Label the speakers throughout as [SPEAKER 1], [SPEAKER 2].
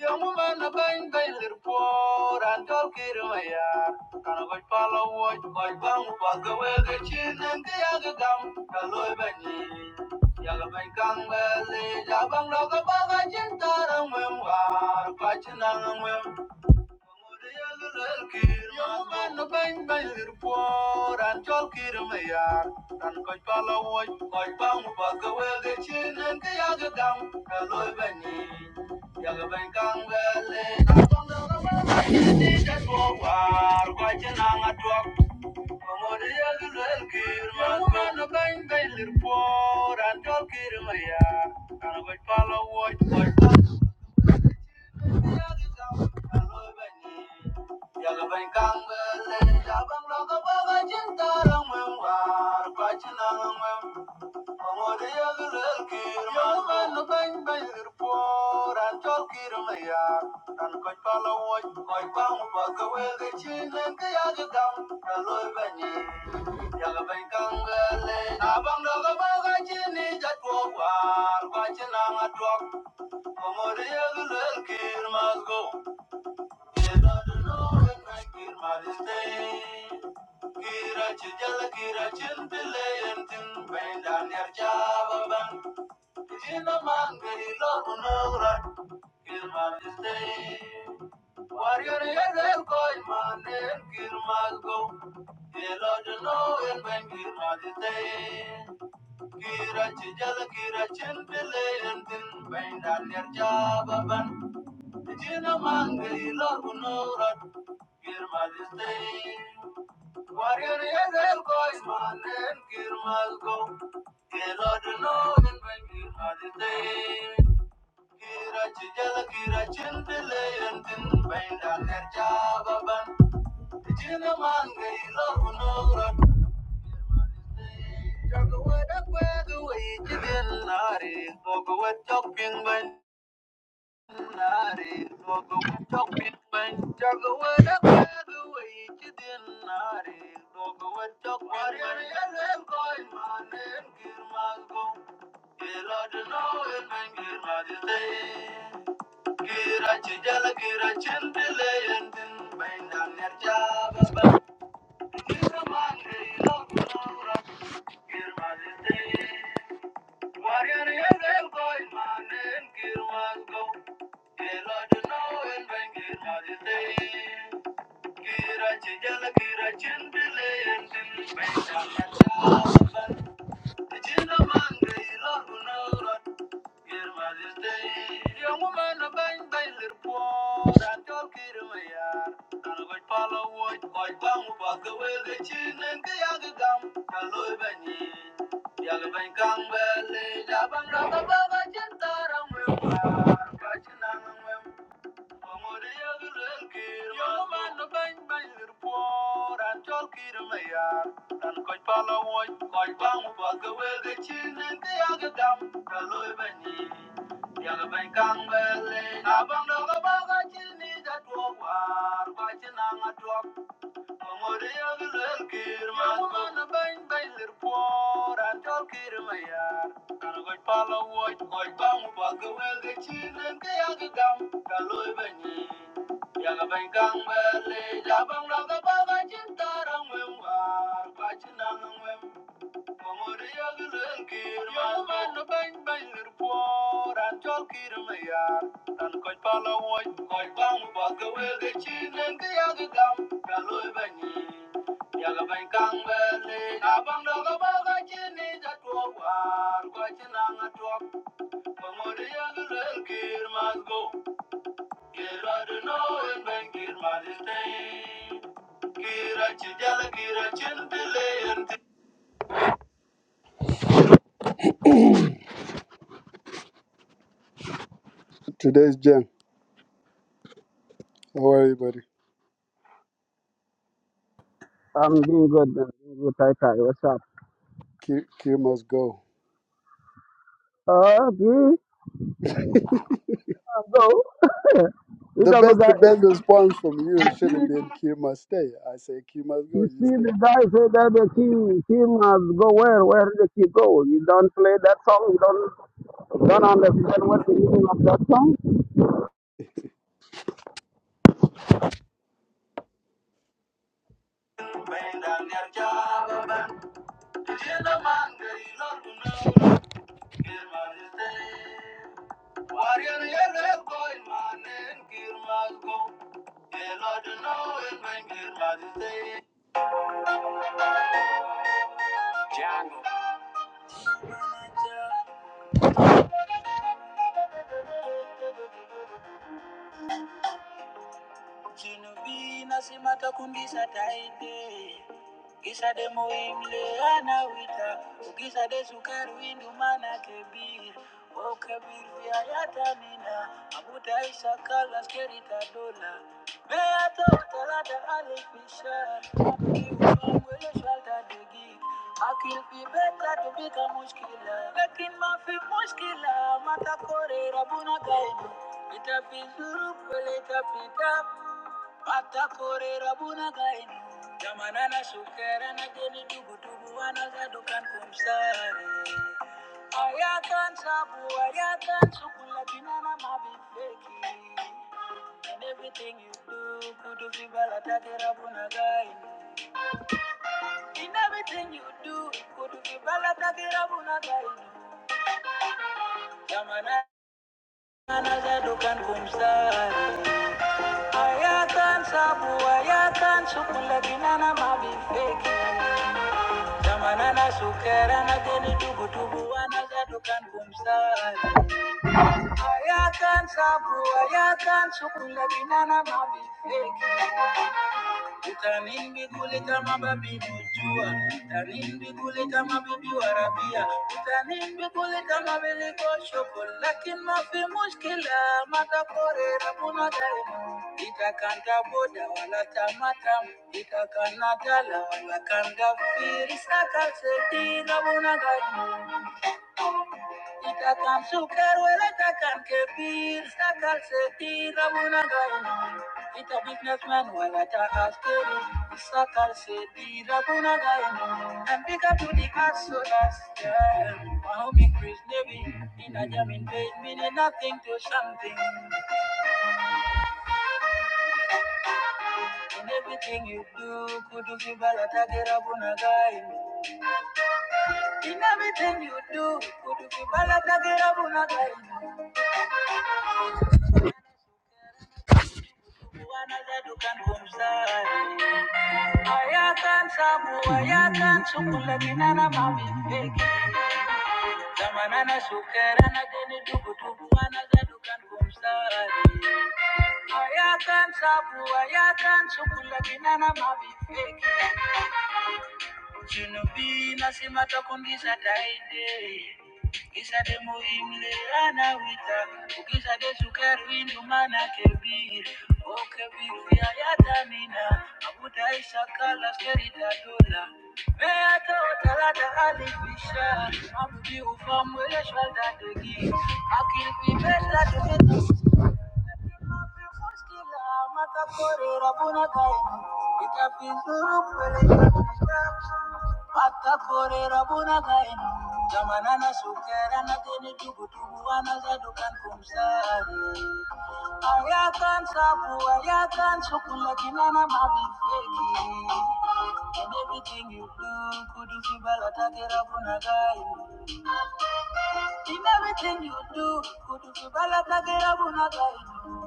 [SPEAKER 1] Young man, a bang, bang, the poor, and talk it in my yard. Can I go follow what my bang, walk away the chin and the other gum, the loy bang. Young man, well, jabang, lock a bag, I just thought I'm well, I'm gonna bang lir por no Thank you. Como Diego del Kir must go. You don't Kira chijala kira chimpile yentin benda nyar chava ban. Jina man gari lor unogra. Kir must stay. Warrior koi man en Kir must go. You don't Kira chijala kira chimpile yentin benda nyar chava ban. The Jinn among Warrior is a voice, man, and Kir must Kira Chijala Kira Chintele and Tin Bainda Nerja Baban. The Jinn among the Lord Nari. Go go wet up Thank you. Warrior and then going man and gear was go. Kira to Kira chijala kira chin delay and then bang down and Yang Thank you. Amoria de Zelkir, Mamma Bain Bailer Poor, and Tolkir Mayar. And go Pala White, White Bang, Bagaway, the Chin and Kayagam, Kaloi Beni. Yagabain Gang Valley, Jabang Ragabaga Chintar and Wimar, Pachinang Today's jam. How are you, buddy?
[SPEAKER 2] I'm doing good. I'm doing good. Hi, Kai. What's up?
[SPEAKER 1] Q, Q must go.
[SPEAKER 2] Uh, okay. I'll go. it
[SPEAKER 1] The
[SPEAKER 2] have a
[SPEAKER 1] best,
[SPEAKER 2] guy.
[SPEAKER 1] the best response from you should have been Q must stay. I say Q must go.
[SPEAKER 2] You see,
[SPEAKER 1] You say
[SPEAKER 2] the guy say that the key, key must go where? Where the key go? You don't play that song. You don't don't
[SPEAKER 1] right.
[SPEAKER 2] understand what the meaning of that song.
[SPEAKER 1] Django. Chino vina simata kundisa taide. Kisa de muimleana wita ukisa de sukari windu mana kebir o kebir viayata nina abuta isa kala skerita dola beata utalata alifishar kiufangwele shalta degi akil fi beta tubika mushkila lakin ma fi mushkila mata kore rabuna kainu itafizuru kwele itafitap Atakorera bunagain. Jamanana shukera na geni dugu dugu anagadukan kumsare. Ayakan sabu, ayakan sukula binana mabifeki. In everything you do, kudu vibala takera bunagain. In everything you do, kudu vibala takera bunagain. Jamanana anagadukan kumsare. Ayakan sabu, ayakan sukula binana mabifeki. zamanana sukera na geni tubu tubu wanazadukan kumsari ayakan sabu ayakan sukula binana mabifeki Utanimbi kule kama babi mujua, utanimbi kule kama bibi warabia, utanimbi kule kama bili koshoko, lakin mafi mushkila, mata kore rabuna daimu. Itakanda boda wala tamatam, itakana dala wala kanda firi, saka seti rabuna daimu. Itacan sucar, huele tacan kebir. pir, sacal se tira una gaina. Ita businessman, huele ta askeris, sacal se tira una gaina. And pick up to the asolas, yeah. Mahomie Chris Levy, in a jamming page, meaning nothing to something. In everything you do, could you give a lot In everything you do, could you give a lot I can't Ayakan sabu, i sukula not mabifeki. Chinubi nasima takungisa taide Kisade ana wita Ukisade sukerwi ndumana kebir O kebir yayatamina Abuta isakala skerita dola Meata otalata alibisha Mabubi ufamwele shwalta degi Akil pibesa tumetu Zamanana everything you do, could you feel balatagira bunagai? In everything you do, could you feel balatagira bunagai?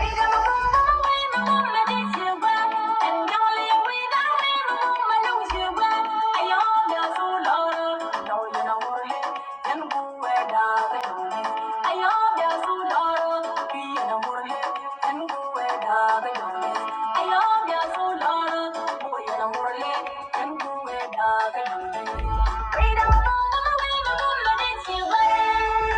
[SPEAKER 1] Freedom, freedom, freedom, freedom, freedom, freedom,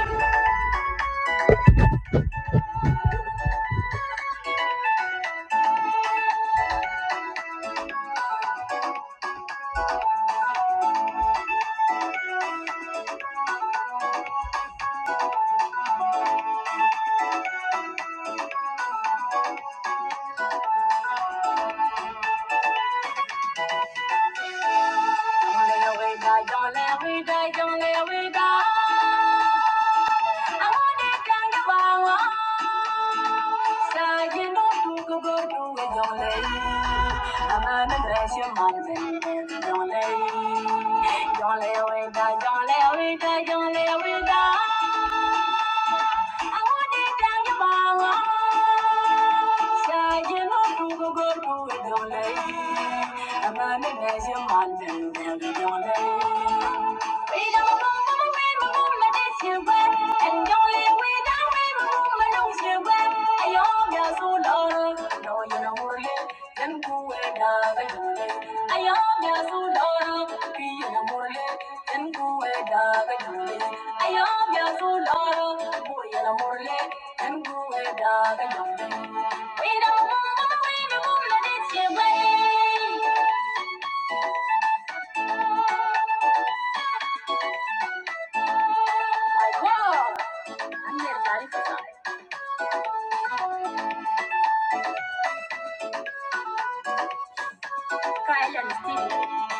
[SPEAKER 1] Don't lay, don't lay, don't lay, don't lay, don't lay, don't lay, don't lay, don't lay, I want it down your mama. Say you know do go go do it don't lay. I'm not in as your man then then don't lay. We don't go go we move my this you back and don't live without we move my we don't want no women, we don't need no men. What? I'm here to take you there. Can't you see?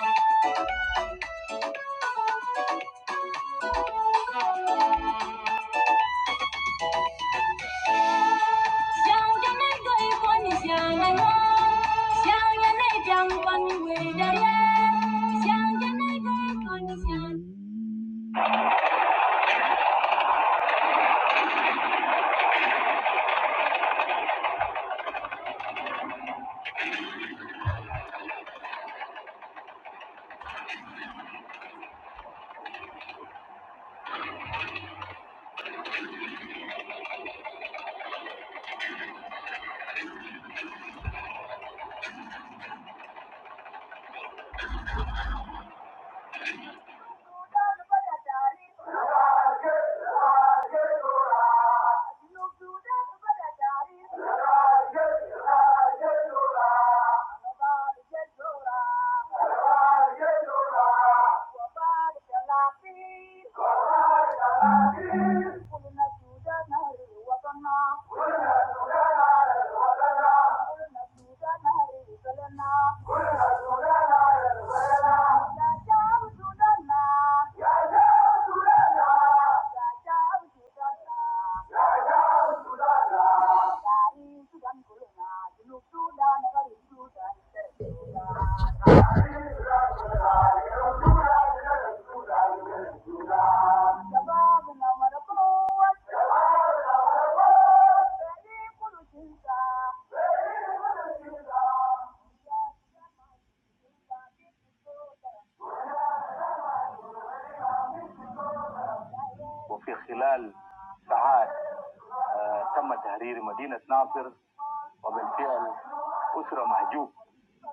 [SPEAKER 1] Thank you. وفي خلال ساعات تم تهرير مدينة ناصر وبالفعل أسرة محجوب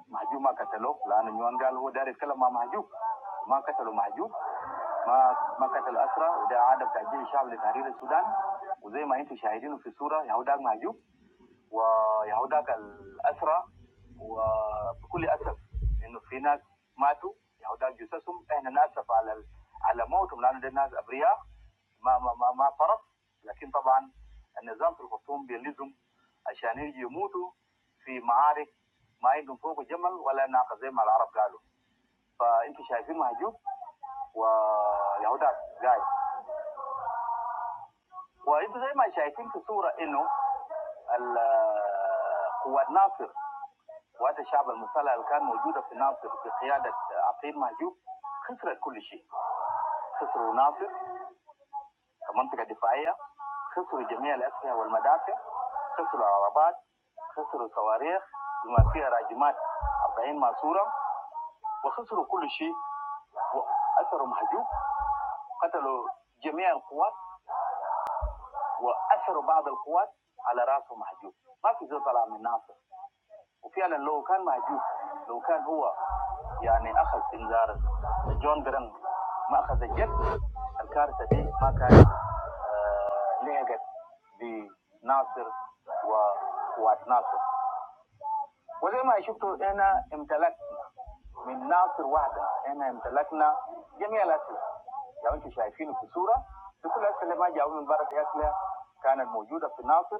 [SPEAKER 1] محجوب ما قتلوه لأن نيوان قال هو داري يتكلم مع محجوب ما قتلوا محجوب ما ما قتل أسرة وده عادة بتاع جيش الشعب لتحرير السودان وزي ما أنتم شاهدينه في الصورة يهو داك محجوب ويهوداك الأسرى وبكل أسف إنه في ناس ماتوا يهوداك جثثهم إحنا نأسف على ال- على موتهم لأنه دي ناس أبرياء ما ما ما, ما طرف لكن طبعا النظام في الخرطوم بيلزم عشان يجي يموتوا في معارك ما عندهم فوق جمل ولا ناقة زي ما العرب قالوا فأنتوا شايفين مهجوب ويهوداك جاي وانتوا زي ما شايفين في الصورة إنه ال- قوات ناصر وهذا الشعب المسلّح اللي كان موجودة في ناصر بقيادة عقيل مهجوب خسرت كل شيء خسروا ناصر كمنطقة دفاعية خسروا جميع الأسلحة والمدافع خسروا العربات خسروا صواريخ بما فيها راجمات 40 ماسورة وخسروا كل شيء وأسروا مهجوب قتلوا جميع القوات وأسروا بعض القوات على رأسه مهجوب ما في زول طلع من ناصر وفعلا لو كان موجود لو كان هو يعني اخذ انذار جون جرام ما اخذ الجد الكارثه دي ما كانت لحقت بناصر وقوات ناصر وزي ما شفتوا هنا امتلكنا من ناصر واحدة انا امتلكنا جميع الأسلحة لو أنتم شايفينه في صورة في كل الأسلحة ما جاءوا من برة الأسلحة كانت موجودة في ناصر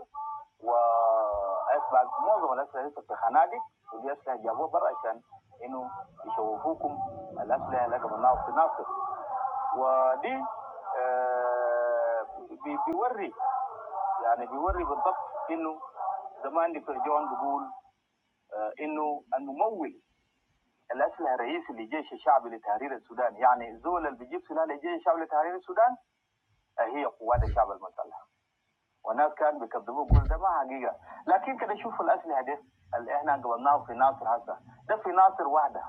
[SPEAKER 1] وأسباب معظم الأسلحة لسه في خنادق ودي أسلحة جابوها برا عشان إنه يشوفوكم الأسلحة اللي قبلناها في ناصر ودي آه، بي- بيوري يعني بيوري بالضبط إنه زمان دكتور جون بيقول انه الممول اللي اصبح رئيس لجيش الشعب لتحرير السودان يعني زول اللي بيجيب سلاح لجيش الشعب لتحرير السودان هي قوات الشعب المسلح والناس كان بيكذبوه يقول ده ما حقيقه لكن كده شوفوا الاسلحه دي اللي احنا قبلناه في ناصر هسه ده في ناصر واحده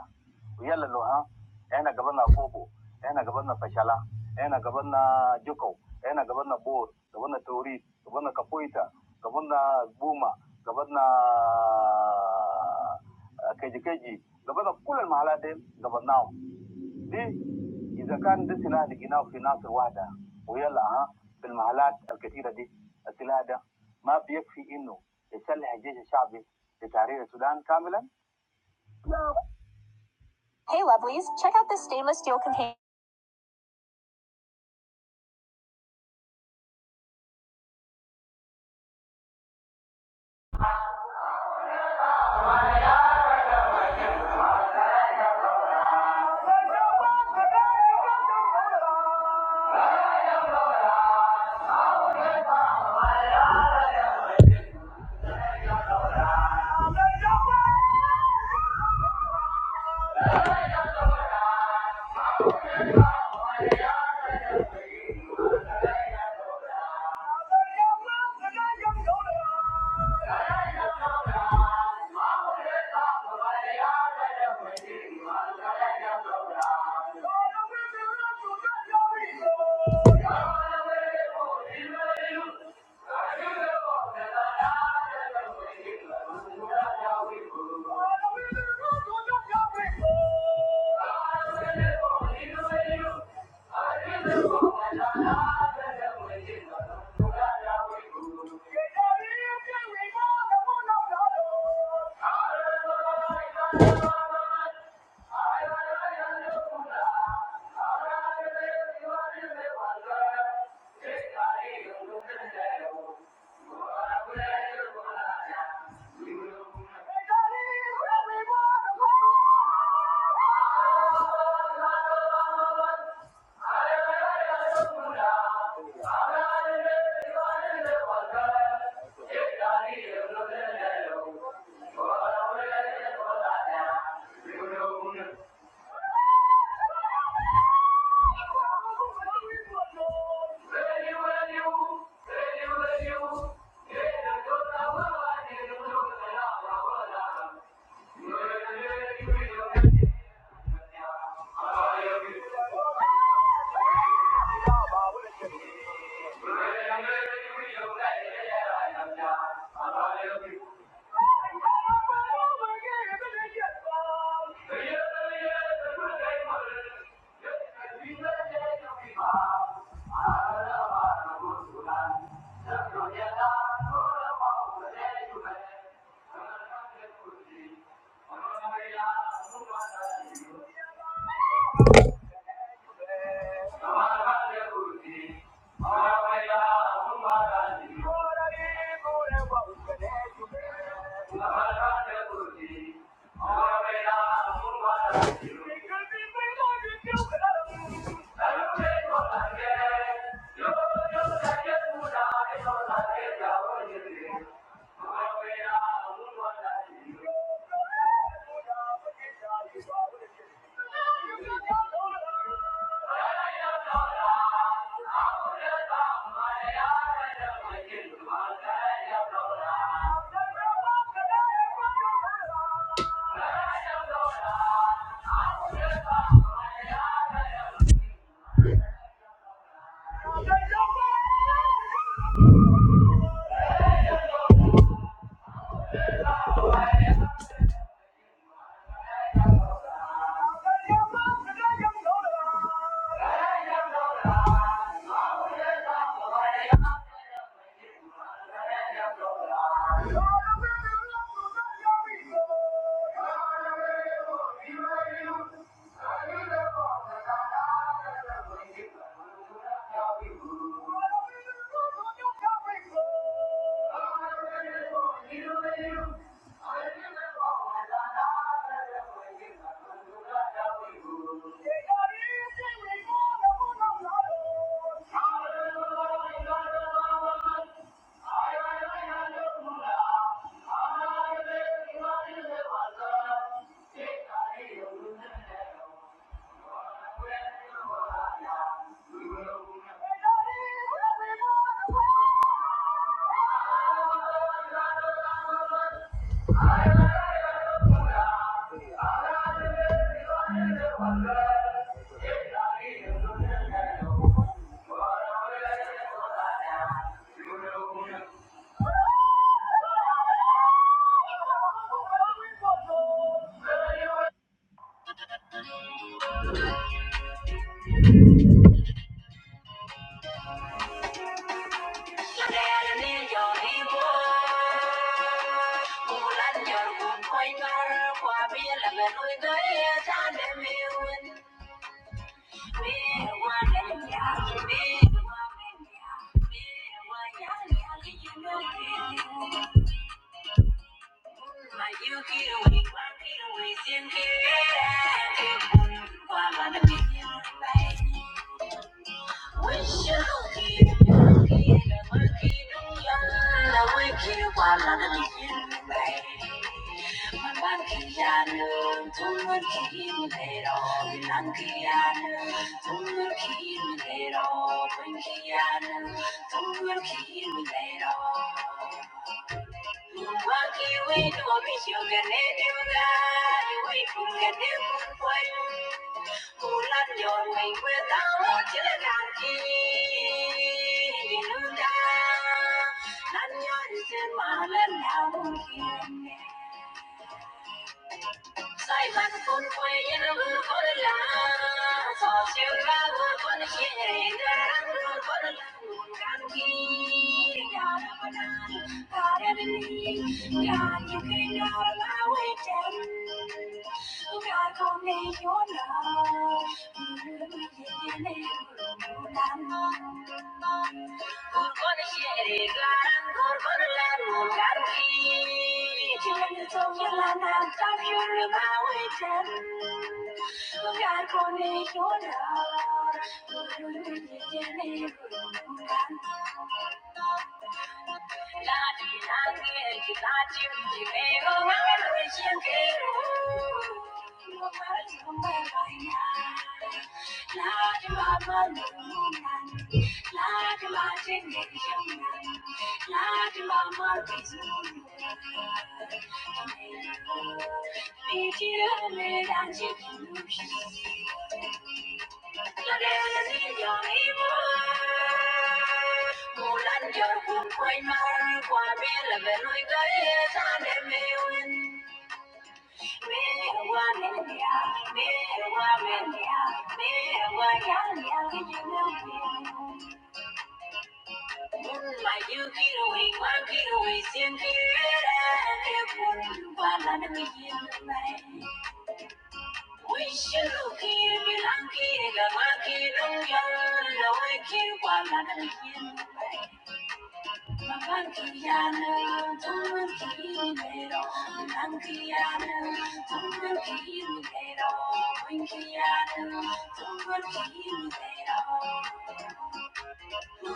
[SPEAKER 1] ويلا لو ها احنا قبلنا كوبو احنا قبلنا فشلا احنا قبلنا جوكو احنا قبلنا بور قبلنا توريد قبلنا كابويتا قبلنا بوما قبلنا كيجي كيجي قبلنا كل المحلات دي قبلناهم ليه؟ إذا كان ده سلاح لقيناه في ناصر واحدة ويلا ها في المحلات الكثيرة دي السلاح ده ما بيكفي إنه يسلح الجيش الشعبي لتحرير السودان كاملا؟ Hey lovelies, check out this stainless steel container. Thank you. Thank you. Thank you don't I'm gonna be Thank you. Thank you. Thank you. Hallelujah. Thank you. Thank you. Waki wetu wamishongene diuga, wetu ngene kumpwen. Ulan yon ngeng kwe tamo chile kanki, dinuga. Lan yon sen malan yawung kine. Soy más fuerte y no me importa. Socio bravo con generando con la tranquila. Para mí, ya you can not allow it. You got to make your love. Thank you. Thank you. Thank you. Thank you. Lan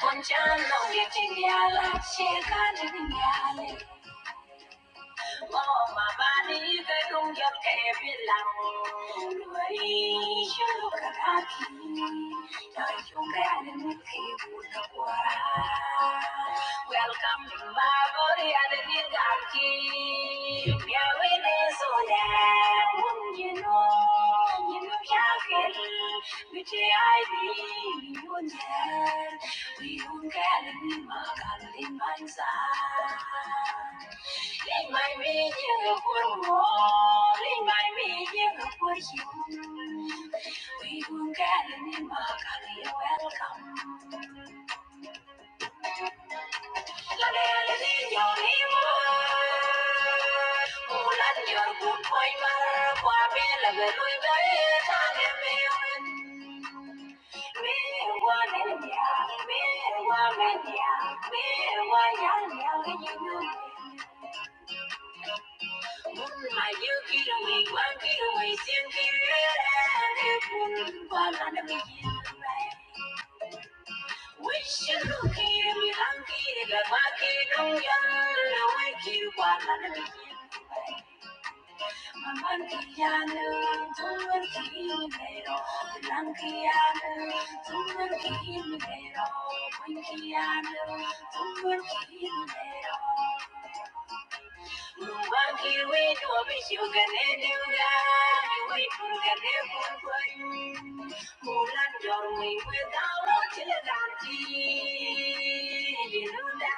[SPEAKER 1] ponchando, que te la chica de mi all my body, they don't get every long. Way you got Welcome to my body, and it is dark. Yeah, we need so that, you know. Ulan your good boy, Marquabella, the Louis Bay, Wish you look here, me hunky, the back, don't you? Mankiyanın tuman kimero, Lankiyanın tuman kimero, Mankiyanın tuman kimero. Nuwanki winu abishugane nuga, wipurgane purpun. Mulan jormi wedawo chiladanti, dinuda.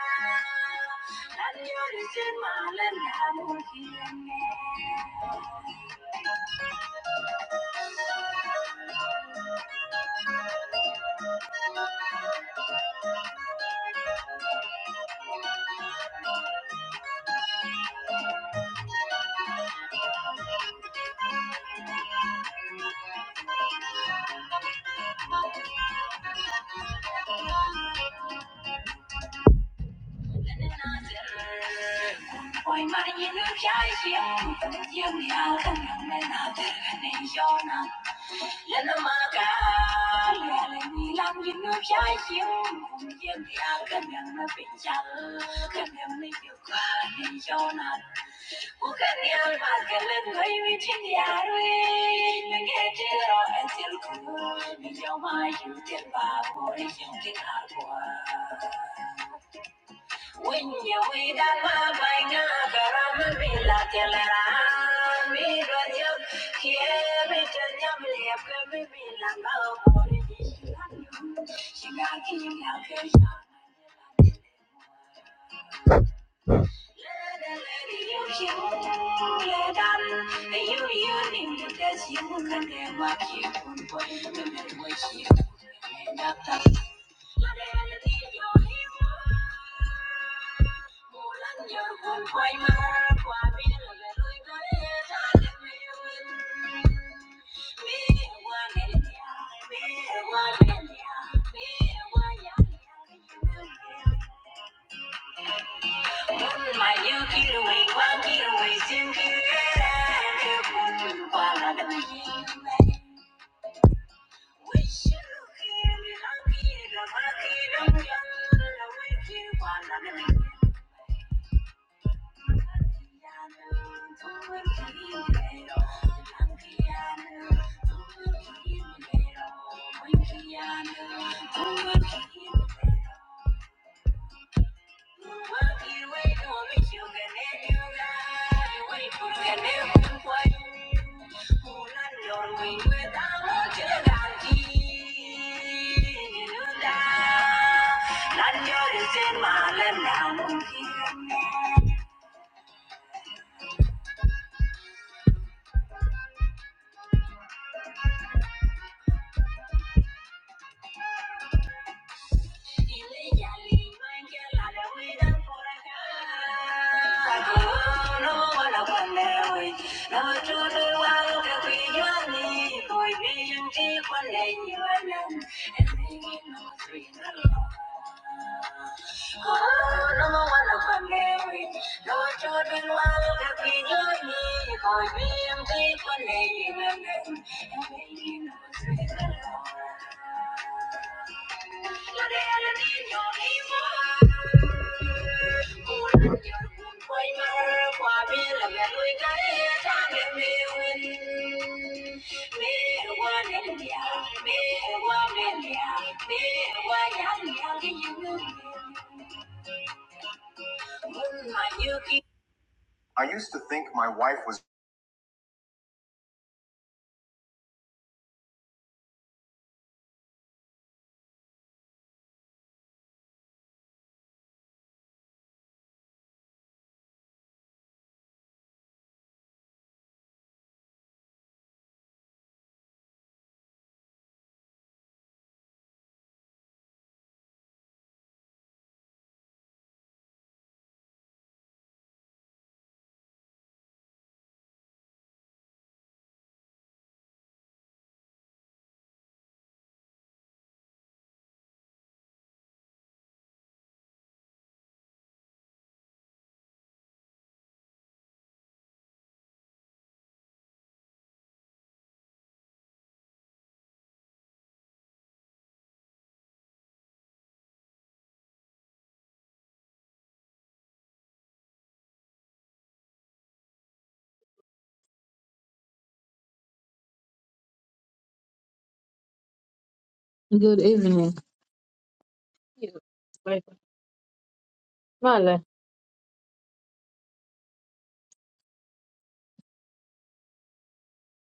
[SPEAKER 1] Lan yorisin malan namun kilane. Oy man, you know why she's young and young, and young and not getting old. And the man, girl, and the man, you know why he's young and young, and young and not getting old. And the man, man, and the boy, we just get by. We get through, but we don't have to get by. When you wake up, my girl, I'm la telera. Mi radio, yeah, me tanya mliya, kami bila maori. Shikaki, shikaki, shikaki. My you get away, one get away, soon get Thank you. Thank you. Dile ya a Lima que la le cuidan por acá. Como no van a poner hoy. No chulo igual que fui yo a mí. Voy bien en ti con leño en el. And they will not Oh, no one of my no children while the video me, for me
[SPEAKER 3] Good evening. Vale.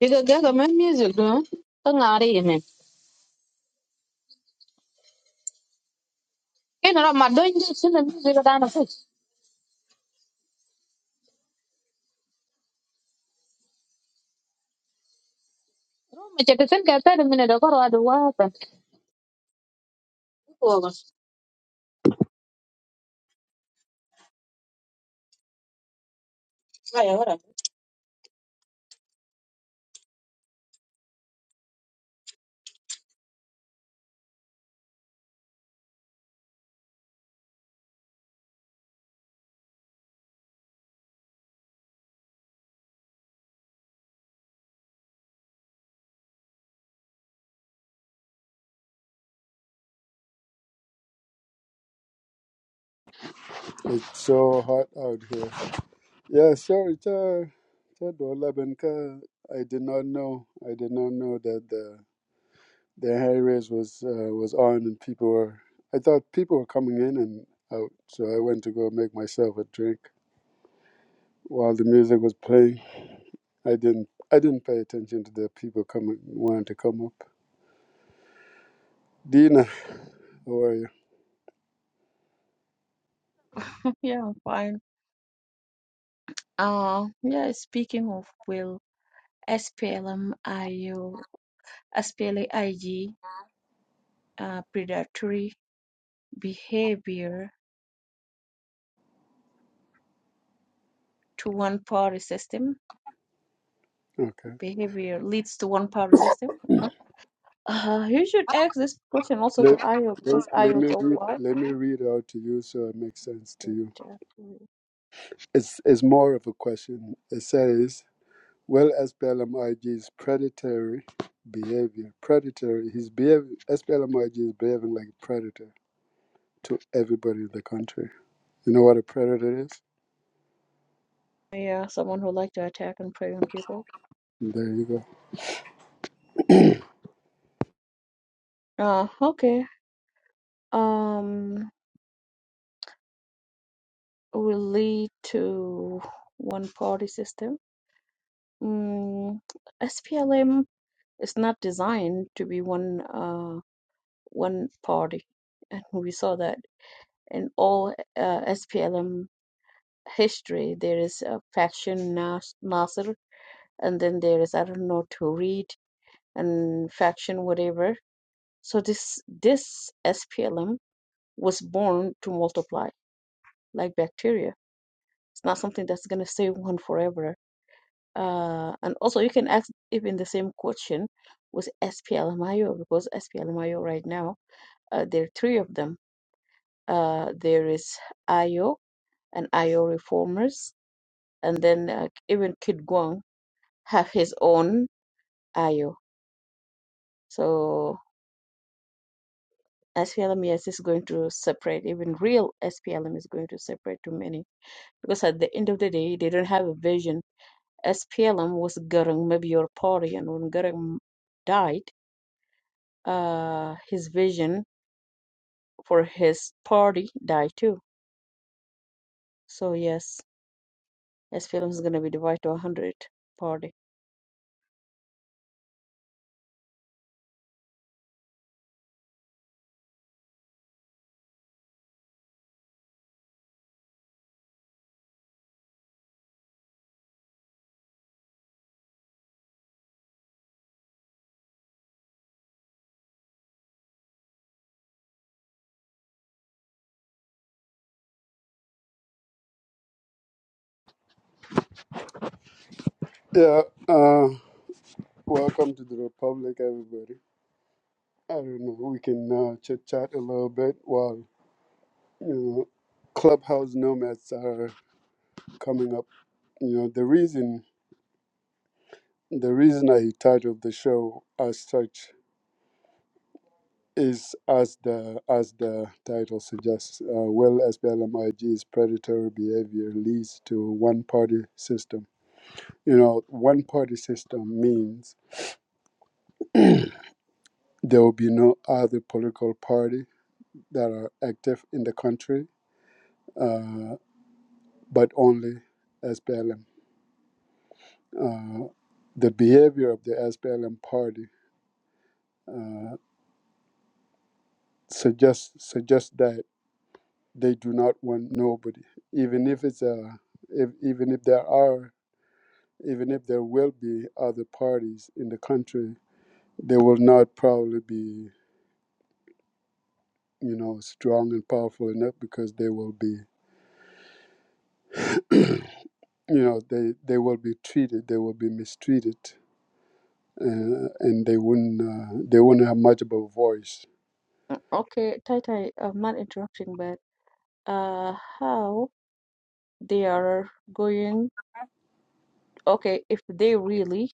[SPEAKER 3] Diga gaga my music do. not you? Tangari yene. doing this madonji sina music dana fix. Me chete sen ka tare mine da korwa do wa.
[SPEAKER 1] it's so hot out here. Yeah, sorry, cha, cha do 11 ka. I did not know. I did not know that the areas was uh, was on, and people were. I thought people were coming in and out, so I went to go make myself a drink while the music was playing. I didn't I didn't pay attention to the people coming wanting to come up. Dina, how are you?
[SPEAKER 4] Yeah, I'm fine. Uh, yeah, speaking of will, SPLM-IU, SPLA-IG, uh, predatory behavior to one party system,
[SPEAKER 1] Okay.
[SPEAKER 4] behavior leads to one party system. Uh, you should ask this question also to
[SPEAKER 1] Let,
[SPEAKER 4] IO
[SPEAKER 1] let,
[SPEAKER 4] because
[SPEAKER 1] let
[SPEAKER 4] IO
[SPEAKER 1] me
[SPEAKER 4] so
[SPEAKER 1] read
[SPEAKER 4] far,
[SPEAKER 1] let me read out to you so it makes sense to
[SPEAKER 4] it,
[SPEAKER 1] you.
[SPEAKER 4] uh,
[SPEAKER 1] It's it's more of a question. It says, "Well, SPLMIG's predatory behavior. Predatory. He's behavior. SPLMIG is behaving like a predator." to everybody in the country. You know what a predator is?
[SPEAKER 4] yeah, someone who like to attack and prey on people.
[SPEAKER 1] There you go.
[SPEAKER 4] Uh, okay. Um, will lead to one party system. Mm, SPLM It's not designed to be one uh, one party, and we saw that in all uh, SPLM history. There is a faction Nas- Nasser, and then there is I don't know Tuareg and faction whatever. So this this SPLM was born to multiply like bacteria. It's not something that's gonna stay one forever. Uh, and also, you can ask even the same question with SPLMIO because SPLMIO right now Uh, there are three of them. Uh, there is Ayo and Ayo Reformers, and then uh, even Kid Guang have his own Ayo. So SPLM, yes, is going to separate. Even real SPLM is going to separate too many because at the end of the day, they don't have a vision. SPLM was Garang, maybe your party, and when Garang died, uh, his vision for his party died too. So yes, SPLM is going to be divided to a hundred party.
[SPEAKER 1] Yeah. Uh, welcome to the Republic, everybody. I don't know. We can uh, chit chat a little bit while you know clubhouse nomads are coming up. You know the reason the reason I titled the show as such is as the as the title suggests. Uh, will SPLMIG's predatory behavior leads to one party system? You know, one party system means there will be no other political party that are active in the country, uh, but only SPLM. Uh, the behavior of the SPLM party uh, suggests suggests that they do not want nobody, even if it's a, if, even if there are, even if there will be other parties in the country, they will not probably be, you know, strong and powerful enough because they will be you know they they will be treated they will be mistreated uh, and they wouldn't uh, they wouldn't have much of a voice
[SPEAKER 4] Okay, Tita, I'm not interrupting, but uh, how they are going? Okay, if they really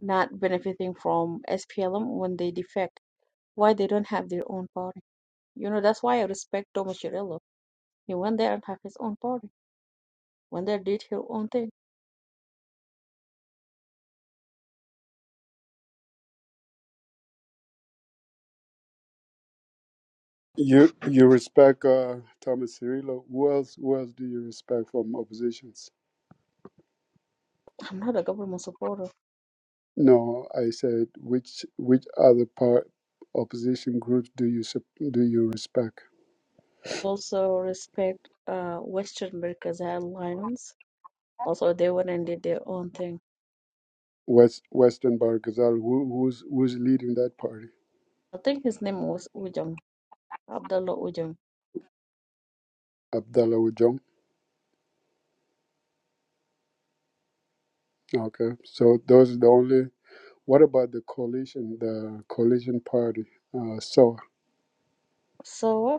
[SPEAKER 4] not benefiting from SPLM when they defect, why they don't have their own party? You know, that's why I respect Thomas Cirillo. He went there and have his own party. Went there, did her own thing.
[SPEAKER 1] you you respect uh, thomas cirillo who else who else do you respect from oppositions
[SPEAKER 4] I'm not a government supporter.
[SPEAKER 1] no i said which which other part opposition groups do you sup- do you respect
[SPEAKER 4] Also respect uh Western America's alliance. Also, they went and did their own thing.
[SPEAKER 1] west western bar Ghazal, who, who's who's leading that party
[SPEAKER 4] I think his name was Ujung, Abdullah Ujung.
[SPEAKER 1] abdallah Wajong. okay so those are the only what about the coalition the coalition party uh, SOA?
[SPEAKER 4] So.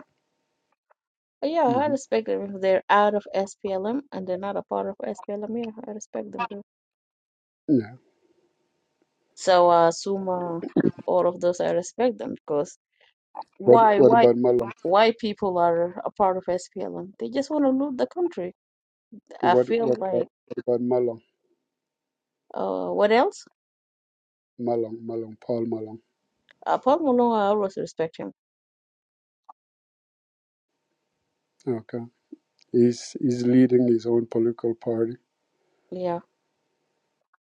[SPEAKER 4] Yeah, I
[SPEAKER 1] hmm
[SPEAKER 4] respect them if they're out of SPLM and they're not a part of SPLM. Yeah, I respect them too.
[SPEAKER 1] Yeah.
[SPEAKER 4] So, uh, Suma, all of those, I respect them because
[SPEAKER 1] What
[SPEAKER 4] why,
[SPEAKER 1] What
[SPEAKER 4] why,
[SPEAKER 1] about Malong?
[SPEAKER 4] why people are a part of SPLM? They just want to loot the country. I
[SPEAKER 1] What
[SPEAKER 4] feel
[SPEAKER 1] What about,
[SPEAKER 4] like,
[SPEAKER 1] what about Malong?
[SPEAKER 4] uh, what else?
[SPEAKER 1] Malong, Malong, Paul Malong.
[SPEAKER 4] Uh, Paul Malone, I always respect him.
[SPEAKER 1] Okay. He's he's leading his own political party
[SPEAKER 4] Yeah,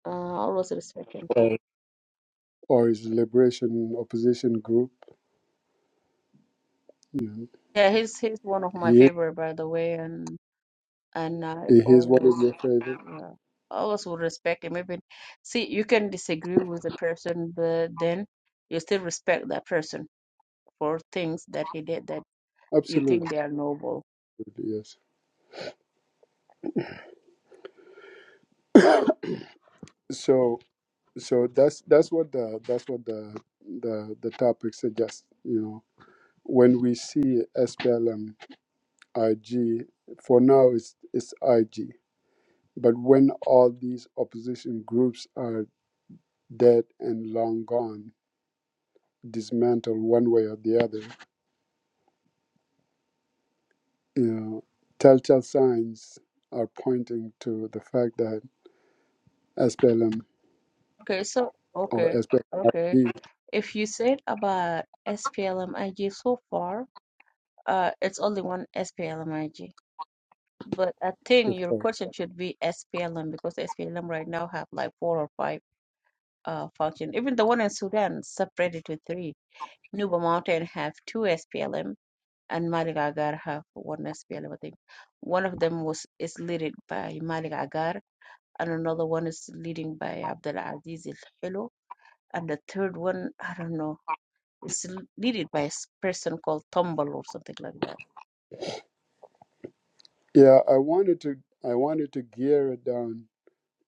[SPEAKER 4] uh, I always respect him.
[SPEAKER 1] or or his liberation opposition group. Yeah.
[SPEAKER 4] Yeah, he's he's one of my
[SPEAKER 1] He
[SPEAKER 4] favorite, by the way, and. and I
[SPEAKER 1] he is one of
[SPEAKER 4] always,
[SPEAKER 1] your favorite.
[SPEAKER 4] yeah, I always will respect him. Even see, you can disagree with the person, but then you still respect that person for things that he did that you
[SPEAKER 1] Absolutely.
[SPEAKER 4] think they are noble.
[SPEAKER 1] Yes. So so that's that's what the that's what the the the topic suggests. You know, when we see SPLM IG for now it's it's IG But when all these opposition groups are dead and long gone, dismantled one way or the other, you know, telltale signs are pointing to the fact that SPLM
[SPEAKER 4] Okay, so
[SPEAKER 1] or
[SPEAKER 4] okay, okay.
[SPEAKER 1] SPLM.
[SPEAKER 4] If you said about SPLMIG so far, uh, it's only one SPLMIG. But I think your question should be SPLM because SPLM right now have like four or five uh function. Even the one in Sudan separated to three Nuba Mountain have two SPLM, and Malik Agar have one SPLM. I think one of them was is led by Malik Agar, and another one is leading by Abdul Aziz El Hello, and the third one I don't know is led by a person called Tombal or something like that.
[SPEAKER 1] Yeah, I wanted to I wanted to gear it down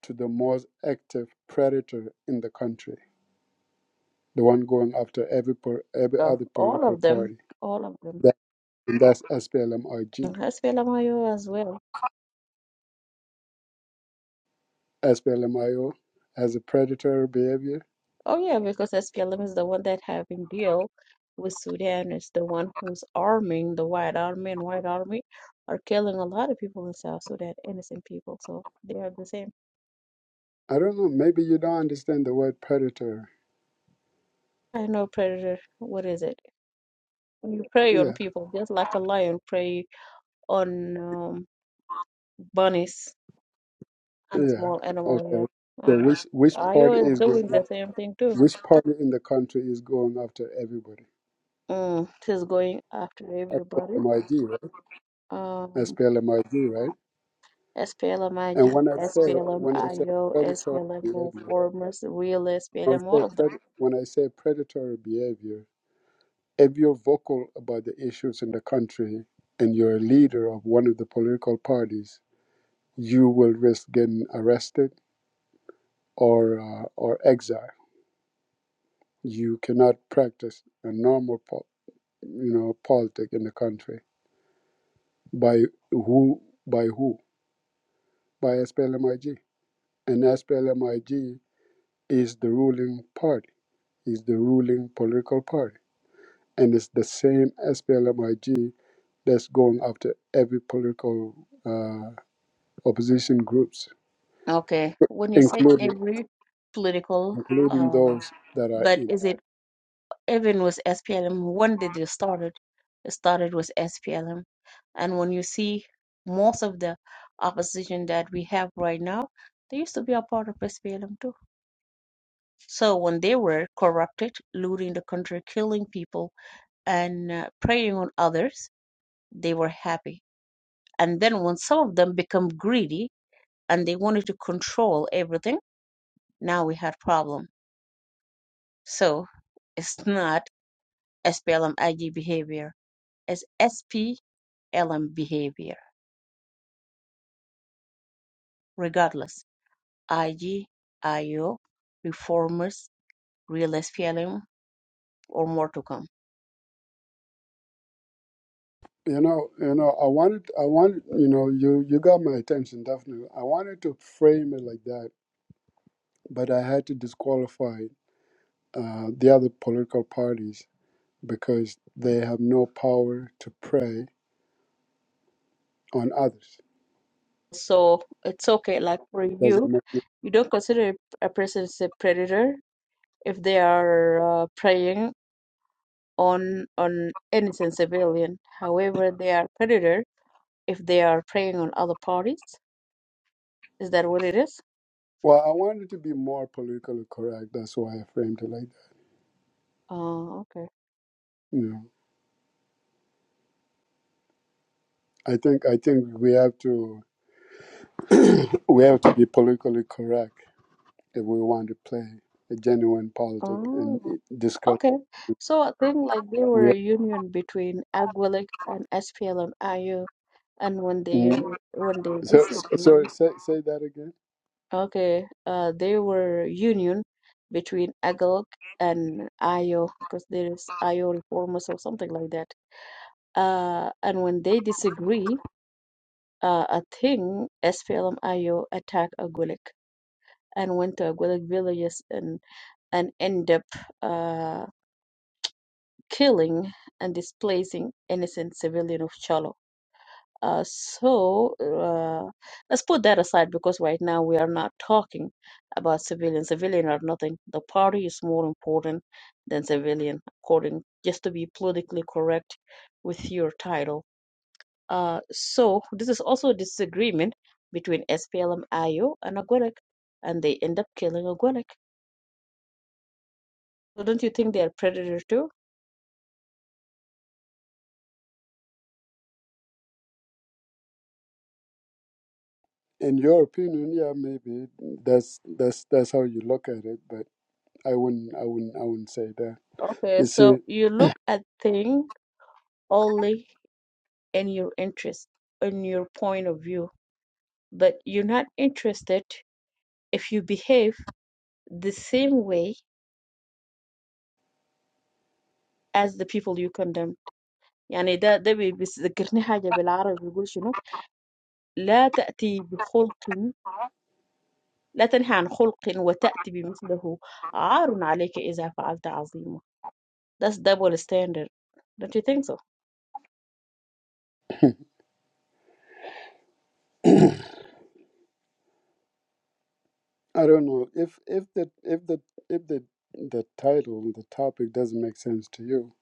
[SPEAKER 1] to the most active predator in the country, the one going after every po- every
[SPEAKER 4] So
[SPEAKER 1] other
[SPEAKER 4] all
[SPEAKER 1] political
[SPEAKER 4] of them,
[SPEAKER 1] party.
[SPEAKER 4] all of them,
[SPEAKER 1] That, and that's SPLM-IG.
[SPEAKER 4] SPLMIO as well.
[SPEAKER 1] SPLM-IO has a predator behavior
[SPEAKER 4] Oh yeah, because SPLM is the one that having deal with Sudan. It's the one who's arming the White Army, and White Army are killing a lot of people in South Sudan, innocent people. So they are the same.
[SPEAKER 1] I don't know. Maybe you don't understand the word predator.
[SPEAKER 4] I know predator. What is it? When you prey on
[SPEAKER 1] Yeah,
[SPEAKER 4] people, just like a lion prey on um, bunnies and a
[SPEAKER 1] yeah.
[SPEAKER 4] small
[SPEAKER 1] Okay.
[SPEAKER 4] animal. Yeah, uh,
[SPEAKER 1] So which which
[SPEAKER 4] IO
[SPEAKER 1] party
[SPEAKER 4] is
[SPEAKER 1] is going?
[SPEAKER 4] doing
[SPEAKER 1] After,
[SPEAKER 4] the same thing too.
[SPEAKER 1] which party in the country is going after everybody?
[SPEAKER 4] Mm, she's going after everybody.
[SPEAKER 1] SPLMIG, right?
[SPEAKER 4] Um,
[SPEAKER 1] SPLMIG, right? And
[SPEAKER 4] SPLM-IG,
[SPEAKER 1] when I say when I say
[SPEAKER 4] SPLM-IO,
[SPEAKER 1] predatory
[SPEAKER 4] SPLM
[SPEAKER 1] behavior,
[SPEAKER 4] reformers, real
[SPEAKER 1] when
[SPEAKER 4] SPLM,
[SPEAKER 1] I say
[SPEAKER 4] all of them.
[SPEAKER 1] pred, when I say predatory behavior, if you're vocal about the issues in the country and you're a leader of one of the political parties, you will risk getting arrested or uh, or exiled You cannot practice a normal, po- you know, politic in the country by who by who by SPLMIG, and SPLMIG is the ruling party, is the ruling political party, and it's the same SPLMIG that's going after every political uh, opposition groups,
[SPEAKER 4] Okay, when you say
[SPEAKER 1] including
[SPEAKER 4] every political,
[SPEAKER 1] including
[SPEAKER 4] uh,
[SPEAKER 1] those that are
[SPEAKER 4] but
[SPEAKER 1] in.
[SPEAKER 4] is it even with SPLM? When did it started? It started with SPLM, and when you see most of the opposition that we have right now, they used to be a part of SPLM too. So when they were corrupted, looting the country, killing people, and uh, preying on others, they were happy And then when some of them become greedy and they wanted to control everything, now we had problem. So it's not SPLM behavior. It's SPLM behavior. Regardless, IG, reformers, real SPLM, or more to come.
[SPEAKER 1] You know, you know, I wanted, I wanted, you know, you you got my attention definitely. I wanted to frame it like that, but I had to disqualify uh, the other political parties because they have no power to prey on others.
[SPEAKER 4] So it's okay. Like for
[SPEAKER 1] Does it
[SPEAKER 4] you,
[SPEAKER 1] make sense?
[SPEAKER 4] you don't consider a person as a predator if they are uh, preying on on innocent civilian. However, they are predator if they are preying on other parties. Is that what it is?
[SPEAKER 1] Well, I wanted to be more politically correct. That's why I framed it like that.
[SPEAKER 4] Oh, okay.
[SPEAKER 1] You know, I think I think we have to we have to be politically correct if we want to play a genuine politic and
[SPEAKER 4] Oh,
[SPEAKER 1] eh, discuss.
[SPEAKER 4] okay. So I think like they were
[SPEAKER 1] We.
[SPEAKER 4] a union between Aguilik and SPLM-IO, and when they when they
[SPEAKER 1] So, so
[SPEAKER 4] disagree,
[SPEAKER 1] say, say that again.
[SPEAKER 4] okay, uh, they were union between Aguilik and IO because there is IO reformers or something like that. Uh, and when they disagree, uh, a thing, S P L M I think SPLM-IO attacked Agulik and went to Agulik villages and and end up uh, killing and displacing innocent civilian of Cholo. Uh, so uh, let's put that aside because right now we are not talking about civilian. Civilian are nothing. The party is more important than civilian, according just to be politically correct with your title. Uh, so this is also a disagreement between SPLM-IO and Agwelek, and they end up killing Agwelek. So don't you think they are predator too?
[SPEAKER 1] In your opinion, yeah, maybe that's that's that's how you look at it, but I wouldn't, I wouldn't, I wouldn't say that.
[SPEAKER 4] Okay,
[SPEAKER 1] You
[SPEAKER 4] so
[SPEAKER 1] see,
[SPEAKER 4] you look at things only in your interest, in your point of view, but you're not interested if you behave the same way as the people you condemned. يعني ده ده بي- بيذكرني حاجة بالعربي بيقول شنو؟ لا تأتي بخلق لا تنهي عن خلق وتأتي بمثله عار عليك إذا فعلت عظيمة that's double standard don't you think so
[SPEAKER 1] I don't know if if the if the if the the title, the topic doesn't make sense to you,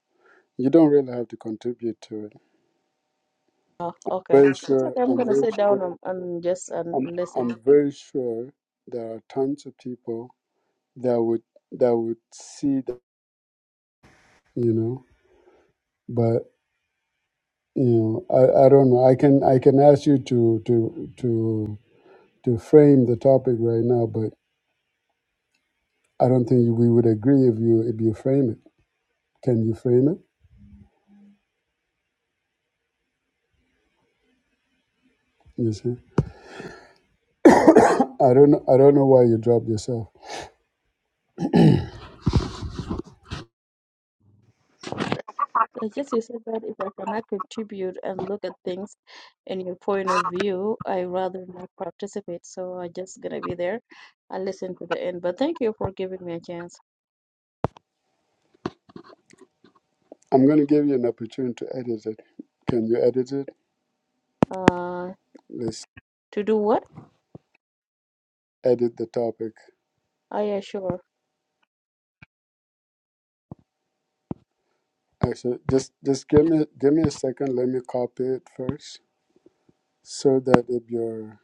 [SPEAKER 1] you don't really have to contribute to it.
[SPEAKER 4] oh okay
[SPEAKER 1] Very
[SPEAKER 4] it's
[SPEAKER 1] sure,
[SPEAKER 4] okay I'm
[SPEAKER 1] I'm
[SPEAKER 4] gonna
[SPEAKER 1] very
[SPEAKER 4] sit
[SPEAKER 1] sure,
[SPEAKER 4] down and, and just
[SPEAKER 1] I'm
[SPEAKER 4] and listen
[SPEAKER 1] I'm very sure there are tons of people that would that would see that, you know. but. You know, I, I don't know. I can I can ask you to to to to frame the topic right now, but I don't think we would agree if you if you frame it. Can you frame it? You see, I don't know, I don't know why you dropped yourself.
[SPEAKER 4] I just you said that if I cannot contribute and look at things in your point of view I rather not participate so i just gonna be there and listen to the end but thank you for giving me a chance
[SPEAKER 1] I'm going to give you an opportunity to edit it. Can you edit it?
[SPEAKER 4] uh
[SPEAKER 1] Let's
[SPEAKER 4] to do what
[SPEAKER 1] edit the topic.
[SPEAKER 4] I assure
[SPEAKER 1] Actually, just just give me give me a second. Let me copy it first, so that if your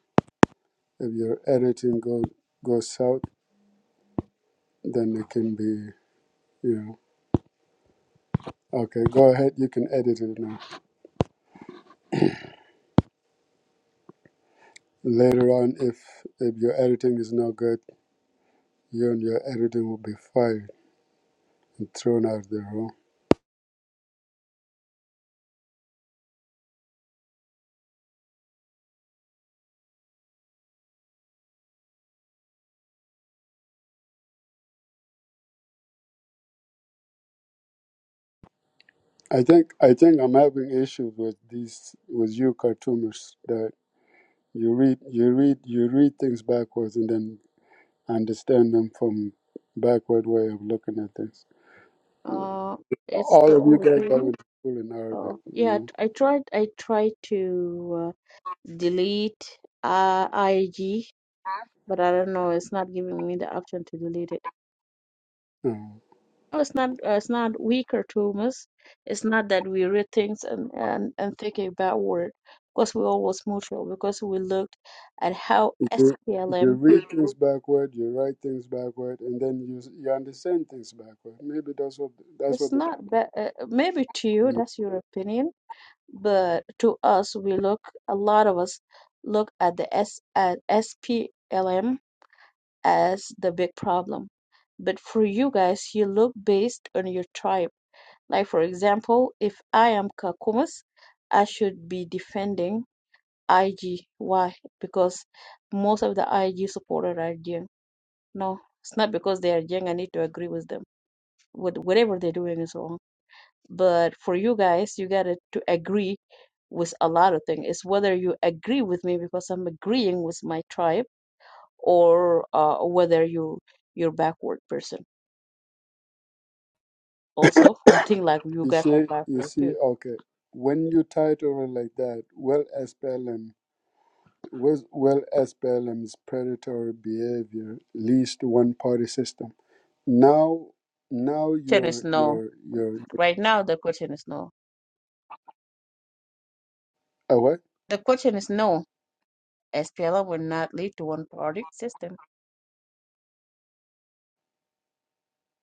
[SPEAKER 1] if your editing goes goes south, then it can be you know. Okay, go ahead. You can edit it now. Later on, if if your editing is not good, you and your editing will be fired and thrown out of the room. I think I think I'm having issues with these with you cartoonists that you read you read you read things backwards and then understand them from backward way of looking at things.
[SPEAKER 4] uh it's
[SPEAKER 1] All
[SPEAKER 4] the
[SPEAKER 1] of you
[SPEAKER 4] only
[SPEAKER 1] guys go
[SPEAKER 4] thing
[SPEAKER 1] to school in Arabic,
[SPEAKER 4] Oh,
[SPEAKER 1] you
[SPEAKER 4] yeah,
[SPEAKER 1] know.
[SPEAKER 4] t- I tried I tried to uh, delete uh, IG, but I don't know, it's not giving me the option to delete it.
[SPEAKER 1] No.
[SPEAKER 4] No, it's not uh, it's not weak or too much. It's not that we read things and and, and think it backward because we always neutral because we looked at how
[SPEAKER 1] You, you
[SPEAKER 4] SPLM
[SPEAKER 1] read things backward, you write things backward, and then you you understand things backward. Maybe that's what that's
[SPEAKER 4] it's
[SPEAKER 1] what
[SPEAKER 4] not bad. Uh, uh, maybe to you
[SPEAKER 1] the
[SPEAKER 4] that's your opinion, but to us we look a lot of us look at the S at SPLM as the big problem. But for you guys, you look based on your tribe. Like, for example, if I am Kakumas, I should be defending IG. Why? Because most of the IG supporters are Jiang. No, it's not because they are Jiang. I need to agree with them. What, whatever they're doing is wrong. But for you guys, you got to agree with a lot of things. It's whether you agree with me because I'm agreeing with my tribe or uh, whether you, you're a backward person also. We think like you
[SPEAKER 1] you
[SPEAKER 4] guys are
[SPEAKER 1] see you
[SPEAKER 4] bipolar
[SPEAKER 1] see.
[SPEAKER 4] too.
[SPEAKER 1] Okay, when you title it like that, well SPLM, well well SPLM's predatory behavior leads to one party system. Now now
[SPEAKER 4] Question is
[SPEAKER 1] you're
[SPEAKER 4] no.
[SPEAKER 1] you're you're
[SPEAKER 4] Right now, the question is no.
[SPEAKER 1] oh what?
[SPEAKER 4] The question is no. SPLM will not lead to one party system.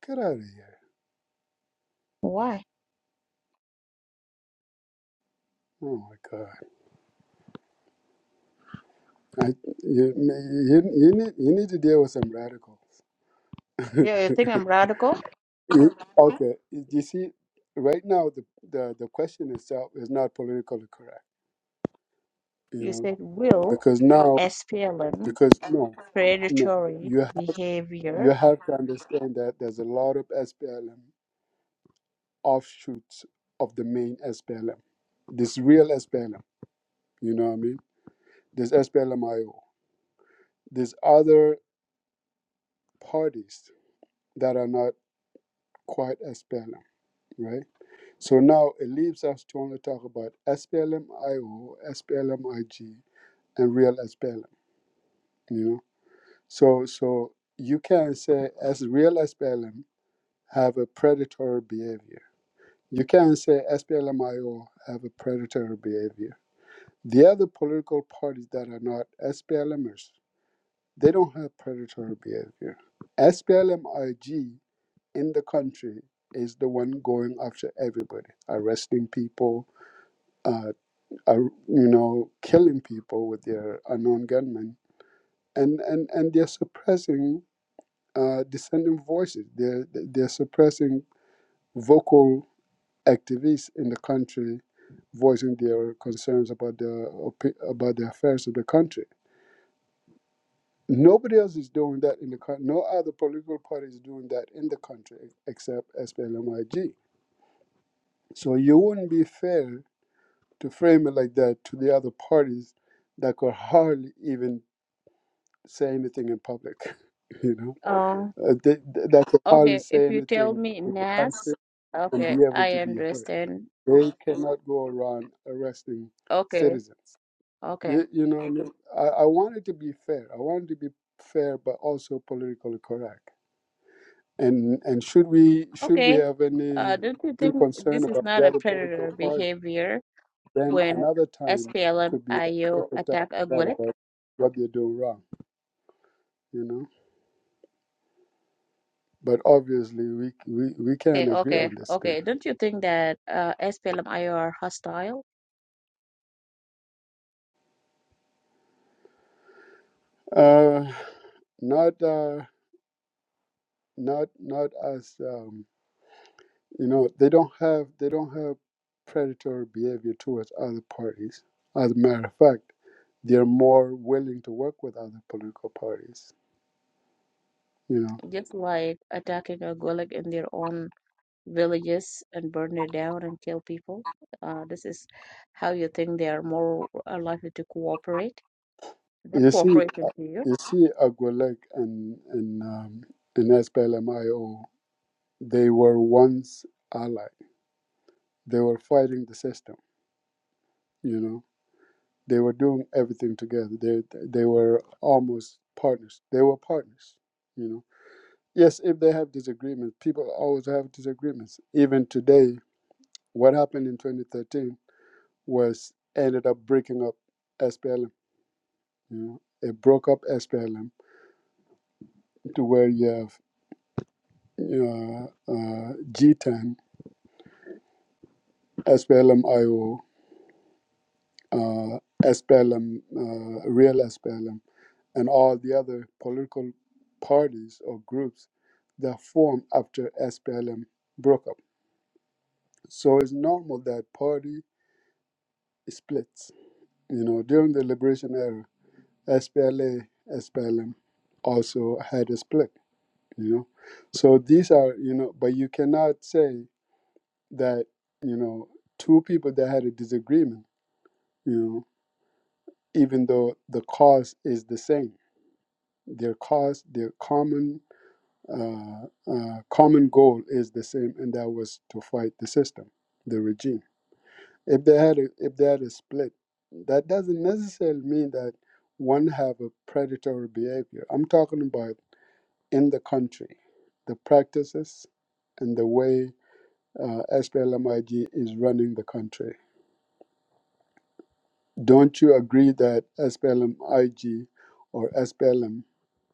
[SPEAKER 1] Get out of here!
[SPEAKER 4] Why?
[SPEAKER 1] Oh my God! I, you, you you need you need to deal with some radicals.
[SPEAKER 4] Yeah, you think I'm radical?
[SPEAKER 1] You- Okay, you see, right now the, the the question itself is not politically correct, you
[SPEAKER 4] You
[SPEAKER 1] know,
[SPEAKER 4] said will
[SPEAKER 1] because now
[SPEAKER 4] SPLM
[SPEAKER 1] because no, no,
[SPEAKER 4] predatory
[SPEAKER 1] you ha- you
[SPEAKER 4] behavior.
[SPEAKER 1] have to understand that there's a lot of SPLM offshoots of the main SPLM. This real SPLM, you know what I mean? There's SPLMIO. There's other parties that are not quite SPLM, right? So now it leaves us to only talk about SPLMIO, SPLMIG, and real SPLM, you know. So so you can say as real SPLM have a predatory behavior. You can say SPLMIO have a predatory behavior. The other political parties that are not SPLMers, they don't have predatory behavior. splm in the country is the one going after everybody, arresting people, uh, are, you know, killing people with their unknown gunmen, and and and they're suppressing uh, dissenting voices. They're, they're suppressing vocal activists in the country voicing their concerns about the opi- about the affairs of the country. Nobody else is doing that in the country. No other political party is doing that in the country except SPLMIG. So you wouldn't be fair to frame it like that to the other parties that could hardly even say anything in public. You know,
[SPEAKER 4] Um.
[SPEAKER 1] uh, they, they- that could hardly
[SPEAKER 4] Okay, if
[SPEAKER 1] say
[SPEAKER 4] you tell
[SPEAKER 1] anything
[SPEAKER 4] me
[SPEAKER 1] in the country
[SPEAKER 4] NAS,
[SPEAKER 1] and
[SPEAKER 4] okay,
[SPEAKER 1] be able
[SPEAKER 4] I
[SPEAKER 1] to be heard.
[SPEAKER 4] understand.
[SPEAKER 1] They cannot go around arresting
[SPEAKER 4] Okay,
[SPEAKER 1] citizens.
[SPEAKER 4] okay,
[SPEAKER 1] You, you know, what I, mean? I I want it to be fair. I want it to be fair, but also politically correct. And and should we should we
[SPEAKER 4] okay.
[SPEAKER 1] have any,
[SPEAKER 4] Uh, don't you
[SPEAKER 1] any
[SPEAKER 4] think
[SPEAKER 1] concern
[SPEAKER 4] this is
[SPEAKER 1] about the
[SPEAKER 4] not a
[SPEAKER 1] other political
[SPEAKER 4] predator
[SPEAKER 1] party,
[SPEAKER 4] behavior?
[SPEAKER 1] then
[SPEAKER 4] when
[SPEAKER 1] another time
[SPEAKER 4] SPLMIO
[SPEAKER 1] could be a
[SPEAKER 4] io
[SPEAKER 1] perfect time
[SPEAKER 4] attack
[SPEAKER 1] to talk
[SPEAKER 4] Agulek.
[SPEAKER 1] about what they're doing wrong. You know, but obviously we we, we can't
[SPEAKER 4] Okay,
[SPEAKER 1] agree
[SPEAKER 4] okay,
[SPEAKER 1] on this thing.
[SPEAKER 4] okay. Don't you think that uh, splm are hostile,
[SPEAKER 1] Uh, not uh, not not as. Um, You know, they don't have they don't have predatory behavior towards other parties. As a matter of fact, they're more willing to work with other political parties. You know,
[SPEAKER 4] just like attacking Agulek in their own villages and burn it down and kill people? Uh, this is how you think they are more uh, likely to cooperate. That
[SPEAKER 1] you see,
[SPEAKER 4] cooperation to you?
[SPEAKER 1] you see, Agwelek and and um, and SPLMIO, they were once allied. They were fighting the system. You know, they were doing everything together. They they were almost partners. They were partners. You know Yes, if they have disagreements, people always have disagreements. Even today, what happened in 2013 was ended up breaking up SPLM. You know, it broke up SPLM to where you have you know, uh, G10, SPLM IO, uh, SPLM, uh, real SPLM, and all the other political parties or groups that formed after SPLM broke up. So it's normal that party splits You know, during the liberation era, SPLA, SPLM also had a split, you know. So these are, you know, but you cannot say that, you know, two people that had a disagreement, you know, even though the cause is the same, their cause, their common uh, uh, common goal is the same, and that was to fight the system, the regime. if they had a, if they had a split that doesn't necessarily mean that one have a predatory behavior i'm talking about in the country the practices and the way uh, SPLMIG is running the country don't you agree that SPLMIG or SPLM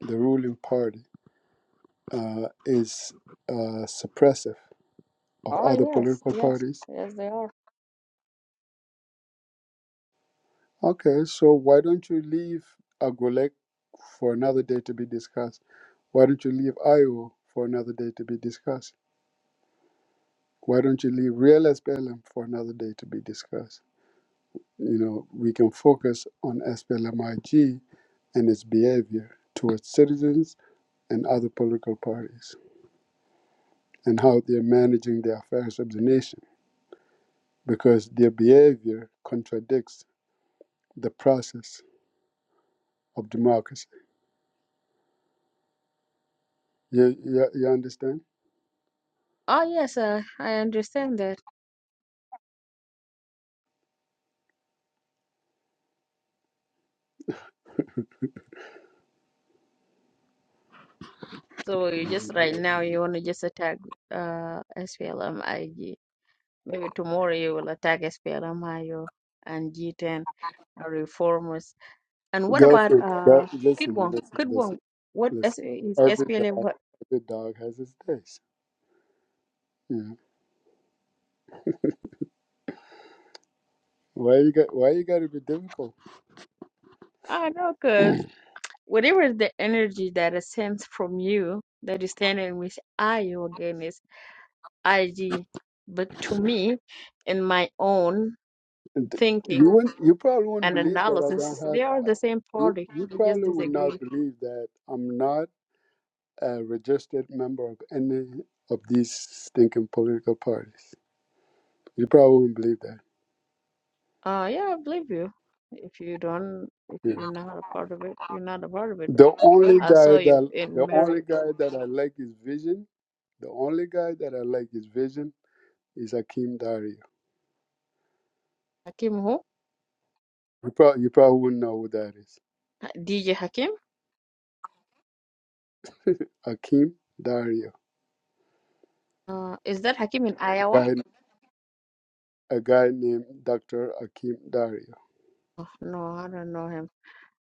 [SPEAKER 1] the ruling party uh, is uh, suppressive of
[SPEAKER 4] Oh
[SPEAKER 1] other
[SPEAKER 4] yes,
[SPEAKER 1] political
[SPEAKER 4] yes,
[SPEAKER 1] parties
[SPEAKER 4] yes, they are.
[SPEAKER 1] Okay, so why don't you leave Agulek for another day to be discussed? Why don't you leave Iowa for another day to be discussed? Why don't you leave real SPLM for another day to be discussed? You know, we can focus on SPLMIG and its behavior towards citizens and other political parties and how they're managing the affairs of the nation because their behavior contradicts the process of democracy. You, you, you understand?
[SPEAKER 4] Oh yes, uh, I understand that. So you just right now you want to just attack uh, splm Maybe tomorrow you will attack SPLMIO and G10 and reformers. And what
[SPEAKER 1] Go
[SPEAKER 4] about
[SPEAKER 1] for it. Go,
[SPEAKER 4] uh
[SPEAKER 1] listen,
[SPEAKER 4] Kidwong?
[SPEAKER 1] listen, listen,
[SPEAKER 4] Kidwong, what
[SPEAKER 1] listen.
[SPEAKER 4] is, is
[SPEAKER 1] Every
[SPEAKER 4] SPLM?
[SPEAKER 1] dog,
[SPEAKER 4] What?
[SPEAKER 1] every dog has its days. You know? Why you got? Why you got to be difficult?
[SPEAKER 4] I know, because whatever is the energy that is sent from you that is standing with IO is IG. But to me, in my own
[SPEAKER 1] And you
[SPEAKER 4] thinking
[SPEAKER 1] wouldn't. You probably wouldn't
[SPEAKER 4] and
[SPEAKER 1] believe that I
[SPEAKER 4] analysis,
[SPEAKER 1] don't
[SPEAKER 4] they
[SPEAKER 1] have.
[SPEAKER 4] are the same
[SPEAKER 1] You,
[SPEAKER 4] party.
[SPEAKER 1] you
[SPEAKER 4] They just
[SPEAKER 1] probably would not
[SPEAKER 4] disagree.
[SPEAKER 1] believe that I'm not a registered member of any of these stinking political parties. You probably wouldn't believe that.
[SPEAKER 4] Uh, yeah, I believe you. If you don't, if
[SPEAKER 1] Yeah.
[SPEAKER 4] you're not a part of it, you're not a part of it.
[SPEAKER 1] The only
[SPEAKER 4] I
[SPEAKER 1] guy
[SPEAKER 4] saw you
[SPEAKER 1] that
[SPEAKER 4] in
[SPEAKER 1] the only
[SPEAKER 4] Mary
[SPEAKER 1] guy that I like his Vision. The only guy that I like his Vision is Akeem Dario.
[SPEAKER 4] Hakim who?
[SPEAKER 1] You probably, you probably wouldn't know who that is.
[SPEAKER 4] DJ Hakim?
[SPEAKER 1] Akim Dario.
[SPEAKER 4] Uh, is that Hakim in Iowa?
[SPEAKER 1] A guy, a guy named Dr. Akim Dario.
[SPEAKER 4] Oh, no, I don't know him.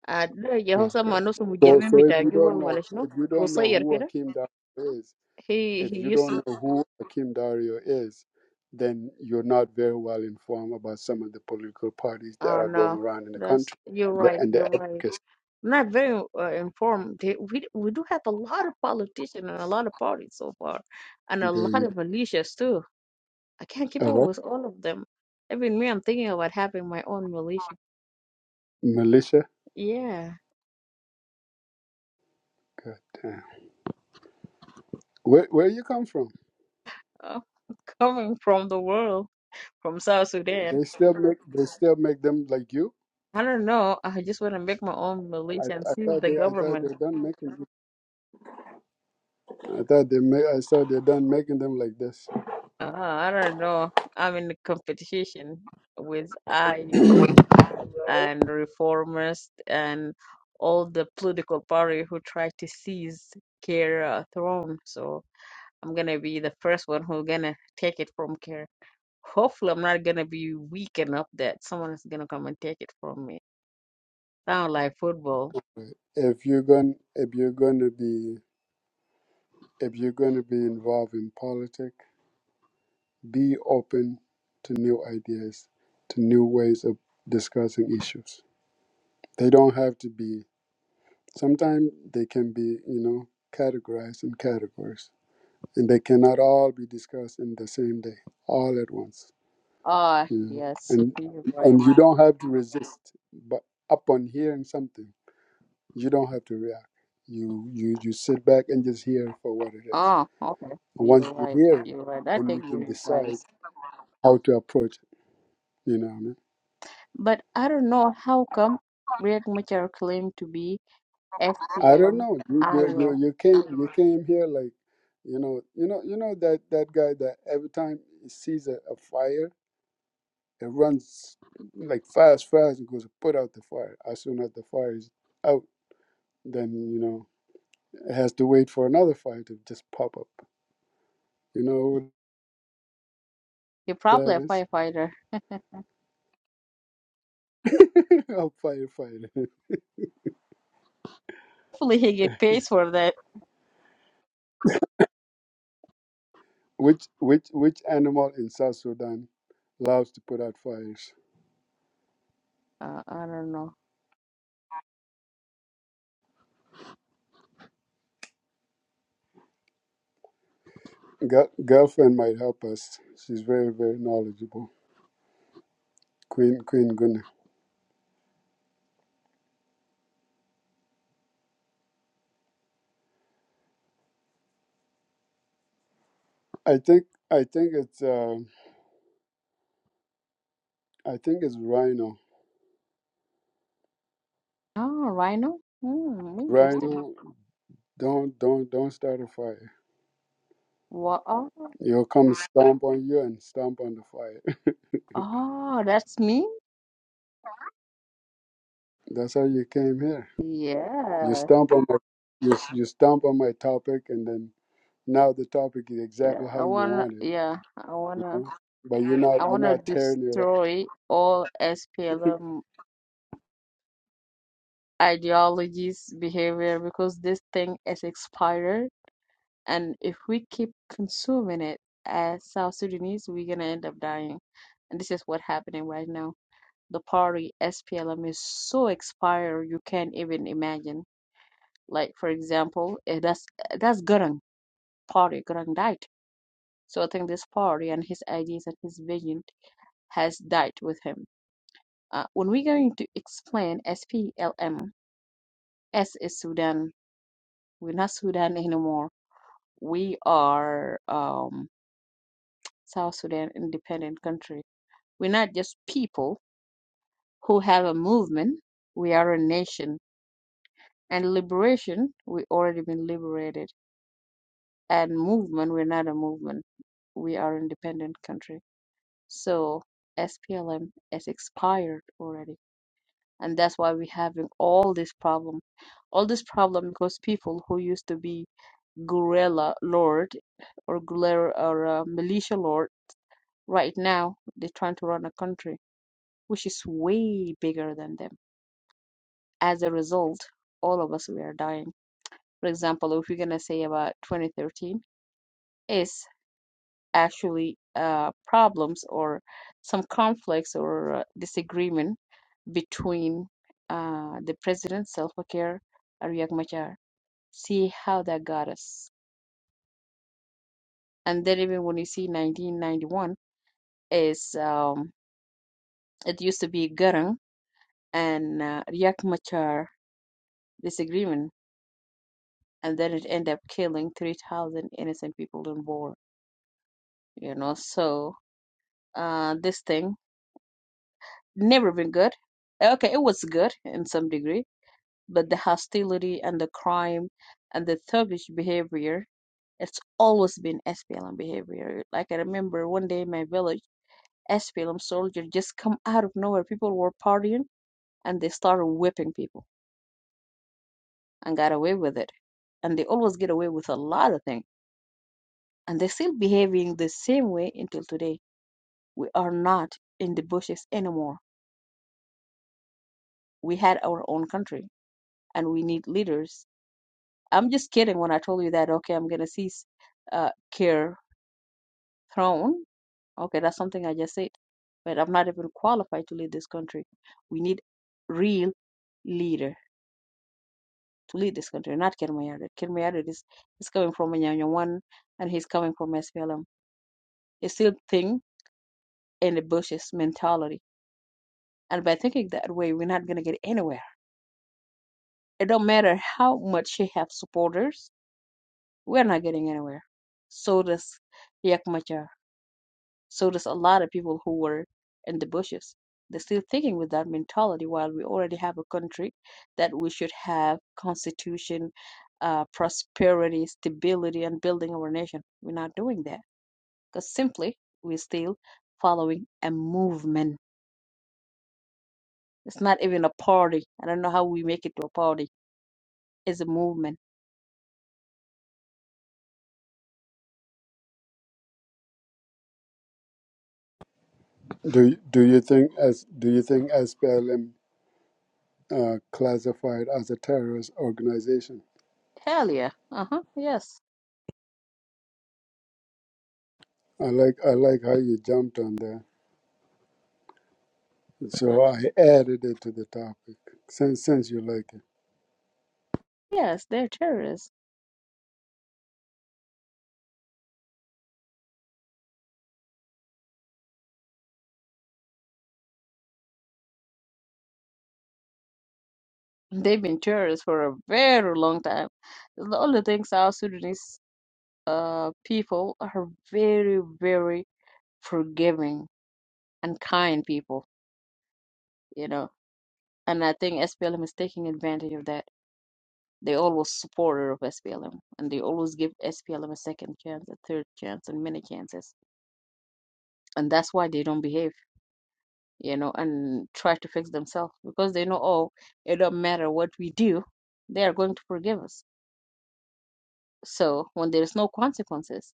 [SPEAKER 4] Uh, ده اللي هو
[SPEAKER 1] Ah, Okay.
[SPEAKER 4] سمى نفسه
[SPEAKER 1] So,
[SPEAKER 4] مجرمين
[SPEAKER 1] so if
[SPEAKER 4] بتاع
[SPEAKER 1] you
[SPEAKER 4] جوا
[SPEAKER 1] don't know,
[SPEAKER 4] ولا
[SPEAKER 1] if
[SPEAKER 4] شنو؟
[SPEAKER 1] you don't know
[SPEAKER 4] قصير
[SPEAKER 1] who
[SPEAKER 4] كده.
[SPEAKER 1] Akim Dario is,
[SPEAKER 4] He
[SPEAKER 1] if
[SPEAKER 4] he
[SPEAKER 1] you
[SPEAKER 4] used to.
[SPEAKER 1] don't know who Akim Dario is, then you're not very well informed about some of the political parties that
[SPEAKER 4] Oh
[SPEAKER 1] are going
[SPEAKER 4] no,
[SPEAKER 1] around in the
[SPEAKER 4] that's
[SPEAKER 1] country
[SPEAKER 4] you're
[SPEAKER 1] the,
[SPEAKER 4] right.
[SPEAKER 1] and the
[SPEAKER 4] You're right.
[SPEAKER 1] advocacy.
[SPEAKER 4] I'm not very uh, informed. They- We we do have a lot of politicians and a lot of parties so far, and a lot
[SPEAKER 1] The
[SPEAKER 4] of militias too. I can't keep
[SPEAKER 1] uh,
[SPEAKER 4] up
[SPEAKER 1] what?
[SPEAKER 4] with all of them. Even me, I'm thinking about having my own militia.
[SPEAKER 1] militia.
[SPEAKER 4] Yeah.
[SPEAKER 1] God damn. Where where you come from?
[SPEAKER 4] uh, coming from the world, from South Sudan.
[SPEAKER 1] They still make they still make them like you.
[SPEAKER 4] I don't know. I just want to make my own
[SPEAKER 1] I,
[SPEAKER 4] militia and
[SPEAKER 1] I
[SPEAKER 4] seize
[SPEAKER 1] thought
[SPEAKER 4] the
[SPEAKER 1] they I thought
[SPEAKER 4] government.
[SPEAKER 1] they're done making them. I thought they ma- I thought they're done making them like this.
[SPEAKER 4] Uh, I don't know. I'm in competition with IO and reformers and all the political party who try to seize Kir uh, throne. So I'm gonna be the first one who's gonna take it from Kir. Hopefully, I'm not gonna be weak enough that someone is gonna come and take it from me. Sound like football.
[SPEAKER 1] If you're going if you're gonna be if you're gonna be involved in politics, be open to new ideas, to new ways of discussing issues. They don't have to be sometimes they can be, you know, categorized in categories. And they cannot all be discussed in the same day, all at once.
[SPEAKER 4] Ah,
[SPEAKER 1] You know?
[SPEAKER 4] yes,
[SPEAKER 1] And
[SPEAKER 4] you're right.
[SPEAKER 1] and you don't have to resist but upon hearing something. You don't have to react. You you you sit back and just hear it for what it is.
[SPEAKER 4] Ah, okay,
[SPEAKER 1] And once
[SPEAKER 4] you're
[SPEAKER 1] you
[SPEAKER 4] right.
[SPEAKER 1] hear it,
[SPEAKER 4] You're right. I
[SPEAKER 1] then you
[SPEAKER 4] take your
[SPEAKER 1] can decide
[SPEAKER 4] advice.
[SPEAKER 1] how to approach it. You know what I mean?
[SPEAKER 4] But I don't know how come Riek Machar claimed to be
[SPEAKER 1] I don't
[SPEAKER 4] SPLM
[SPEAKER 1] know. You you
[SPEAKER 4] IO.
[SPEAKER 1] you, you came you came here like you know you know you know that that guy that every time he sees a, a fire, it runs like fast fast and goes to put out the fire. As soon as the fire is out, then you know it has to wait for another fire to just pop up. You know what
[SPEAKER 4] He probably
[SPEAKER 1] that
[SPEAKER 4] a
[SPEAKER 1] is?
[SPEAKER 4] firefighter.
[SPEAKER 1] a I'm firefighter.
[SPEAKER 4] Hopefully he get paid for that.
[SPEAKER 1] Which which which animal in South Sudan loves to put out fires?
[SPEAKER 4] Uh, I don't know.
[SPEAKER 1] Girl, girlfriend might help us. She's very very knowledgeable. Queen Queen Guna. I think I think it's um I think it's rhino.
[SPEAKER 4] Oh, Rhino? Hmm, interesting.
[SPEAKER 1] Rhino, don't don't don't start a fire.
[SPEAKER 4] What? Oh,
[SPEAKER 1] He'll come stomp on you and stomp on the fire.
[SPEAKER 4] oh, that's me?
[SPEAKER 1] That's how you came here. You
[SPEAKER 4] Yeah.
[SPEAKER 1] stomp on my you you stomp on my topic and then now the topic is
[SPEAKER 4] Yeah,
[SPEAKER 1] exactly how
[SPEAKER 4] I
[SPEAKER 1] you
[SPEAKER 4] wanna,
[SPEAKER 1] want it.
[SPEAKER 4] yeah, I
[SPEAKER 1] You
[SPEAKER 4] wanna,
[SPEAKER 1] know, but you're
[SPEAKER 4] I
[SPEAKER 1] not you're
[SPEAKER 4] wanna
[SPEAKER 1] not tearing it up.
[SPEAKER 4] destroy all SPLM ideologies behavior because this thing is expired and if we keep consuming it as south sudanese we're gonna end up dying and this is what's happening right now the party splm is so expired you can't even imagine like for example eh, that's eh, that's garang party garang died so i think this party and his ideas and his vision has died with him uh, when we're going to explain splm s is sudan we're not sudan anymore we are um, South Sudan independent country. We're not just people who have a movement. We are a nation. And liberation, we already been liberated. And movement, we're not a movement. We are independent country. So SPLM has expired already. And that's why we're having all this problem. All this problem because people who used to be guerrilla lord or guerrilla or uh, militia lord Right now, they're trying to run a country which is way bigger than them. As a result, all of us we are dying. For example, if we're gonna say about 2013, is actually uh, problems or some conflicts or uh, disagreement between uh, the president Salva Kiir and Riek Machar. See how that got us. And then even when you see 1991 is um, it used to be Garang and uh, Riek Machar disagreement and then it ended up killing 3000 innocent people on board you know so uh this thing never been good okay it was good in some degree but the hostility and the crime and the thuggish behavior it's always been SPLM behavior like I remember one day in my village SPLM soldier just come out of nowhere people were partying and they started whipping people and got away with it and they always get away with a lot of things and they're still behaving the same way until today. We are not in the bushes anymore. We had our own country, and we need leaders. I'm just kidding when I told you that. Okay, I'm gonna seize uh, care throne. Okay, that's something I just said, but I'm not even qualified to lead this country. We need real leader to lead this country, not Ken Mayardit. Ken Mayardit is is coming from Anyanya one, and he's coming from SPLM. It's still thing in the bushes mentality And by thinking that way, we're not gonna get anywhere. It don't matter how much she have supporters, we're not getting anywhere. So does Riek Machar. So does a lot of people who were in the bushes. They're still thinking with that mentality while we already have a country that we should have constitution, uh, prosperity, stability, and building our nation. We're not doing that because simply we're still following a movement. It's not even a party. I don't know how we make it to a party. It's a movement
[SPEAKER 1] Do do you think as do you think SPLM uh, classified as a terrorist organization?
[SPEAKER 4] Hell yeah. Uh huh. Yes.
[SPEAKER 1] I like I like how you jumped on that. So I added it to the topic since since you like it.
[SPEAKER 4] Yes, they're terrorists. They've been terrorists for a very long time. The only thing South Sudanese uh, people are very, very forgiving and kind people, you know. And I think SPLM is taking advantage of that. They always supporter of SPLM and they always give SPLM a second chance, a third chance, and many chances. And that's why they don't behave you know, and try to fix themselves because they know, oh, it don't matter what we do, they are going to forgive us. So when there is no consequences,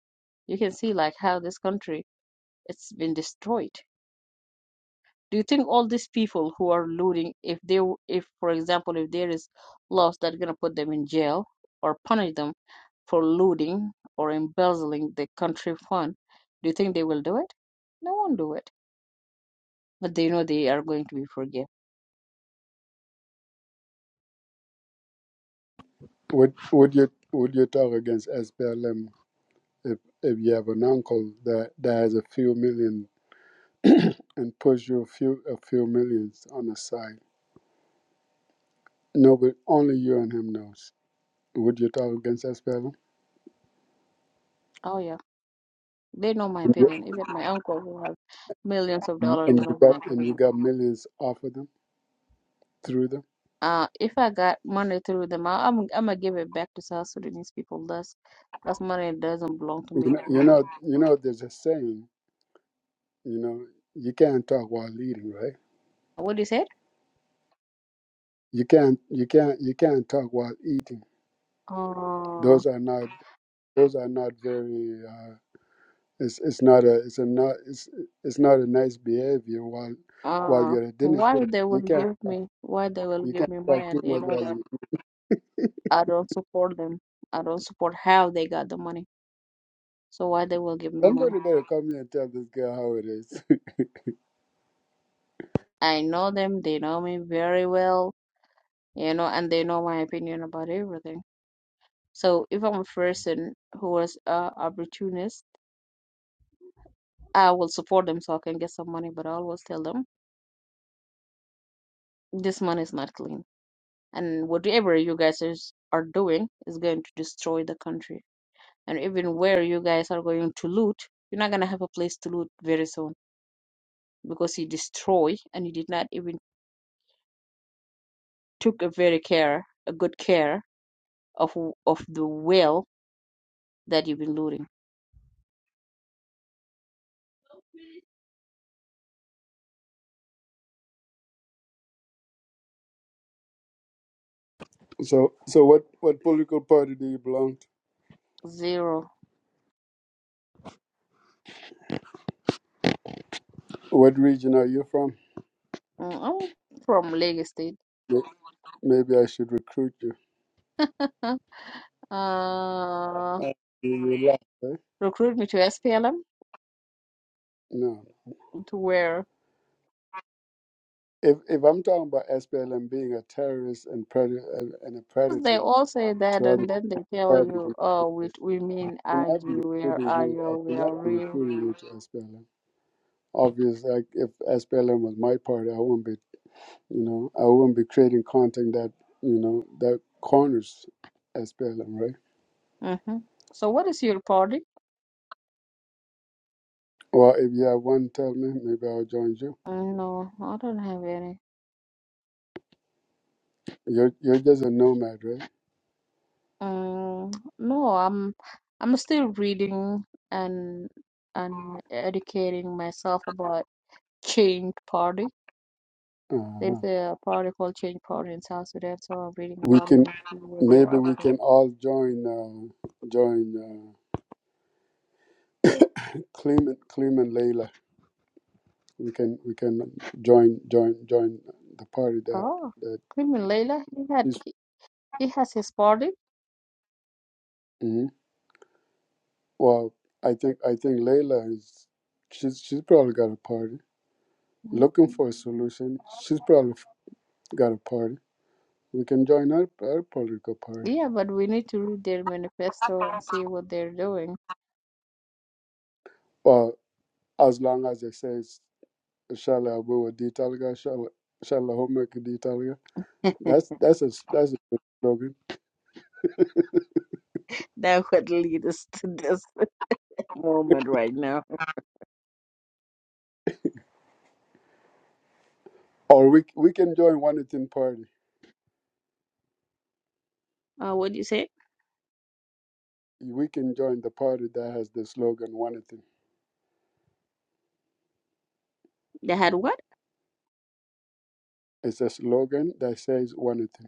[SPEAKER 4] you can see like how this country it's been destroyed. Do you think all these people who are looting, if they, w- if for example, if there is laws that are gonna put them in jail or punish them for looting or embezzling the country fund, do you think they will do it? No one do it, but they know they are going to be forgiven.
[SPEAKER 1] Would would you would you talk against SPLM if if you have an uncle that, that has a few million and push you a few a few millions on the side? Nobody only you and him knows. Would you talk against SPLM?
[SPEAKER 4] Oh yeah. They know my opinion. Even my uncle who has millions of dollars,
[SPEAKER 1] And
[SPEAKER 4] they
[SPEAKER 1] you
[SPEAKER 4] know my
[SPEAKER 1] got and you
[SPEAKER 4] opinion.
[SPEAKER 1] got millions off of them through them?
[SPEAKER 4] Uh, if I got money through them, I, I'm I'm gonna give it back to South Sudanese people. That's that's money that doesn't belong to
[SPEAKER 1] You
[SPEAKER 4] me. It
[SPEAKER 1] know,
[SPEAKER 4] belong
[SPEAKER 1] you
[SPEAKER 4] to-
[SPEAKER 1] know, you know, there's a saying, you know, you can't talk while eating, right?
[SPEAKER 4] What do you it?
[SPEAKER 1] You can't, you can't, you can't talk while eating.
[SPEAKER 4] Uh,
[SPEAKER 1] Those are not, those are not very. Uh, it's, it's not a, it's a not, it's, it's not a nice behavior while, while
[SPEAKER 4] uh,
[SPEAKER 1] you're at dinner
[SPEAKER 4] why
[SPEAKER 1] table.
[SPEAKER 4] would they will
[SPEAKER 1] You can't,
[SPEAKER 4] give
[SPEAKER 1] talk,
[SPEAKER 4] me? Why they will
[SPEAKER 1] you
[SPEAKER 4] give
[SPEAKER 1] can't
[SPEAKER 4] me money
[SPEAKER 1] talk
[SPEAKER 4] and
[SPEAKER 1] too
[SPEAKER 4] they
[SPEAKER 1] much
[SPEAKER 4] know
[SPEAKER 1] while
[SPEAKER 4] that
[SPEAKER 1] you.
[SPEAKER 4] I don't support them. I don't support how they got the money. So why they will give me money?
[SPEAKER 1] Somebody better come here and tell this girl how it is.
[SPEAKER 4] I know them. They know me very well. You know, and they know my opinion about everything. So if I'm a person who was a opportunist, I will support them so I can get some money, but I always tell them this money is not clean. And whatever you guys is, are doing is going to destroy the country. And even where you guys are going to loot, you're not gonna have a place to loot very soon because you destroy and you did not even took a very care, a good care of of the well that you've been looting.
[SPEAKER 1] so, so what, what political party do you belong to?
[SPEAKER 4] Zero.
[SPEAKER 1] What region are you from?
[SPEAKER 4] Mm, I'm from Lagos State.
[SPEAKER 1] May- Maybe I should recruit you.
[SPEAKER 4] Uh,
[SPEAKER 1] Uh, you will laugh, eh?
[SPEAKER 4] recruit me to SPLM
[SPEAKER 1] No.
[SPEAKER 4] to where
[SPEAKER 1] If if I'm talking about SPLM being a terrorist and predator and and a
[SPEAKER 4] they
[SPEAKER 1] predator
[SPEAKER 4] all say
[SPEAKER 1] to
[SPEAKER 4] that
[SPEAKER 1] other
[SPEAKER 4] and then they tell
[SPEAKER 1] parties,
[SPEAKER 4] you, oh, we, we mean
[SPEAKER 1] I
[SPEAKER 4] IG,
[SPEAKER 1] cannot be
[SPEAKER 4] We
[SPEAKER 1] recruiting
[SPEAKER 4] are
[SPEAKER 1] you. I
[SPEAKER 4] you? We
[SPEAKER 1] cannot
[SPEAKER 4] are
[SPEAKER 1] be
[SPEAKER 4] real.
[SPEAKER 1] recruiting you to SPLM. Obviously, like if SPLM was my party, I wouldn't be, you know, I wouldn't be creating content that, you know, that corners SPLM, right?
[SPEAKER 4] hmm So what is your party?
[SPEAKER 1] Well, if you have one, tell me. Maybe I'll join you.
[SPEAKER 4] Uh, no, I don't have any.
[SPEAKER 1] You're you're just a nomad, right?
[SPEAKER 4] Um, no, I'm I'm still reading and and educating myself about Change Party.
[SPEAKER 1] Uh-huh.
[SPEAKER 4] There's a party called Change Party in South Sudan, so I'm reading
[SPEAKER 1] We
[SPEAKER 4] about it
[SPEAKER 1] can
[SPEAKER 4] and see what they're
[SPEAKER 1] maybe
[SPEAKER 4] up
[SPEAKER 1] we
[SPEAKER 4] to.
[SPEAKER 1] can all join. Uh, join. uh, Clem, Clem and Layla, we can we can join join join the party that
[SPEAKER 4] Oh,
[SPEAKER 1] that
[SPEAKER 4] Cream and Layla, he had
[SPEAKER 1] is.
[SPEAKER 4] he He has his party.
[SPEAKER 1] mhm. Well, I think I think Layla is she's she's probably got a party
[SPEAKER 4] Mm.
[SPEAKER 1] looking for a solution. She's probably got a party. We can join our our political party.
[SPEAKER 4] Yeah, but we need to read their manifesto and see what they're doing.
[SPEAKER 1] Well, as long as it says "Shala Abu Ditalga, Shala Shala Homek Ditalga," that's that's a that's a good slogan.
[SPEAKER 4] that would lead us to this moment right now.
[SPEAKER 1] Or we we can join one Wanatin party.
[SPEAKER 4] Uh, what do you say?
[SPEAKER 1] we can join the party that has the slogan one thing.
[SPEAKER 4] They had what?
[SPEAKER 1] It's a slogan that says one thing.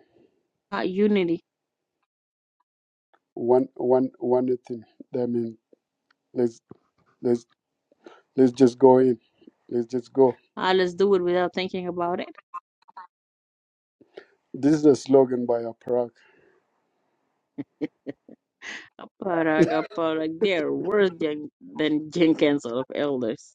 [SPEAKER 4] Uh, unity.
[SPEAKER 1] One one one thing. That means let's let's let's just go in. Let's just go.
[SPEAKER 4] Uh, let's do it without thinking about it.
[SPEAKER 1] This is a slogan by Aparak.
[SPEAKER 4] Aparag, aparag, they're worse than, than Jenkins of elders.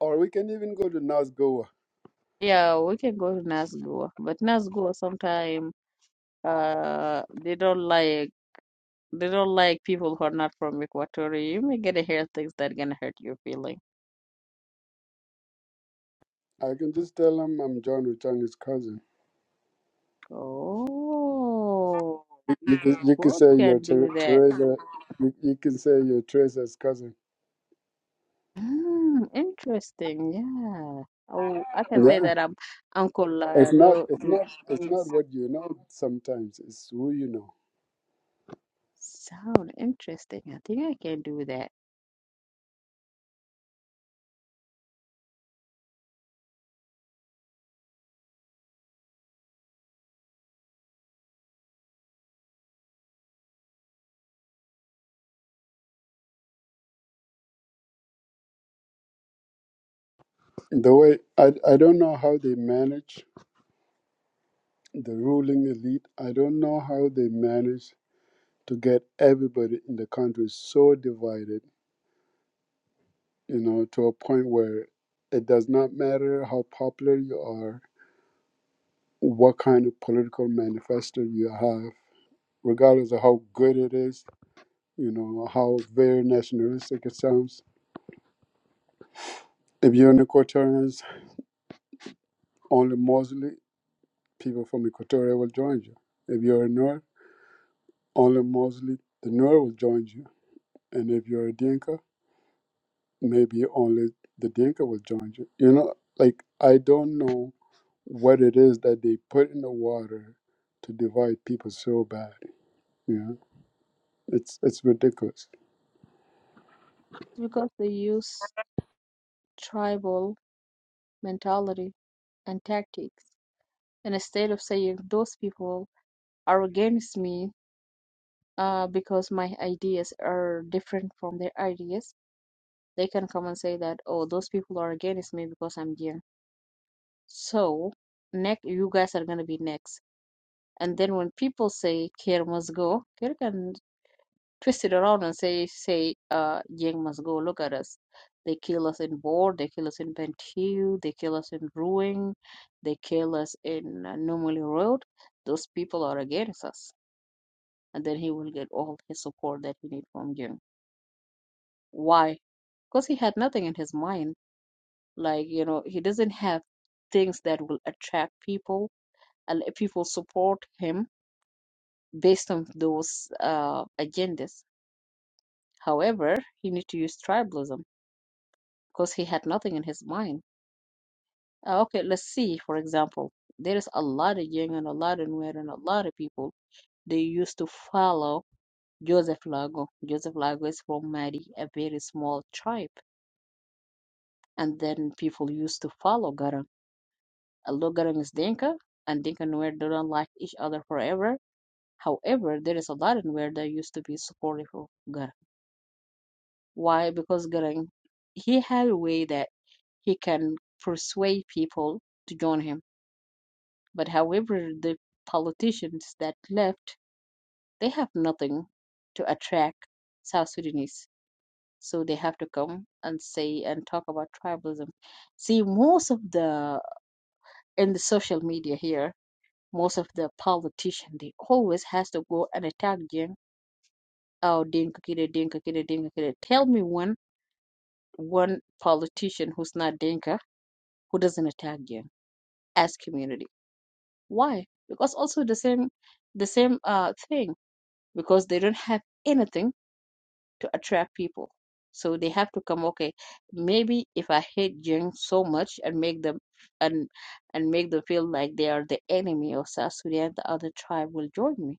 [SPEAKER 1] Or we can even go to Nazgoa.
[SPEAKER 4] Yeah, we can go to Nazgul, but Nazgul sometimes uh, they don't like. They don't like people who are not from Equatorial. You may gonna hear things that gonna hurt your feeling.
[SPEAKER 1] I can just tell them I'm John Ruchang's cousin.
[SPEAKER 4] Oh, we
[SPEAKER 1] You can, you can
[SPEAKER 4] both
[SPEAKER 1] say you're
[SPEAKER 4] can
[SPEAKER 1] Ter-
[SPEAKER 4] do that.
[SPEAKER 1] Teresa. You, you can say you're Teresa's cousin.
[SPEAKER 4] Mm, interesting. Yeah. Oh, I can say
[SPEAKER 1] Yeah,
[SPEAKER 4] that I'm, Uncle
[SPEAKER 1] it's not
[SPEAKER 4] Lado
[SPEAKER 1] it's not it's not
[SPEAKER 4] is
[SPEAKER 1] what you know. Sometimes it's who you know.
[SPEAKER 4] sound interesting. I think I can do that
[SPEAKER 1] The way I, I don't know how they manage the ruling elite. I don't know how they manage to get everybody in the country so divided, you know, to a point where it does not matter how popular you are, what kind of political manifesto you have, regardless of how good it is, you know, how very nationalistic it sounds. If you're an Equatorian, only mostly people from Equatoria will join you. If you're a Nuer, only mostly the Nuer will join you and if you're a Dinka, maybe only the Dinka will join you. You know, like I don't know what it is that they put in the water to divide people so bad. You know, it's it's ridiculous.
[SPEAKER 4] because they use tribal mentality and tactics. And instead of saying those people are against me, uh, because my ideas are different from their ideas, they can come and say that, oh, those people are against me because I'm gay. So, next, you guys are going to be next. And then when people say Kier must go, Kier can twist it around and say, say, uh, Yang must go. Look at us. They kill us in Bor, they kill us in Bentiu, they kill us in Ruing, they kill us in uh, Normally Road. Those people are against us. And then he will get all his support that he need from Jing. Why? Because he had nothing in his mind. Like, you know, he doesn't have things that will attract people and let people support him based on those uh, agendas. However, he need to use tribalism because he had nothing in his mind. Uh, okay, let's see. For example, there is a lot of young and a lot of Nuer and a lot of people they used to follow Joseph Lago. Joseph Lago is from Madi, a very small tribe, and then people used to follow Garang Logarithm is Dinka, and Dinka and Nuer don't like each other forever. However, there is a lot in Nuer that used to be supportive of Garang. Why? Because Garang, he had a way that he can persuade people to join him. But however, the politicians that left, they have nothing to attract South Sudanese. So they have to come and say and talk about tribalism. See, most of the in the social media here, most of the politician they always has to go and attack them. Oh, Dinka Kida, Dinka Kida, Dinka Kida. Tell me one one politician who's not Dinka who doesn't attack them as community. Why? Because also the same the same uh thing because they don't have anything to attract people. So they have to come. Okay, maybe if I hate Jeng so much and make them and and make them feel like they are the enemy of South Sudan, the other tribe will join me.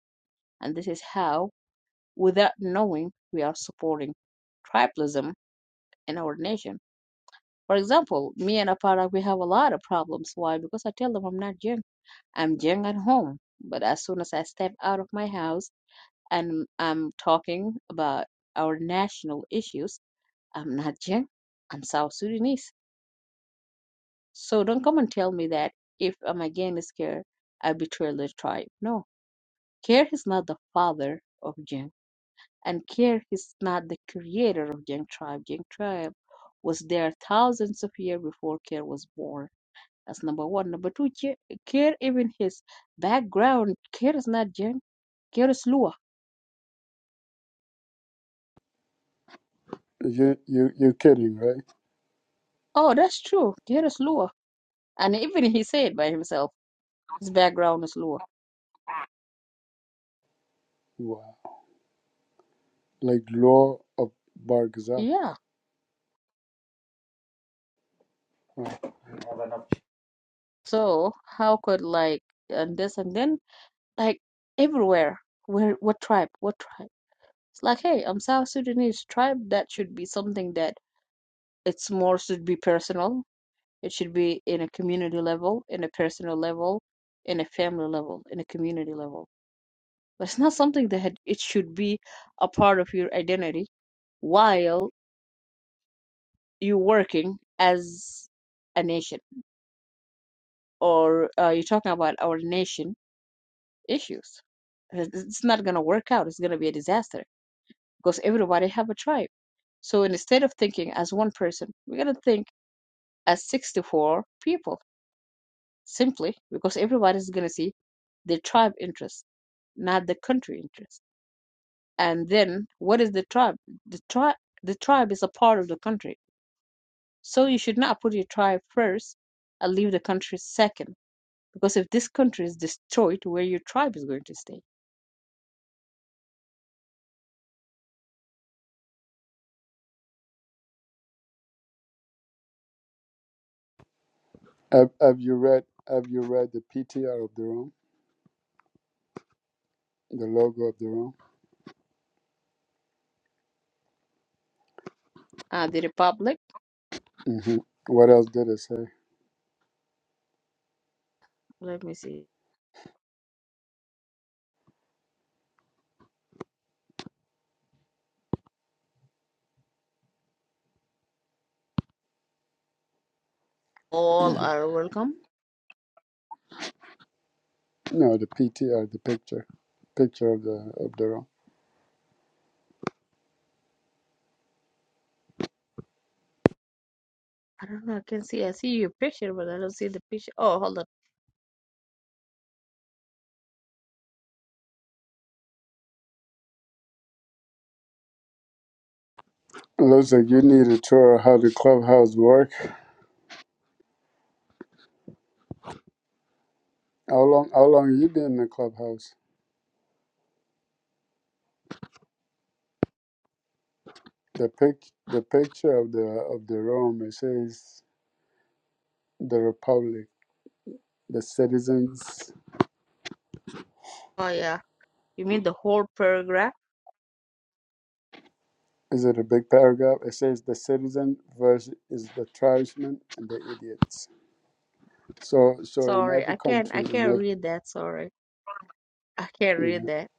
[SPEAKER 4] And this is how without knowing we are supporting tribalism in our nation. For example, me and Aparak, we have a lot of problems. Why? Because I tell them I'm not Jing. I'm Jing at home. But as soon as I step out of my house and I'm talking about our national issues, I'm not Jing. I'm South Sudanese. So don't come and tell me that if I'm against Kir, I betray the tribe. No, Kir is not the father of Jing. and care is not the creator of Jeng tribe. Jeng tribe was there thousands of years before care was born. That's number one. Number two, care, care even his background, care is not Jeng, care is Lua.
[SPEAKER 1] You you you're kidding, right?
[SPEAKER 4] Oh, that's true. Care is Lua. And even he said by himself, his background is Lua.
[SPEAKER 1] Wow. Like law of Bargazal.
[SPEAKER 4] Yeah. So how could like and this and then like everywhere where what tribe what tribe it's like hey i'm south sudanese tribe that should be something that it's more should be personal It should be in a community level, in a personal level, in a family level, in a community level. But it's not something that had- it should be a part of your identity while you're working as a nation or uh, you're talking about our nation issues. It- It's not going to work out. It's going to be a disaster because everybody have a tribe. So instead of thinking as one person, we're going to think as 64 people simply because everybody is going to see the tribe interest, not the country interest. And then what is the tribe? The tribe the tribe is a part of the country. So you should not put your tribe first and leave the country second. Because if this country is destroyed, where your tribe is going to stay?
[SPEAKER 1] Have Have you read Have you read the PTR of the room, the logo of the room?
[SPEAKER 4] Uh, the republic.
[SPEAKER 1] hmm What else did it say?
[SPEAKER 4] Let me see. All are welcome.
[SPEAKER 1] No, the PTR, the picture, picture of the of the room.
[SPEAKER 4] I don't know. I can see. I see your picture, but I don't see the picture. Oh, hold on.
[SPEAKER 1] Looks like you need a tour of how the clubhouse work. How long? How long you been in the clubhouse? The pic, the picture of the of the room. It says the republic, the citizens.
[SPEAKER 4] Oh yeah. You mean the whole paragraph?
[SPEAKER 1] Is it a big paragraph? It says the citizen versus is the tribesmen and the idiots. So, so in
[SPEAKER 4] Sorry,
[SPEAKER 1] every
[SPEAKER 4] I can't.
[SPEAKER 1] country,
[SPEAKER 4] I
[SPEAKER 1] in
[SPEAKER 4] can't
[SPEAKER 1] every
[SPEAKER 4] read that. Sorry. I can't read
[SPEAKER 1] yeah,
[SPEAKER 4] that.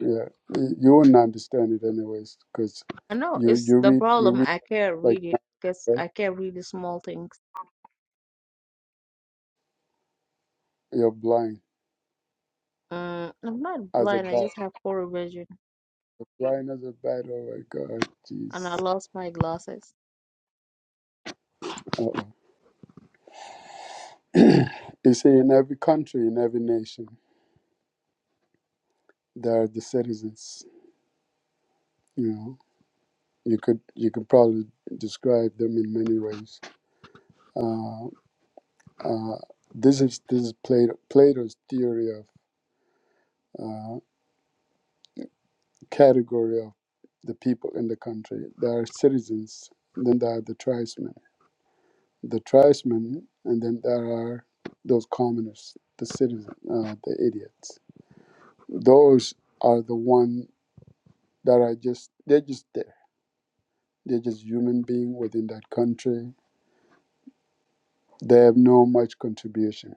[SPEAKER 1] yeah, you you wouldn't understand it anyways, because
[SPEAKER 4] I know
[SPEAKER 1] you
[SPEAKER 4] it's
[SPEAKER 1] you
[SPEAKER 4] the
[SPEAKER 1] read you
[SPEAKER 4] problem.
[SPEAKER 1] read
[SPEAKER 4] I can't
[SPEAKER 1] like
[SPEAKER 4] read it because
[SPEAKER 1] right?
[SPEAKER 4] I can't read the small things.
[SPEAKER 1] you're blind
[SPEAKER 4] Mm, I'm not
[SPEAKER 1] as a
[SPEAKER 4] blind. I
[SPEAKER 1] bat.
[SPEAKER 4] just have poor vision,
[SPEAKER 1] Why another battle? Oh my God,
[SPEAKER 4] and
[SPEAKER 1] jeez.
[SPEAKER 4] I lost my glasses.
[SPEAKER 1] Uh-oh. You see, in every country, in every nation, there are the citizens. You know, you could you could probably describe them in many ways. Uh, uh, this is this is Plato, Plato's theory of uh, category of the people in the country. There are citizens, and then there are the tribesmen, the tribesmen, and then there are those commoners, the citizens, uh, the idiots. Those are the one that are just they're just there. They're just human beings within that country. They have no much contribution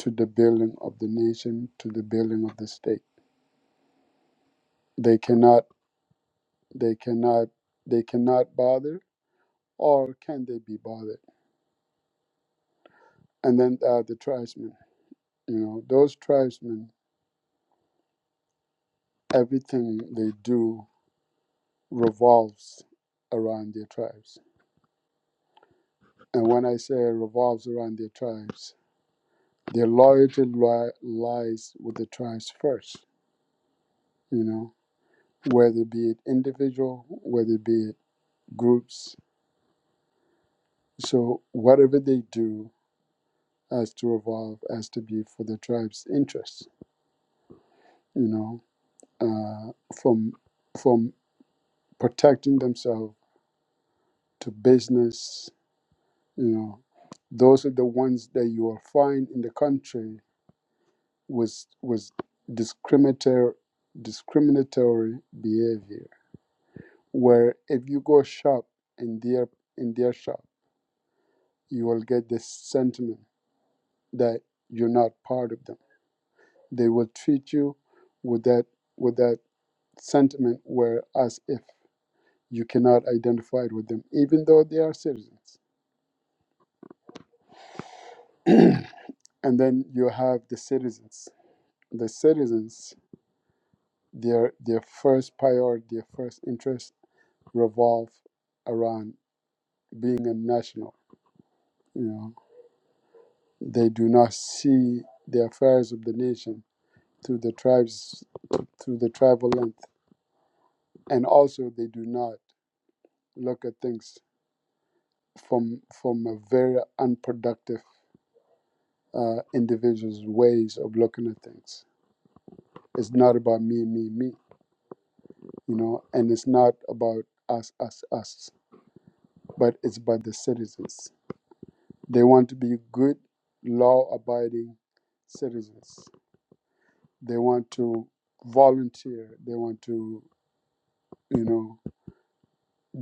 [SPEAKER 1] to the building of the nation, to the building of the state. They cannot they cannot they cannot bother or can they be bothered? And then uh, the tribesmen, you know, those tribesmen, everything they do revolves around their tribes. And when I say revolves around their tribes, their loyalty li- lies with the tribes first, you know whether be it individual, whether be it groups. So whatever they do has to evolve, has to be for the tribe's interests, you know, uh, from from protecting themselves to business, you know. Those are the ones that you will find in the country was was discriminatory discriminatory behavior. Where if you go shop in their in their shop, you will get this sentiment that you're not part of them. They will treat you with that with that sentiment where as if you cannot identify with them, even though they are citizens. And then you have the citizens. The citizens, their their first priority, their first interest revolve around being a national. You know, they do not see the affairs of the nation through the tribes through the tribal length. And also they do not look at things from from a very unproductive uh, individual's ways of looking at things. It's not about me, me, me, you know, and it's not about us, us, us, but it's about the citizens. They want to be good, law-abiding citizens. They want to volunteer. They want to, you know,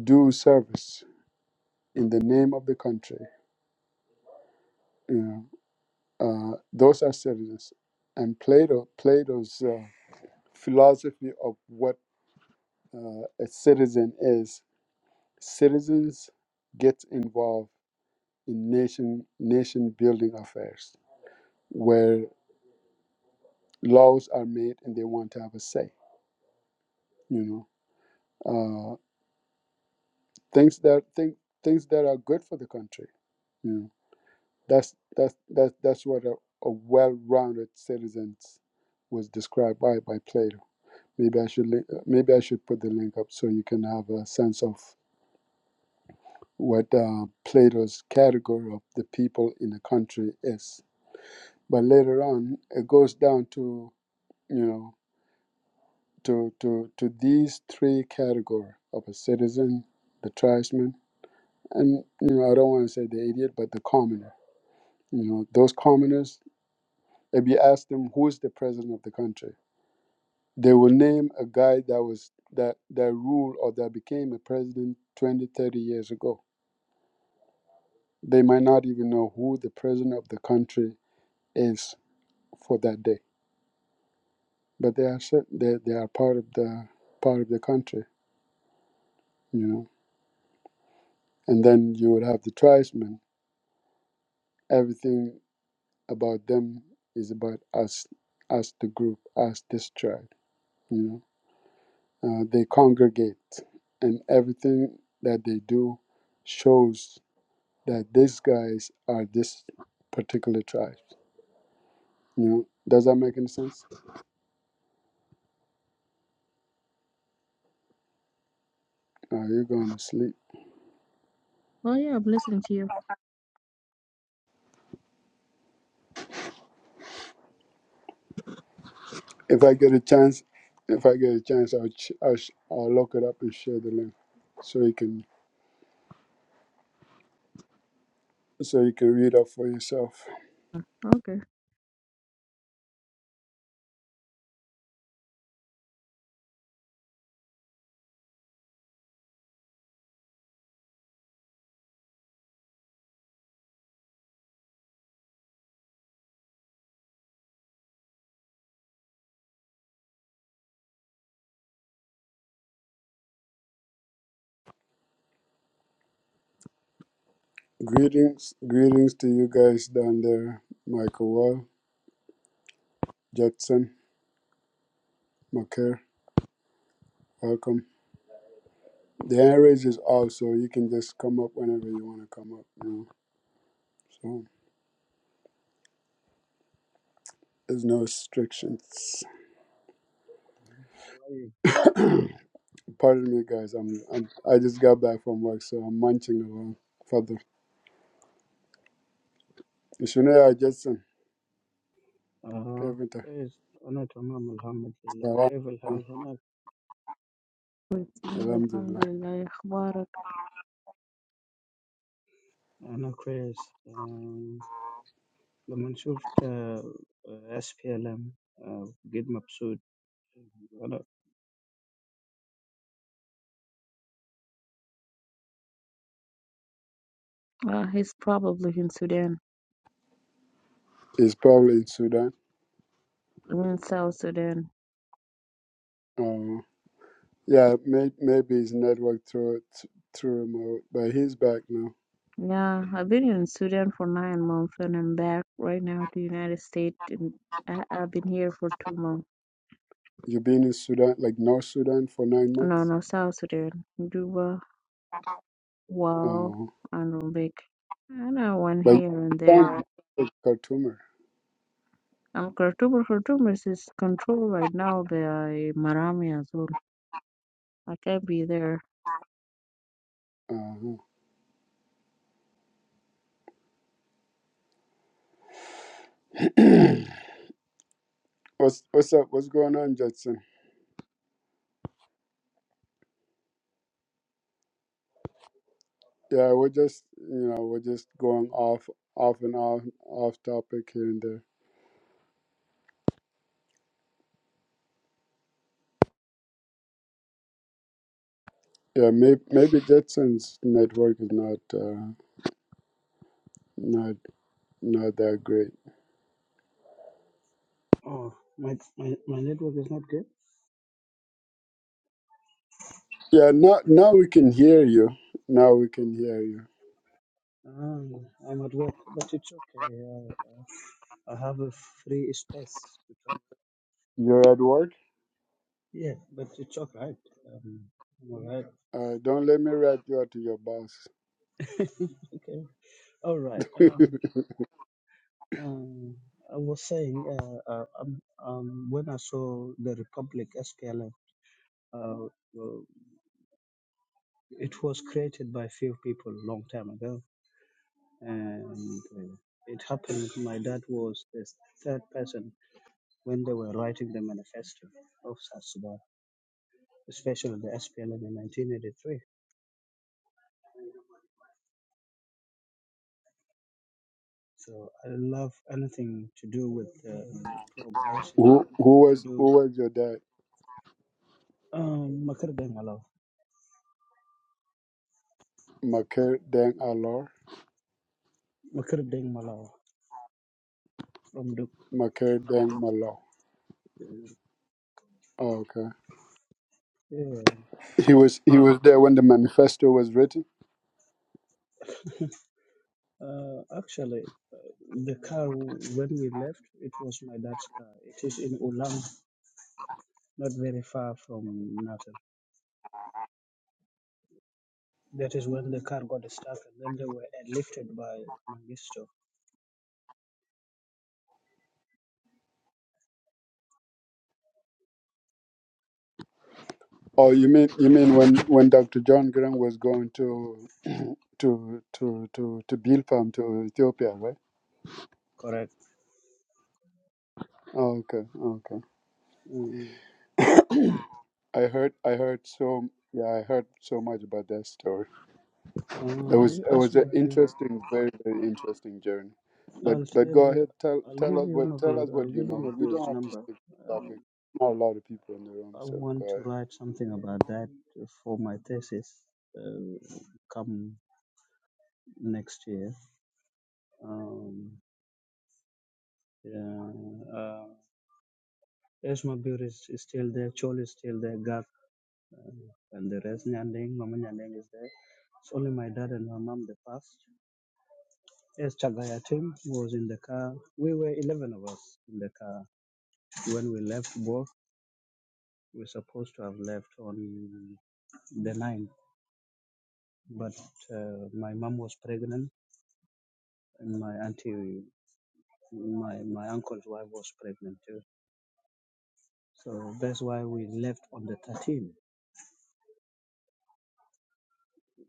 [SPEAKER 1] do service in the name of the country. You know, uh, those are citizens. And Plato, Plato's uh, philosophy of what uh, a citizen is. Citizens get involved in nation nation building affairs where laws are made and they want to have a say. You know, uh, things that think things that are good for the country. You know, that's that's that's that's what a, a well-rounded citizen was described by by Plato. Maybe I should li- maybe I should put the link up so you can have a sense of what uh, Plato's category of the people in a country is. But later on, it goes down to you know to to to these three category of a citizen, the tribesman, and you know I don't want to say the idiot, but the commoner. You know those commoners. If you ask them who's the president of the country, they will name a guy that was that that ruled or that became a president 20, 30 years ago. They might not even know who the president of the country is for that day. But they are cit- they, they are part of the part of the country, you know. And then you would have the tribesmen. Everything about them is about us, us the group, us this tribe, you know. Uh, they congregate, and everything that they do shows that these guys are this particular tribe. You know, does that make any sense? Are you going to sleep?
[SPEAKER 4] Oh yeah, I'm listening to you.
[SPEAKER 1] If I get a chance, if I get a chance, I'll ch- I'll, sh- I'll look it up and share the link so you can so you can read up for yourself.
[SPEAKER 4] Okay.
[SPEAKER 1] Greetings, greetings to you guys down there, Michael Wall, Judson, McCare, welcome. The hand raise is off, so you can just come up whenever you want to come up. You know, so there's no restrictions.
[SPEAKER 5] طيب
[SPEAKER 1] Pardon me, guys. I'm, I'm I just got back from work, so I'm munching along. Father, Shunaya Judson,
[SPEAKER 5] آه
[SPEAKER 1] Kevin,
[SPEAKER 5] كويس أنا تمام الحمد لله
[SPEAKER 1] Salam.
[SPEAKER 5] كيف الحال هناك؟
[SPEAKER 4] Wait, yeah,
[SPEAKER 1] Alhamdulillah.
[SPEAKER 4] Alhamdulillah, أخبارك?
[SPEAKER 5] أنا كويس آه لما شفت اس بي ال ام بجد مبسوط أنا
[SPEAKER 4] Uh, he's probably in Sudan.
[SPEAKER 1] He's probably in Sudan.
[SPEAKER 4] I'm in South Sudan.
[SPEAKER 1] Uh, yeah, may, maybe his network through through remote, but he's back now.
[SPEAKER 4] Yeah, I've been in Sudan for nine months and I'm back right now to the United States and I I've been here for two months.
[SPEAKER 1] You've been in Sudan, like North Sudan, for nine
[SPEAKER 4] No,
[SPEAKER 1] months.
[SPEAKER 4] no, South Sudan. Juba. Wow,
[SPEAKER 1] Uh,
[SPEAKER 4] and Rubik. And I one
[SPEAKER 1] but you
[SPEAKER 4] here and
[SPEAKER 1] sound
[SPEAKER 4] there.
[SPEAKER 1] like Khartoumer.
[SPEAKER 4] I'm Khartoum. but Khartoum is is controlled right now by Marami as well. I can't be there.
[SPEAKER 1] Uh, what's what's up? What's going on, Judson? Yeah, we're just you know we're just going off off and off off topic here and there. Yeah, maybe maybe Judson's network is not uh, not not that great.
[SPEAKER 5] oh my my my network is not good
[SPEAKER 1] Yeah, now now we can hear you. Now we can hear you.
[SPEAKER 5] um, I'm at work but it's okay uh, I have a free space to talk
[SPEAKER 1] You're at work.
[SPEAKER 5] yeah but it's alright um, I'm alright
[SPEAKER 1] Uh, don't let me rat you out to your boss.
[SPEAKER 5] okay all right Um.
[SPEAKER 1] who
[SPEAKER 5] Uh, I was saying, uh, uh, um, um, when I saw the Republic SPLM, uh, uh, well, it was created by few people a long time ago, and uh, it happened. My dad was the third person when they were writing the manifesto of South Sudan, especially the SPLM in 1983. So I love anything to do with uh, progression,
[SPEAKER 1] who
[SPEAKER 5] anything to
[SPEAKER 1] was
[SPEAKER 5] do.
[SPEAKER 1] who was your dad?
[SPEAKER 5] Um, Makar Deng Malaw,
[SPEAKER 1] Maker Deng Alor.
[SPEAKER 5] Makar Deng Malaw from
[SPEAKER 1] Maker Deng Malo.
[SPEAKER 5] Duke.
[SPEAKER 1] Oh, okay. He was he was there when the manifesto was written.
[SPEAKER 5] Uh, actually, uh, the car w- when we left, it was my dad's car. It is in Ulang, not very far from Natal. That is when the car got stuck, and then they were lifted by Mangisto.
[SPEAKER 1] Oh, you mean you mean when, when Dr. John Graham was going to to to to to Bilpam to Ethiopia, right?
[SPEAKER 5] Correct.
[SPEAKER 1] Oh, okay, okay.
[SPEAKER 5] mm
[SPEAKER 1] I heard I heard so yeah I heard so much about that story. It
[SPEAKER 5] Uh,
[SPEAKER 1] was
[SPEAKER 5] you
[SPEAKER 1] it
[SPEAKER 5] ask
[SPEAKER 1] was an
[SPEAKER 5] Mabir.
[SPEAKER 1] interesting, very very interesting journey. But
[SPEAKER 5] I'll
[SPEAKER 1] but
[SPEAKER 5] tell
[SPEAKER 1] go
[SPEAKER 5] you.
[SPEAKER 1] ahead, tell
[SPEAKER 5] I'll
[SPEAKER 1] tell
[SPEAKER 5] give
[SPEAKER 1] us
[SPEAKER 5] you
[SPEAKER 1] what tell us
[SPEAKER 5] Mabir.
[SPEAKER 1] what
[SPEAKER 5] I'll
[SPEAKER 1] you
[SPEAKER 5] give you
[SPEAKER 1] know. We
[SPEAKER 5] Mabir's
[SPEAKER 1] don't have to
[SPEAKER 5] number.
[SPEAKER 1] stick to the
[SPEAKER 5] Um,
[SPEAKER 1] topic. Not a lot of people in the room,
[SPEAKER 5] I
[SPEAKER 1] so go
[SPEAKER 5] want to
[SPEAKER 1] ahead.
[SPEAKER 5] write something about that for my thesis. Uh, come next year. Um, yeah. Esma Beer is, is still there, Chol is still there, Gav, uh, and the rest, Nyandeng, Mama Nyandeng is there. It's only my dad and my mom, the passed. Yes, Chagaya Tim was in the car. We were 11 of us in the car. When we left work, we were supposed to have left on the 9th, but uh, my mom was pregnant and my auntie, my, my uncle's wife was pregnant too. So that's why we left on the 13th.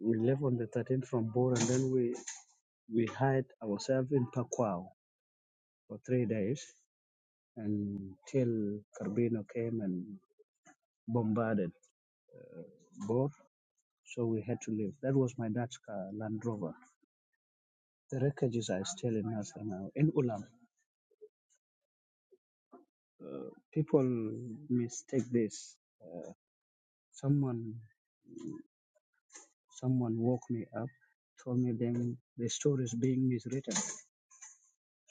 [SPEAKER 5] We left on the 13th from Bor and then we we hid ourselves in Pakwao for three days until Carbino came and bombarded Bor, so we had to leave. That was my dad's car, Land Rover. The wreckages are still in us right now. In Ulam, uh, people mistake this. Someone, someone woke me up, told me then the story is being miswritten.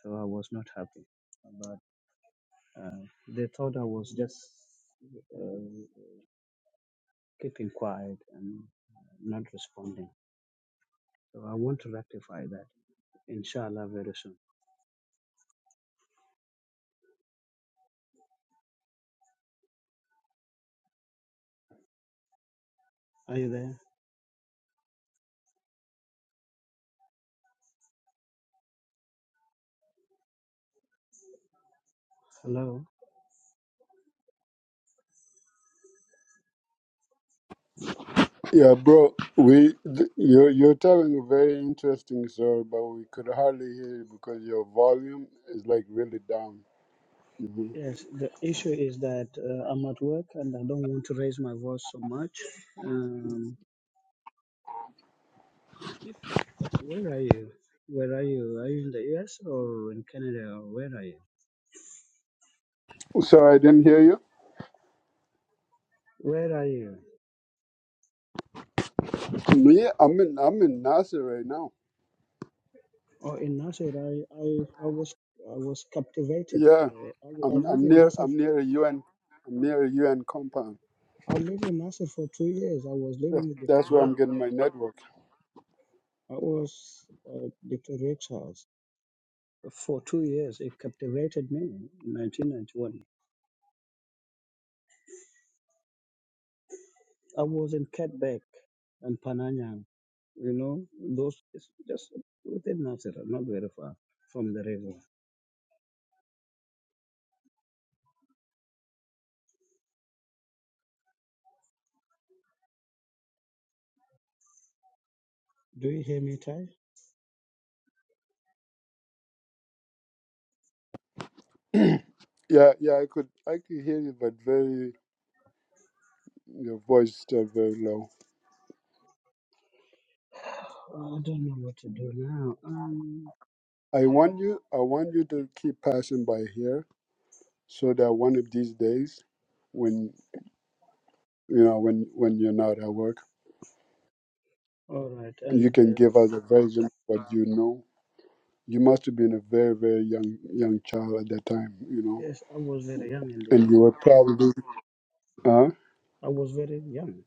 [SPEAKER 5] So I was not happy. But uh, they thought I was just uh, keeping quiet and uh, not responding. So I want to rectify that, inshallah, very soon. Are you there? Hello?
[SPEAKER 1] Yeah, bro, we th- you're you're telling a very interesting story, but we could hardly hear you because your volume is like really down. hmm
[SPEAKER 5] Yes, the issue is that uh, I'm at work and I don't want to raise my voice so much. Um, if Where are you? Where are you? Are you in the US or in Canada or where are you?
[SPEAKER 1] Sorry, I didn't hear you.
[SPEAKER 5] Where are you?
[SPEAKER 1] Yeah, I'm in I'm in Nasser right now.
[SPEAKER 5] Oh, in Nasir, I, I, I was I was captivated.
[SPEAKER 1] Yeah,
[SPEAKER 5] Uh, I, I
[SPEAKER 1] I'm
[SPEAKER 5] live
[SPEAKER 1] I'm
[SPEAKER 5] in
[SPEAKER 1] near
[SPEAKER 5] Nasir.
[SPEAKER 1] I'm near a UN am near a UN compound.
[SPEAKER 5] I live in Nasir for two years. I was
[SPEAKER 1] That's
[SPEAKER 5] living with the
[SPEAKER 1] that's where
[SPEAKER 5] Tuareg.
[SPEAKER 1] I'm getting my network.
[SPEAKER 5] I was a Doctor House for two years. It captivated me in 1991. I was in Quebec and Pananyang. You know, those it's just within Nasser, not very far from the river. Do you hear me, Ty?
[SPEAKER 1] Yeah, yeah, I could I could hear you, but very your voice is still very low.
[SPEAKER 5] Oh, I don't know what to do now. Um,
[SPEAKER 1] I want you I want you to keep passing by here so that one of these days when you know when when you're not at work,
[SPEAKER 5] all right,
[SPEAKER 1] you
[SPEAKER 5] and
[SPEAKER 1] can
[SPEAKER 5] uh,
[SPEAKER 1] give us a version of what you know. You must have been a very, very young young child at that time, you know.
[SPEAKER 5] yes, I was very young indeed.
[SPEAKER 1] And you were probably uh
[SPEAKER 5] I was very young.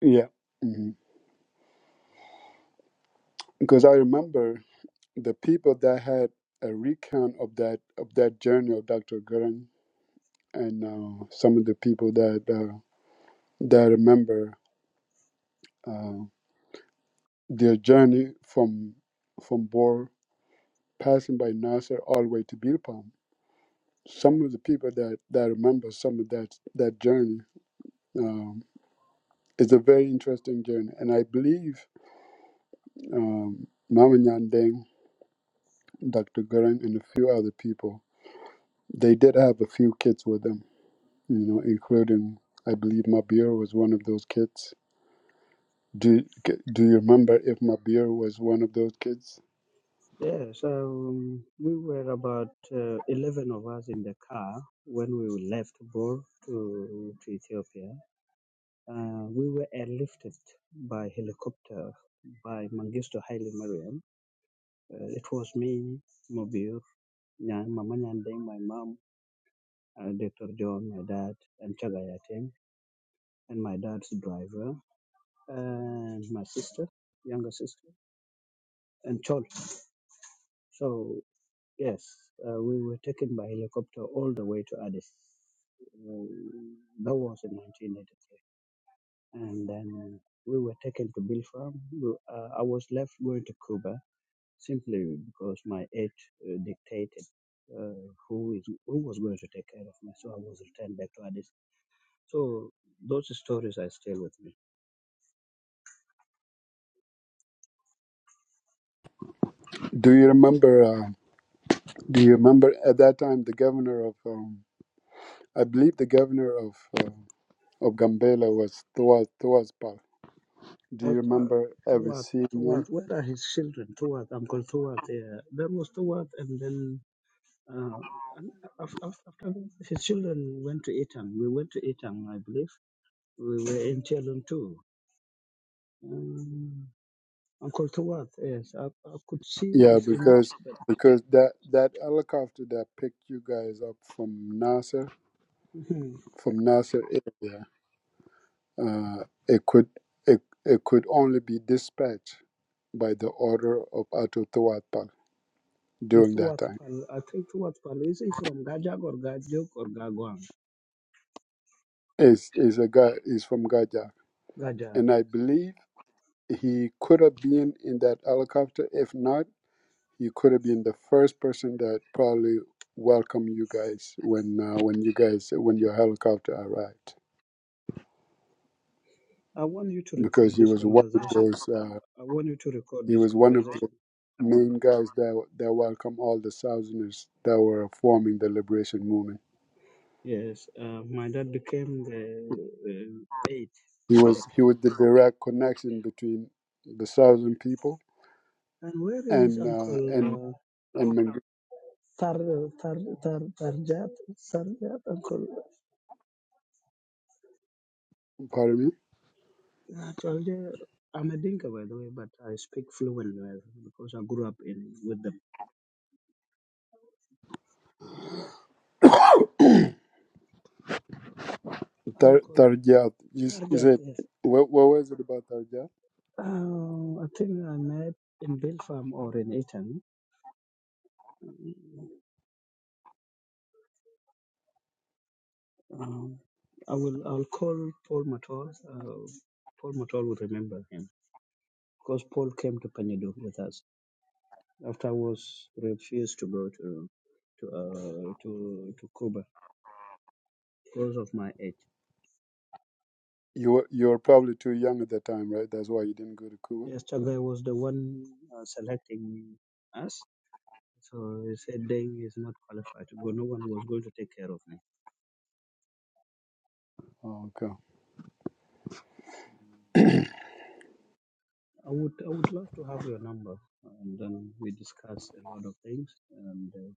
[SPEAKER 1] yeah. hmm Because I remember the people that had a recount of that of that journey of Dr. Gurren and uh, some of the people that uh, that remember uh, their journey from from Bor, passing by Nasser all the way to Bilpam. Some of the people that that remember some of that that journey. Um, it's a very interesting journey, and I believe um, Mama Nyandeng, Dr. Gurin, and a few other people they did have a few kids with them. You know, including I believe Mabir was one of those kids Do c- Do you remember if Mabir was one of those kids?
[SPEAKER 5] Yeah, so um, we were about uh, 11 of us in the car when we left Bor to, to Ethiopia. Uh, we were airlifted by helicopter by Mangisto Haile Mariam. Uh, it was me, Mobir, Nyan, Mama Nyandeng, my mom, uh, Dr. John, my dad, and Chagayateng, and my dad's driver, and my sister, younger sister, and Chol. So Yes, uh, we were taken by helicopter all the way to Addis. Uh, that was in 1983. And then we were taken to Bilfarm. We- Uh, I was left going to Cuba simply because my age uh, dictated uh, who is who was going to take care of me. So I was returned back to Addis. So those stories are still with me.
[SPEAKER 1] Do you remember? Uh, do you remember at that time the governor of um, I believe the governor of uh, of Gambela was Tuas Tuas Pal. Do
[SPEAKER 5] Uh,
[SPEAKER 1] you
[SPEAKER 5] uh,
[SPEAKER 1] remember ever
[SPEAKER 5] Toward,
[SPEAKER 1] seeing
[SPEAKER 5] toward,
[SPEAKER 1] him?
[SPEAKER 5] where are his children? Toward, Uncle Toward, yeah. There was Toward, and then Uh, and af- af- after his children went to Etang, we went to Etang. I believe. We were in Chelun too. Um, Uncle Tuat, yes, I, I could see
[SPEAKER 1] Yeah,
[SPEAKER 5] his image,
[SPEAKER 1] because
[SPEAKER 5] but
[SPEAKER 1] because that that helicopter that picked you guys up from Nasser
[SPEAKER 5] mhm,
[SPEAKER 1] from Nasser area, uh, it could it, it could only be dispatched by the order of Ato Tuatpal
[SPEAKER 5] in
[SPEAKER 1] during that
[SPEAKER 5] Tuat
[SPEAKER 1] time.
[SPEAKER 5] Pal, I think Tuat Pal is he from Gajak or Gajuk or Gagwang?
[SPEAKER 1] is is a guy is from Gaza,
[SPEAKER 5] Gajak,
[SPEAKER 1] and I
[SPEAKER 5] yes.
[SPEAKER 1] believe he could have been in that helicopter. If not, he could have been the first person that probably welcomed you guys when uh, when you guys when your helicopter arrived,
[SPEAKER 5] I want you to
[SPEAKER 1] because
[SPEAKER 5] record
[SPEAKER 1] he
[SPEAKER 5] this
[SPEAKER 1] was one of
[SPEAKER 5] conversation.
[SPEAKER 1] those uh,
[SPEAKER 5] I want you to record
[SPEAKER 1] he
[SPEAKER 5] this
[SPEAKER 1] was one of the
[SPEAKER 5] conversation.
[SPEAKER 1] main guys that that welcomed all the Southerners that were forming the liberation movement.
[SPEAKER 5] Yes, uh, my dad became the uh, eight,
[SPEAKER 1] He
[SPEAKER 5] the
[SPEAKER 1] was he
[SPEAKER 5] camp.
[SPEAKER 1] was the direct connection between the Southern people
[SPEAKER 5] And where is
[SPEAKER 1] and uh, and
[SPEAKER 5] Uncle? uh,
[SPEAKER 1] and Mang-
[SPEAKER 5] Tar, tar, tar, Tarjat, Sarjat, uncle.
[SPEAKER 1] pardon me
[SPEAKER 5] Actually, I'm a Dinka, by the way, but I speak fluent well because I grew up in with them.
[SPEAKER 1] Tar-
[SPEAKER 5] Uncle
[SPEAKER 1] Tarjat, you, s- you
[SPEAKER 5] Tarjat,
[SPEAKER 1] said,
[SPEAKER 5] yes.
[SPEAKER 1] what, what was it about Tarjat?
[SPEAKER 5] Uh, I think I met in Belfarm or in Eton. Um, I will. I'll call Paul Matol. Uh, Paul Matol will remember him because Paul came to Panedu with us after I was refused to go to to uh, to to Cuba because of my age.
[SPEAKER 1] You were, you were probably too young at the time, right? That's why you didn't go to Cuba.
[SPEAKER 5] Yes, Chagai was the one uh, selecting us. So he said Deng is not qualified to go. No one was going to take care of me.
[SPEAKER 1] Oh, okay.
[SPEAKER 5] I would, I would love to have your number, and then we discuss a lot of things. And uh,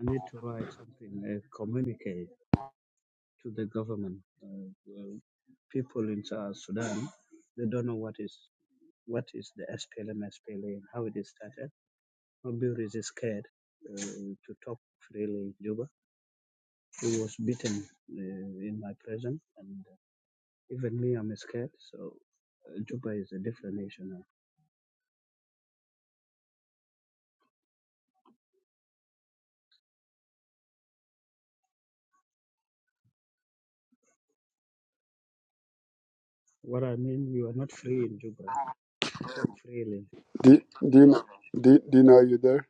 [SPEAKER 5] I need to write something, a communique to the government. Uh, well, people in South Sudan, they don't know what is what is the SPLM, SPLA, and how it is started. Mabur is scared uh, to talk freely in Juba He was beaten uh, in my presence, and uh, even me, I'm scared. So uh, Juba is a different nation now. What I mean, you are not free in Juba to talk freely.
[SPEAKER 1] Do, do, you, do, do you there?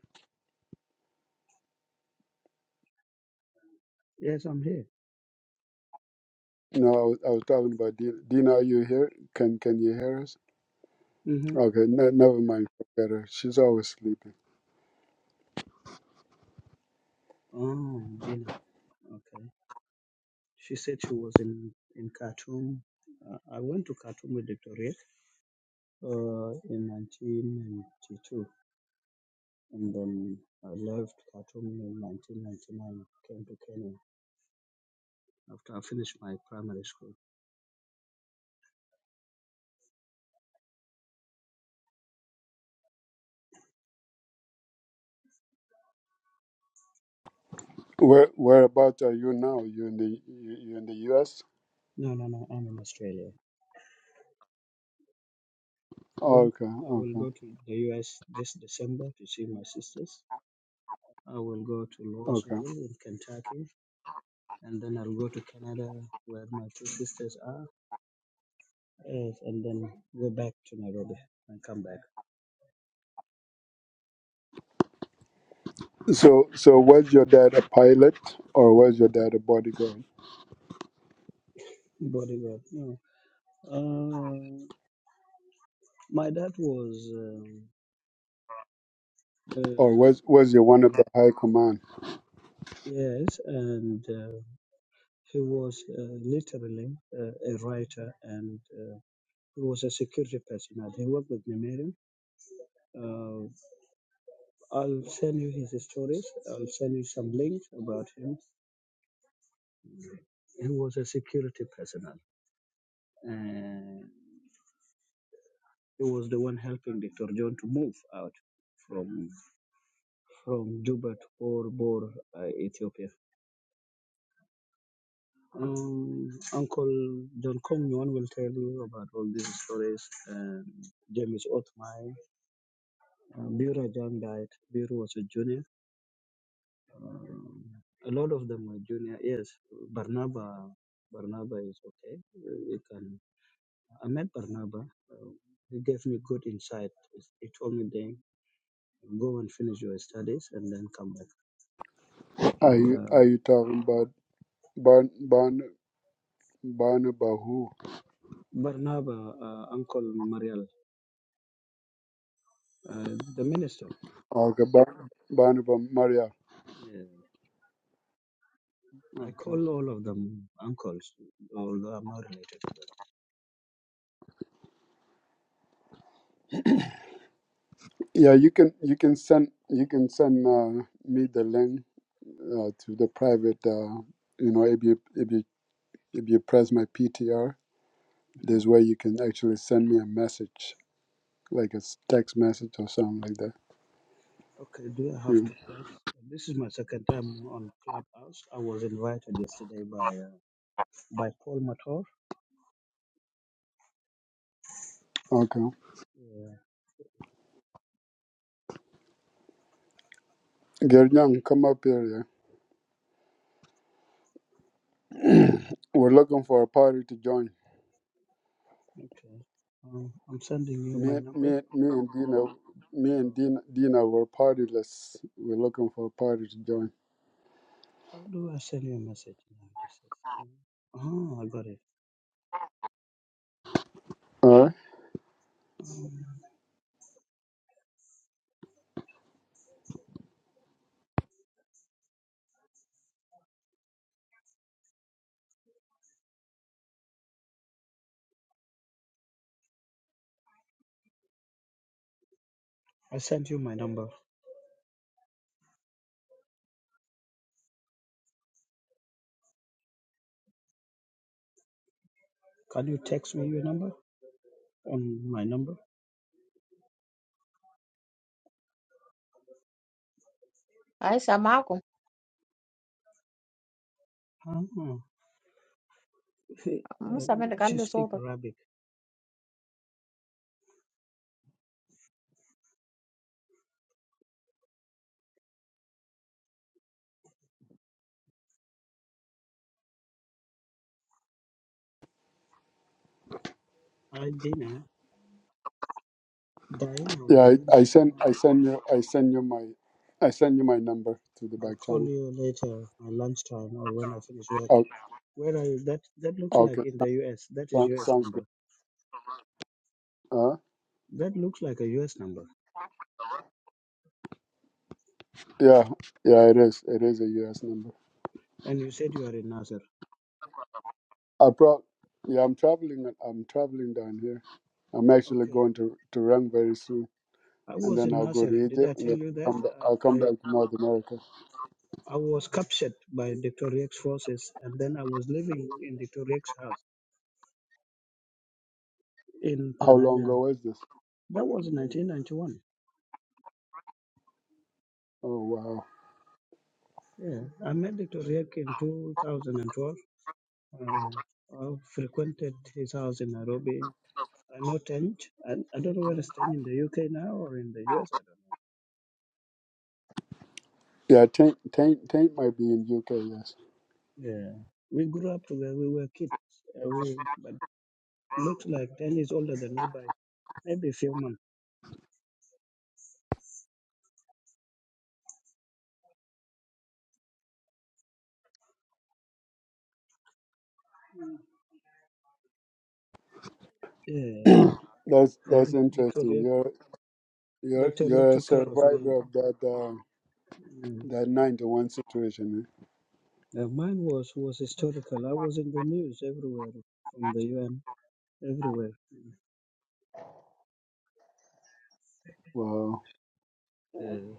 [SPEAKER 5] Yes, I'm here.
[SPEAKER 1] No, I was, I was talking about, do, do are you here? Can can you hear us?
[SPEAKER 5] hmm
[SPEAKER 1] Okay, no, never mind. Forget her. She's always sleeping.
[SPEAKER 5] Oh, Dina. Okay. She said she was in in Khartoum. Uh, I went to Khartoum with Dr. Riek, uh, in 1992, and then I left Khartoum in 1999. Came to Kenya after I finished my primary school.
[SPEAKER 1] Where Whereabouts are you now? You in the you, you in the U.S.?
[SPEAKER 5] No, no, no. I'm in Australia. I will
[SPEAKER 1] Okay,
[SPEAKER 5] I will
[SPEAKER 1] okay,
[SPEAKER 5] go to the US this December to see my sisters. I will go to
[SPEAKER 1] okay.
[SPEAKER 5] Louisville in Kentucky, and then I'll go to Canada where my two sisters are, yes, and then go back to Nairobi and come back.
[SPEAKER 1] So so was your dad a pilot or was your dad a bodyguard
[SPEAKER 5] Bodyguard, no. Uh, my dad was um,
[SPEAKER 1] or
[SPEAKER 5] uh,
[SPEAKER 1] was was he one of the high command?
[SPEAKER 5] yes, and uh, he was uh, literally uh, a writer, and uh, he was a security person. He worked with Numerian I'll send you his stories. I'll send you some links about him. He was a security personnel, and he was the one helping Dr. John to move out from from Juba to Bor Bor, uh, Ethiopia. Um, Uncle John Kongyon will tell you about all these stories. And James Othmai, uh, Bira Jan died. Bira was a junior. Um, a lot of them were junior. Yes, Barnaba Barnaba is okay. Uh, He can. I met Barnaba. Uh, he gave me good insight. He told me then go and finish your studies and then come back.
[SPEAKER 1] Are you
[SPEAKER 5] Uh,
[SPEAKER 1] are you talking about Barn Barn Barnaba who?
[SPEAKER 5] Barnaba, uh, Uncle Mariel, uh, the minister.
[SPEAKER 1] Oh, Okay, Barn Barnaba Maria.
[SPEAKER 5] Yeah. I
[SPEAKER 1] Okay.
[SPEAKER 5] call all of them uncles, although I'm not related to
[SPEAKER 1] Yeah, you can you can send you can send uh, me the link uh, to the private. Uh, you know, if you if you if you press my PTR,
[SPEAKER 5] them.
[SPEAKER 1] this
[SPEAKER 5] Mm.
[SPEAKER 1] way you can actually send me a message, like a s- text message or something like that.
[SPEAKER 5] Okay, do I have
[SPEAKER 1] Yeah.
[SPEAKER 5] to press? This is my second time on Clubhouse. I was invited yesterday by uh, by Paul Mator.
[SPEAKER 1] Okay.
[SPEAKER 5] Yeah.
[SPEAKER 1] Gernyang, come up here. Yeah. We're looking for a party to join.
[SPEAKER 5] Okay. Um, I'm sending you my
[SPEAKER 1] me,
[SPEAKER 5] number.
[SPEAKER 1] me, me and Dina, me and
[SPEAKER 5] Oh.
[SPEAKER 1] Dina, Dina were partyless. We're looking for a party to join.
[SPEAKER 5] How do I send you a message now, Jesus? Oh, I got it.
[SPEAKER 1] All right.
[SPEAKER 5] Oh, I sent you my number. Can you text me your number on my number?
[SPEAKER 4] أي سامعاكم
[SPEAKER 5] Oh,
[SPEAKER 4] مو
[SPEAKER 5] uh,
[SPEAKER 4] سامعينك
[SPEAKER 5] she
[SPEAKER 4] علي
[SPEAKER 5] speak
[SPEAKER 4] صوتك
[SPEAKER 5] Arabic. I dinner. Diana will
[SPEAKER 1] Yeah, I,
[SPEAKER 5] dinner.
[SPEAKER 1] I send, I send you, I send you my, I send you my number to the
[SPEAKER 5] I'll
[SPEAKER 1] back
[SPEAKER 5] call
[SPEAKER 1] channel.
[SPEAKER 5] you later, my lunchtime or when I finish work.
[SPEAKER 1] Oh,
[SPEAKER 5] Where are you? That that looks like
[SPEAKER 1] okay,
[SPEAKER 5] in the U.S. That is
[SPEAKER 1] sounds,
[SPEAKER 5] U.S.
[SPEAKER 1] sounds good.
[SPEAKER 5] number.
[SPEAKER 1] Uh,
[SPEAKER 5] That looks like a U.S. number.
[SPEAKER 1] yeah, yeah, it is, it is a U.S. number.
[SPEAKER 5] And you said you are in Nasser.
[SPEAKER 1] I pro, yeah, I'm traveling, I'm traveling down here. I'm actually
[SPEAKER 5] Okay.
[SPEAKER 1] going to to run very soon,
[SPEAKER 5] I
[SPEAKER 1] and
[SPEAKER 5] was
[SPEAKER 1] then
[SPEAKER 5] in
[SPEAKER 1] I'll go
[SPEAKER 5] Nasser.
[SPEAKER 1] to
[SPEAKER 5] Did I
[SPEAKER 1] Egypt, and
[SPEAKER 5] tell
[SPEAKER 1] then
[SPEAKER 5] you that?
[SPEAKER 1] come, ba- I'll come
[SPEAKER 5] I.
[SPEAKER 1] back to North America.
[SPEAKER 5] I was captured by Dr. Riek's forces and then I was living in Dr. Riek's house in
[SPEAKER 1] How long
[SPEAKER 5] Pananya.
[SPEAKER 1] ago was this?
[SPEAKER 5] That was 1991.
[SPEAKER 1] Oh wow.
[SPEAKER 5] Yeah, I met Dr. Riek in 2012. Uh, I frequented his house in Nairobi. I know Tench. I, I don't know whether it's Tench in the UK now or in the US. I
[SPEAKER 1] Yeah, Tank Tank Tank might be in UK. Yes,
[SPEAKER 5] don't know. Yeah, we grew up together. We were kids. Uh, we, but looks like Tench is older than me by maybe a few months. Yeah,
[SPEAKER 1] that's
[SPEAKER 5] yeah
[SPEAKER 1] that's
[SPEAKER 5] Dr.
[SPEAKER 1] interesting.
[SPEAKER 5] Riek,
[SPEAKER 1] You're you're
[SPEAKER 5] Dr. Riek
[SPEAKER 1] you're a
[SPEAKER 5] took care of me.
[SPEAKER 1] survivor of that uh,
[SPEAKER 5] Mm.
[SPEAKER 1] that nine to one situation. Eh?
[SPEAKER 5] Uh, mine was was historical. I was in the news everywhere, from the UN, everywhere.
[SPEAKER 1] Wow,
[SPEAKER 5] Uh,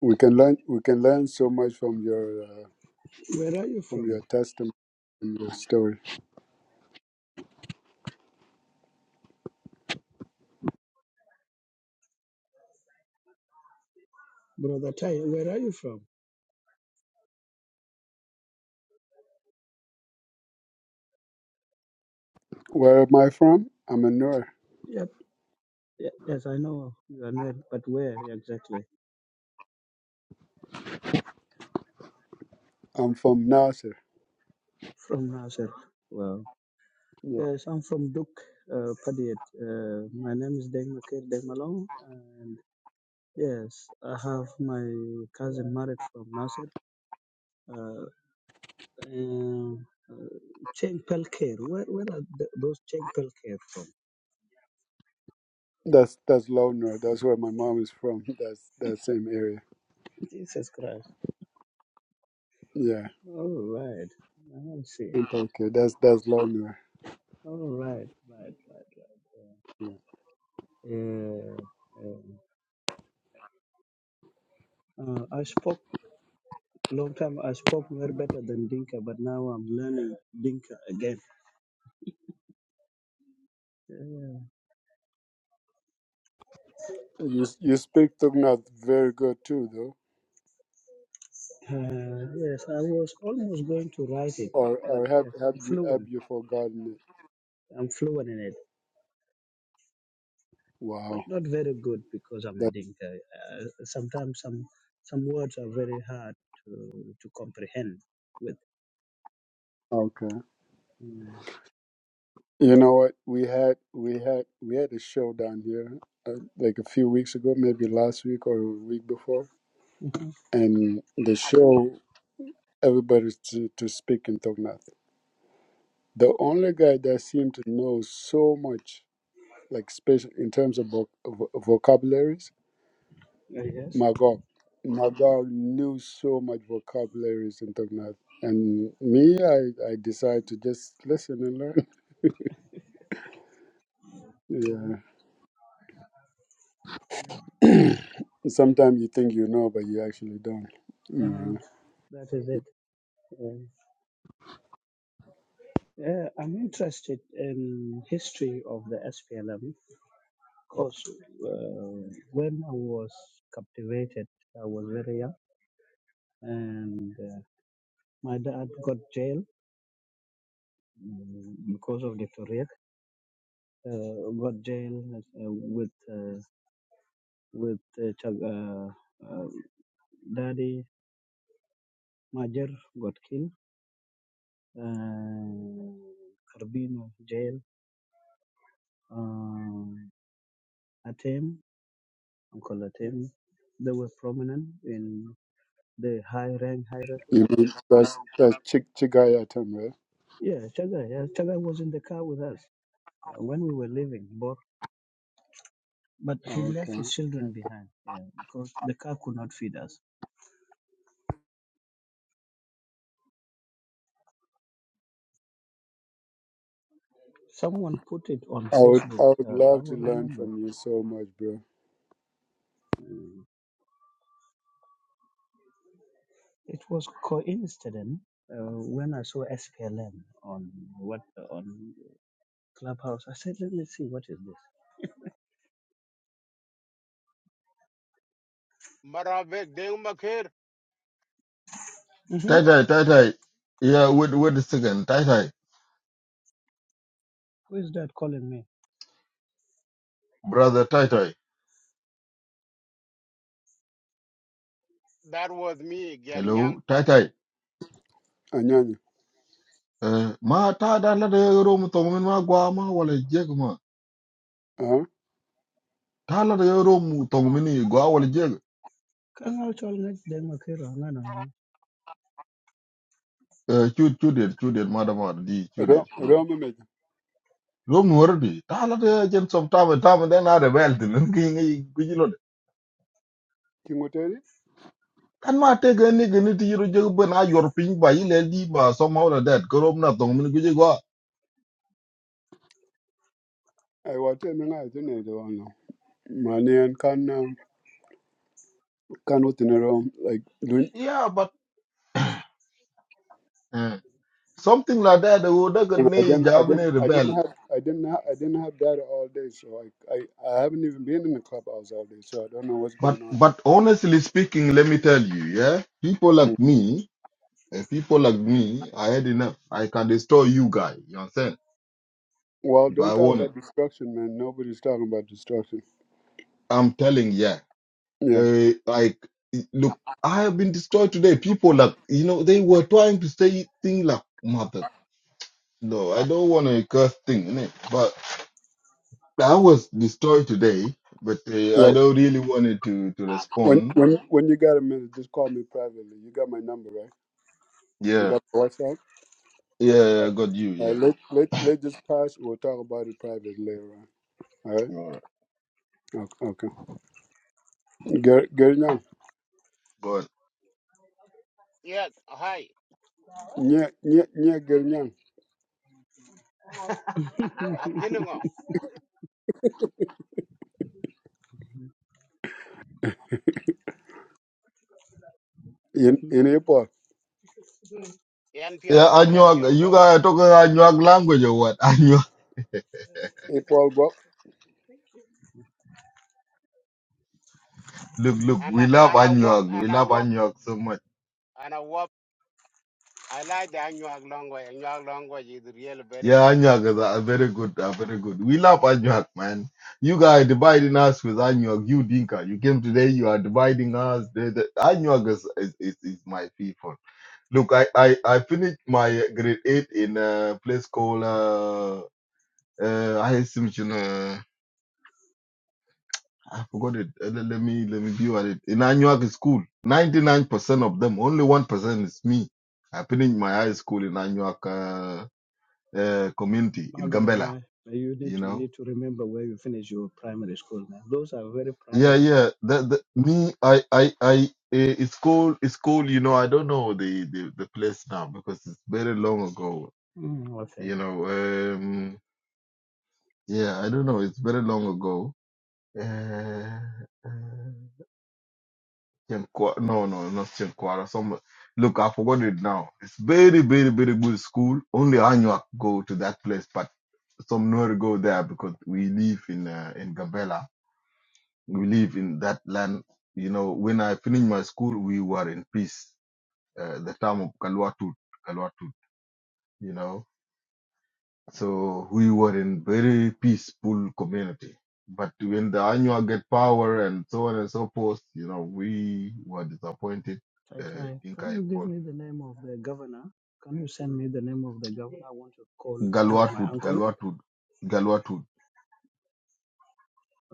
[SPEAKER 1] we can learn we can learn so much from your uh,
[SPEAKER 5] where are you
[SPEAKER 1] from your
[SPEAKER 5] from,
[SPEAKER 1] testimony and your story.
[SPEAKER 5] brother Tai? Where are you from?
[SPEAKER 1] Where am I from? I'm a Nur.
[SPEAKER 5] Yep. ye- Yes, I know you are near, but where exactly?
[SPEAKER 1] I'm from Nasser.
[SPEAKER 5] From Nasser. Wow.
[SPEAKER 1] Yeah,
[SPEAKER 5] Yes, I'm from Duk, uh, Padiet. Uh, my name is Deng Makir Deng Malong, and yes, I have my cousin married from Nasser. Uh, and, uh, Cheng Pelker. Where where are th- those Cheng Pelker from?
[SPEAKER 1] that's that's Low Nur. That's where my mom is from. That's that same area.
[SPEAKER 5] Jesus Christ.
[SPEAKER 1] Yeah,
[SPEAKER 5] All right. I see.
[SPEAKER 1] in Tokyo. That's that's Low Nur.
[SPEAKER 5] All right, right, right, right. Yeah, yeah. Uh, I spoke long time. I spoke very better than Dinka, but now I'm learning Dinka again. Yeah.
[SPEAKER 1] You you speak Tugnath very good too, though.
[SPEAKER 5] Uh, yes, I was almost going to write it,
[SPEAKER 1] or
[SPEAKER 5] but
[SPEAKER 1] or have
[SPEAKER 5] yes,
[SPEAKER 1] have
[SPEAKER 5] I'm
[SPEAKER 1] you have
[SPEAKER 5] fluent.
[SPEAKER 1] you forgotten it?
[SPEAKER 5] I'm fluent in it, but
[SPEAKER 1] Wow.
[SPEAKER 5] not very good because I'm a
[SPEAKER 1] That
[SPEAKER 5] Dinka. Uh, sometimes some some words are very hard to to comprehend with.
[SPEAKER 1] okay.
[SPEAKER 5] Mm.
[SPEAKER 1] You know what? We had we had we had a show down here uh, like a few weeks ago, maybe last week or a week before, and the show everybody to to speak in Tognath. The only guy that seemed to know so much, like special in terms of voc- vo- vocabularies,
[SPEAKER 5] Uh, yes.
[SPEAKER 1] Magog. Magog knew so much vocabularies in Tognath and me i i decided to just listen and learn
[SPEAKER 5] Uh,
[SPEAKER 1] Yeah. Sometimes you think you know, but you actually don't.
[SPEAKER 5] uh,
[SPEAKER 1] Yeah.
[SPEAKER 5] that is it. Yeah. Uh, I'm interested in history of the SPLM because uh, when I was captivated, I was very young, and uh, my dad got jail um, because of the Tariq. Uh, got jail uh, with uh, with uh, Chag- uh, uh, daddy Major got killed. Uh, Carbino jail. Uh, Atem, Uncle Atem, they were prominent in. the high rank hierarchy.
[SPEAKER 1] You mean that's that's Chig Chigayatam, right?
[SPEAKER 5] Yeah, Chagai. Yeah, Chagai was in the car with us uh, when we were leaving, but but he
[SPEAKER 1] Oh,
[SPEAKER 5] left
[SPEAKER 1] Okay.
[SPEAKER 5] his children
[SPEAKER 1] okay.
[SPEAKER 5] behind. Yeah, because the car could not feed us. Someone put it on
[SPEAKER 1] I would I
[SPEAKER 5] Facebook.
[SPEAKER 1] would
[SPEAKER 5] Uh, I
[SPEAKER 1] love to
[SPEAKER 5] will
[SPEAKER 1] learn
[SPEAKER 5] remember.
[SPEAKER 1] from you so much, bro.
[SPEAKER 5] Mm. It was coincident. Uh, when I saw SPLM on what on Clubhouse, I said, "Let me see what is
[SPEAKER 6] Maravik Deng Makir,
[SPEAKER 5] this." hmm
[SPEAKER 7] Tai Tai, Tai Tai. Yeah, wait, wait a second. Tai Tai,
[SPEAKER 5] Who is that calling me?
[SPEAKER 7] brother Tai Tai.
[SPEAKER 6] that was me, Gernyang.
[SPEAKER 7] Hello, Tai Tai.
[SPEAKER 1] Anyanya.
[SPEAKER 7] Eh, ma ta da la da yoro mu tong min ma gwa ma wala jeg ma.
[SPEAKER 1] Huh?
[SPEAKER 7] Ta la da yoro mu tong min ni gwa wala jeg.
[SPEAKER 5] Kang Au Chol Ngach Deng Makiro.
[SPEAKER 7] Eh, chu chu det, chu det ma da ma da di chu det,
[SPEAKER 1] Ro-
[SPEAKER 7] chu det.
[SPEAKER 1] Roma me.
[SPEAKER 7] Rom nu wardi. Ta la da jen som ta ma ta ma da na da bel din ngi ngi gi lo.
[SPEAKER 1] Kingoteri?
[SPEAKER 7] Kan ma te ga ni ga ni ti yoro jeg ba na yor pin ba yi le di ba somehow la that. Ko rom na tong min gi gwa.
[SPEAKER 1] I want to know I don't know. no. Money and can um, can what in a room like doing
[SPEAKER 7] Yeah, but eh something like that they would not
[SPEAKER 1] I
[SPEAKER 7] need
[SPEAKER 1] didn't, I didn't,
[SPEAKER 7] Javanese
[SPEAKER 1] I didn't
[SPEAKER 7] rebel
[SPEAKER 1] have, I didn't have, I didn't have that all day. So I, I, I haven't even been in the clubhouse all day. So I don't know what's
[SPEAKER 7] but
[SPEAKER 1] going on.
[SPEAKER 7] but honestly speaking let me tell you yeah people like me and people like me i had enough i can destroy you guy. you understand
[SPEAKER 1] Well,
[SPEAKER 7] if
[SPEAKER 1] don't
[SPEAKER 7] i
[SPEAKER 1] talk
[SPEAKER 7] want it
[SPEAKER 1] about destruction, man. Nobody's talking about destruction.
[SPEAKER 7] i'm telling yeah
[SPEAKER 1] Yeah.
[SPEAKER 7] uh, like it- look i have been destroyed today people like you know they were trying to say thing like mother no i don't want to curse thing innit? but i was destroyed today but uh,
[SPEAKER 1] Yeah.
[SPEAKER 7] i don't really wanted to to
[SPEAKER 1] When
[SPEAKER 7] respond
[SPEAKER 1] when when you got a minute, just call me privately. You got my number, right? You
[SPEAKER 7] yeah
[SPEAKER 1] got my WhatsApp.
[SPEAKER 7] yeah i got you
[SPEAKER 1] All
[SPEAKER 7] yeah.
[SPEAKER 1] right, let let let this pass. We'll talk about it privately later on. All right.
[SPEAKER 7] All right.
[SPEAKER 1] Okay. okay. Get get it now.
[SPEAKER 7] But
[SPEAKER 6] Yes, hi.
[SPEAKER 1] Yeah yeah yeah. Get it now.
[SPEAKER 6] Aginungo,
[SPEAKER 1] In in April.
[SPEAKER 6] NPL
[SPEAKER 7] yeah,
[SPEAKER 6] Gop,
[SPEAKER 7] Anuag,
[SPEAKER 6] NPL
[SPEAKER 7] you
[SPEAKER 6] Gop,
[SPEAKER 7] guys are talking Anuag language or what? Anuag.
[SPEAKER 1] April. Well,
[SPEAKER 7] Look, look,
[SPEAKER 6] and I
[SPEAKER 7] we love
[SPEAKER 6] and I wop,
[SPEAKER 7] Anuag. We
[SPEAKER 6] and I
[SPEAKER 7] love
[SPEAKER 6] wop,
[SPEAKER 7] Anuag so much.
[SPEAKER 6] and I wop. I like the Anuag language. Anuag language is really very
[SPEAKER 7] Yeah,
[SPEAKER 6] funny.
[SPEAKER 7] Anuag is
[SPEAKER 6] So,
[SPEAKER 7] a, a very good, a very good. We love Anuag, man. You guys dividing us with Anuag. You Dinka, you came today. You are dividing us. The, the, Anuag is, is, is, is my people. Look, I, I, I finished my grade eight in a place called uh, uh, I assume you know. I forgot it. Uh, Let, let me let me view at it. In Anuag school, ninety nine percent of them, only one percent is me. I finished my high school in Anuag uh, uh, community
[SPEAKER 5] My
[SPEAKER 7] in
[SPEAKER 5] God, am
[SPEAKER 7] Gambela.
[SPEAKER 5] I? You need
[SPEAKER 7] You
[SPEAKER 5] to you
[SPEAKER 7] know.
[SPEAKER 5] need to remember where you finish your primary school, man. Those are very
[SPEAKER 7] Yeah,
[SPEAKER 5] primary things.
[SPEAKER 7] yeah. That, that me, I, I, I. eh, It's called it's called. You know, I don't know the the the place now because it's very long ago.
[SPEAKER 5] Mm, okay.
[SPEAKER 7] You know. Um. Yeah, I don't know. It's very long ago. Uh, uh, Chinquara. No, no, not Chinquara. Some look, I forgot it now. It's very, very, very good school. Only Anuak go to that place, but some nowhere go there because we live in uh, in Gambela. We live in that land. You know, when I finished my school, we were in peace. Uh, the time of Kalwatut, Kalwatut. You know, so we were in very peaceful community. But when the Anuak get power and so on and so forth, you know, we were disappointed
[SPEAKER 5] Tai
[SPEAKER 7] uh,
[SPEAKER 5] Tai,
[SPEAKER 7] Dinka
[SPEAKER 5] can you
[SPEAKER 7] involved.
[SPEAKER 5] give me the name of the governor? Can you send me the name of the governor? I want to call one of my
[SPEAKER 7] Galwatwood,
[SPEAKER 5] uncles.
[SPEAKER 7] Galwatwood, Galwatwood.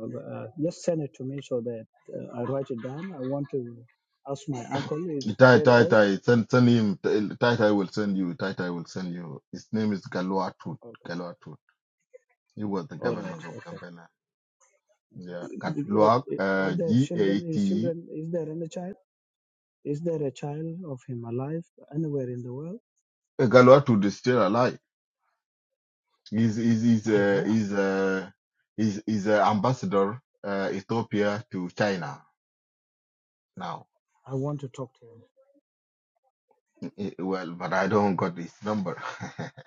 [SPEAKER 5] Uh, just send it to me so that uh, I write it down. I want to ask my uncle. He's
[SPEAKER 7] Tai
[SPEAKER 5] very
[SPEAKER 7] Tai
[SPEAKER 5] old.
[SPEAKER 7] Tai, send send him. Tai Tai will send you. Tai Tai will send you. His name is Galwatwood.
[SPEAKER 5] Okay.
[SPEAKER 7] Galwatwood. He was the
[SPEAKER 5] All right.
[SPEAKER 7] governor of
[SPEAKER 5] Okay.
[SPEAKER 7] Gambela. Yeah,
[SPEAKER 5] Uh,
[SPEAKER 7] Galwak,
[SPEAKER 5] uh, Are
[SPEAKER 7] uh,
[SPEAKER 5] there
[SPEAKER 7] G A
[SPEAKER 5] children? Is
[SPEAKER 7] T.
[SPEAKER 5] children? Is there any child? Is there a child of him alive anywhere in the world?
[SPEAKER 7] Uh, Galwatwood is still alive. He's he's he's
[SPEAKER 5] I
[SPEAKER 7] uh,
[SPEAKER 5] will.
[SPEAKER 7] he's uh, he's he's uh, ambassador uh, Ethiopia to China now.
[SPEAKER 5] I want to talk to him.
[SPEAKER 7] Eh, eh, Well, but I don't got his number.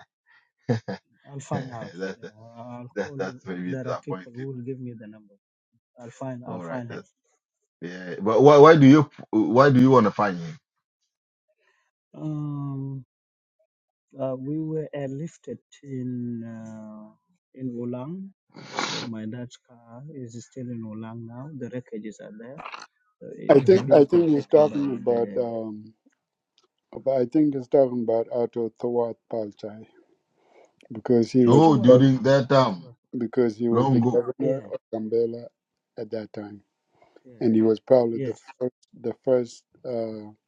[SPEAKER 5] I'll find out.
[SPEAKER 7] that's
[SPEAKER 5] Uh, I'll
[SPEAKER 7] that's
[SPEAKER 5] call.
[SPEAKER 7] that's
[SPEAKER 5] Uh,
[SPEAKER 7] maybe
[SPEAKER 5] there are people
[SPEAKER 7] disappointing.
[SPEAKER 5] who will give me the number. I'll find. I'll
[SPEAKER 7] All right.
[SPEAKER 5] find him.
[SPEAKER 7] Yeah, but why why do you why do you want to find him?
[SPEAKER 5] Um, uh, we were airlifted in uh, in Wulang. Uh, my dad's car is still in Wulang now. The wreckages are there. Uh,
[SPEAKER 1] I
[SPEAKER 5] it's
[SPEAKER 1] think
[SPEAKER 7] hmm
[SPEAKER 1] I
[SPEAKER 5] being
[SPEAKER 1] think he's
[SPEAKER 5] protected
[SPEAKER 1] talking
[SPEAKER 5] by
[SPEAKER 1] about
[SPEAKER 5] the.
[SPEAKER 1] um. About, I think he's talking about Otto Thawat Palchai because he
[SPEAKER 5] It's
[SPEAKER 1] was.
[SPEAKER 5] to
[SPEAKER 7] So during
[SPEAKER 5] Yes,
[SPEAKER 7] that
[SPEAKER 5] Uncle to
[SPEAKER 7] time,
[SPEAKER 1] because he was
[SPEAKER 7] long
[SPEAKER 1] the
[SPEAKER 7] ago.
[SPEAKER 1] governor
[SPEAKER 5] Yeah.
[SPEAKER 1] of Gambela at that time,
[SPEAKER 5] Yeah. yeah.
[SPEAKER 1] and he was probably the
[SPEAKER 5] Yes.
[SPEAKER 1] first the first uh,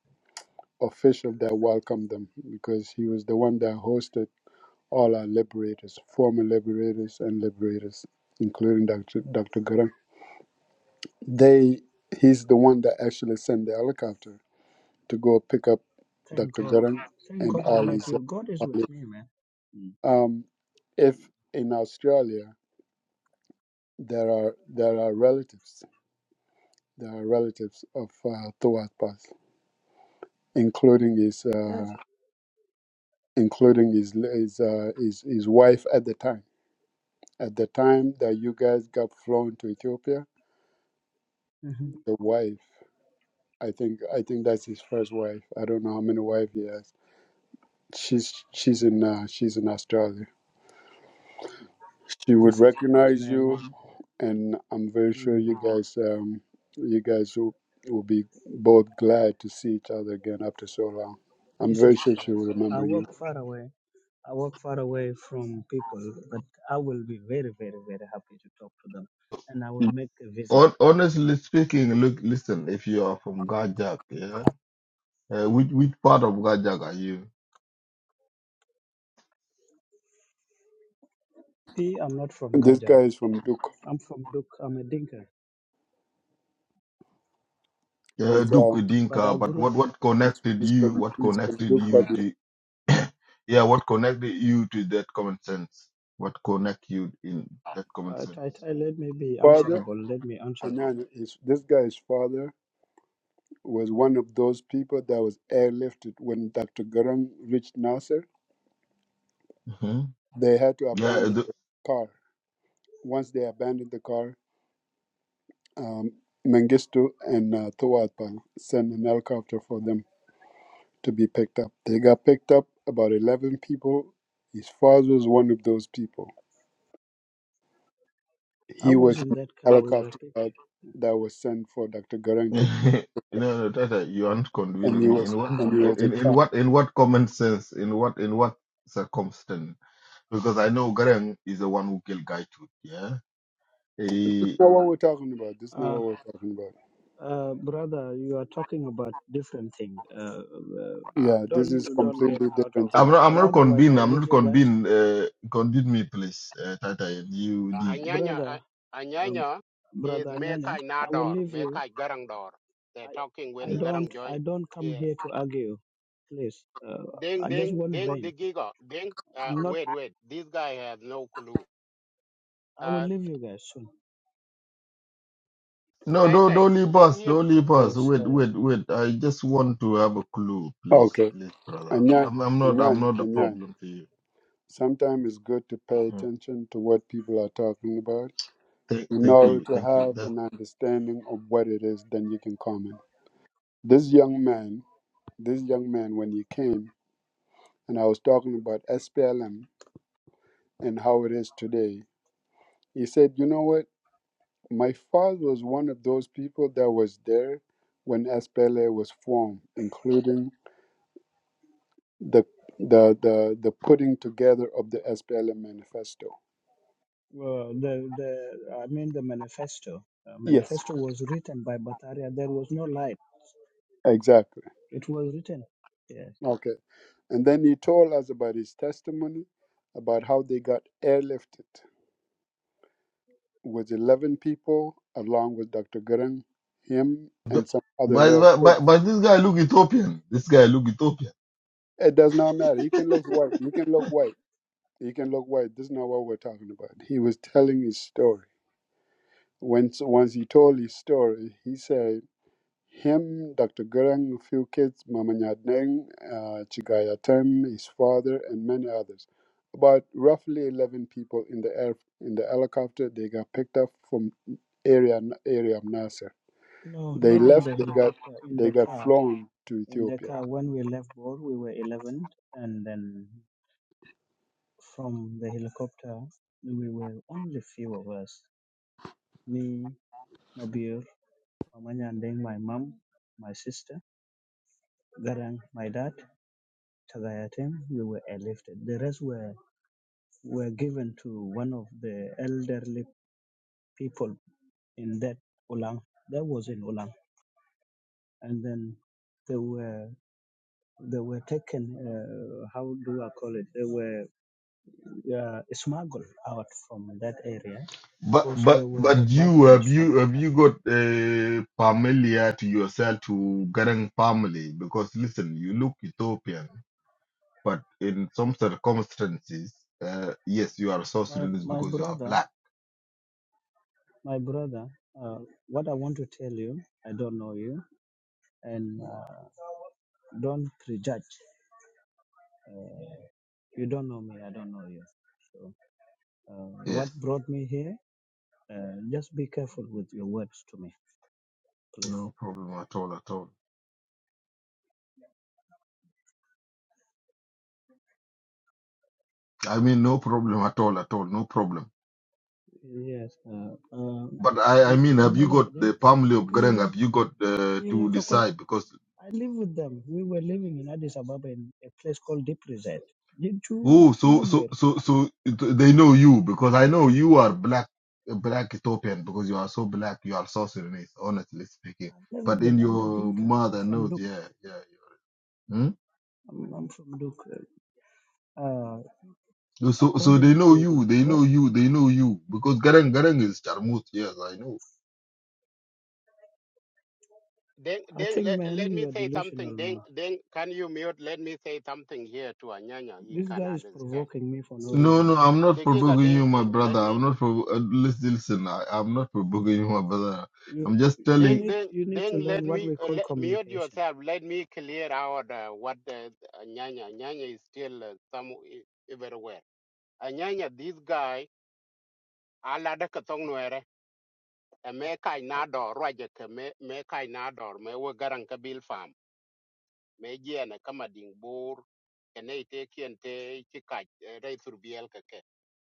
[SPEAKER 1] official that welcomed them because he was the one that hosted all our liberators, former liberators and liberators, including Dr. Dr. Garang. They he's the one that actually sent the helicopter to go pick up
[SPEAKER 5] Thank
[SPEAKER 1] Dr.
[SPEAKER 5] God.
[SPEAKER 1] Garang
[SPEAKER 5] Thank
[SPEAKER 1] and
[SPEAKER 5] God I
[SPEAKER 1] all
[SPEAKER 5] met
[SPEAKER 1] his.
[SPEAKER 5] you. God is
[SPEAKER 1] all his-
[SPEAKER 5] with me, man. Mm.
[SPEAKER 1] Um, if in Australia there are there are relatives the relatives of uh, Tuat Pass, including his
[SPEAKER 5] Yes.
[SPEAKER 1] uh, including his his, uh, his his wife at the time. At the time that you guys got flown to Ethiopia,
[SPEAKER 5] Mm-hmm.
[SPEAKER 1] the wife, I think I think that's his first wife. I don't know how many wives he has. She's she's in uh, she's in Australia. She would
[SPEAKER 5] Jesus Christ,
[SPEAKER 1] recognize you,
[SPEAKER 5] man.
[SPEAKER 1] and I'm very sure you
[SPEAKER 5] Mm,
[SPEAKER 1] guys um, you guys will, will be both glad to see each other again after so long. I'm very
[SPEAKER 5] Jesus
[SPEAKER 1] sure she will
[SPEAKER 5] Christ. I
[SPEAKER 1] remember you.
[SPEAKER 5] walk far away. I walk far away from people, but I will be very, very, very happy to talk to them. And I will make a visit.
[SPEAKER 7] Hon- Honestly speaking, look, listen. If you are from Gajak, yeah, uh, which which part of Gajak are you?
[SPEAKER 5] See, I'm not from
[SPEAKER 1] This
[SPEAKER 5] Gajak.
[SPEAKER 1] guy is from Duke.
[SPEAKER 5] I'm from Duk. I'm a Dinka.
[SPEAKER 7] Uh,
[SPEAKER 1] He's, uh,
[SPEAKER 7] Duke
[SPEAKER 5] But I
[SPEAKER 7] Dinka, but
[SPEAKER 5] grew
[SPEAKER 7] what
[SPEAKER 5] up,
[SPEAKER 7] what
[SPEAKER 1] he's,
[SPEAKER 7] connected
[SPEAKER 1] he's
[SPEAKER 7] you?
[SPEAKER 1] from,
[SPEAKER 7] What
[SPEAKER 1] he's from
[SPEAKER 7] connected
[SPEAKER 1] Duke, but
[SPEAKER 7] you
[SPEAKER 1] his
[SPEAKER 7] to? yeah, what connected you to that common sense? What connect you in that common
[SPEAKER 5] uh,
[SPEAKER 7] sense?
[SPEAKER 5] I, I, let me be
[SPEAKER 1] father,
[SPEAKER 5] answerable. Let me answer him.
[SPEAKER 1] Anana, is, this guy's father was one of those people that was airlifted when Dr. Garang reached Nasser.
[SPEAKER 7] hmm
[SPEAKER 1] They had to abandon
[SPEAKER 7] Yeah,
[SPEAKER 1] the car. Once they abandoned the car, um, Mengistu and uh, Tawadpa sent an helicopter for them to be picked up. They got picked up, about 11 people. His father was one of those people.
[SPEAKER 5] I
[SPEAKER 1] He was
[SPEAKER 5] was
[SPEAKER 1] in
[SPEAKER 5] in that
[SPEAKER 1] a
[SPEAKER 5] car. We were
[SPEAKER 1] helicopter that,
[SPEAKER 5] people.
[SPEAKER 1] that was sent for Dr. Garang to,
[SPEAKER 7] no, no, Tata, you aren't
[SPEAKER 1] and he
[SPEAKER 7] convincing me.
[SPEAKER 1] was
[SPEAKER 7] In one,
[SPEAKER 1] and he was a
[SPEAKER 7] in, in
[SPEAKER 1] child.
[SPEAKER 7] what, in what common sense, in what, in what circumstance? Because I know Garang is the one who killed Gaitut. Yeah, he,
[SPEAKER 1] Not what we're talking about. This is not
[SPEAKER 5] Uh,
[SPEAKER 1] what we're talking about.
[SPEAKER 5] uh, brother, you are talking about different things. Uh, uh,
[SPEAKER 1] Yeah, this
[SPEAKER 5] don't
[SPEAKER 1] is
[SPEAKER 5] don't get
[SPEAKER 1] completely
[SPEAKER 5] out of,
[SPEAKER 1] different thing.
[SPEAKER 7] I'm not, I'm
[SPEAKER 5] or
[SPEAKER 7] not
[SPEAKER 5] otherwise I
[SPEAKER 7] convinced.
[SPEAKER 5] will
[SPEAKER 7] I'm
[SPEAKER 5] leave
[SPEAKER 7] not
[SPEAKER 5] you guys.
[SPEAKER 7] convinced. Uh, convince me, please, uh, Tata and UD.
[SPEAKER 6] Anyanya, uh,
[SPEAKER 5] brother, um,
[SPEAKER 6] Anyanya is
[SPEAKER 5] brother Anyanya,
[SPEAKER 6] Mekai
[SPEAKER 5] I will
[SPEAKER 6] Nador,
[SPEAKER 5] leave you.
[SPEAKER 6] Mekai Garangdor. They're talking
[SPEAKER 5] I, I
[SPEAKER 7] Yeah.
[SPEAKER 6] when
[SPEAKER 5] don't,
[SPEAKER 6] Garang join.
[SPEAKER 5] I don't come
[SPEAKER 6] Yeah.
[SPEAKER 5] here to argue. Please, uh,
[SPEAKER 6] Ding,
[SPEAKER 5] I just
[SPEAKER 6] ding,
[SPEAKER 5] want
[SPEAKER 6] ding,
[SPEAKER 5] brain.
[SPEAKER 6] digigo, ding. Uh,
[SPEAKER 5] I'm not.
[SPEAKER 6] wait, wait, this guy has no clue.
[SPEAKER 5] I will
[SPEAKER 6] Uh,
[SPEAKER 5] leave you guys soon,
[SPEAKER 7] No,
[SPEAKER 6] Tai
[SPEAKER 7] don't,
[SPEAKER 6] Tai,
[SPEAKER 7] don't leave
[SPEAKER 6] let
[SPEAKER 7] us.
[SPEAKER 6] him
[SPEAKER 7] Don't leave us.
[SPEAKER 5] cause
[SPEAKER 7] Wait,
[SPEAKER 5] uh,
[SPEAKER 7] wait, wait. I just want to have a clue, please,
[SPEAKER 1] Okay,
[SPEAKER 7] please, brother.
[SPEAKER 1] Anyan,
[SPEAKER 7] I'm, I'm not, I'm
[SPEAKER 1] Anyan,
[SPEAKER 7] not a
[SPEAKER 1] Anyan.
[SPEAKER 7] problem to you.
[SPEAKER 1] Sometimes it's good to pay
[SPEAKER 7] Mm.
[SPEAKER 1] attention to what people are talking about
[SPEAKER 7] Thank,
[SPEAKER 1] in
[SPEAKER 7] thank
[SPEAKER 1] order
[SPEAKER 7] you,
[SPEAKER 1] to
[SPEAKER 7] thank you.
[SPEAKER 1] have an understanding of what it is. Then you can comment. This young man, this young man, when he came and I was talking about SPLM and how it is today, he said, "You know what? My father was one of those people that was there when SPLA was formed, including the the the, the putting together of the SPLA manifesto.
[SPEAKER 5] well, the the I mean the manifesto. Uh,
[SPEAKER 1] Yes,
[SPEAKER 5] manifesto was written by Bataria. There was no light.
[SPEAKER 1] exactly.
[SPEAKER 5] It was written. Yes.
[SPEAKER 1] Okay. And then he told us about his testimony, about how they got airlifted with 11 people, along with Dr. Gurung, him,
[SPEAKER 7] The-
[SPEAKER 1] and some other
[SPEAKER 7] But,
[SPEAKER 1] little
[SPEAKER 7] but
[SPEAKER 1] folks.
[SPEAKER 7] but but this guy look Ethiopian. This guy look Ethiopian.
[SPEAKER 1] It does not matter. You can look white. You can look white. You can look white. This is not what we're talking about. He was telling his story Once, once he told his story, he said, him, Dr. Gurung, few kids, Mama Nyadeng, uh, Chigayatem, his father, and many others. About roughly 11 people in the air, in the helicopter, they got picked up from area area of Nasser.
[SPEAKER 5] No,
[SPEAKER 1] They
[SPEAKER 5] not in
[SPEAKER 1] left,
[SPEAKER 5] the
[SPEAKER 1] they got
[SPEAKER 5] helicopter. In
[SPEAKER 1] they
[SPEAKER 5] the
[SPEAKER 1] got
[SPEAKER 5] car.
[SPEAKER 1] flown to
[SPEAKER 5] In the
[SPEAKER 1] Ethiopia.
[SPEAKER 5] car. When we left board, we were 11, and then From the helicopter, we were only few of us. Me, Mabir, Mamanyandeng, my mom, my sister, Garang, my dad, Tagayatem, we were airlifted. The rest were, were given to one of the elderly people in that Ulang. That was in Ulang. And then they were they were taken uh, how do I call it? They were uh, smuggled out from that area
[SPEAKER 7] But
[SPEAKER 5] because there
[SPEAKER 7] but
[SPEAKER 5] were
[SPEAKER 7] but you have
[SPEAKER 5] bombardments from
[SPEAKER 7] you have you
[SPEAKER 5] Khartoum.
[SPEAKER 7] got uh, familiar to yourself to Garang family because listen, you look Ethiopian, but in some circumstances, uh, yes, you are South
[SPEAKER 5] My
[SPEAKER 7] Sudanese
[SPEAKER 5] my
[SPEAKER 7] because you are
[SPEAKER 5] brother,
[SPEAKER 7] black.
[SPEAKER 5] my brother, uh, what I want to tell you, I don't know you, and uh, don't prejudge. Uh, you don't know me, I don't know you. So, uh,
[SPEAKER 7] Yes,
[SPEAKER 5] what brought me here? Uh, just be careful with your words to me, please.
[SPEAKER 7] no problem at all at all. I mean, no problem at all at all, no problem.
[SPEAKER 5] Yes. Uh, uh,
[SPEAKER 7] But I I mean, have you got the
[SPEAKER 5] Babalari,
[SPEAKER 7] family of Garang?
[SPEAKER 5] kuinga,
[SPEAKER 7] Have you got uh,
[SPEAKER 5] kuinga
[SPEAKER 7] to
[SPEAKER 5] Kakwai.
[SPEAKER 7] decide because
[SPEAKER 5] I live with them. We were living in Addis Ababa in a place called Deep Reset. Did you,
[SPEAKER 7] Oh, so so
[SPEAKER 5] I've
[SPEAKER 7] so so they know you because I know you are black, black Ethiopian because you are so black. You are so Sudanese, honestly speaking.
[SPEAKER 5] never
[SPEAKER 7] But
[SPEAKER 5] been.
[SPEAKER 7] in
[SPEAKER 5] I'm a
[SPEAKER 7] your
[SPEAKER 5] Dinka. I'm
[SPEAKER 7] mother
[SPEAKER 5] from
[SPEAKER 7] knows,
[SPEAKER 5] Duk.
[SPEAKER 7] yeah, yeah. yeah. Hmm?
[SPEAKER 5] I'm, I'm from Duke. Uh,
[SPEAKER 7] So so so they
[SPEAKER 5] according
[SPEAKER 7] know you,
[SPEAKER 5] to
[SPEAKER 7] they
[SPEAKER 5] how
[SPEAKER 7] know you, they know you because Garang Garang is Charmut. Yes, I know.
[SPEAKER 6] Then,
[SPEAKER 5] I
[SPEAKER 6] then
[SPEAKER 5] think,
[SPEAKER 6] let,
[SPEAKER 5] man,
[SPEAKER 6] let
[SPEAKER 5] you
[SPEAKER 6] me
[SPEAKER 5] are
[SPEAKER 6] say
[SPEAKER 5] delusional,
[SPEAKER 6] something. Then,
[SPEAKER 5] man.
[SPEAKER 6] then can you mute? Let me say something here to Anyanya. He
[SPEAKER 5] This
[SPEAKER 6] can
[SPEAKER 5] guy is
[SPEAKER 6] understand.
[SPEAKER 5] provoking me for no
[SPEAKER 7] No,
[SPEAKER 5] reason.
[SPEAKER 7] no, I'm not
[SPEAKER 6] The Degiga
[SPEAKER 7] provoking
[SPEAKER 6] Deng,
[SPEAKER 7] you, my
[SPEAKER 6] Deng,
[SPEAKER 7] brother.
[SPEAKER 6] let me,
[SPEAKER 7] I'm not for. Uh, listen, listen. I, I'm not provoking you, my brother.
[SPEAKER 5] You
[SPEAKER 7] I'm just
[SPEAKER 5] you
[SPEAKER 7] telling.
[SPEAKER 6] Deng,
[SPEAKER 5] need
[SPEAKER 6] Deng,
[SPEAKER 5] you need to
[SPEAKER 6] Deng, let
[SPEAKER 5] learn what
[SPEAKER 6] me,
[SPEAKER 5] we
[SPEAKER 6] uh,
[SPEAKER 5] call
[SPEAKER 6] let, mute
[SPEAKER 5] communication,
[SPEAKER 6] yourself. Let me clear out uh, what uh, Anyanya, Anyanya is still uh, some e- everywhere. Anyanya, this guy, alada katong nuere, me kai nador, raja me, me kai nador, me wo garang kabil me jiene kama ding ene ite kiente chika rei thurbiel keke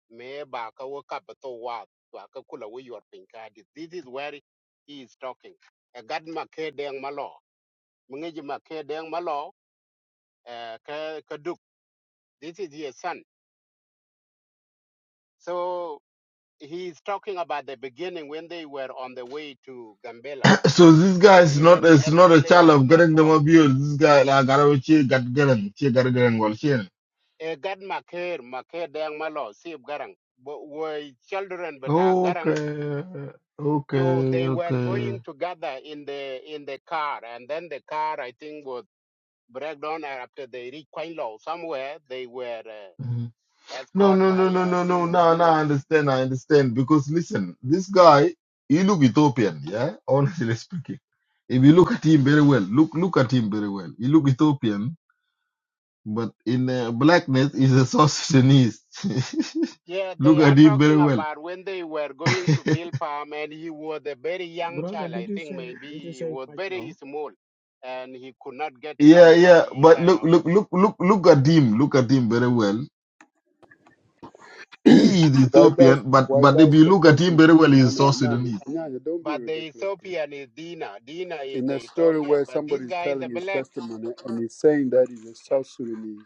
[SPEAKER 6] me ba ka wo ka to wa wa ka kula wo yor pin this is where he is talking a gad ma ke deng malo mungi ji ma ke deng malo eh, ka ka duk this is his son so he is talking about the beginning when they were on the way to gambela
[SPEAKER 7] So this guy
[SPEAKER 6] so
[SPEAKER 7] is not
[SPEAKER 6] even
[SPEAKER 7] is not a
[SPEAKER 6] SPLA
[SPEAKER 7] child
[SPEAKER 6] was
[SPEAKER 7] of
[SPEAKER 6] not
[SPEAKER 7] getting them
[SPEAKER 6] formed
[SPEAKER 7] abused. This guy like I don't she got getting she got getting well she
[SPEAKER 6] a gad ma ke ma ke deng malo sib garang but were children but a garang
[SPEAKER 7] okay
[SPEAKER 6] So
[SPEAKER 7] okay
[SPEAKER 6] they were
[SPEAKER 7] okay.
[SPEAKER 6] going together in the in the car, and then the car I think was break down and after they reached Kwailo somewhere. They were uh,
[SPEAKER 7] Mhm. No
[SPEAKER 6] escorted
[SPEAKER 7] no no
[SPEAKER 6] by
[SPEAKER 7] no
[SPEAKER 6] uh, I
[SPEAKER 7] no no
[SPEAKER 6] think
[SPEAKER 7] now now
[SPEAKER 6] Wujula.
[SPEAKER 7] I understand I understand because listen this guy he look Ethiopian yeah honestly speaking if you look at him very well look look at him very well he look Ethiopian but in uh, blackness he's a South Sudanese
[SPEAKER 6] Yeah,
[SPEAKER 7] look
[SPEAKER 6] they are
[SPEAKER 7] at him very
[SPEAKER 6] talking
[SPEAKER 7] well
[SPEAKER 6] about when they were going to build farm, and he was a very young
[SPEAKER 5] brother.
[SPEAKER 6] child.
[SPEAKER 5] Did
[SPEAKER 6] I
[SPEAKER 5] you
[SPEAKER 6] think
[SPEAKER 5] say did you
[SPEAKER 6] maybe he
[SPEAKER 5] say
[SPEAKER 6] was
[SPEAKER 5] quite
[SPEAKER 6] very
[SPEAKER 5] low?
[SPEAKER 6] small, and he could not get
[SPEAKER 7] Yeah, yeah,
[SPEAKER 6] somebody. He
[SPEAKER 5] Quite
[SPEAKER 7] but
[SPEAKER 6] kind
[SPEAKER 5] low.
[SPEAKER 7] look,
[SPEAKER 6] of.
[SPEAKER 7] look, look, look, look at him. Look at him very well. He is
[SPEAKER 1] why does
[SPEAKER 7] Ethiopian, but
[SPEAKER 1] why
[SPEAKER 7] but if
[SPEAKER 1] does
[SPEAKER 7] you
[SPEAKER 1] the
[SPEAKER 7] look at him
[SPEAKER 1] person
[SPEAKER 7] very well,
[SPEAKER 1] no
[SPEAKER 7] he's
[SPEAKER 1] no
[SPEAKER 7] South
[SPEAKER 1] Anyanya,
[SPEAKER 7] Sudanese.
[SPEAKER 1] Anyanya, don't be
[SPEAKER 6] But the
[SPEAKER 1] ridiculous, bro.
[SPEAKER 6] Ethiopian is Dina. Dina is
[SPEAKER 1] in a
[SPEAKER 6] the
[SPEAKER 1] story
[SPEAKER 6] Ethiopian,
[SPEAKER 1] where
[SPEAKER 6] but
[SPEAKER 1] somebody
[SPEAKER 6] this
[SPEAKER 1] is
[SPEAKER 6] guy is the
[SPEAKER 1] telling his
[SPEAKER 6] black.
[SPEAKER 1] testimony and he's saying that he's a South Sudanese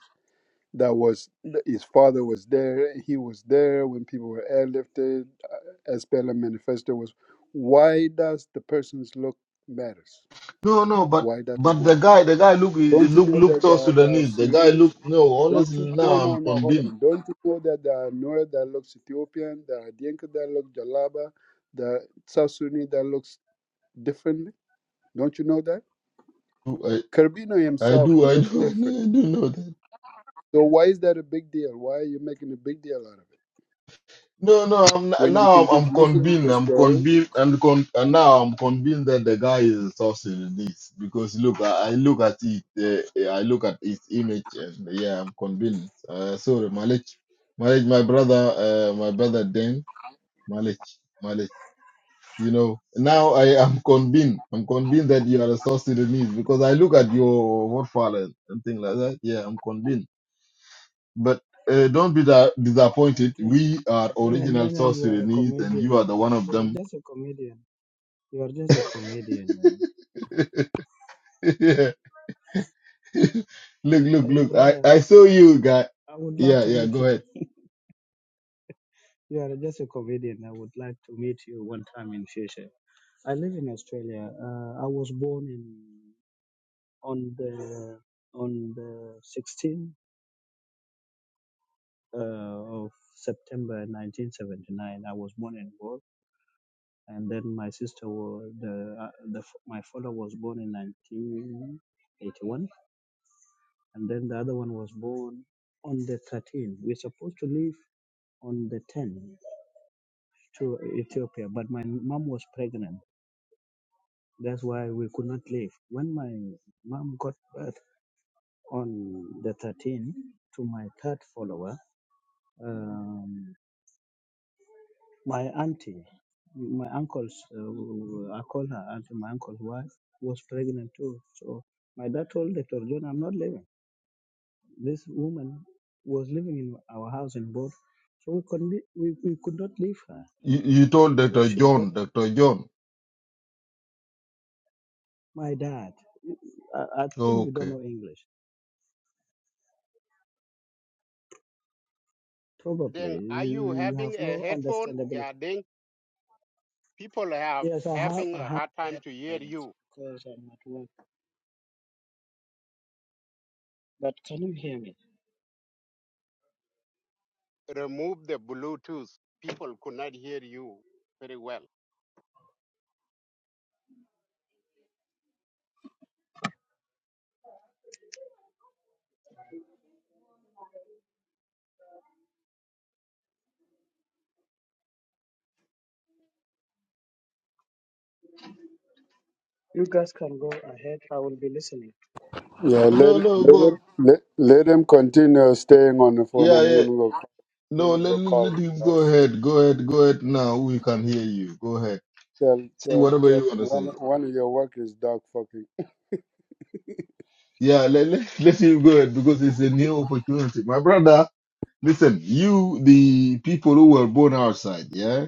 [SPEAKER 1] that was his father was there, he was there when people were airlifted, uh, SPLM manifesto was. Why does the person's look matters?
[SPEAKER 7] No, no, but
[SPEAKER 1] Why does it
[SPEAKER 7] but
[SPEAKER 1] matter?
[SPEAKER 7] the guy, the guy look
[SPEAKER 1] Don't you
[SPEAKER 7] look
[SPEAKER 1] know
[SPEAKER 7] look
[SPEAKER 1] that
[SPEAKER 7] South
[SPEAKER 1] there are, there are
[SPEAKER 7] Sudanese. The guy
[SPEAKER 1] Sudanese?
[SPEAKER 7] look no.
[SPEAKER 1] Don't you?
[SPEAKER 7] Honestly,
[SPEAKER 1] No,
[SPEAKER 7] now
[SPEAKER 1] no,
[SPEAKER 7] I'm
[SPEAKER 1] no. Hold
[SPEAKER 7] convinced.
[SPEAKER 1] on. Don't you know that there are Noor that looks Ethiopian, there are Dinka that look Jalaba, the South Sudanese that looks differently? Don't you know that?
[SPEAKER 7] I,
[SPEAKER 1] Carbino
[SPEAKER 7] I
[SPEAKER 1] himself
[SPEAKER 7] do,
[SPEAKER 1] he
[SPEAKER 7] I
[SPEAKER 1] looks
[SPEAKER 7] do, I
[SPEAKER 1] different.
[SPEAKER 7] do know that.
[SPEAKER 1] So why is that a big deal? Why are you making a big deal out of it?
[SPEAKER 7] No, no, I'm
[SPEAKER 1] When you
[SPEAKER 7] now
[SPEAKER 1] can just
[SPEAKER 7] I'm, I'm
[SPEAKER 1] listen to
[SPEAKER 7] convinced.
[SPEAKER 1] the
[SPEAKER 7] I'm
[SPEAKER 1] story.
[SPEAKER 7] convinced, and, con, and now I'm convinced that the guy is a South Sudanese because look, I, I look at it, uh, I look at his image, and yeah, I'm convinced. Uh, sorry, Malik, Malik, my brother, uh, my brother Dan, Malik, Malik. You know, now I am convinced. I'm convinced that you are a South Sudanese because I look at your profile and, and things like that. Yeah, I'm convinced. But uh, don't be that
[SPEAKER 5] I
[SPEAKER 7] disappointed.
[SPEAKER 5] think
[SPEAKER 7] We are
[SPEAKER 5] I think
[SPEAKER 7] original
[SPEAKER 5] Anyanya,
[SPEAKER 7] South
[SPEAKER 5] you are a
[SPEAKER 7] Sudanese, and
[SPEAKER 5] comedian,
[SPEAKER 7] you are the
[SPEAKER 5] man.
[SPEAKER 7] one of
[SPEAKER 5] You are
[SPEAKER 7] them.
[SPEAKER 5] just a comedian. You are just a comedian, man.
[SPEAKER 7] look, look,
[SPEAKER 5] And
[SPEAKER 7] look. I,
[SPEAKER 5] brother,
[SPEAKER 7] I saw you, guy.
[SPEAKER 5] I would love
[SPEAKER 7] Yeah,
[SPEAKER 5] to
[SPEAKER 7] yeah.
[SPEAKER 5] meet you.
[SPEAKER 7] Go ahead.
[SPEAKER 5] You are just a comedian. I would like to meet you one time in future. I live in Australia. Uh, I was born in on the on the 16th uh, of September 1979. I was born in Gore, and then my sister was the, uh, the f- my father was born in 1981, and then the other one was born on the 13th. We're supposed to leave on the 10th to Ethiopia, but my mom was pregnant. That's why we could not leave. When my mom got birth, on the 13th to my third follower, um, my auntie, my uncle's, uh, I call her auntie, my uncle's wife was pregnant too. So my dad told Dr. John, I'm not leaving. This woman was living in our house in both. So we could, we, we could not leave her.
[SPEAKER 7] You, you told
[SPEAKER 5] So
[SPEAKER 7] Doctor
[SPEAKER 5] she got
[SPEAKER 7] John, Doctor John.
[SPEAKER 5] my dad. I, I think you don't
[SPEAKER 7] Okay.
[SPEAKER 5] know English. Probably
[SPEAKER 6] Then are you
[SPEAKER 5] you, you have
[SPEAKER 6] having a
[SPEAKER 5] no
[SPEAKER 6] headphone? Yeah,
[SPEAKER 5] understandability.
[SPEAKER 6] then people have
[SPEAKER 5] Yes, I have.
[SPEAKER 6] having
[SPEAKER 5] I
[SPEAKER 6] a hard time
[SPEAKER 5] have
[SPEAKER 6] to hear you.
[SPEAKER 5] because I'm at work. But can you hear me?
[SPEAKER 6] Remove the Bluetooth. People could not hear you very well.
[SPEAKER 5] You guys can go ahead. I will be listening.
[SPEAKER 1] Yeah, let
[SPEAKER 7] No,
[SPEAKER 1] it-
[SPEAKER 7] no.
[SPEAKER 1] let him
[SPEAKER 7] Go.
[SPEAKER 1] let, let him continue staying on the phone.
[SPEAKER 7] Yeah,
[SPEAKER 1] I'm
[SPEAKER 7] yeah.
[SPEAKER 1] gonna go.
[SPEAKER 7] No,
[SPEAKER 1] I'm gonna
[SPEAKER 7] let
[SPEAKER 1] go call
[SPEAKER 7] let
[SPEAKER 1] him.
[SPEAKER 7] him go
[SPEAKER 1] Guys.
[SPEAKER 7] ahead. Go ahead. Go ahead. Now we can hear you. Go ahead.
[SPEAKER 1] Tell
[SPEAKER 7] Say
[SPEAKER 1] tell
[SPEAKER 7] whatever
[SPEAKER 1] tell
[SPEAKER 7] you
[SPEAKER 1] him
[SPEAKER 7] want to
[SPEAKER 1] one
[SPEAKER 7] say.
[SPEAKER 1] one of your workers dog fucking.
[SPEAKER 7] Yeah, let, let, let him go ahead because it's a new opportunity. My brother, Listen, you, the people who were born outside, yeah,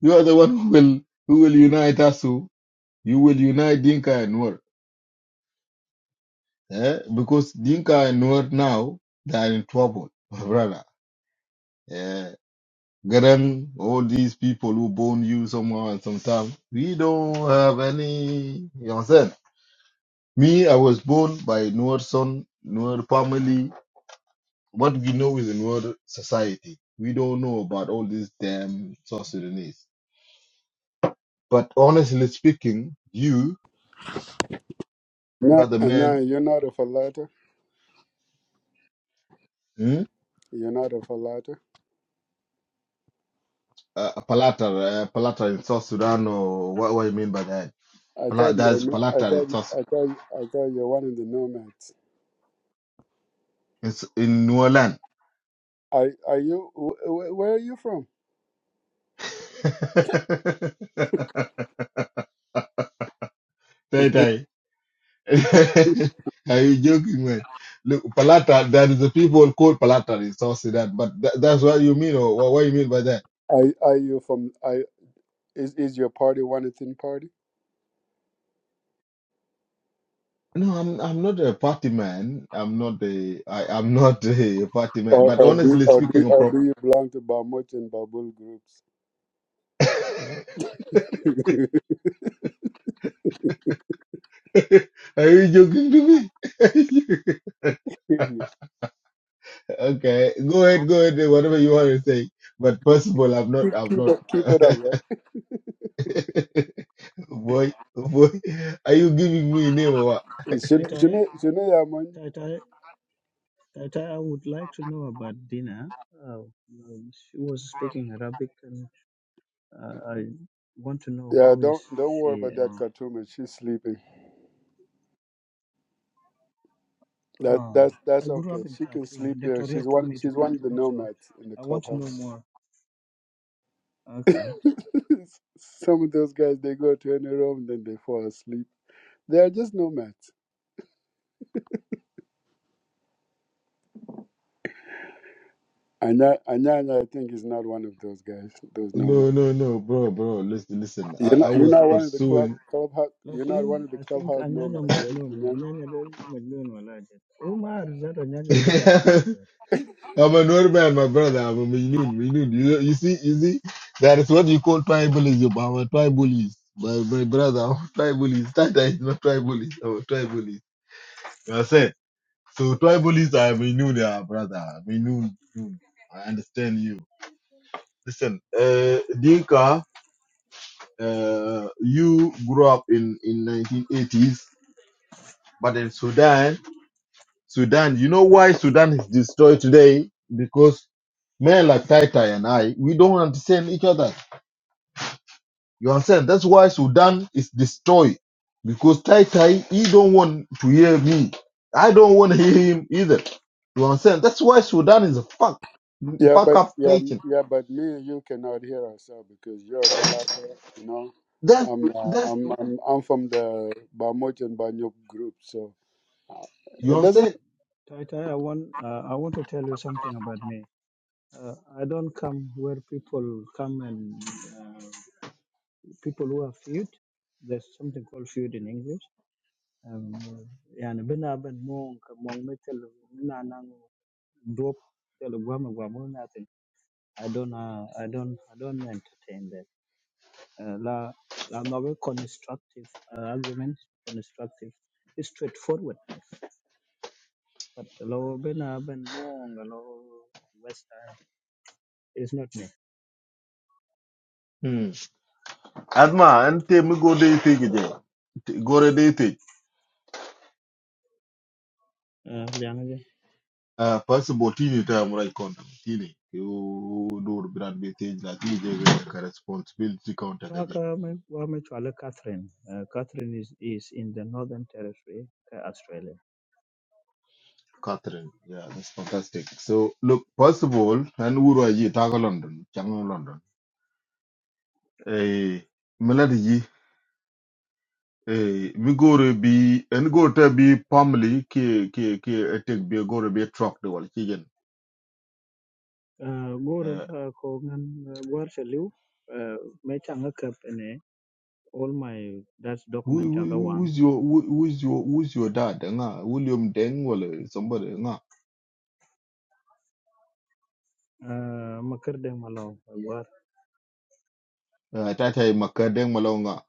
[SPEAKER 7] you are the one who will who will unite Asu. You will unite Dinka and Nuer, eh? because Dinka and Nuer now they are in trouble, my brother. Yeah, Garang, all these people who born you somehow and sometime, we don't have any. You understand? Me, I was born by Nuer son, Nuer family. What we know is the Nuer society. We don't know about all these damn South Sudanese. But honestly speaking, you you
[SPEAKER 1] No,
[SPEAKER 7] are the
[SPEAKER 1] no,
[SPEAKER 7] man,
[SPEAKER 1] you're not a falata.
[SPEAKER 7] hmm?
[SPEAKER 1] You're not a falata.
[SPEAKER 7] uh, a uh, palatar in South Sudan, or what, what do you mean by that?
[SPEAKER 1] I
[SPEAKER 7] Pala-
[SPEAKER 1] thought you were.
[SPEAKER 7] That's
[SPEAKER 1] no- I
[SPEAKER 7] Palata
[SPEAKER 1] thought
[SPEAKER 7] in South
[SPEAKER 1] I thought I thought you're one of the nomads.
[SPEAKER 7] in, S- in New Orleans.
[SPEAKER 1] Are are you? Wh- wh- where are you from?
[SPEAKER 7] Tay Tay. Are you joking, man? Look, Palata—that is the people called Palata in South Sudan, but tha- that's what you mean, or what, what do you mean by that?
[SPEAKER 1] Are are you from? Is is your party one ethnic party?
[SPEAKER 7] No, I'm I'm not a party man. I'm not a I, I'm not a party man.
[SPEAKER 1] Or,
[SPEAKER 7] But
[SPEAKER 1] or do
[SPEAKER 7] honestly
[SPEAKER 1] or do
[SPEAKER 7] speaking, I'm
[SPEAKER 1] or
[SPEAKER 7] from
[SPEAKER 1] do you belong to Bamut and Babul groups? keep,
[SPEAKER 7] Are you joking to me? okay, go ahead, go ahead, whatever you want to say. But first of all, I'm not, I'm
[SPEAKER 1] keep
[SPEAKER 7] not.
[SPEAKER 1] it keep it up, right?
[SPEAKER 7] boy, boy, are you giving me a name or what?
[SPEAKER 5] Tai
[SPEAKER 1] Shane
[SPEAKER 5] Tai,
[SPEAKER 1] Shane- Shane Yaman.
[SPEAKER 5] Tai Tai, Tai Tai, I would like to know about Dina. Uh, um, she was speaking Arabic, and uh, I want to know
[SPEAKER 1] Yeah,
[SPEAKER 5] who is
[SPEAKER 1] don't don't worry
[SPEAKER 5] she.
[SPEAKER 1] about that
[SPEAKER 5] And
[SPEAKER 1] Khartoum. She's sleeping. That
[SPEAKER 5] uh,
[SPEAKER 1] that's that's
[SPEAKER 5] I grew
[SPEAKER 1] okay.
[SPEAKER 5] up in
[SPEAKER 1] She can
[SPEAKER 5] Khartoum.
[SPEAKER 1] sleep there.
[SPEAKER 5] Victoria
[SPEAKER 1] She's
[SPEAKER 5] took
[SPEAKER 1] one
[SPEAKER 5] me to
[SPEAKER 1] she's one of the
[SPEAKER 5] Khartoum, so
[SPEAKER 1] nomads in the
[SPEAKER 5] I want to know
[SPEAKER 1] clubhouse.
[SPEAKER 5] more. Okay.
[SPEAKER 1] Some of those guys they go to any room then they fall asleep. They are just nomads. Anya Anyanya I think is not one of those guys, those nomads.
[SPEAKER 7] No, no, no, bro, bro, listen, listen. I,
[SPEAKER 1] You're
[SPEAKER 7] I
[SPEAKER 1] not you're
[SPEAKER 7] was
[SPEAKER 1] not one of the club
[SPEAKER 7] pursuing.
[SPEAKER 1] clubhouse you're not
[SPEAKER 5] Lakini
[SPEAKER 1] one of the
[SPEAKER 5] I think
[SPEAKER 1] clubhouse
[SPEAKER 5] anyanya
[SPEAKER 1] nomads, eh,
[SPEAKER 5] majnun,
[SPEAKER 1] man.
[SPEAKER 5] anyanya de majnun walaje. Umar zara anyanya vada kefir.
[SPEAKER 7] I'm a Norman, my brother. I'm a Minun, Minun. You, you see, you see, that is what you call tribalism. I'm a tribalist. My, my brother, I'm a tribalist. That is not tribalist. I'm a tribalist. You understand? So tribalists are Mainunia, brother. Mainun. Nun. I understand you. Listen, uh, Dinka, uh, you grew up in in 1980s, but in Sudan, Sudan, you know why Sudan is destroyed today? Because men like Taitai and I, we don't understand each other. You understand? That's why Sudan is destroyed because Tai Tai he don't want to hear me. I don't want to hear him either. You understand? That's why Sudan is a fuck
[SPEAKER 1] Yeah,
[SPEAKER 7] fuck
[SPEAKER 1] but
[SPEAKER 7] up
[SPEAKER 1] yeah, m-
[SPEAKER 7] nation.
[SPEAKER 1] yeah, but me and you cannot hear ourselves because you're a falafel, you know.
[SPEAKER 7] That
[SPEAKER 1] I'm uh,
[SPEAKER 7] that's
[SPEAKER 1] I'm I'm I'm from the Bamoch and Banyok group, so uh,
[SPEAKER 7] you
[SPEAKER 1] it doesn't.
[SPEAKER 7] understand?
[SPEAKER 5] Tai Tai, I want, uh, I want to tell you something about me. Uh, I don't come where people come and uh, people who are feud. There's something called feud in English. Um, يعني بنا بن مون كمون مثل منا نان دوب تل غوام غوام nothing. I don't uh, I don't I don't entertain that. Uh, la la novel constructive uh, arguments constructive is straightforwardness. But lo bina ben mong lo western is not me.
[SPEAKER 7] Mm. Adma and me go day take it. Go to day take.
[SPEAKER 5] Uh,
[SPEAKER 7] Uh, first of all, Tini, time right contact teenage. You do the brand be take like you take a responsibility counter.
[SPEAKER 5] Kaka wame- wamechwala Catherine. Uh, Catherine is, is in the Northern Territory, ka Australia.
[SPEAKER 7] Catherine. Yeah, that's fantastic. So, look, first of all, and Uru Ayi, Taga London, Chango London. Eh, Melody Yi, eh, mi gore bi, en go te bi family ki, ki, ki, etek bi gore bi truck de wal chigen.
[SPEAKER 5] Uh, Goro
[SPEAKER 7] Eh,
[SPEAKER 5] ba ko ngan uh, gwar sha liu, uh, me changa kap ene all my that document
[SPEAKER 7] who,
[SPEAKER 5] chaka
[SPEAKER 7] who-
[SPEAKER 5] wang.
[SPEAKER 7] who's your, who, who's your, who's your dad? Nga, William Deng wala somebody, nga.
[SPEAKER 5] Uh, makar de malo gwar.
[SPEAKER 7] Eh, tai tai maka Deng malo nga.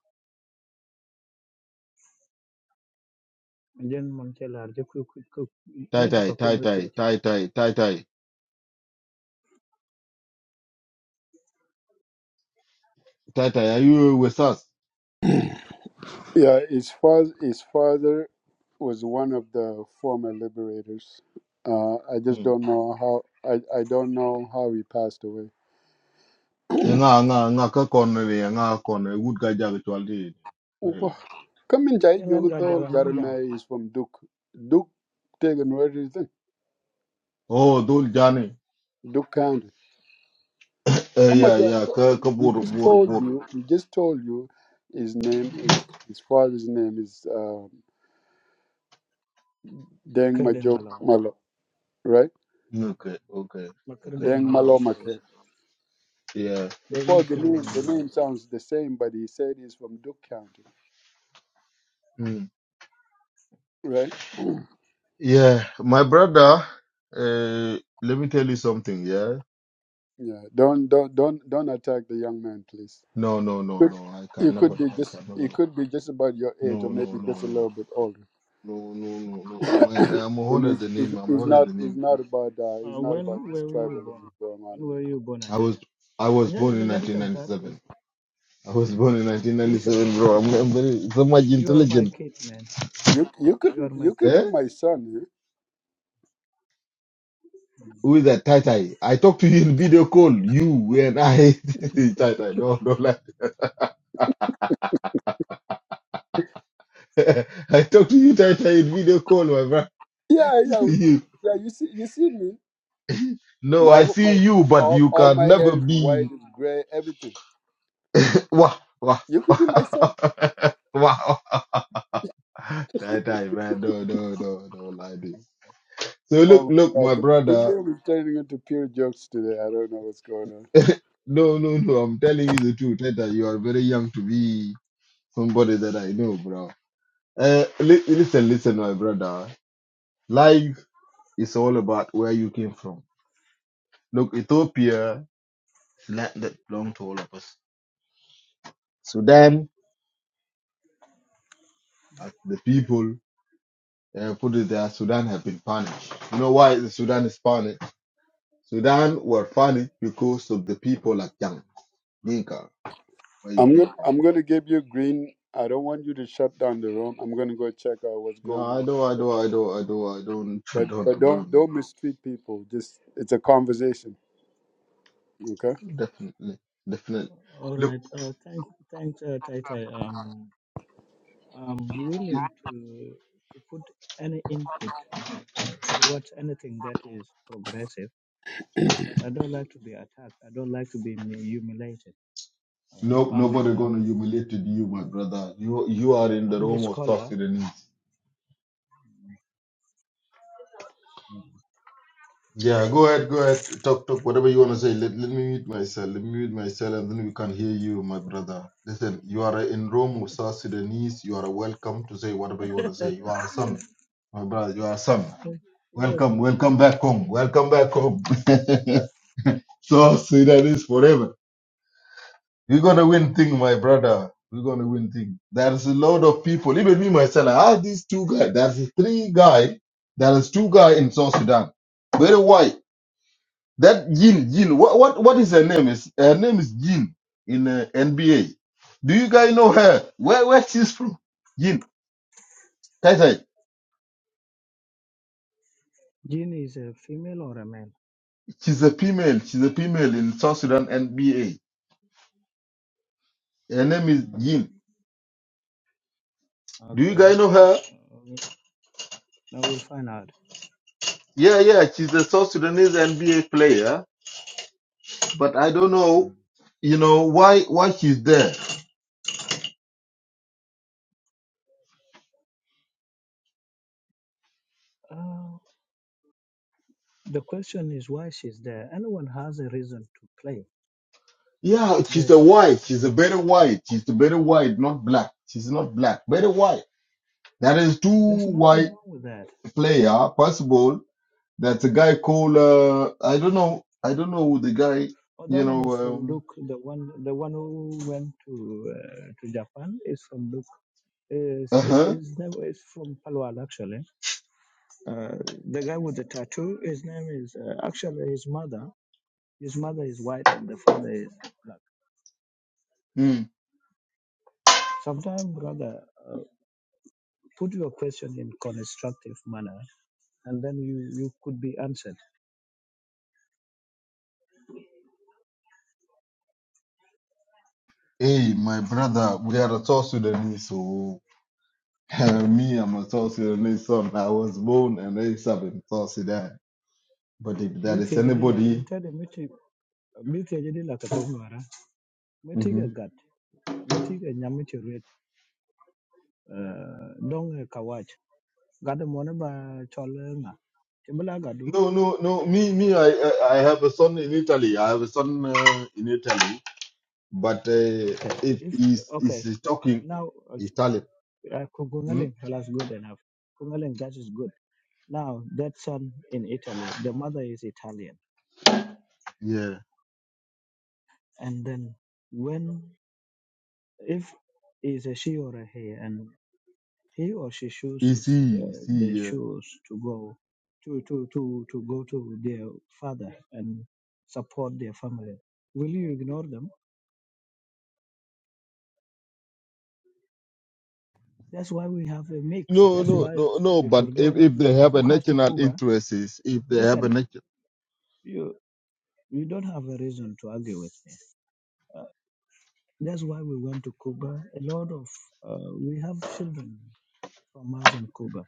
[SPEAKER 5] Jen man chela arje ku ku ku
[SPEAKER 7] Tai
[SPEAKER 5] ne to
[SPEAKER 7] tai,
[SPEAKER 5] koken
[SPEAKER 7] tai
[SPEAKER 5] with
[SPEAKER 7] tai,
[SPEAKER 5] it.
[SPEAKER 7] tai tai, tai tai, tai tai, are you with us?
[SPEAKER 1] Yeah, his father his father was one of the former liberators. Uh, I just
[SPEAKER 7] Hmm.
[SPEAKER 1] don't know how I, I don't know how he passed away.
[SPEAKER 7] nga nga nga ka corner ye nga corner wood ga jag twal di
[SPEAKER 1] Wha- Kamin Jai
[SPEAKER 5] Tengan ga
[SPEAKER 1] Jogdol
[SPEAKER 5] jaga ngan jang.
[SPEAKER 1] Garnai is from Duke. Duke taken where is it?
[SPEAKER 7] oh dul jani
[SPEAKER 1] Duke County.
[SPEAKER 7] eh
[SPEAKER 1] How much
[SPEAKER 7] yeah, yeah. ka
[SPEAKER 1] I-
[SPEAKER 7] ka
[SPEAKER 1] we
[SPEAKER 7] bur
[SPEAKER 1] just
[SPEAKER 7] bur
[SPEAKER 1] told
[SPEAKER 7] bur
[SPEAKER 1] you we just told you his name is his father's name is uh, Deng
[SPEAKER 5] Makar de
[SPEAKER 1] Majok
[SPEAKER 5] malo.
[SPEAKER 1] Malo, right?
[SPEAKER 7] okay okay
[SPEAKER 5] Makar
[SPEAKER 7] okay
[SPEAKER 5] de
[SPEAKER 1] Deng
[SPEAKER 5] malo
[SPEAKER 1] Malo
[SPEAKER 5] please.
[SPEAKER 1] Make.
[SPEAKER 7] yeah
[SPEAKER 1] Of
[SPEAKER 5] Deng
[SPEAKER 1] course the
[SPEAKER 5] makar de
[SPEAKER 1] name the
[SPEAKER 5] malo.
[SPEAKER 1] name sounds the same but he said he's from Duke County,
[SPEAKER 7] mm.
[SPEAKER 1] right?
[SPEAKER 7] yeah my brother uh, let me tell you something yeah
[SPEAKER 1] Yeah. Don't don't don't don't attack the young man please.
[SPEAKER 7] no no no no i
[SPEAKER 1] could you
[SPEAKER 7] can
[SPEAKER 1] could
[SPEAKER 7] never
[SPEAKER 1] be
[SPEAKER 7] i
[SPEAKER 1] just
[SPEAKER 7] can never
[SPEAKER 1] you could be just about your age or
[SPEAKER 7] no no
[SPEAKER 1] maybe
[SPEAKER 7] no
[SPEAKER 1] just a
[SPEAKER 7] no
[SPEAKER 1] little bit older.
[SPEAKER 7] no no no no i'm
[SPEAKER 1] And
[SPEAKER 7] i'm honor
[SPEAKER 1] it's,
[SPEAKER 7] the
[SPEAKER 1] it's,
[SPEAKER 7] name i'm
[SPEAKER 1] it's
[SPEAKER 7] honor
[SPEAKER 1] not
[SPEAKER 7] the
[SPEAKER 1] it's
[SPEAKER 7] name
[SPEAKER 1] not
[SPEAKER 7] honestly
[SPEAKER 1] about uh, it's
[SPEAKER 5] Uh,
[SPEAKER 1] not
[SPEAKER 5] when
[SPEAKER 1] about this
[SPEAKER 5] where were you born?
[SPEAKER 1] tribalism going
[SPEAKER 5] When
[SPEAKER 1] on in the
[SPEAKER 5] were
[SPEAKER 1] club.
[SPEAKER 5] you born
[SPEAKER 7] i was
[SPEAKER 5] Anyanya?
[SPEAKER 7] i was
[SPEAKER 5] Anyanya
[SPEAKER 7] born in
[SPEAKER 5] there's a little
[SPEAKER 7] 1997
[SPEAKER 5] bit
[SPEAKER 7] I was born in
[SPEAKER 5] Jesus
[SPEAKER 7] 1997, bro.
[SPEAKER 5] Christ,
[SPEAKER 7] I'm, I'm very, so much
[SPEAKER 5] you are my
[SPEAKER 7] intelligent.
[SPEAKER 5] kid, man.
[SPEAKER 1] You you could
[SPEAKER 5] You are my
[SPEAKER 1] you could
[SPEAKER 5] kid.
[SPEAKER 7] Eh?
[SPEAKER 1] be my son. eh?
[SPEAKER 7] Who is that Tai Tai? I talk to you in video call. You and I. tai Tai, no, not like. I talk to you, Tai Tai, in video call, my brother.
[SPEAKER 1] Yeah yeah we, could-
[SPEAKER 7] you.
[SPEAKER 1] yeah. You see you see me.
[SPEAKER 7] No,
[SPEAKER 1] My
[SPEAKER 7] I
[SPEAKER 1] ho- my
[SPEAKER 7] see you, but
[SPEAKER 1] all,
[SPEAKER 7] you
[SPEAKER 1] all my
[SPEAKER 7] can
[SPEAKER 1] hair
[SPEAKER 7] never
[SPEAKER 1] is white,
[SPEAKER 7] be.
[SPEAKER 1] it's gray, everything.
[SPEAKER 7] Wah, wah,
[SPEAKER 1] You could
[SPEAKER 7] wah.
[SPEAKER 1] be my son.
[SPEAKER 7] wow. Tai Tai, man. No, no, no, no, like this. So look,
[SPEAKER 1] Oh
[SPEAKER 7] look,
[SPEAKER 1] my
[SPEAKER 7] my
[SPEAKER 1] god, this this
[SPEAKER 7] brother.
[SPEAKER 1] room is turning into pure jokes today. I don't know what's going on.
[SPEAKER 7] No, no, no. I'm telling you the truth, Tai Tai. You are very young to be somebody that I know, bro. Uh, li- listen, listen, my brother. Life is all about where you came from. Look, Ethiopia is land that belongs to all of us. Sudan, uh, the people uh, put it there, Sudan have been punished. You know why the Sudan is punished? Sudan were punished because of the people like Yang, Dinka, where you
[SPEAKER 1] I'm
[SPEAKER 7] came
[SPEAKER 1] gonna
[SPEAKER 7] from.
[SPEAKER 1] I'm gonna give you green. I don't want you to shut down the room. I'm gonna go check out what's
[SPEAKER 7] No,
[SPEAKER 1] going on.
[SPEAKER 7] I don't, I don't, I don't, I don't, I don't
[SPEAKER 1] But
[SPEAKER 7] condone
[SPEAKER 1] but
[SPEAKER 7] the rule,
[SPEAKER 1] don't
[SPEAKER 7] man.
[SPEAKER 1] don't mistreat people. Just it's a conversation. Okay.
[SPEAKER 7] Definitely, definitely.
[SPEAKER 5] All
[SPEAKER 7] Look.
[SPEAKER 5] right. Uh, thank, thanks, uh, Tai Tai. Um, I'm willing to to put any input uh, towards anything that is progressive, but I don't like to be attacked. I don't like to be mi- humiliated. Uh,
[SPEAKER 7] Nope,
[SPEAKER 5] I'm
[SPEAKER 7] nobody gonna
[SPEAKER 5] uh,
[SPEAKER 7] humiliate you, my brother. You you are in the
[SPEAKER 5] I'm a
[SPEAKER 7] room of South
[SPEAKER 5] scholar.
[SPEAKER 7] Sudanese.
[SPEAKER 5] Mm.
[SPEAKER 7] Yeah, go ahead, go ahead. Talk, talk, whatever you wanna say. Let, let me mute myself. Let me mute myself and then we can hear you, my brother. Listen, you are in room of South Sudanese. You are welcome to say whatever you wanna say. You are a son, my brother. You are a son.
[SPEAKER 5] You're
[SPEAKER 7] Welcome,
[SPEAKER 5] welcome.
[SPEAKER 7] welcome back home. Welcome back home. South Sudanese forever. We're gonna win thing, my brother. We're gonna win thing. There's a lot of people, even me myself. I have these two guys. There's three guy. There is two guy in South Sudan. Very white. That Jin Jin. What what what is her name? Is her name is Jin in uh, NBA? Do you guys know her? Where where she's from? Jin. Tai Tai.
[SPEAKER 5] Jean is a female or a male?
[SPEAKER 7] She's a female. She's a female in South Sudan NBA. Her name is
[SPEAKER 5] Mm,
[SPEAKER 7] Jin. Do you
[SPEAKER 5] okay.
[SPEAKER 7] guys know her?
[SPEAKER 5] Uh, now we'll find out.
[SPEAKER 7] Yeah yeah. She's a South Sudanese NBA player But I don't know, you know, why why she's there.
[SPEAKER 5] Mm. the question is why she's there. Anyone has a reason to play.
[SPEAKER 7] Yeah, she's a
[SPEAKER 5] There's
[SPEAKER 7] white.
[SPEAKER 5] uh,
[SPEAKER 7] She's a better white. She's a better white, not black. She's not black, better white. There is
[SPEAKER 5] there's
[SPEAKER 7] two
[SPEAKER 5] nothing
[SPEAKER 7] white
[SPEAKER 5] wrong with that.
[SPEAKER 7] player possible. That's a guy called uh, I don't know. I don't know who the guy.
[SPEAKER 5] Oh, that
[SPEAKER 7] You
[SPEAKER 5] one
[SPEAKER 7] know.
[SPEAKER 5] is from
[SPEAKER 7] Um,
[SPEAKER 5] Luke. The one the one who went to uh, to Japan is from Luke. Is
[SPEAKER 7] uh
[SPEAKER 5] is
[SPEAKER 7] huh.
[SPEAKER 5] his name is from Palwal actually. Uh, the guy with the tattoo. His name is uh, actually his mother. His mother is white and the father is black. Sometimes, brother, uh, put your question in constructive manner, and then you, you could be answered.
[SPEAKER 7] Hey, my brother, we are a South Sudanese. So me, I'm a South Sudanese son. I was born and raised up in South Sudan. But if there
[SPEAKER 5] Be
[SPEAKER 7] is
[SPEAKER 5] Kedidila and
[SPEAKER 7] anybody,
[SPEAKER 5] tell him mithi jadi la ka tok ngara meti
[SPEAKER 7] mm-hmm,
[SPEAKER 5] ka gat meti ka nyam ti ret dong e ka wach gad mo ne ba chol e nga timbala gadu
[SPEAKER 7] No, no, no. Me, me. I, I I have a son in Italy. I have a son uh, in Italy, but uh,
[SPEAKER 5] okay
[SPEAKER 7] if
[SPEAKER 5] if
[SPEAKER 7] he's,
[SPEAKER 5] okay
[SPEAKER 7] he's talking
[SPEAKER 5] now uh,
[SPEAKER 7] Italian,
[SPEAKER 5] uh,
[SPEAKER 7] hmm?
[SPEAKER 5] kungaleng that's good enough kungaleng that is good now that son in italy the mother is italian
[SPEAKER 7] yeah,
[SPEAKER 5] and then when if is a she or a he and. He or she
[SPEAKER 7] is
[SPEAKER 5] chooses
[SPEAKER 7] he,
[SPEAKER 5] uh,
[SPEAKER 7] is
[SPEAKER 5] they
[SPEAKER 7] he? Yeah.
[SPEAKER 5] choose to go to, to, to, to go to their father and support their family. Will you ignore them? That's why we have a mix.
[SPEAKER 7] No,
[SPEAKER 5] That's
[SPEAKER 7] no,
[SPEAKER 5] why
[SPEAKER 7] no, no.
[SPEAKER 5] Dr.
[SPEAKER 7] But if,
[SPEAKER 5] John
[SPEAKER 7] if they have a
[SPEAKER 5] took us to
[SPEAKER 7] national
[SPEAKER 5] Cuba.
[SPEAKER 7] interest, is if they have a
[SPEAKER 5] Listen,
[SPEAKER 7] national,
[SPEAKER 5] you you don't have a reason to argue with me. Uh, that's why we went to Cuba. A lot of uh, we have children from us in Cuba,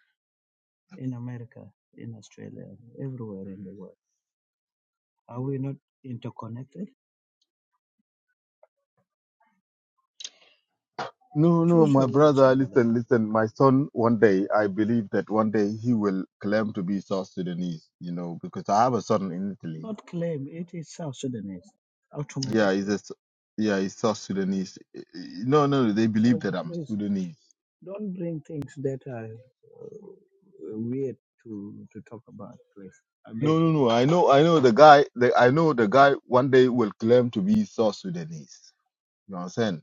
[SPEAKER 5] in America, in Australia, everywhere in the world. Are we not interconnected?
[SPEAKER 7] no, no.
[SPEAKER 5] Choose your
[SPEAKER 7] My
[SPEAKER 5] words,
[SPEAKER 7] brother,
[SPEAKER 5] brother.
[SPEAKER 7] listen, listen. My son, one day, I believe that one day he will claim to be South Sudanese. You know, because I have a son in Italy
[SPEAKER 5] Not claim it is South Sudanese
[SPEAKER 7] Yeah, he's
[SPEAKER 5] automatically.
[SPEAKER 7] a, S- yeah, he's South Sudanese. Eh, eh, No, no, no, they believe
[SPEAKER 5] So
[SPEAKER 7] that I'm
[SPEAKER 5] please
[SPEAKER 7] Sudanese.
[SPEAKER 5] don't bring things that are uh, weird to, to talk about, please. I beg
[SPEAKER 7] No, no,
[SPEAKER 5] you.
[SPEAKER 7] no. I know, I know the guy. The, I know the guy. One day will claim to be South Sudanese. You know what I'm saying?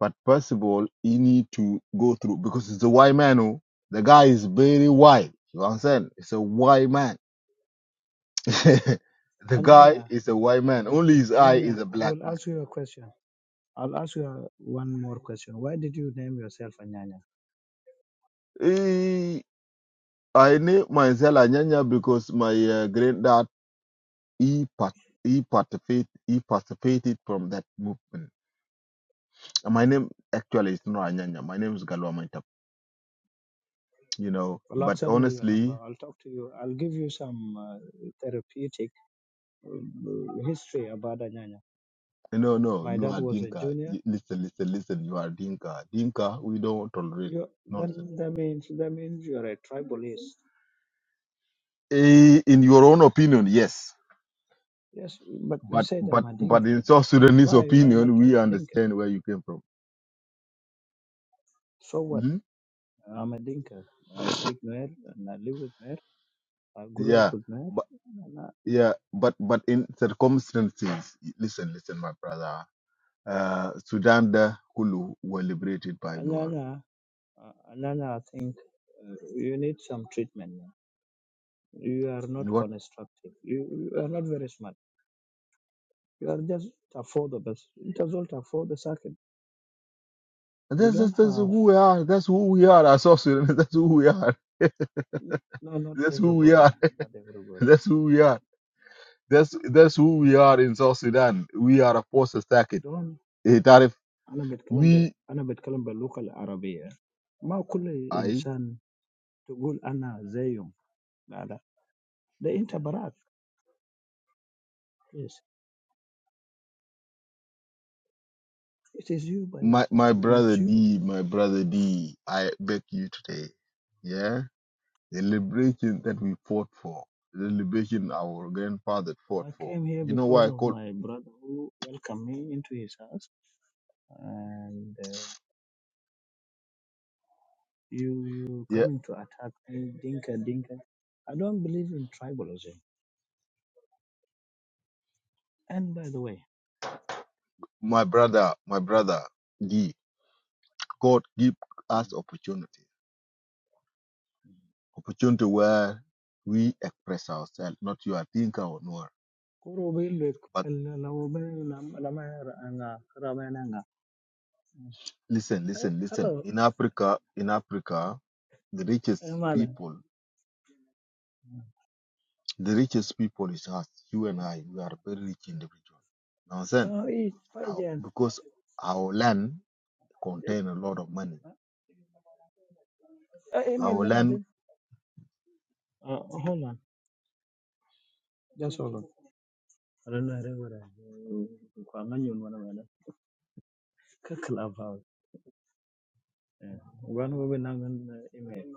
[SPEAKER 7] But first of all, he need to go through because it's a white man. Oh, the guy is very white. You know what I'm saying? It's a white man. the guy
[SPEAKER 5] Anyanya,
[SPEAKER 7] is a white man.
[SPEAKER 5] uh,
[SPEAKER 7] Only his eye
[SPEAKER 5] Anyanya,
[SPEAKER 7] is a
[SPEAKER 5] I
[SPEAKER 7] black
[SPEAKER 5] will
[SPEAKER 7] man.
[SPEAKER 5] ask you a question. I'll ask you a, one more question. Why did you name yourself Anyanya?
[SPEAKER 7] Eh, I name myself Anyanya because my uh, granddad. he part, he participated he participated from that movement. My name actually is
[SPEAKER 5] Okay.
[SPEAKER 7] not Anyanya. My name is Galwa Maitap. You know,
[SPEAKER 5] Well,
[SPEAKER 7] but
[SPEAKER 5] send me your number.
[SPEAKER 7] honestly,
[SPEAKER 5] I'll talk to you. I'll give you some uh, therapeutic uh, history about Anyanya.
[SPEAKER 7] no, no,
[SPEAKER 5] My
[SPEAKER 7] you
[SPEAKER 5] dad
[SPEAKER 7] are
[SPEAKER 5] was a
[SPEAKER 7] Dinka.
[SPEAKER 5] junior
[SPEAKER 7] You- Listen, listen, listen. You are Dinka. Dinka, we don't tolerate
[SPEAKER 5] you then
[SPEAKER 7] nonsense.
[SPEAKER 5] that means that means you are a tribalist.
[SPEAKER 7] Eh, In your own opinion, yes,
[SPEAKER 5] Yes, but you
[SPEAKER 7] but
[SPEAKER 5] said I'm
[SPEAKER 7] but
[SPEAKER 5] a
[SPEAKER 7] but
[SPEAKER 5] Dinka.
[SPEAKER 7] in South Sudanese
[SPEAKER 5] Why why not
[SPEAKER 7] opinion,
[SPEAKER 5] talk
[SPEAKER 7] we
[SPEAKER 5] to Dinka?
[SPEAKER 7] understand where you came from.
[SPEAKER 5] So what?
[SPEAKER 7] hmm
[SPEAKER 5] I'm a Dinka. I speak Nuer and I live with Nuer. I grew up
[SPEAKER 7] Yeah,
[SPEAKER 5] with Nuer.
[SPEAKER 7] but
[SPEAKER 5] And I-
[SPEAKER 7] yeah, but but in circumstances, listen, listen, my brother. uh, Sudan da Kulu were liberated by Noor.
[SPEAKER 5] Anana, uh, Anana, I think uh, you need some treatment. You are not
[SPEAKER 7] And what?
[SPEAKER 5] constructive. You, you are not very smart. You are just for the best. It is all for the circuit. You
[SPEAKER 7] That's, that's,
[SPEAKER 5] don't
[SPEAKER 7] that's
[SPEAKER 5] have
[SPEAKER 7] who we are. That's who we are. As South Sudan. That's who we are.
[SPEAKER 5] no, not
[SPEAKER 7] That's who we
[SPEAKER 5] everybody.
[SPEAKER 7] are.
[SPEAKER 5] Not everybody.
[SPEAKER 7] That's who we are. That's that's who we are in South Sudan. We are a force attack it.
[SPEAKER 5] Don't
[SPEAKER 7] Eh, Tarif,
[SPEAKER 5] انا بتكلم ب...
[SPEAKER 7] we,
[SPEAKER 5] انا بتكلم باللغه العربيه ما كل
[SPEAKER 7] I,
[SPEAKER 5] انسان تقول انا زيهم لا لا ده انت براك yes it is you by
[SPEAKER 7] my
[SPEAKER 5] yourself
[SPEAKER 7] my
[SPEAKER 5] it's
[SPEAKER 7] brother
[SPEAKER 5] you
[SPEAKER 7] D, my brother D, I beg you today. Yeah, the liberation that we fought for, the liberation our grandfather fought
[SPEAKER 5] I
[SPEAKER 7] for.
[SPEAKER 5] came here
[SPEAKER 7] You know
[SPEAKER 5] because
[SPEAKER 7] why I
[SPEAKER 5] of
[SPEAKER 7] call?
[SPEAKER 5] my brother who welcomed me into his house and uh, you you
[SPEAKER 7] Yeah,
[SPEAKER 5] coming to attack me dinka dinka I don't believe in tribalism and by the way
[SPEAKER 7] my brother, my brother D. God give us
[SPEAKER 5] mm,
[SPEAKER 7] opportunity, opportunity where we express ourselves, not you are thinker or knower.
[SPEAKER 5] قروبي لك
[SPEAKER 7] But
[SPEAKER 5] بل لو بين لما أنا رمينا
[SPEAKER 7] listen,
[SPEAKER 5] Hey,
[SPEAKER 7] listen, listen. In Africa, in Africa, the richest
[SPEAKER 5] Hello,
[SPEAKER 7] people, the richest people is us, you and I. We are very rich individual. Now, then,
[SPEAKER 5] Uh, it's fine,
[SPEAKER 7] how,
[SPEAKER 5] Jan.
[SPEAKER 7] because our land contain a lot of money.
[SPEAKER 5] Uh, email
[SPEAKER 7] Our
[SPEAKER 5] Jan, I
[SPEAKER 7] land,
[SPEAKER 5] think. Uh, hold on. Just hold on. I don't know. I don't know. Kwanganyo mwana mwana. Kakla about. Wan wabe nangan uh, email.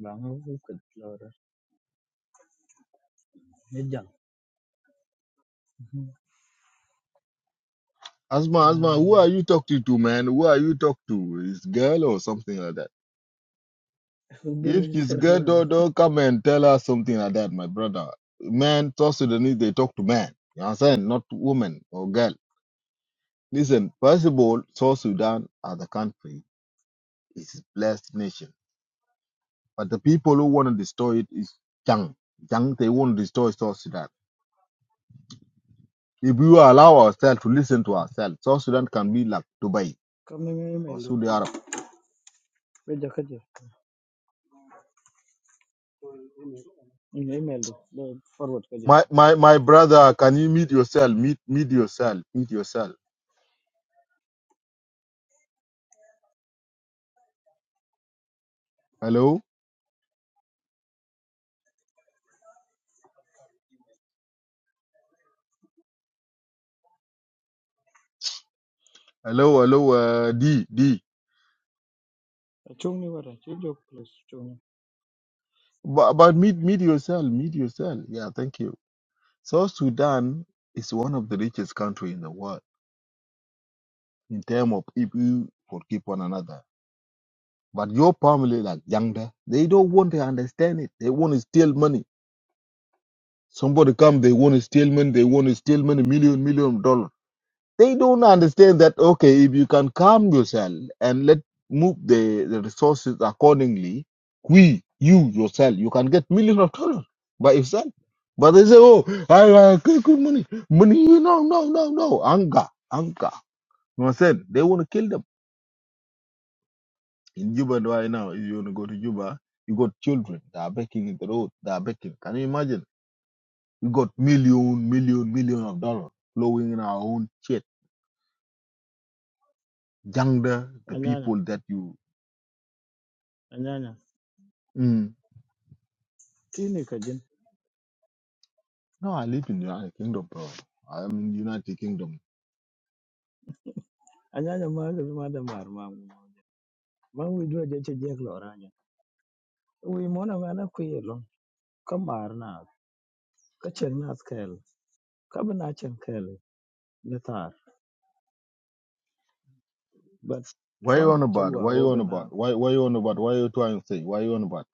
[SPEAKER 5] Banga wabe kutlora. Nejang.
[SPEAKER 7] Asma, Asma, who
[SPEAKER 5] Ah,
[SPEAKER 7] are you talking to, man? Who are you talking to? Is girl or something like that?
[SPEAKER 5] wabe
[SPEAKER 7] If
[SPEAKER 5] na
[SPEAKER 7] she's
[SPEAKER 5] sera
[SPEAKER 7] good,
[SPEAKER 5] mwana di.
[SPEAKER 7] don't, don't come and tell us something like that, my brother. man, South Sudanese, they talk to man, You understand? Not woman or girl. Listen, first of all, South Sudan as a country is a blessed nation. But the people who want to destroy it is young. Young, they want to destroy South Sudan. If we allow ourselves to listen to ourselves, South Sudan can be like Dubai
[SPEAKER 5] Kami nga
[SPEAKER 7] or
[SPEAKER 5] email do.
[SPEAKER 7] Saudi Arab.
[SPEAKER 5] Beja kaje. Nga email do. Be forward kaje.
[SPEAKER 7] My, my, my brother, can you meet yourself? Meet, meet yourself. Meet yourself. Hello? Hello, hello, uh, D, D.
[SPEAKER 5] Chung ni wara. Chijo plus chung.
[SPEAKER 7] But, but meet, meet yourself, meet yourself. Yeah, thank you. South Sudan is one of the richest country in the world in terms of if you forgive one another. But your family, like Yangda, they don't want to understand it. They want to steal money. Somebody come, they want to steal money. They want to steal money, million, million dollars. They don't understand that, okay, if you can calm yourself and let move the, the resources accordingly, we, you yourself, you can get millions of dollars by yourself. But they say, oh, I, I good money, money, you know, no, no, no, anger, anger. You know what I'm saying? They want to kill them. In Juba right now, if you want to go to Juba, you got children that are begging in the road, they are begging. Can you imagine? We got million, million, million of dollars flowing in our own shit. Younger, the
[SPEAKER 5] Anyanya.
[SPEAKER 7] people that you.
[SPEAKER 5] Anyanya.
[SPEAKER 7] mm,
[SPEAKER 5] Kini kajin.
[SPEAKER 7] No, I live in the United Kingdom, bro. I'm in the United Kingdom.
[SPEAKER 5] Anyanya maga bimada marma. ma wi jwa je che jek lo ranya wi mona mana ku yelo ka mar na ka chen na skel ka ba na chen kel ne tar but
[SPEAKER 7] Why you on
[SPEAKER 5] trauma che
[SPEAKER 7] about?
[SPEAKER 5] gwa
[SPEAKER 7] Why
[SPEAKER 5] o
[SPEAKER 7] you
[SPEAKER 5] ba
[SPEAKER 7] on
[SPEAKER 5] na
[SPEAKER 7] about? Why why you on about? Why you trying to say? Why you on about?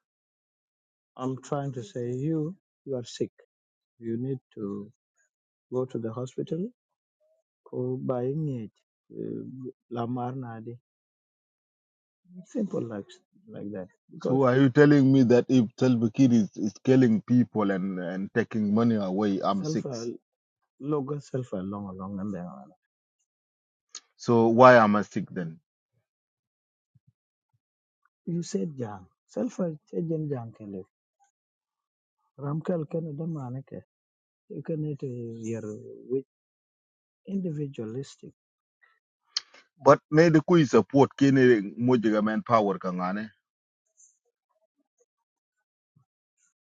[SPEAKER 5] i'm trying to say you you are sick you need to go to the hospital ko buying it la mar na di simple like like that because
[SPEAKER 7] So are you telling me that if Salva Kiir is, is killing people and and taking money away, I'm
[SPEAKER 5] self
[SPEAKER 7] sick?
[SPEAKER 5] uh, logo self long long and then
[SPEAKER 7] So why am I sick then?
[SPEAKER 5] you said jang self uh, che jen jang kele ram kel ken da mane You cannot uh, you with individualistic.
[SPEAKER 7] But maybe kui support kene mojiga man power kangane.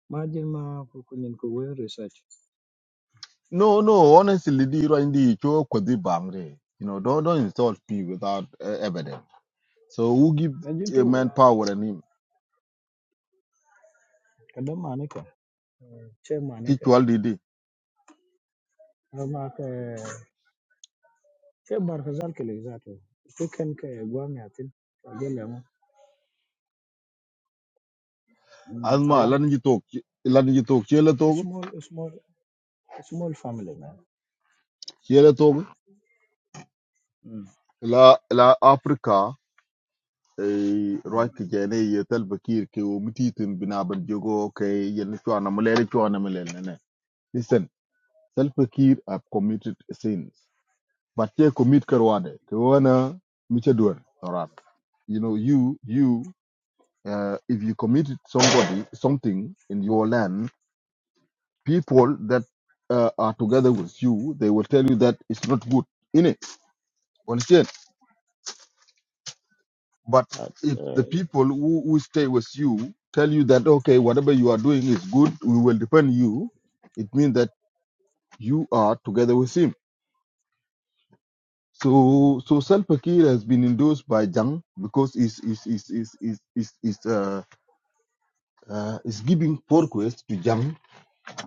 [SPEAKER 5] Imagine ma kukunin ko we research.
[SPEAKER 7] No, no, honestly, di rindi cho kodi bangre. You know, don't don't insult me without uh, evidence. So who give
[SPEAKER 5] Imagine
[SPEAKER 7] a
[SPEAKER 5] to we
[SPEAKER 7] man power and him?
[SPEAKER 5] kada manika che
[SPEAKER 7] Teach
[SPEAKER 5] manika
[SPEAKER 7] all
[SPEAKER 5] ama ka che bar kazal ke Tuken Chicken ke guam yatin. Agele mo Mm,
[SPEAKER 7] asma
[SPEAKER 5] awan.
[SPEAKER 7] lan ji tok lan ji tok chele
[SPEAKER 5] A
[SPEAKER 7] tog
[SPEAKER 5] small, a small, a small family man.
[SPEAKER 7] chele tog
[SPEAKER 5] Mm.
[SPEAKER 7] la la Africa, e
[SPEAKER 5] Mm.
[SPEAKER 7] roi ke jene ye tel bakir ke o mititin binaban jogo ke yen chwana mulele chwana mulele ne listen self bakir have committed sins but they commit karwade ke wana miche duer toran you know you you uh, if you committed somebody something in your land people that uh, are together with you they will tell you that it's not good in it But
[SPEAKER 5] Uh,
[SPEAKER 7] if the
[SPEAKER 5] uh,
[SPEAKER 7] people who, who stay with you tell you that, okay, whatever you are doing is good, we will defend you, it means that you are together with him.
[SPEAKER 5] mm.
[SPEAKER 7] So, so Salva Kiir has been endorsed by Jang because he's, he's, he's, he's, he's, he's, he's, uh, uh, he's giving request to Jang,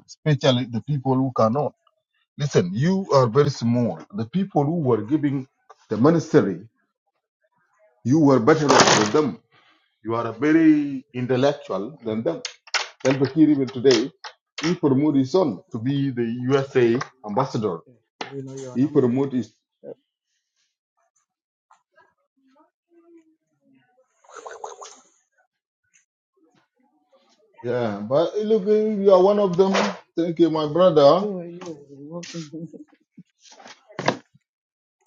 [SPEAKER 7] especially the people who cannot. Listen, you are very small. The people who were giving the ministry, you were better off with them. You are very intellectual than them Salva Kiir even today, he promoted his son to be the USA ambassador.
[SPEAKER 5] Do you know your
[SPEAKER 7] He
[SPEAKER 5] number?
[SPEAKER 7] promoted his
[SPEAKER 5] Uh,
[SPEAKER 7] yeah. But eh, look, eh, you are one of them. Thank you, my brother.
[SPEAKER 5] who are you working?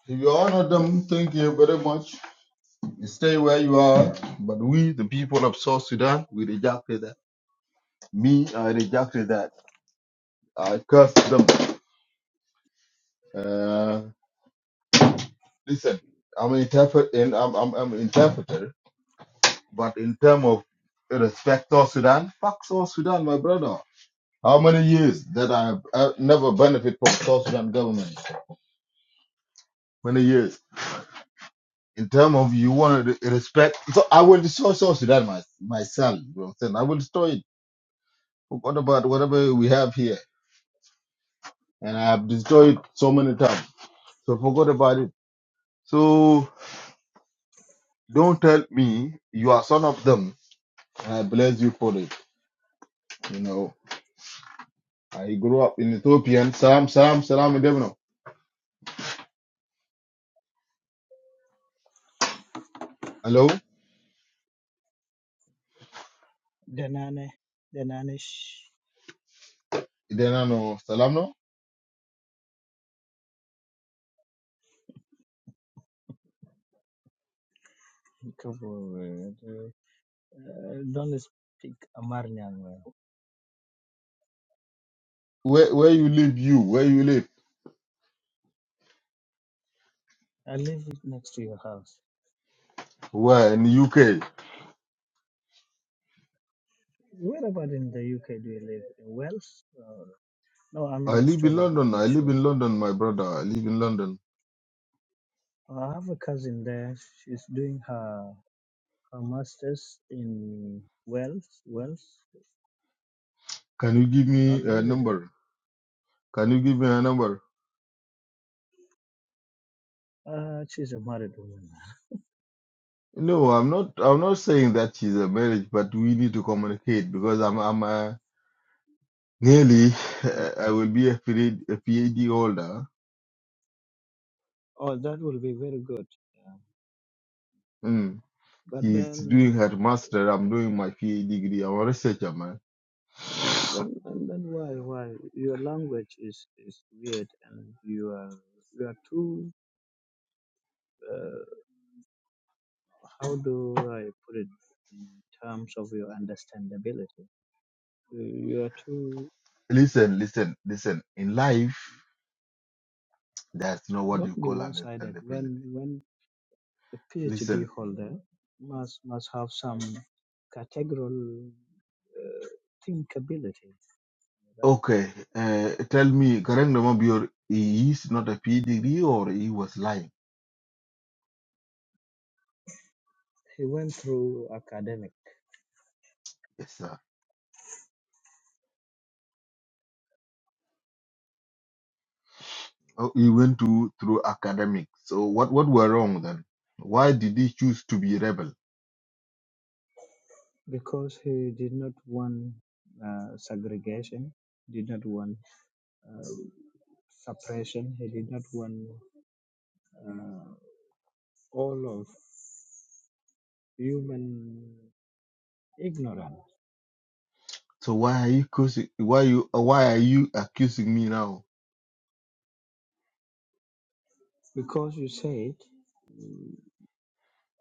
[SPEAKER 7] If You are one of them. Thank you very much. Stay where you are. But we, the people of South Sudan, we rejected that. Me, I rejected that. I cursed them. Uh, listen, I'm an interpret and I'm, I'm, I'm an interpreter. But in terms of respect South Sudan, fuck South Sudan, my brother. How many years that I uh, never benefit from South Sudan government? Many years. In terms of you want to respect, so I will destroy South Sudan my, myself. You know what I'm saying? I will destroy it. Forgot about whatever we have here, and I have destroyed it so many times. So forgot about it. So don't tell me you are son of them, and I bless you for it. You know, I grew up in Ethiopian. Salam, salam, salam, Idemno. Hello,
[SPEAKER 5] Danane, Danane. Sh-
[SPEAKER 7] Idenano, salam no.
[SPEAKER 5] Cover. Uh, don't speak Amarnian well.
[SPEAKER 7] Where where you live? You where you live?
[SPEAKER 5] I live next to your house.
[SPEAKER 7] Where in UK?
[SPEAKER 5] Where about in the UK do you live? In Wales? Or... No, I'm
[SPEAKER 7] I
[SPEAKER 5] in
[SPEAKER 7] live in
[SPEAKER 5] Australia to
[SPEAKER 7] London.
[SPEAKER 5] be
[SPEAKER 7] I live
[SPEAKER 5] sure.
[SPEAKER 7] in London, my brother. I live in London.
[SPEAKER 5] Uh, I have a cousin there. She's doing her her masters in Wales. Wales.
[SPEAKER 7] Can you give me
[SPEAKER 5] I'll
[SPEAKER 7] a
[SPEAKER 5] visit her.
[SPEAKER 7] number? Can you give me a number?
[SPEAKER 5] Uh, she's a married woman.
[SPEAKER 7] No, I'm not. I'm not saying that she's a marriage, but we need to communicate because I'm. I'm uh, nearly.
[SPEAKER 5] Okay.
[SPEAKER 7] I will be a PhD, a PhD holder.
[SPEAKER 5] Oh, that will be very good. Yeah.
[SPEAKER 7] Mm.
[SPEAKER 5] But
[SPEAKER 7] She's
[SPEAKER 5] then,
[SPEAKER 7] doing her master. I'm doing my PhD degree. I'm a researcher, man.
[SPEAKER 5] and then, and then, why, why? Your language is is weird, and you are you are too. Uh, How do I put it in terms of your understandability? You you are to
[SPEAKER 7] Listen, listen, listen. In life, there's no what
[SPEAKER 5] not
[SPEAKER 7] you
[SPEAKER 5] be
[SPEAKER 7] call
[SPEAKER 5] one-sided.
[SPEAKER 7] understandability.
[SPEAKER 5] When when a
[SPEAKER 7] Listen.
[SPEAKER 5] PhD holder must must have some categorical uh, thinkability. Right?
[SPEAKER 7] Okay, uh, tell me, Karang Namabior, he is not a PhD degree or he was lying?
[SPEAKER 5] He went through academic
[SPEAKER 7] Yes, sir. Oh, he went to through academic. So what what were wrong then? Why did he choose to be rebel?
[SPEAKER 5] because he did not want uh, segregation, did not want uh, suppression. He did not want uh, all of human ignorant
[SPEAKER 7] So why are you accusing? why you uh, why are you accusing me now?
[SPEAKER 5] because you said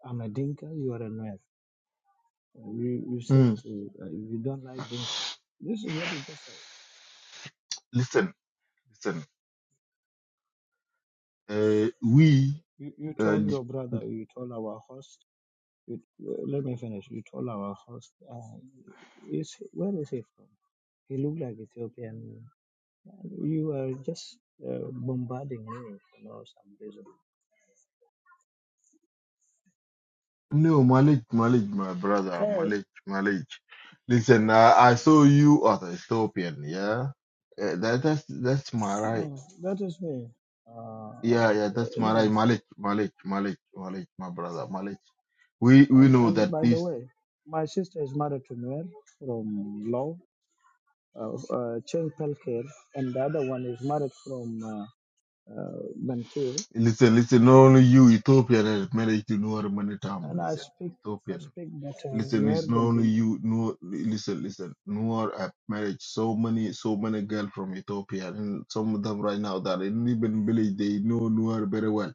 [SPEAKER 5] I'm a dinka, you are a Nuer. You, you said
[SPEAKER 7] Mm.
[SPEAKER 5] uh, you don't like dinka. This is what you just said.
[SPEAKER 7] Listen, listen. Uh, we
[SPEAKER 5] You, you told
[SPEAKER 7] uh,
[SPEAKER 5] your brother, you told our host, you, uh, let me finish. You told our host, uh, is, where is he from? He looked like Ethiopian. You are just uh, bombarding me for no some reason.
[SPEAKER 7] No, Malik, Malik, my brother,
[SPEAKER 5] Okay,
[SPEAKER 7] Malik, Malik. Listen, uh, I saw you as a Ethiopian, yeah? Uh, that, that's that's my right.
[SPEAKER 5] no, that is me. Uh, uh,
[SPEAKER 7] Yeah, yeah, that's my
[SPEAKER 5] no,
[SPEAKER 7] right. Malik, Malik, Malik, Malik, my brother, Malik. We we
[SPEAKER 5] And
[SPEAKER 7] know
[SPEAKER 5] and
[SPEAKER 7] that
[SPEAKER 5] by the
[SPEAKER 7] this.
[SPEAKER 5] way, my sister is married to Noel from Law, uh, uh, Cheng Pelker, and the other one is married from uh, uh, Bantu.
[SPEAKER 7] Listen, listen, not only you, Ethiopian, and Malik, you know how many times.
[SPEAKER 5] And I
[SPEAKER 7] Listen,
[SPEAKER 5] speak I
[SPEAKER 7] Ethiopian.
[SPEAKER 5] speak better
[SPEAKER 7] Listen,
[SPEAKER 5] Noel
[SPEAKER 7] it's not
[SPEAKER 5] than
[SPEAKER 7] only
[SPEAKER 5] Dinka.
[SPEAKER 7] you. No, listen, listen. Noor have married so many, so many girls from Ethiopia, and some of them right now that in even village they know Noor very well,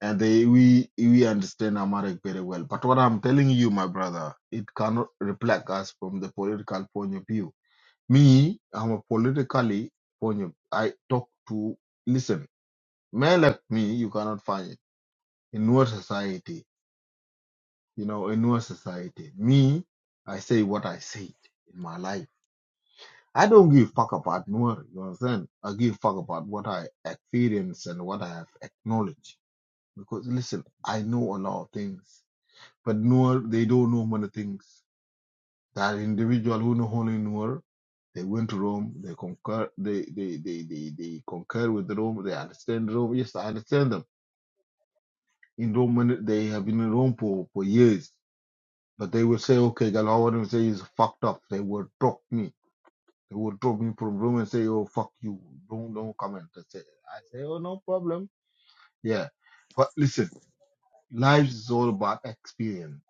[SPEAKER 7] and they we we understand Amharic very well. But what I'm telling you, my brother, it cannot reflect us from the political point of view. Me, I'm a politically point of. I talk to listen, man like me, you cannot find it in Noor society you know, in our society. Me, I say what I said in my life. I don't give fuck about Noor, you understand? I give fuck about what I experience and what I have acknowledged. Because listen, I know a lot of things. But Noor, they don't know many things. That individual who know only Noor, they went to Rome, they concur they they, they, they, they concur with Rome, they understand Rome. Yes, I understand them. In Rome many- they have been in Rome for, for years. But they would say, okay, Galawan would say he's fucked up. They would drop me. They would drop me from room and say, oh, fuck you. Don't, don't comment. I say. I say, oh, no problem. Yeah. But listen, life is all about experience.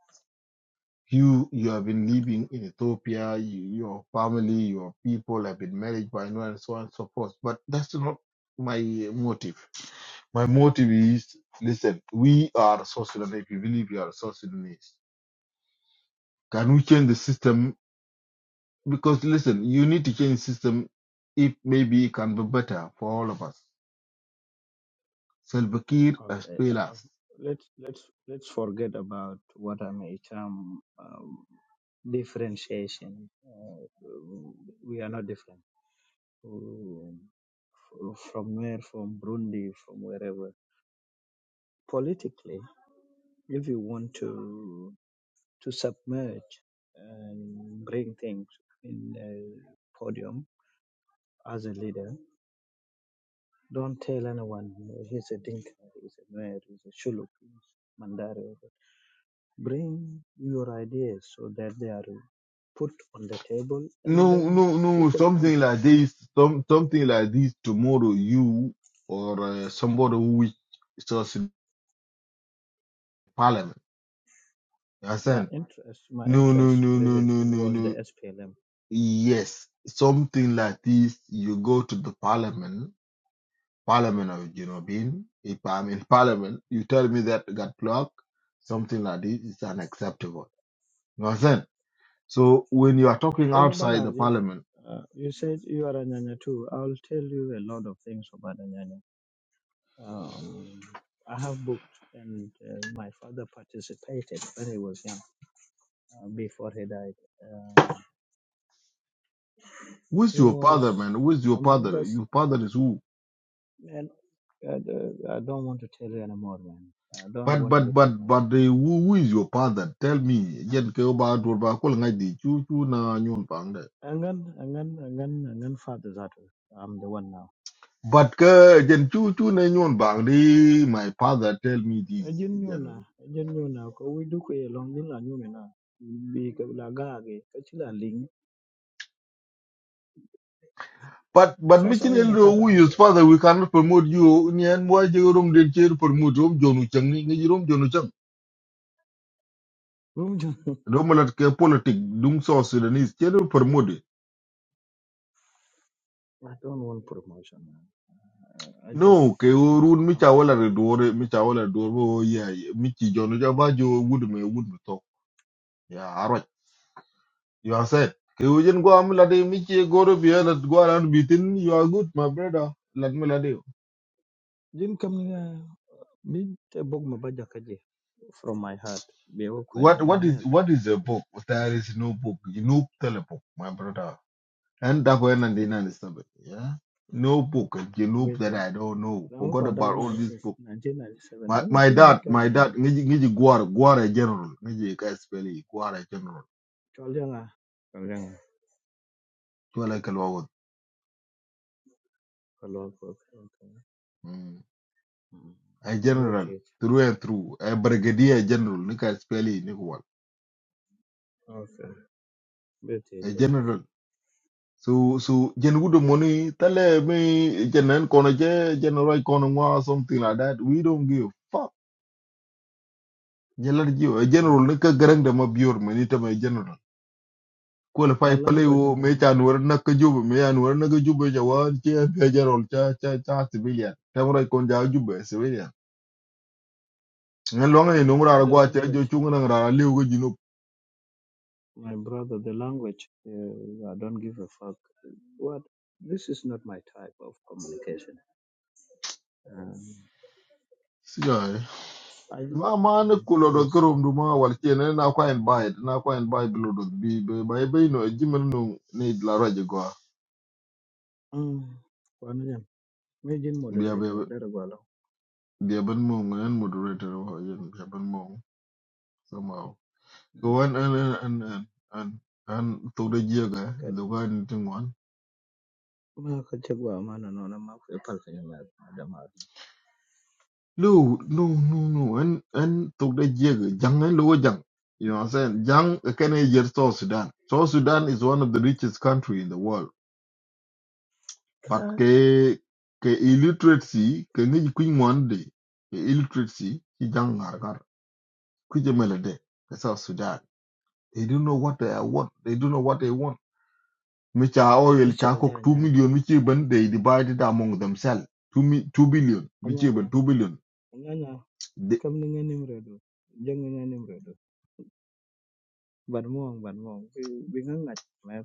[SPEAKER 7] You, you have been living in Ethiopia. You, your family, your people have been married by now and so on and so forth. But that's not my motive. My motive is, listen, we are South Sudanese. We believe we are South Sudanese. Can we change the system Because listen, you need to change system if maybe it can be better for all of us. Salva Kiir has
[SPEAKER 5] Okay.
[SPEAKER 7] failed
[SPEAKER 5] Uh,
[SPEAKER 7] us.
[SPEAKER 5] let's let's let's forget about what I may term um, differentiation. Uh, we are not different um, f- from where, from Burundi, from wherever. Politically. if you want to to submerge and bring things in a podium as a leader, don't tell anyone he's a Dinka, he's a Nuer, he's a Shuluk, he's Mandari. Bring your ideas so that they are put on the table and
[SPEAKER 7] No,
[SPEAKER 5] then
[SPEAKER 7] no, no.
[SPEAKER 5] people come.
[SPEAKER 7] Something like this, some, something like this tomorrow, you or uh, somebody who is just in parliament. You
[SPEAKER 5] My
[SPEAKER 7] understand?
[SPEAKER 5] interest, my
[SPEAKER 7] No, no,
[SPEAKER 5] interest
[SPEAKER 7] no, no, no,
[SPEAKER 5] previously
[SPEAKER 7] no,
[SPEAKER 5] was the
[SPEAKER 7] no.
[SPEAKER 5] SPLM.
[SPEAKER 7] Yes, something like this. You go to the parliament, parliament of Jinobin. If I'm in parliament, you tell me that got blocked. Something like this is unacceptable You understand? So when you are talking
[SPEAKER 5] Kema
[SPEAKER 7] outside the
[SPEAKER 5] Balarje,
[SPEAKER 7] parliament,
[SPEAKER 5] uh, you said you are a Nyanya too. I'll tell you a lot of things about a Nyanya Um, I have booked, and uh, my father participated when he was young, uh, before he died. Um
[SPEAKER 7] who's
[SPEAKER 5] he
[SPEAKER 7] your
[SPEAKER 5] was
[SPEAKER 7] father, man? Who's your
[SPEAKER 5] among
[SPEAKER 7] father?
[SPEAKER 5] us,
[SPEAKER 7] Your father is who?
[SPEAKER 5] man. I, I don't want to tell you anymore, man. I don't
[SPEAKER 7] But
[SPEAKER 5] want to
[SPEAKER 7] but
[SPEAKER 5] repeat
[SPEAKER 7] but but
[SPEAKER 5] myself.
[SPEAKER 7] the, who, who is your father? Tell me. Jen ke ba dur ba kul ngai di chu chu na nyon bang de.
[SPEAKER 5] Angan, angan, angan, angan father Zato. I'm the one now.
[SPEAKER 7] But ke jen chu chu na nyon bang de. My father tell me this.
[SPEAKER 5] Ajin nyo na,
[SPEAKER 7] Jen.
[SPEAKER 5] ajin nyo na, ko we do ko yelong din la nyo na. Bi ka la gage, ka chila ling.
[SPEAKER 7] But but
[SPEAKER 5] Sasa
[SPEAKER 7] michin
[SPEAKER 5] una
[SPEAKER 7] elro
[SPEAKER 5] taka
[SPEAKER 7] who is
[SPEAKER 5] aje.
[SPEAKER 7] father? We cannot promote you. Nien mo je rom den cher promote rom jonu chang ni ngai rom jonu chang. Rom lat ke politic dung so Sudanese cher promote.
[SPEAKER 5] I don't want promotion, man. Uh, I just
[SPEAKER 7] No, ke
[SPEAKER 5] must.
[SPEAKER 7] run mi
[SPEAKER 5] Um,
[SPEAKER 7] chawala re dore, mi chawala dore bo yeah, yeah, mi chi jono cha ba jo wood me wood me to. Yeah, alright. You are said. Ke ujen go am lade mi chi go to bi e la go around beaten. You are good, my brother. Let me lade.
[SPEAKER 5] didn't come near me. The bog my baja kaje from my heart. Be woke when
[SPEAKER 7] What
[SPEAKER 5] I'm
[SPEAKER 7] what
[SPEAKER 5] mad.
[SPEAKER 7] is what is a book? There is no book. You no tell a book, my brother. And that when and then and stuff. Yeah. No book. You know that
[SPEAKER 5] Waiting.
[SPEAKER 7] I don't know.
[SPEAKER 5] I'm
[SPEAKER 7] Forgot
[SPEAKER 5] quite
[SPEAKER 7] about
[SPEAKER 5] down
[SPEAKER 7] all this
[SPEAKER 5] since
[SPEAKER 7] book.
[SPEAKER 5] 1997.
[SPEAKER 7] My
[SPEAKER 5] I'm
[SPEAKER 7] my
[SPEAKER 5] queen
[SPEAKER 7] dad,
[SPEAKER 5] at
[SPEAKER 7] my dad,
[SPEAKER 5] Ganyan.
[SPEAKER 7] ngiji ngiji gwar gwar general. Ngiji ka spell gwar general.
[SPEAKER 5] Cholanga. Cholanga.
[SPEAKER 7] Tuwalek al-Wawud.
[SPEAKER 5] Follow up. Okay.
[SPEAKER 7] Mm. A
[SPEAKER 5] We'll
[SPEAKER 7] general,
[SPEAKER 5] teach.
[SPEAKER 7] through and through. A brigadier general, nika speli nikuwal.
[SPEAKER 5] Okay. We'll teach.
[SPEAKER 7] A
[SPEAKER 5] We'll teach.
[SPEAKER 7] general. So, so, jen gudu money. Tell me, general, kono je, general kono mwa, something like that. We don't give a fuck. General, jiwa, a general
[SPEAKER 5] Um,
[SPEAKER 7] nika gerang dama bior, menita me general.
[SPEAKER 5] My
[SPEAKER 7] Qualify play
[SPEAKER 5] language,
[SPEAKER 7] wo,
[SPEAKER 5] I'm
[SPEAKER 7] me
[SPEAKER 5] on it.
[SPEAKER 7] chanwar naka juba, me anwar naka juba jawan, che, ke general, cha, cha, cha, civilian. Tamurai konja juba, civilian. Ngan longa ni
[SPEAKER 5] Mm.
[SPEAKER 7] nomura
[SPEAKER 5] The
[SPEAKER 7] aragwa, che, jo
[SPEAKER 5] language,
[SPEAKER 7] chunga nang rara, liu go
[SPEAKER 5] my brother, the language. Uh, I don't give a fuck. What? This is not my type of communication. Um,
[SPEAKER 7] jinup.
[SPEAKER 5] I
[SPEAKER 7] ma ma ne
[SPEAKER 5] um,
[SPEAKER 7] kulo do
[SPEAKER 5] please.
[SPEAKER 7] kerom du ma wal chene na kwa en bai na kwa en bai bilo do bi be bai be no jimen no ne la raje go
[SPEAKER 5] Um, one jam. Major
[SPEAKER 7] bi
[SPEAKER 5] moderator.
[SPEAKER 7] be
[SPEAKER 5] Dara gwalo.
[SPEAKER 7] bi ben mo en moderator wa yen bi ben mo somehow
[SPEAKER 5] Eh,
[SPEAKER 7] ko an an an an an an an to de jega
[SPEAKER 5] Kad
[SPEAKER 7] do ga ni tingwan
[SPEAKER 5] ma ka ce gwa ma na nona ma ku ipal ka nyama da ma.
[SPEAKER 7] no no no no an an to de jega jang en lo jang you know what i'm saying jang eh, kene yer south sudan south sudan is one of the richest country in the world But
[SPEAKER 5] Ka
[SPEAKER 7] ke ke illiteracy ke ngi ku ngwande ke illiteracy ki jang ngargar ku je melede ke South Sudan. They don't know what they want. They don't know what they want. Mi cha
[SPEAKER 5] ni
[SPEAKER 7] oil cha
[SPEAKER 5] chol ja
[SPEAKER 7] kok 2
[SPEAKER 5] nyanya.
[SPEAKER 7] million mi chi ban they divide it among themselves. 2 mi 2 billion mi chi ban
[SPEAKER 5] Anyanya.
[SPEAKER 7] 2 billion.
[SPEAKER 5] Anyanya.
[SPEAKER 7] The,
[SPEAKER 5] Kam ni ngani mredo. Jang ngani mredo. Ban mo ban mo. Bi bi ngat. Ma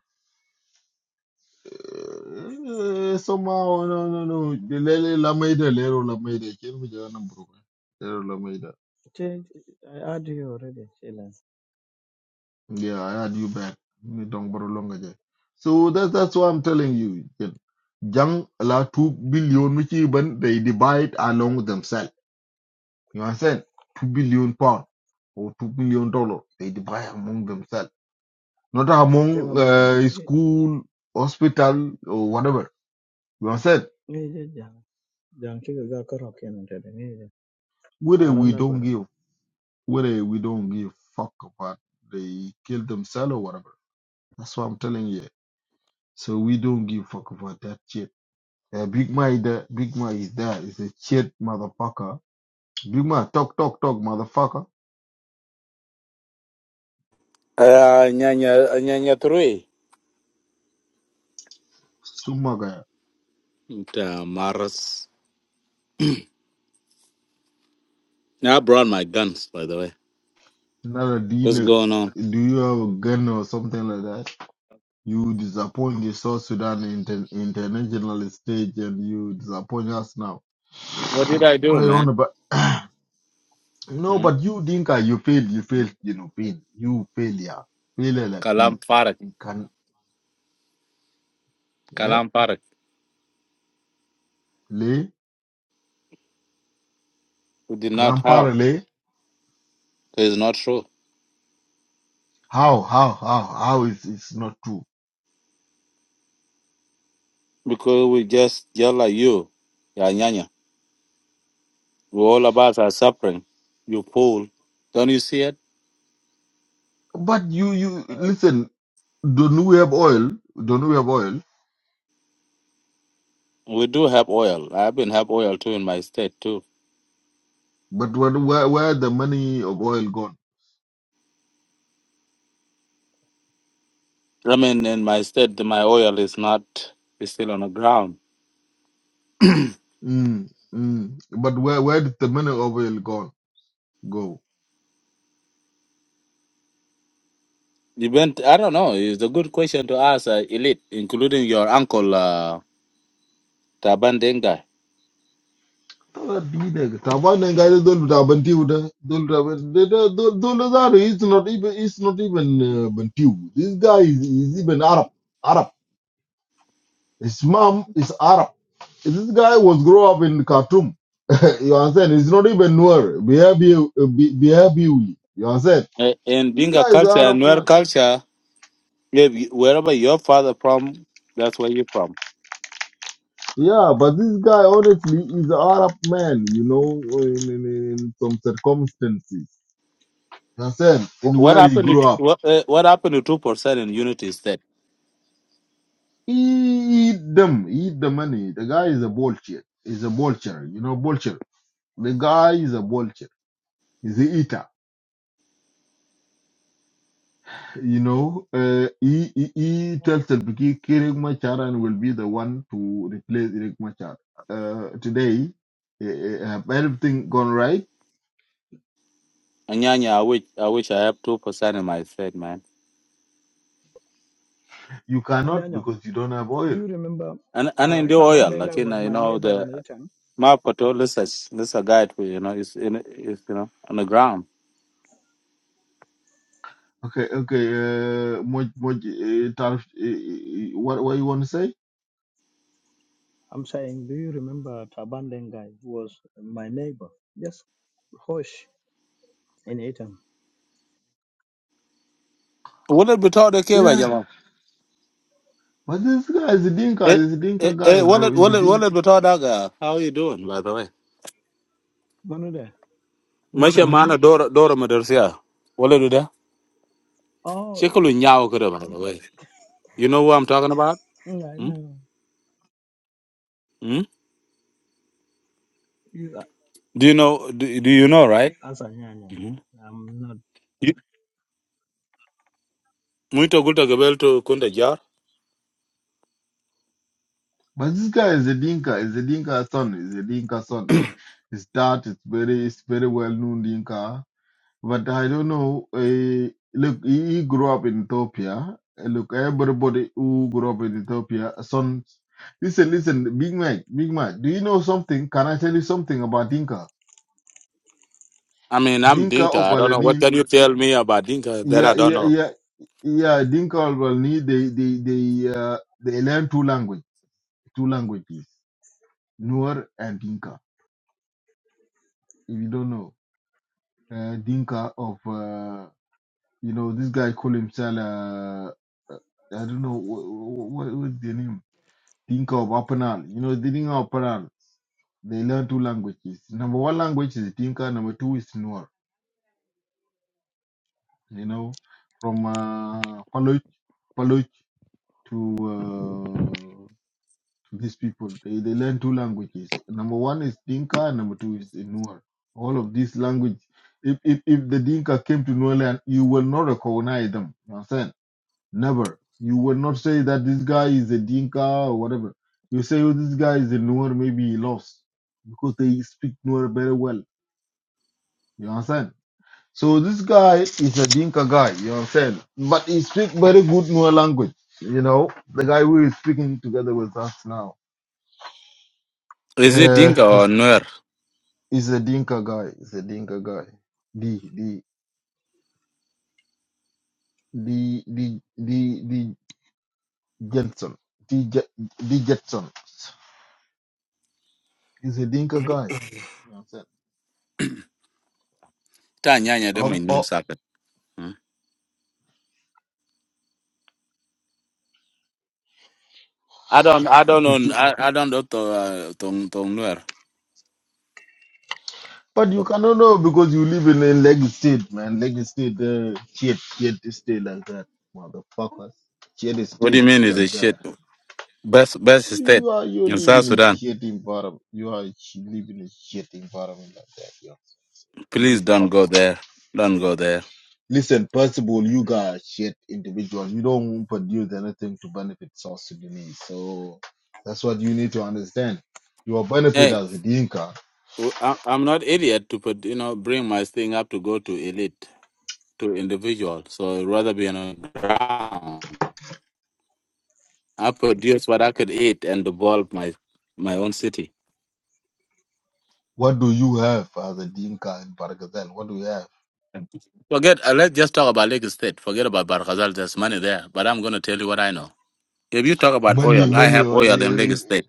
[SPEAKER 7] uh, somehow no no no. Lele la maida lero la maida chen mi jana mbruka. Lero la
[SPEAKER 5] ce I add you already. Sila.
[SPEAKER 7] Yeah, I had you back. Ni dong boro longa je. So that's that's what I'm telling you. Jen. Jang la two billion which even they divide along themselves. You understand? Two billion pound or two billion dollar they divide among themselves, not
[SPEAKER 5] Ce ma
[SPEAKER 7] among
[SPEAKER 5] bala ni
[SPEAKER 7] uh, school, hospital or whatever. You understand?
[SPEAKER 5] ni je jang. Jang ce ga ka rock yana da ni.
[SPEAKER 7] Whether we
[SPEAKER 5] Parana
[SPEAKER 7] don't
[SPEAKER 5] gora.
[SPEAKER 7] give, whether we don't give fuck about they kill themselves or whatever. That's what I'm telling you. So we don't give fuck about that shit. Yeah, Big Ma, is there. Big Ma is there. It's a shit motherfucker. Big Ma, talk, talk, talk, motherfucker.
[SPEAKER 8] Uh, Nyanya, Nyanya 3.
[SPEAKER 7] Sumaga,
[SPEAKER 8] Uh, Maras. Now I brought my guns, by the way.
[SPEAKER 7] not a
[SPEAKER 8] What's
[SPEAKER 7] D-neck.
[SPEAKER 8] going on?
[SPEAKER 7] Do you have a gun or something like that? You disappoint the South Sudan inter- international stage and you disappoint us now.
[SPEAKER 8] What did I do,
[SPEAKER 7] Why you on
[SPEAKER 8] man?
[SPEAKER 7] about? No,
[SPEAKER 8] Hmm?
[SPEAKER 7] but you, Dinka, you fail, you fail, you know, pain. You failure. Failure like this.
[SPEAKER 8] Kalam Farak.
[SPEAKER 7] Can, eh?
[SPEAKER 8] Kalam Farak.
[SPEAKER 7] Le?
[SPEAKER 8] We did not have.
[SPEAKER 7] Kalampara, le?
[SPEAKER 8] It's not true.
[SPEAKER 7] How, how, how, how is it's not true?
[SPEAKER 8] Because we just yell like you. Yeah, Nyanya. We all of us are suffering. You fool. Don't you see it?
[SPEAKER 7] But you, you, listen, Don't we have oil? Don't we have oil?
[SPEAKER 8] We do have oil. I've been have oil too in my state too.
[SPEAKER 7] But where where, where the money of oil gone?
[SPEAKER 8] I mean, in my state, my oil is not is still on the ground.
[SPEAKER 7] Mm, mm. But where where did the money of oil gone go?
[SPEAKER 8] Event, I don't know. It's a good question to ask, uh, Elite, including your uncle, uh, Taban Denga.
[SPEAKER 7] Ah, be nigga. Taban and guys don't have bantiu. Don't have don't don't are it's not even it's not even uh, bantiu. This guy is, is even Arab. Arab. His mom is Arab. This guy was grow up in Khartoum. you understand? It's not even Noor. Behavior, uh, You understand?
[SPEAKER 8] Uh, in
[SPEAKER 7] This
[SPEAKER 8] Dinga
[SPEAKER 7] guy is
[SPEAKER 8] culture
[SPEAKER 7] Arab
[SPEAKER 8] and
[SPEAKER 7] man.
[SPEAKER 8] Nuer culture, if, wherever your father from, that's where you're from.
[SPEAKER 7] Yeah, but this guy honestly is an Arab man, you know, in, in, in some circumstances. Hassan,
[SPEAKER 8] Wh-
[SPEAKER 7] and
[SPEAKER 8] What
[SPEAKER 7] where he
[SPEAKER 8] happened
[SPEAKER 7] grew
[SPEAKER 8] to
[SPEAKER 7] up.
[SPEAKER 8] what, uh, what happened to two percent in Unity State?
[SPEAKER 7] He eat them, he eat the money. The guy is a vulture. He's a vulture, you know, vulture. The guy is a vulture. He's a eater, you know. Uh, he, he, he tells Selbiki Kirik Machar and will be the one to replace Riek Machar. Uh, today, uh, uh, have everything gone right?
[SPEAKER 8] Anyanya, I wish I wish I have two percent in my state, man.
[SPEAKER 7] You cannot because you don't have
[SPEAKER 5] Do
[SPEAKER 7] oil
[SPEAKER 5] you remember
[SPEAKER 8] And and
[SPEAKER 5] uh,
[SPEAKER 8] in the oil, like
[SPEAKER 5] Tabandengai
[SPEAKER 8] you
[SPEAKER 5] was
[SPEAKER 8] know, you
[SPEAKER 5] my
[SPEAKER 8] know
[SPEAKER 5] neighbor
[SPEAKER 8] the
[SPEAKER 5] in Eton?
[SPEAKER 8] map this is this a guide for you know, it's in it's you know on the ground.
[SPEAKER 7] Okay, okay. Uh, Moj, Moj, uh, Tarf, uh, what, what you want to say?
[SPEAKER 5] I'm saying, do you remember Tabandengai was my neighbor? Just Hosh in Eton.
[SPEAKER 8] What did we talk
[SPEAKER 7] Yeah,
[SPEAKER 8] to
[SPEAKER 7] but this guy is a dinka.
[SPEAKER 8] Eh,
[SPEAKER 7] Is a dinka
[SPEAKER 8] eh,
[SPEAKER 7] guy,
[SPEAKER 8] eh,
[SPEAKER 7] bro.
[SPEAKER 8] wallet,
[SPEAKER 7] Is a
[SPEAKER 8] wallet,
[SPEAKER 7] dinka.
[SPEAKER 8] wallet, but all that guy. How you doing, by the way?
[SPEAKER 5] Manuda.
[SPEAKER 8] Masha mana Dora, Dora Madarsia. Wallet, do that.
[SPEAKER 5] Oh,
[SPEAKER 8] Shekulu nyao kuda, by the way. You know what I'm talking about?
[SPEAKER 5] yeah,
[SPEAKER 8] Hmm?
[SPEAKER 5] no.
[SPEAKER 8] Hmm?
[SPEAKER 5] You
[SPEAKER 8] Do you know, do, do you know, right?
[SPEAKER 5] answer, yeah,
[SPEAKER 8] Mm-hmm.
[SPEAKER 5] yeah. I'm not.
[SPEAKER 8] You, Muito gulta gabel to kunda jar.
[SPEAKER 7] But this guy is a dinka. Is a dinka son. Is a dinka son. His dad is very, is very well known dinka. But I don't know. Uh, look, he, he grew up in Ethiopia. Uh, Look, everybody who grew up in Ethiopia, son. Listen, listen, Big Mac, Big Mac. Do you know something? Can I tell you something about Dinka?
[SPEAKER 8] I mean, I'm
[SPEAKER 7] Dinka
[SPEAKER 8] Dinka.
[SPEAKER 7] or
[SPEAKER 8] I don't know. What
[SPEAKER 7] Balanil
[SPEAKER 8] can you tell me about Dinka that I
[SPEAKER 7] yeah,
[SPEAKER 8] don't
[SPEAKER 7] yeah,
[SPEAKER 8] know?
[SPEAKER 7] yeah, yeah. Dinka will need they they they uh, they learn two language, two languages, Nuer and Dinka. If you don't know, uh, Dinka of uh, you know this guy call himself uh, uh, I don't know what what is the name Dinka of Apanal. You know the Dinka of Apanal. They learn two languages. Number one language is Dinka. Number two is Nuer. You know from uh, Paluch Paluch to uh, these people. They, they learn two languages. Number one is Dinka, and number two is Nuer. All of these language. If, if if the Dinka came to Nuer land, you will not recognize them. You understand? Never. You will not say that this guy is a Dinka or whatever. You say, oh, this guy is a Nuer, maybe he lost because they speak Nuer very well. You understand? So this guy is a Dinka guy. You understand? But he speak very good Nuer language. You know, the guy who is speaking together with us now.
[SPEAKER 8] Is it Dinka
[SPEAKER 7] Yeah,
[SPEAKER 8] or Nuer?
[SPEAKER 7] He's a Dinka guy. He's a Dinka guy. D D D D D D Jensen. D J- D Jetson. He's a Dinka guy. You know what I'm saying?
[SPEAKER 8] Ta nyanya de my
[SPEAKER 7] Um,
[SPEAKER 8] name
[SPEAKER 7] oh,
[SPEAKER 8] saka. Hmm? I don't, I don't
[SPEAKER 7] but
[SPEAKER 8] know.
[SPEAKER 7] you,
[SPEAKER 8] I, I don't know to, uh, to, to Nuer.
[SPEAKER 7] but you cannot know because you live in a leg state, man. Leg state, uh, shit, shit state like that, motherfuckers. Shit
[SPEAKER 8] What do you
[SPEAKER 7] state
[SPEAKER 8] mean is it
[SPEAKER 7] like that.
[SPEAKER 8] shit? Best best state
[SPEAKER 7] You are you
[SPEAKER 8] in
[SPEAKER 7] live
[SPEAKER 8] South
[SPEAKER 7] in a
[SPEAKER 8] Sudan.
[SPEAKER 7] shit environment. You are sh- live in a shit environment like that. You know? You
[SPEAKER 8] Please
[SPEAKER 7] give
[SPEAKER 8] don't
[SPEAKER 7] fuck.
[SPEAKER 8] go there. Don't go there.
[SPEAKER 7] Listen, first of all, you guys shit individuals. You don't produce anything to benefit South Sudanese. So that's what you need to understand. Your benefit
[SPEAKER 8] Hey,
[SPEAKER 7] as a Dinka.
[SPEAKER 8] w- I- I'm not idiot to put you know bring my thing up to go to elite to individual. So I'd rather be on a ground. I produce what I could eat and develop my my own city.
[SPEAKER 7] What do you have as a Dinka in Bargazel? What do you have?
[SPEAKER 8] Forget. Uh, let's just talk about Lake State. Forget about Barkazal. There's money there, but I'm gonna tell you what I know. If you talk about
[SPEAKER 7] Money,
[SPEAKER 8] oil, I
[SPEAKER 7] money.
[SPEAKER 8] have
[SPEAKER 7] uh,
[SPEAKER 8] oil in
[SPEAKER 7] In
[SPEAKER 8] Lake
[SPEAKER 7] in,
[SPEAKER 8] State.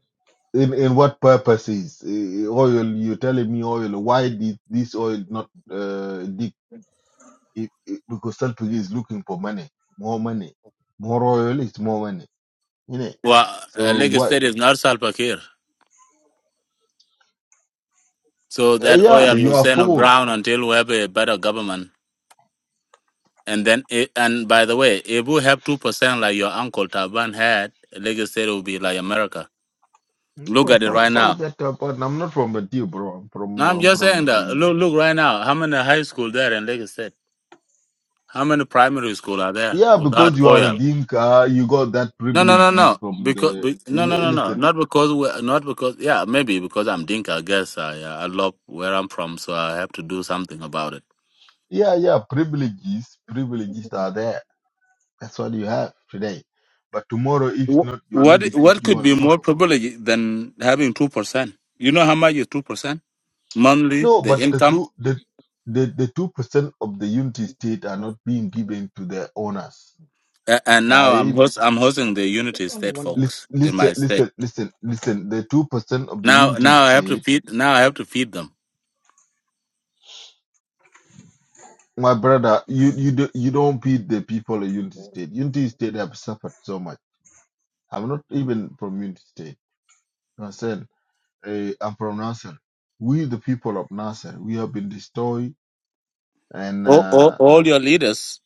[SPEAKER 7] in in what purposes? Uh, uh, Oil. You're telling me oil. Why did this oil not uh, dig? It, it, because Central is looking for money, more money, more oil it's more money. You know.
[SPEAKER 8] Well, uh,
[SPEAKER 7] So
[SPEAKER 8] Lake
[SPEAKER 7] what?
[SPEAKER 8] State is not Salpakir. So
[SPEAKER 7] Uh,
[SPEAKER 8] that
[SPEAKER 7] yeah,
[SPEAKER 8] oil
[SPEAKER 7] you
[SPEAKER 8] will
[SPEAKER 7] are
[SPEAKER 8] stay on the
[SPEAKER 7] full.
[SPEAKER 8] ground until we have a better government. And then, it, and by the way, if we have 2% like your uncle Taban had, Lagos State will be like America. Look
[SPEAKER 7] No,
[SPEAKER 8] at it
[SPEAKER 7] fuck,
[SPEAKER 8] right
[SPEAKER 7] fuck
[SPEAKER 8] now.
[SPEAKER 7] that up. And I'm not from the deal, bro. I'm
[SPEAKER 8] No,
[SPEAKER 7] from,
[SPEAKER 8] I'm
[SPEAKER 7] I'm
[SPEAKER 8] just
[SPEAKER 7] from
[SPEAKER 8] saying that.
[SPEAKER 7] the.
[SPEAKER 8] Look, look right now. How many high school there in Lagos State? How many primary school are there
[SPEAKER 7] Yeah, because
[SPEAKER 8] without
[SPEAKER 7] you are a
[SPEAKER 8] oil?
[SPEAKER 7] Dinka, you got that
[SPEAKER 8] No, no, no,
[SPEAKER 7] privileges
[SPEAKER 8] no.
[SPEAKER 7] from
[SPEAKER 8] Because
[SPEAKER 7] the.
[SPEAKER 8] be, no, no,
[SPEAKER 7] li-
[SPEAKER 8] no, no.
[SPEAKER 7] Listen,
[SPEAKER 8] Not because we. Not because. Yeah, maybe because I'm Dinka. I guess I, uh, I love where I'm from, so I have to do something about it.
[SPEAKER 7] yeah, yeah, privileges, privileges are there. That's what you have today. But tomorrow, if
[SPEAKER 8] Wh-
[SPEAKER 7] not your
[SPEAKER 8] What
[SPEAKER 7] leadership,
[SPEAKER 8] what
[SPEAKER 7] you
[SPEAKER 8] could
[SPEAKER 7] gonna
[SPEAKER 8] be more
[SPEAKER 7] suffer.
[SPEAKER 8] privileged than having two percent? You know how much is two percent monthly
[SPEAKER 7] No,
[SPEAKER 8] the
[SPEAKER 7] but the
[SPEAKER 8] income,
[SPEAKER 7] two, the, the, the two percent of the unity state are not being given to the owners.
[SPEAKER 8] A- and now I'm
[SPEAKER 7] I
[SPEAKER 8] host I'm hosting the Unity
[SPEAKER 5] Just only
[SPEAKER 8] State
[SPEAKER 5] one minute.
[SPEAKER 8] folks in
[SPEAKER 7] listen,
[SPEAKER 8] my state.
[SPEAKER 7] listen, listen, listen. The two percent of the
[SPEAKER 8] Now
[SPEAKER 7] unity
[SPEAKER 8] now I have to
[SPEAKER 7] state
[SPEAKER 8] feed now I have to feed them.
[SPEAKER 7] My brother, you you do, you don't beat the people of Unity State. Unity State have suffered so much. I'm not even from Unity State. You understand? Uh, I'm from Nasser. We the people of Nasser, we have been destroyed. And
[SPEAKER 8] All, all,
[SPEAKER 7] uh,
[SPEAKER 8] all your leaders,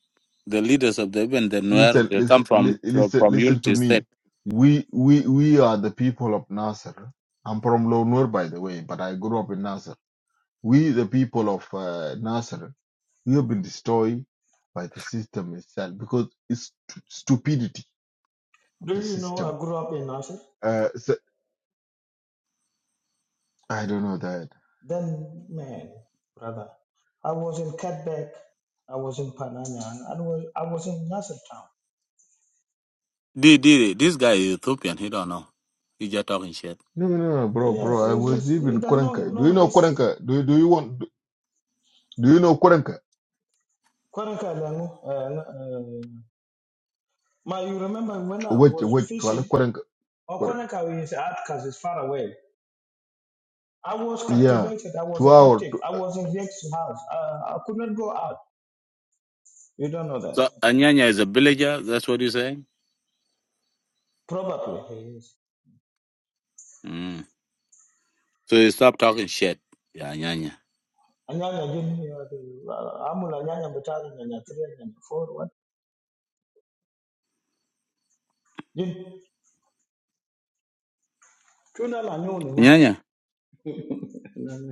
[SPEAKER 8] the leaders of the even the Nuer,
[SPEAKER 7] listen,
[SPEAKER 8] they come
[SPEAKER 7] listen,
[SPEAKER 8] from
[SPEAKER 7] li-
[SPEAKER 8] from,
[SPEAKER 7] listen,
[SPEAKER 8] from
[SPEAKER 7] listen to
[SPEAKER 8] Unity
[SPEAKER 7] me.
[SPEAKER 8] State.
[SPEAKER 7] We we we are the people of Nasser. I'm from Lonur, by the way, but I grew up in Nasser. We the people of uh, Nasser, we have been destroyed by the system itself because it's stu- stupidity of
[SPEAKER 5] Do
[SPEAKER 7] the
[SPEAKER 5] you know
[SPEAKER 7] system.
[SPEAKER 5] I grew up in Nasir?
[SPEAKER 7] Uh, so, I don't know that.
[SPEAKER 5] Then, man, brother, I was in Catback. I was in Panania, and I was, I was in Nasir town.
[SPEAKER 8] D- D- This guy is Ethiopian. He don't know. He just talking shit.
[SPEAKER 7] No, no, no, no, bro,
[SPEAKER 5] Yes,
[SPEAKER 7] bro. I
[SPEAKER 5] it's,
[SPEAKER 7] was
[SPEAKER 5] it's,
[SPEAKER 7] living
[SPEAKER 5] it
[SPEAKER 7] in
[SPEAKER 5] does no
[SPEAKER 7] Korenka. Do
[SPEAKER 5] no
[SPEAKER 7] you know
[SPEAKER 5] history.
[SPEAKER 7] Korenka? Do you do you want? Do you know Korenka?
[SPEAKER 5] Kwaranka Langu, But you remember when I
[SPEAKER 7] Wait,
[SPEAKER 5] was
[SPEAKER 7] wait, Kuala
[SPEAKER 5] fishing,
[SPEAKER 7] Korenka. Koren-
[SPEAKER 5] Okoneka is out because far away. I was
[SPEAKER 7] Yeah,
[SPEAKER 5] captivated. I was
[SPEAKER 7] two
[SPEAKER 5] a
[SPEAKER 7] hour.
[SPEAKER 5] captive.
[SPEAKER 7] Two.
[SPEAKER 5] I was in Jake's house. Uh, I could not go out. You don't know that.
[SPEAKER 8] So Anyanya is a villager. That's what you're saying.
[SPEAKER 5] Probably he is.
[SPEAKER 8] Mm. So you stop talking shit. Yeah, Anyanya.
[SPEAKER 5] Anyanya jin, uh, uh, amula nyanya mutari nyanya three nyanya four what? Jin. Tuna la nyoni mother.
[SPEAKER 8] Anyanya.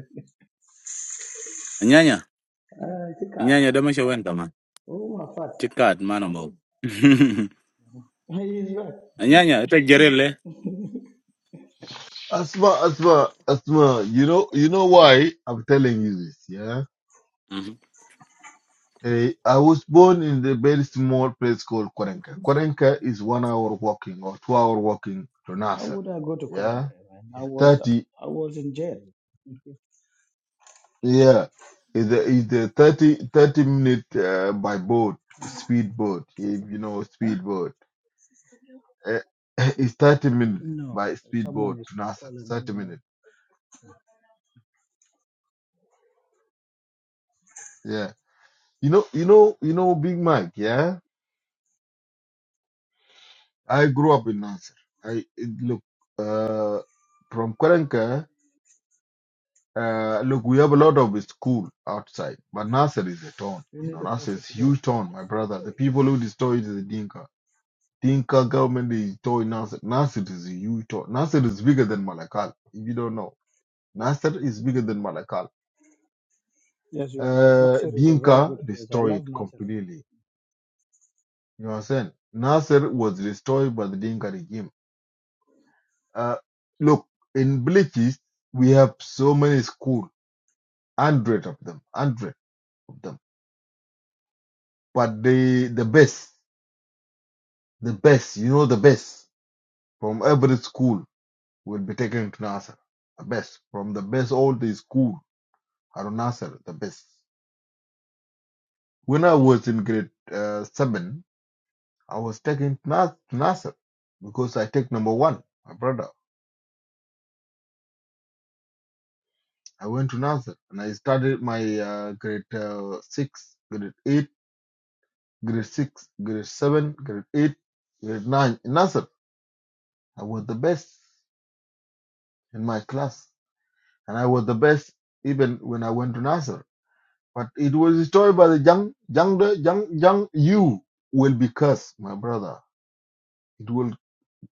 [SPEAKER 5] Uh, Tika.
[SPEAKER 8] Anyanya dama she went man.
[SPEAKER 5] Oh my fat.
[SPEAKER 8] Check out, man ambo.
[SPEAKER 5] He is right.
[SPEAKER 8] Anyanya ita jerele.
[SPEAKER 7] Asma, Asma, Asma. You know, you know why I'm telling you this. Yeah.
[SPEAKER 8] Mhm.
[SPEAKER 7] Eh, I was born in the very small place called Korenka. Korenka is one hour walking or two hour walking to
[SPEAKER 5] How
[SPEAKER 7] Nasser.
[SPEAKER 5] would I go to
[SPEAKER 7] Yeah,
[SPEAKER 5] Korenka, man? I
[SPEAKER 7] It's
[SPEAKER 5] was
[SPEAKER 7] thirty.
[SPEAKER 5] I was in jail.
[SPEAKER 7] Yeah, it's a, it's a 30 30 minute uh, by boat, speedboat, if you know
[SPEAKER 5] Huh?
[SPEAKER 7] speedboat. Uh, it's 30 minutes
[SPEAKER 5] No.
[SPEAKER 7] by speedboat
[SPEAKER 5] Someone is
[SPEAKER 7] to Nasser,
[SPEAKER 5] calling
[SPEAKER 7] 30
[SPEAKER 5] me.
[SPEAKER 7] minutes. Yeah. You know, you know, you know, Big Mike, yeah? I grew up in Nasser. I, it, look, uh, from Kwarenka, uh, look, we have a lot of school outside, but Nasser is a town.
[SPEAKER 5] You
[SPEAKER 7] You
[SPEAKER 5] need
[SPEAKER 7] know,
[SPEAKER 5] a
[SPEAKER 7] Nasser
[SPEAKER 5] coffee
[SPEAKER 7] is
[SPEAKER 5] today.
[SPEAKER 7] huge town, my brother. The people who destroy it is the Dinka Dinka government is toy Nasser. Nasser is a huge toy. Nasser is bigger than Malakal, if you don't know. Nasser is bigger than Malakal.
[SPEAKER 5] Yes, you are right.
[SPEAKER 7] Uh,
[SPEAKER 5] Nasser is a very
[SPEAKER 7] Dinka
[SPEAKER 5] good place. I
[SPEAKER 7] destroyed
[SPEAKER 5] love
[SPEAKER 7] it
[SPEAKER 5] Nasser.
[SPEAKER 7] completely. You know what I'm saying? Nasser was destroyed by the Dinka regime. Uh, look, in villages, we have so many schools, hundred of them, hundred of them. But the, the best, the best, you know, the best from every school will be taken to Nasser. The best, from the best all the school. Harun Nasser, the best. When I was in grade uh, seven, I was taken to Nas- to Nasser because I take number one, my brother. I went to Nasser and I started my uh, grade uh, six, grade eight, grade six, grade seven, grade eight, grade nine. In Nasser, I was the best in my class and I was the best even when I went to Nasser. But it was destroyed by the young, young, young, young you will be cursed, my brother. It will.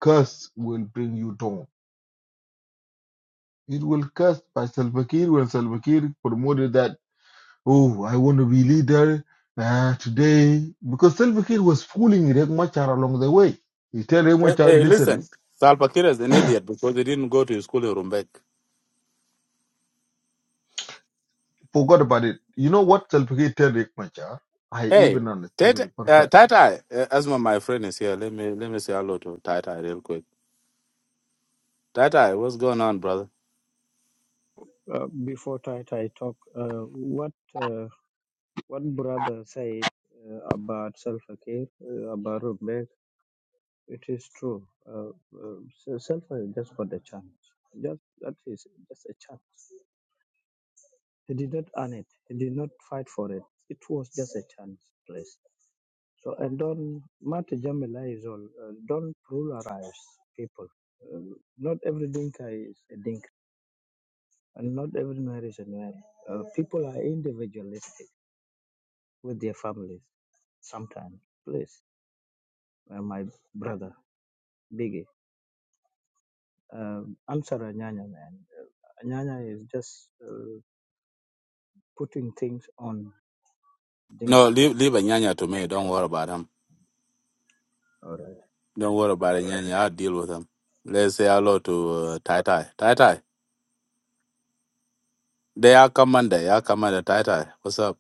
[SPEAKER 7] curse will bring you down. It will curse by Salva Kiir when Salva Kiir promoted that, oh, I want to be leader uh, today. Because Salva Kiir was fooling Riek Machar along the way. He tell Riek
[SPEAKER 8] Hey,
[SPEAKER 7] Machar,
[SPEAKER 8] hey, listen.
[SPEAKER 7] listen,
[SPEAKER 8] Salva Kiir is an idiot because he didn't go to his school in Rumbek.
[SPEAKER 7] forgot about it. You know what Salva Kiir tell Riek Machar? I
[SPEAKER 8] Hey,
[SPEAKER 7] even understand
[SPEAKER 8] Tata,
[SPEAKER 7] it
[SPEAKER 8] uh,
[SPEAKER 7] perfectly.
[SPEAKER 8] Tata, uh, Asma, my friend is here. Let me let me say hello to Tata real quick. Tata, what's going on, brother?
[SPEAKER 5] Uh, before Tai Tai talk, uh, what uh, what brother said uh, about self care uh, about Rubek, it is true. Uh, uh, self care just for the chance. Just that is just a chance. He did not earn it. He did not fight for it. It was just a chance, place. So and don't Matt Jamila is all. Uh, don't polarize people. Uh, not every dinka is a dinka And not every marriage is married. Uh, people are individualistic with their families sometimes. Please, uh, my brother, Biggie, uh, answer Anyanya, man. Anyanya is just uh, putting things on
[SPEAKER 8] No,
[SPEAKER 5] Dinka.
[SPEAKER 8] leave leave Anyanya to me. Don't worry about him.
[SPEAKER 5] All right.
[SPEAKER 8] Don't worry about Anyanya. I'll deal with him. Let's say hello to uh, Tai Tai. Tai Tai, they are commander. They are commander Tai Tai. What's up?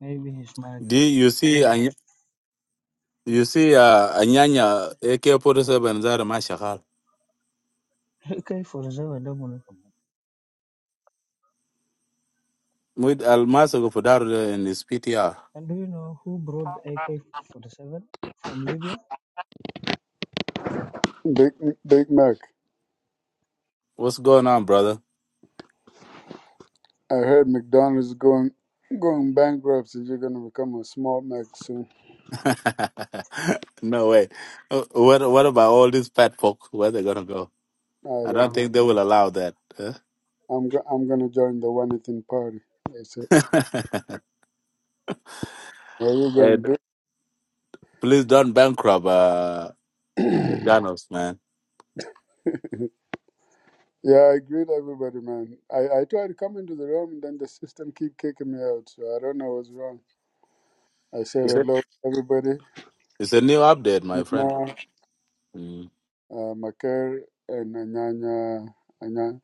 [SPEAKER 5] Maybe his mic
[SPEAKER 8] Do
[SPEAKER 5] is
[SPEAKER 8] you
[SPEAKER 5] not.
[SPEAKER 8] see? You see, uh, Anyanya, AK-47 Zara Mashakal,
[SPEAKER 5] AK 47, don't wanna come on.
[SPEAKER 8] with Almasa Gofudaro in his PTR.
[SPEAKER 5] And do you know who brought AK 47 from Libya?
[SPEAKER 1] Big Big Mac.
[SPEAKER 8] What's going on, brother?
[SPEAKER 1] I heard McDonald's going going bankrupt, so You're gonna become a small Mac soon.
[SPEAKER 8] no way. Uh, What What about all these fat folk? Where they gonna go?
[SPEAKER 1] I
[SPEAKER 8] I
[SPEAKER 1] don't
[SPEAKER 8] don't
[SPEAKER 1] know.
[SPEAKER 8] think they will allow that. huh?
[SPEAKER 1] I'm go- I'm gonna join the one eating party. That's it. What are you gonna
[SPEAKER 8] And
[SPEAKER 1] do?
[SPEAKER 8] please don't bankrupt uh, McDonald's, man.
[SPEAKER 1] Yeah, I greet everybody, man. I I tried to come into the room, and then the system keep kicking me out. So I don't know what's wrong. I said
[SPEAKER 8] It's a,
[SPEAKER 1] hello, to everybody.
[SPEAKER 8] it's a new update, my friend.
[SPEAKER 1] Nima,
[SPEAKER 8] Mm.
[SPEAKER 1] uh, Maker, and Anyanya. Anyanya.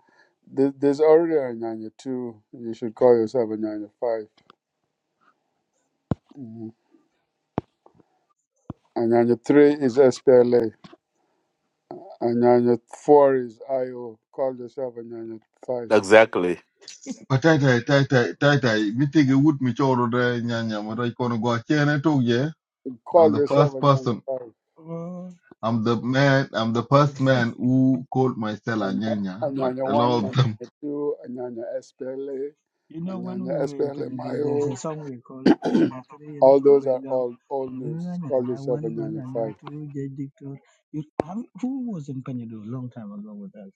[SPEAKER 1] There- There's already a Anyanya two. You should call yourself a Anyanya five. Anyanya three is SPLA. Anyanya four is IO. Call yourself Anyanya five.
[SPEAKER 8] Exactly.
[SPEAKER 7] But tai tai tai tai tai tai, mi tege wut mi choro de nyanya marai kono go achene togye. I'm
[SPEAKER 1] Call
[SPEAKER 7] the
[SPEAKER 1] yourself
[SPEAKER 7] first person
[SPEAKER 1] Anyanya five.
[SPEAKER 5] Oh.
[SPEAKER 7] I'm the man, I'm the first man who called myself a
[SPEAKER 1] Any-
[SPEAKER 7] Nyanya, but
[SPEAKER 1] Anyanya
[SPEAKER 7] a
[SPEAKER 1] one,
[SPEAKER 7] lot of them.
[SPEAKER 1] Anyanya two, Anyanya SPLA,
[SPEAKER 5] You know, when
[SPEAKER 1] Anyanya
[SPEAKER 5] we were in
[SPEAKER 1] SPLA,
[SPEAKER 5] Penyudu, there's a
[SPEAKER 1] IO.
[SPEAKER 5] song we call Anyanya 3 in
[SPEAKER 1] All those are
[SPEAKER 5] Chubergam.
[SPEAKER 1] all old news. Call
[SPEAKER 5] Anyanya
[SPEAKER 1] yourself
[SPEAKER 5] 1,
[SPEAKER 1] Anyanya
[SPEAKER 5] Anyanya
[SPEAKER 1] five.
[SPEAKER 5] 2, J. Dictor. You, have, who was in Penyudu a long time ago with us?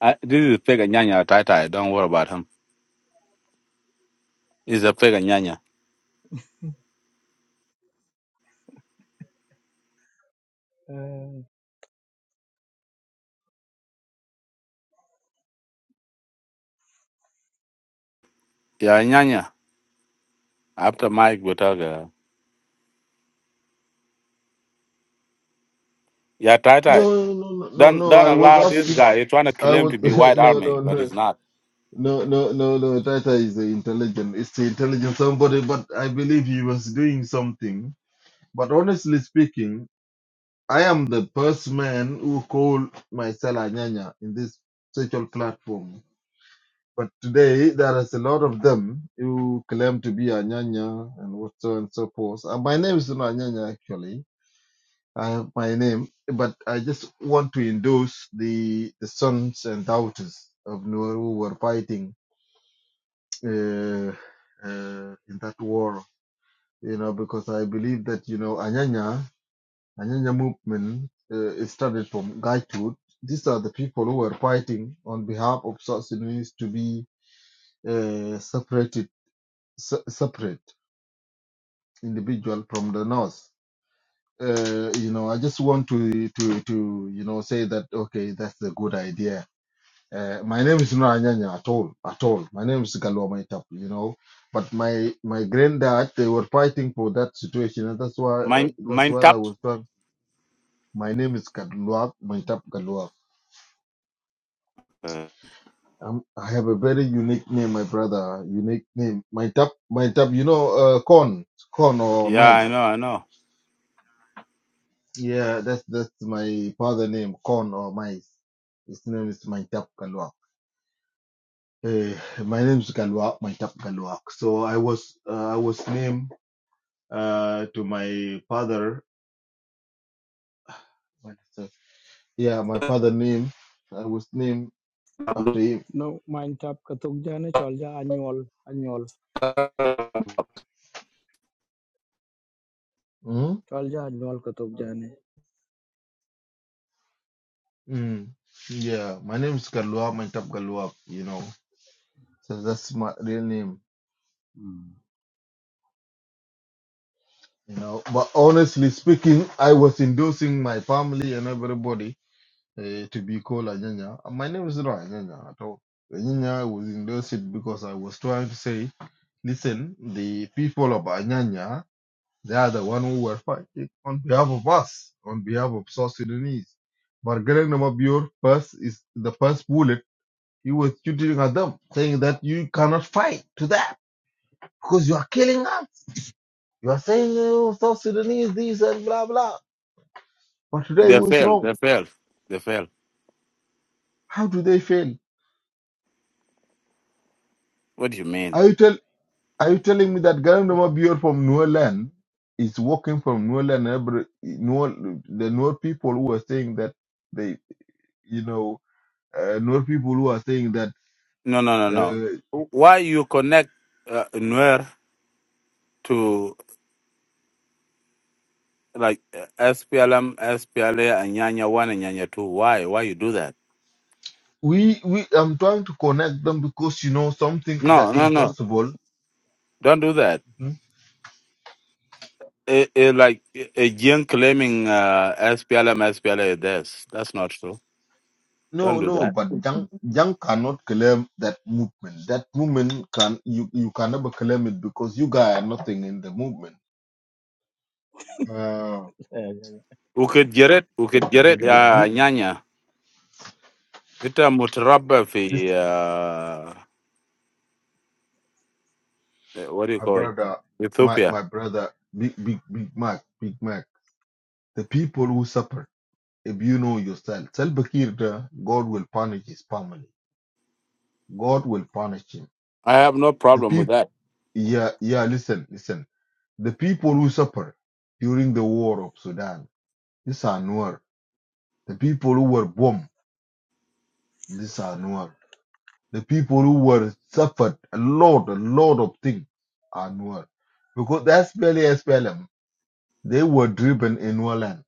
[SPEAKER 8] I, this is fake Anyanya Taitai. Don't worry about him. He's a fake Anyanya.
[SPEAKER 5] Uh,
[SPEAKER 8] Yeah, Anyanya. After Mike, we talk. Uh, yeah, Taitai.
[SPEAKER 7] No, no, no, no,
[SPEAKER 8] Don't
[SPEAKER 7] no,
[SPEAKER 8] don't
[SPEAKER 7] I was
[SPEAKER 8] allow this
[SPEAKER 7] asking,
[SPEAKER 8] guy. He's trying to
[SPEAKER 7] I
[SPEAKER 8] claim
[SPEAKER 7] was,
[SPEAKER 8] to be white
[SPEAKER 7] no,
[SPEAKER 8] army,
[SPEAKER 7] no,
[SPEAKER 8] but
[SPEAKER 7] no,
[SPEAKER 8] he's not.
[SPEAKER 7] no, no, no, no, Tata is a intelligent, it's a intelligent somebody, but I believe he was doing something. But honestly speaking, I am the first man who called myself a Nyanya in this social platform. But today, there is a lot of them who claim to be Anyanya and what so and so forth. And my name is not Anyanya, actually. I have my name, but I just want to endorse the, the sons and daughters of Nuer who were fighting uh, uh, in that war, you know, because I believe that, you know, Anyanya, Anyanya movement uh, it started from Gaitut. These are the people who were fighting on behalf of South Sudanese to be uh, separated se- separate individual from the north. Uh, you know, I just want to to to you know say that okay, that's a good idea. Uh, my name is not Anyanya at all, at all. My name is Galwa Maitap, you know. But my my granddad, they were fighting for that situation, and that's why uh,
[SPEAKER 8] Mind
[SPEAKER 7] that's
[SPEAKER 8] mind
[SPEAKER 7] why I
[SPEAKER 8] tap.
[SPEAKER 7] was trying. My name is Galwa Maitap Galwa.
[SPEAKER 8] Uh,
[SPEAKER 7] Um, I have a very unique name, my brother. Unique name, Maitap Maitap. You know, uh, corn, corn or
[SPEAKER 8] yeah,
[SPEAKER 7] mice.
[SPEAKER 8] I know, I know.
[SPEAKER 7] Yeah, that's that's my father name, corn or Mais. His name is Maitap Kalwak. Eh, my name is Kalwak, Maitap Kalwak. So I was uh, I was named uh, to my father. what is that? Yeah, my father name. I was named after him.
[SPEAKER 5] no, mine tap katuk jane cholja annual annual
[SPEAKER 7] hmm
[SPEAKER 5] cholja annual katuk jane.
[SPEAKER 7] Mm. Yeah, my name is Kalwak, Maitap Kalwak. You know, so that's my real name.
[SPEAKER 5] Hmm.
[SPEAKER 7] You know, but honestly speaking, I was endorsing my family and everybody eh, to be called Anyanya. My name is not Anyanya at all. Anyanya was in those endorsed because I was trying to say, listen, the people of Anyanya, they are the one who were fighting on behalf of us, on behalf of South Sudanese. Margaret Namabior first is the first bullet. He was shooting at them, saying that you cannot fight to that because you are killing us. You are saying oh, South Sudanese this and blah blah. But today
[SPEAKER 8] They
[SPEAKER 7] who is
[SPEAKER 8] failed.
[SPEAKER 7] wrong?
[SPEAKER 8] They failed. They failed.
[SPEAKER 7] How do they fail?
[SPEAKER 8] What do you mean?
[SPEAKER 7] I will tell? Are you telling me that Garang Bior from Nuerland is walking from Nuerland? Every Nuer, the Nuer people who are saying that they, you know, uh, Nuer people who are saying that
[SPEAKER 8] No, no, no, no.
[SPEAKER 7] uh,
[SPEAKER 8] Wh- Why you connect uh, Nuer to like uh, SPLM, SPLA, and Nyanya One and Nyanya Two? Why? Why you do that?
[SPEAKER 7] we, we, I'm trying to connect them because you know something
[SPEAKER 8] No,
[SPEAKER 7] that
[SPEAKER 8] no, no.
[SPEAKER 7] impossible.
[SPEAKER 8] Don't do that.
[SPEAKER 7] Mhm.
[SPEAKER 8] It, it, like a young claiming uh, SPLM, SPLA. This that's not true. Don't
[SPEAKER 7] No,
[SPEAKER 8] do
[SPEAKER 7] no,
[SPEAKER 8] that.
[SPEAKER 7] but Jang, Jang cannot claim that movement. That movement can you you can never claim it because you guys are nothing in the movement. Uh,
[SPEAKER 5] Yeah, yeah,
[SPEAKER 8] ukitjeret
[SPEAKER 5] yeah. I
[SPEAKER 8] ukitjeret
[SPEAKER 5] got
[SPEAKER 7] the
[SPEAKER 5] it,
[SPEAKER 8] ya
[SPEAKER 5] yeah,
[SPEAKER 7] people.
[SPEAKER 5] yeah.
[SPEAKER 8] nyanya ita mutaraba fi uh, eh, what do you
[SPEAKER 7] my
[SPEAKER 8] call
[SPEAKER 7] brother, my
[SPEAKER 8] Ethiopia.
[SPEAKER 7] my brother, Big Big Big Mac, Big Mac. The people who suffer, if you know yourself, Salva Kiir, uh, God will punish his family. God will punish him.
[SPEAKER 8] I have no
[SPEAKER 7] The
[SPEAKER 8] problem with
[SPEAKER 7] people,
[SPEAKER 8] that.
[SPEAKER 7] yeah, yeah. Listen, listen. The people who suffer during the war of Sudan, these are Nuer. The people who were bombed, these are Nuer. The people who were suffered a lot, a lot of things are Nuer Because that's SPLM, they were driven in Nuer land.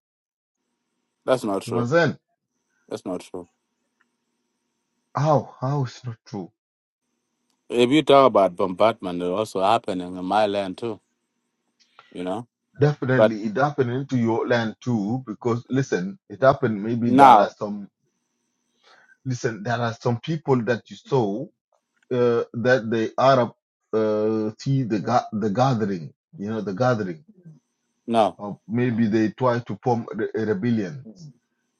[SPEAKER 8] That's not
[SPEAKER 7] You
[SPEAKER 8] true.
[SPEAKER 7] understand?
[SPEAKER 8] That's not true.
[SPEAKER 7] How? How is not true?
[SPEAKER 8] If you talk about bombardment, it also happening in my land too. You know, but
[SPEAKER 7] Definitely, it happened into your land too. Because listen, it happened. Maybe there are
[SPEAKER 8] now
[SPEAKER 7] some. Listen, there are some people that you saw uh, that the Arab uh, see the ga- the gathering. You know, the gathering.
[SPEAKER 8] no.
[SPEAKER 7] Of maybe they try to form re- rebellions.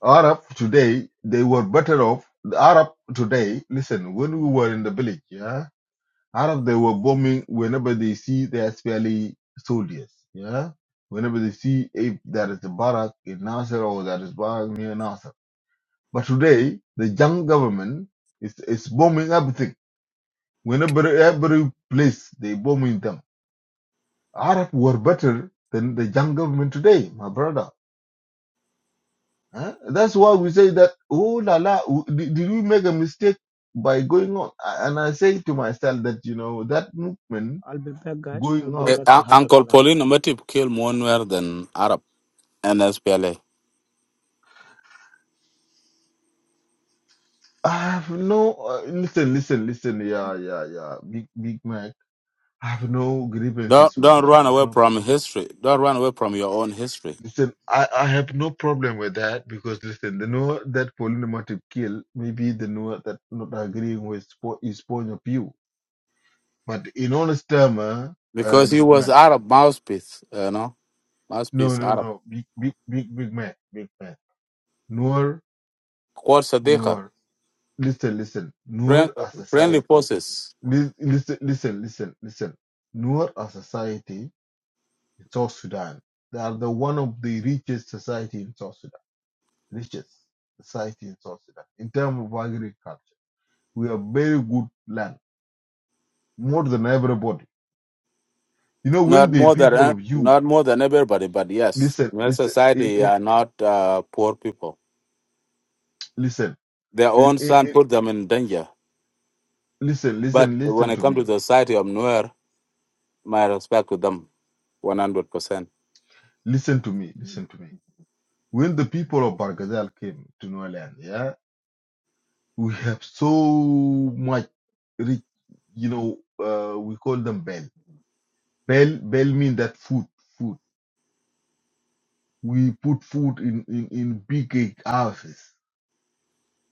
[SPEAKER 7] Arab today they were better off. The Arab today. Listen, when we were in the village, yeah. Out of they were bombing whenever they see the SPLA soldiers. Yeah. Whenever they see if there is a barrack in Nasser or there is barrack near Nasser. But today, the young government is, is bombing everything. Whenever every place they bombing them. Arab were better than the young government today, my brother. Huh? That's why we say that, oh la la, w- did, did we make a mistake by going on? And I say to myself that, you know, that movement
[SPEAKER 5] I'll be back, guys. I'll
[SPEAKER 7] going
[SPEAKER 5] be
[SPEAKER 7] out
[SPEAKER 8] Eh,
[SPEAKER 5] back. I
[SPEAKER 8] Un-
[SPEAKER 5] have a
[SPEAKER 8] Uncle
[SPEAKER 5] client.
[SPEAKER 8] Paulino Matip killed more Nuer than Arab and SPLA.
[SPEAKER 7] I have no. Uh, listen, listen, listen. Yeah, yeah, yeah. Big, Big Mac. I have no
[SPEAKER 8] Don't
[SPEAKER 7] grievances with
[SPEAKER 8] don't
[SPEAKER 7] that. I
[SPEAKER 8] run
[SPEAKER 7] have
[SPEAKER 8] away
[SPEAKER 7] no. Pro-
[SPEAKER 8] from history. Don't run away from your own history
[SPEAKER 7] listen, I, I have no problem with that because listen, the know that polynormative kill maybe the know that not agreeing with po- his point of view. But in honest term, uh, uh,
[SPEAKER 8] because he
[SPEAKER 7] Big
[SPEAKER 8] was
[SPEAKER 7] Mac.
[SPEAKER 8] Arab mouthpiece. You know,
[SPEAKER 7] No,
[SPEAKER 8] mouthpiece
[SPEAKER 7] no,
[SPEAKER 8] Arab.
[SPEAKER 7] no. Big, big, big, big Mac. Big Mac. Noor,
[SPEAKER 8] Quote Sadiqa.
[SPEAKER 7] Noor. Listen, listen.
[SPEAKER 8] Friend,
[SPEAKER 7] Noor, a
[SPEAKER 8] friendly
[SPEAKER 7] society.
[SPEAKER 8] forces.
[SPEAKER 7] Lis- Listen, listen, listen, listen. Noor, a society in South Sudan. They are the one of the richest society in South Sudan, richest society in South Sudan in terms of agriculture. We have very good land, more than everybody. You know,
[SPEAKER 8] Not
[SPEAKER 7] when the
[SPEAKER 8] more than uh,
[SPEAKER 7] people of you
[SPEAKER 8] not more than everybody, but yes,
[SPEAKER 7] listen,
[SPEAKER 8] Nuer
[SPEAKER 7] listen, in,
[SPEAKER 8] society
[SPEAKER 7] in,
[SPEAKER 8] are not uh, poor people.
[SPEAKER 7] listen,
[SPEAKER 8] Their
[SPEAKER 7] in,
[SPEAKER 8] own
[SPEAKER 7] in,
[SPEAKER 8] son
[SPEAKER 7] in,
[SPEAKER 8] put them in danger.
[SPEAKER 7] listen,
[SPEAKER 8] But
[SPEAKER 7] listen,
[SPEAKER 8] when
[SPEAKER 7] listen
[SPEAKER 8] it
[SPEAKER 7] to
[SPEAKER 8] comes to
[SPEAKER 7] me,
[SPEAKER 8] the society of Nuer, my respect to them, one hundred percent.
[SPEAKER 7] listen to me, listen to me. When the people of Bargazal came to Nuland, yeah, we have so much rich, you know, uh, we call them bell. Bell, bell mean that food, food. We put food in, in, in big houses.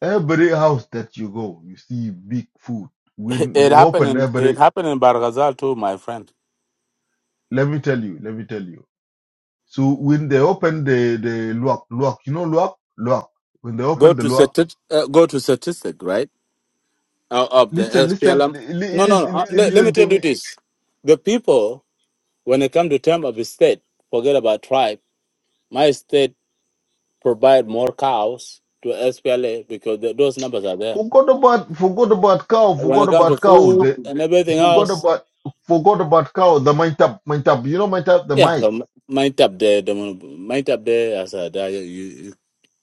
[SPEAKER 7] Every house that you go, you see big food. When
[SPEAKER 8] It
[SPEAKER 7] they
[SPEAKER 8] happened
[SPEAKER 7] open
[SPEAKER 8] in it
[SPEAKER 7] every,
[SPEAKER 8] happened in Barghazal too, my friend.
[SPEAKER 7] let me tell you, let me tell you. So when they open the, the luak, luak, you know luak, luak. When they
[SPEAKER 8] Go
[SPEAKER 7] open the
[SPEAKER 8] to
[SPEAKER 7] luak,
[SPEAKER 8] stati- uh, go to statistic, right? Uh, of the
[SPEAKER 7] listen, listen,
[SPEAKER 8] SPLM.
[SPEAKER 7] li-
[SPEAKER 8] No,
[SPEAKER 7] li-
[SPEAKER 8] no. no. Uh,
[SPEAKER 7] li-
[SPEAKER 8] let, let me
[SPEAKER 7] listen to
[SPEAKER 8] tell you
[SPEAKER 7] me.
[SPEAKER 8] this: the people, when it comes to term of the state, forget about tribe. My state provide more cows to SPLA because the, those numbers are there.
[SPEAKER 7] Forgot about, forgot about cow,
[SPEAKER 8] When it
[SPEAKER 7] forgot
[SPEAKER 8] comes to
[SPEAKER 7] about cow.
[SPEAKER 8] food
[SPEAKER 7] The,
[SPEAKER 8] and everything
[SPEAKER 7] forgot
[SPEAKER 8] else,
[SPEAKER 7] about forgot about cow the mine tap mine tap you know mine tap the
[SPEAKER 8] yeah,
[SPEAKER 7] mice
[SPEAKER 8] um, mind up there, the mind up there as a there, you, you,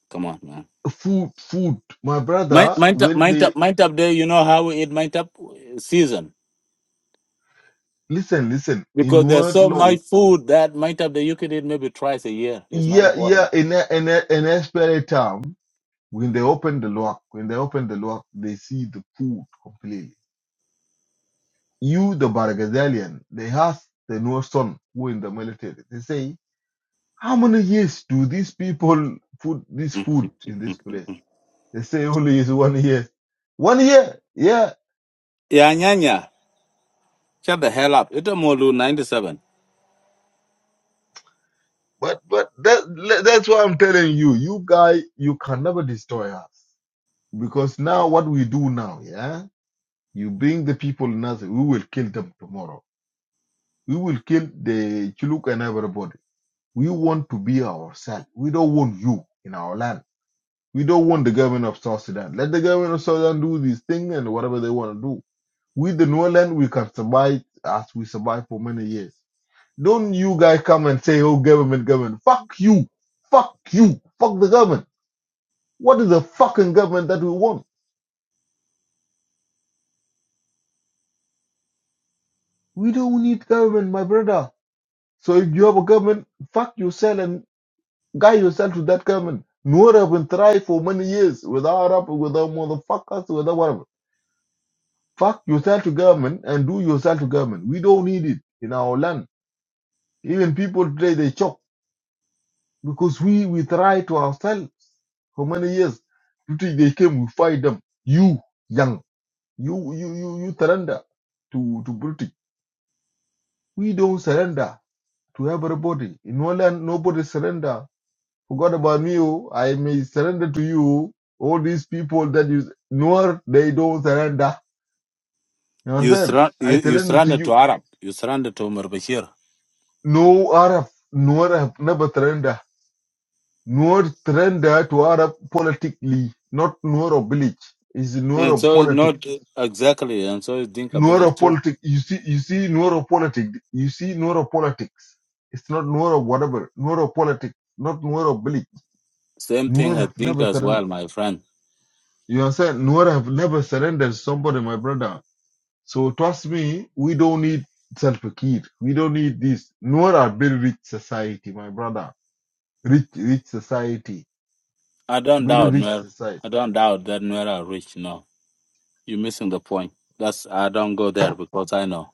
[SPEAKER 8] come on, man.
[SPEAKER 7] food food my
[SPEAKER 8] Mind,
[SPEAKER 7] brother
[SPEAKER 8] mind up,
[SPEAKER 7] when
[SPEAKER 8] mind
[SPEAKER 7] they
[SPEAKER 8] up, mind up there. You know how we eat mind up season
[SPEAKER 7] Listen, listen.
[SPEAKER 8] because
[SPEAKER 7] In
[SPEAKER 8] there's
[SPEAKER 7] word
[SPEAKER 8] so
[SPEAKER 7] law,
[SPEAKER 8] much food that mind up there you could eat maybe twice a year. It's not
[SPEAKER 7] yeah, yeah.
[SPEAKER 8] important.
[SPEAKER 7] In a, in a, in a spirit term, when they open the lock, when they open the lock, they see the food completely. You, the Bargazalian, they ask the Nuer son who in the military. They say, how many years do these people put this
[SPEAKER 8] yeah,
[SPEAKER 7] food in this place? They say only is one year. One year, yeah.
[SPEAKER 8] nyanya, shut the hell up. It's a Molu ninety-seven.
[SPEAKER 7] But but that that's why I'm telling you, you guy, you can never destroy us because now what we do now, yeah. You bring the people Nas, we will kill them tomorrow. We will kill the Chiluk and everybody. We want to be ourselves. We don't want you in our land. We don't want the government of South Sudan. Let the government of South Sudan do this thing and whatever they want to do. With the new land, we can survive as we survived for many years. Don't you guys come and say, oh, government, government. Fuck you. Fuck you. Fuck the government. What is the fucking government that we want? We don't need government, my brother. So if you have a government, fuck yourself and. Guide yourself to that government. Nuer have been tried for many years without Arab, without motherfuckers, without whatever. Fuck yourself to government and do yourself to government. We don't need it in our land. Even people today, they choke because we, we try to ourselves for many years. Today they came, we fight them. You, young, you, you, you, you surrender to, to British. We don't surrender to everybody. In our land, nobody surrender forgot about me. oh. I may surrender to you. All these people that you nor they don't surrender. You
[SPEAKER 8] You
[SPEAKER 7] understand?
[SPEAKER 8] surrender, you,
[SPEAKER 7] I
[SPEAKER 8] you
[SPEAKER 7] surrender to
[SPEAKER 8] surrender to
[SPEAKER 7] you.
[SPEAKER 8] Arab. You surrender to Umar Bashir.
[SPEAKER 7] No Arab, nor Arab never surrender. Nor surrender to Arab politically, not nor of village. It's nor
[SPEAKER 8] And
[SPEAKER 7] of
[SPEAKER 8] so
[SPEAKER 7] politics.
[SPEAKER 8] not exactly, and so is Dinka
[SPEAKER 7] Nor
[SPEAKER 8] village
[SPEAKER 7] of
[SPEAKER 8] too.
[SPEAKER 7] politics. You see, you see nor of politics. You see nor of politics. It's not nor of whatever. Nor of politics. Not nor of village.
[SPEAKER 8] Same
[SPEAKER 7] Nor
[SPEAKER 8] thing as
[SPEAKER 7] have
[SPEAKER 8] Dinka
[SPEAKER 7] never
[SPEAKER 8] as
[SPEAKER 7] surrender.
[SPEAKER 8] well, my friend.
[SPEAKER 7] You understand? Nor have never surrendered somebody, my brother So trust me, we don't need Salva Kiir. We don't need this. Nor are very rich society, my brother. Rich, rich society.
[SPEAKER 8] I don't
[SPEAKER 7] Very
[SPEAKER 8] doubt
[SPEAKER 7] rich
[SPEAKER 8] Nuer.
[SPEAKER 7] society.
[SPEAKER 8] I don't doubt that Nuer are rich. No, you're missing the point. That's I don't go there because I know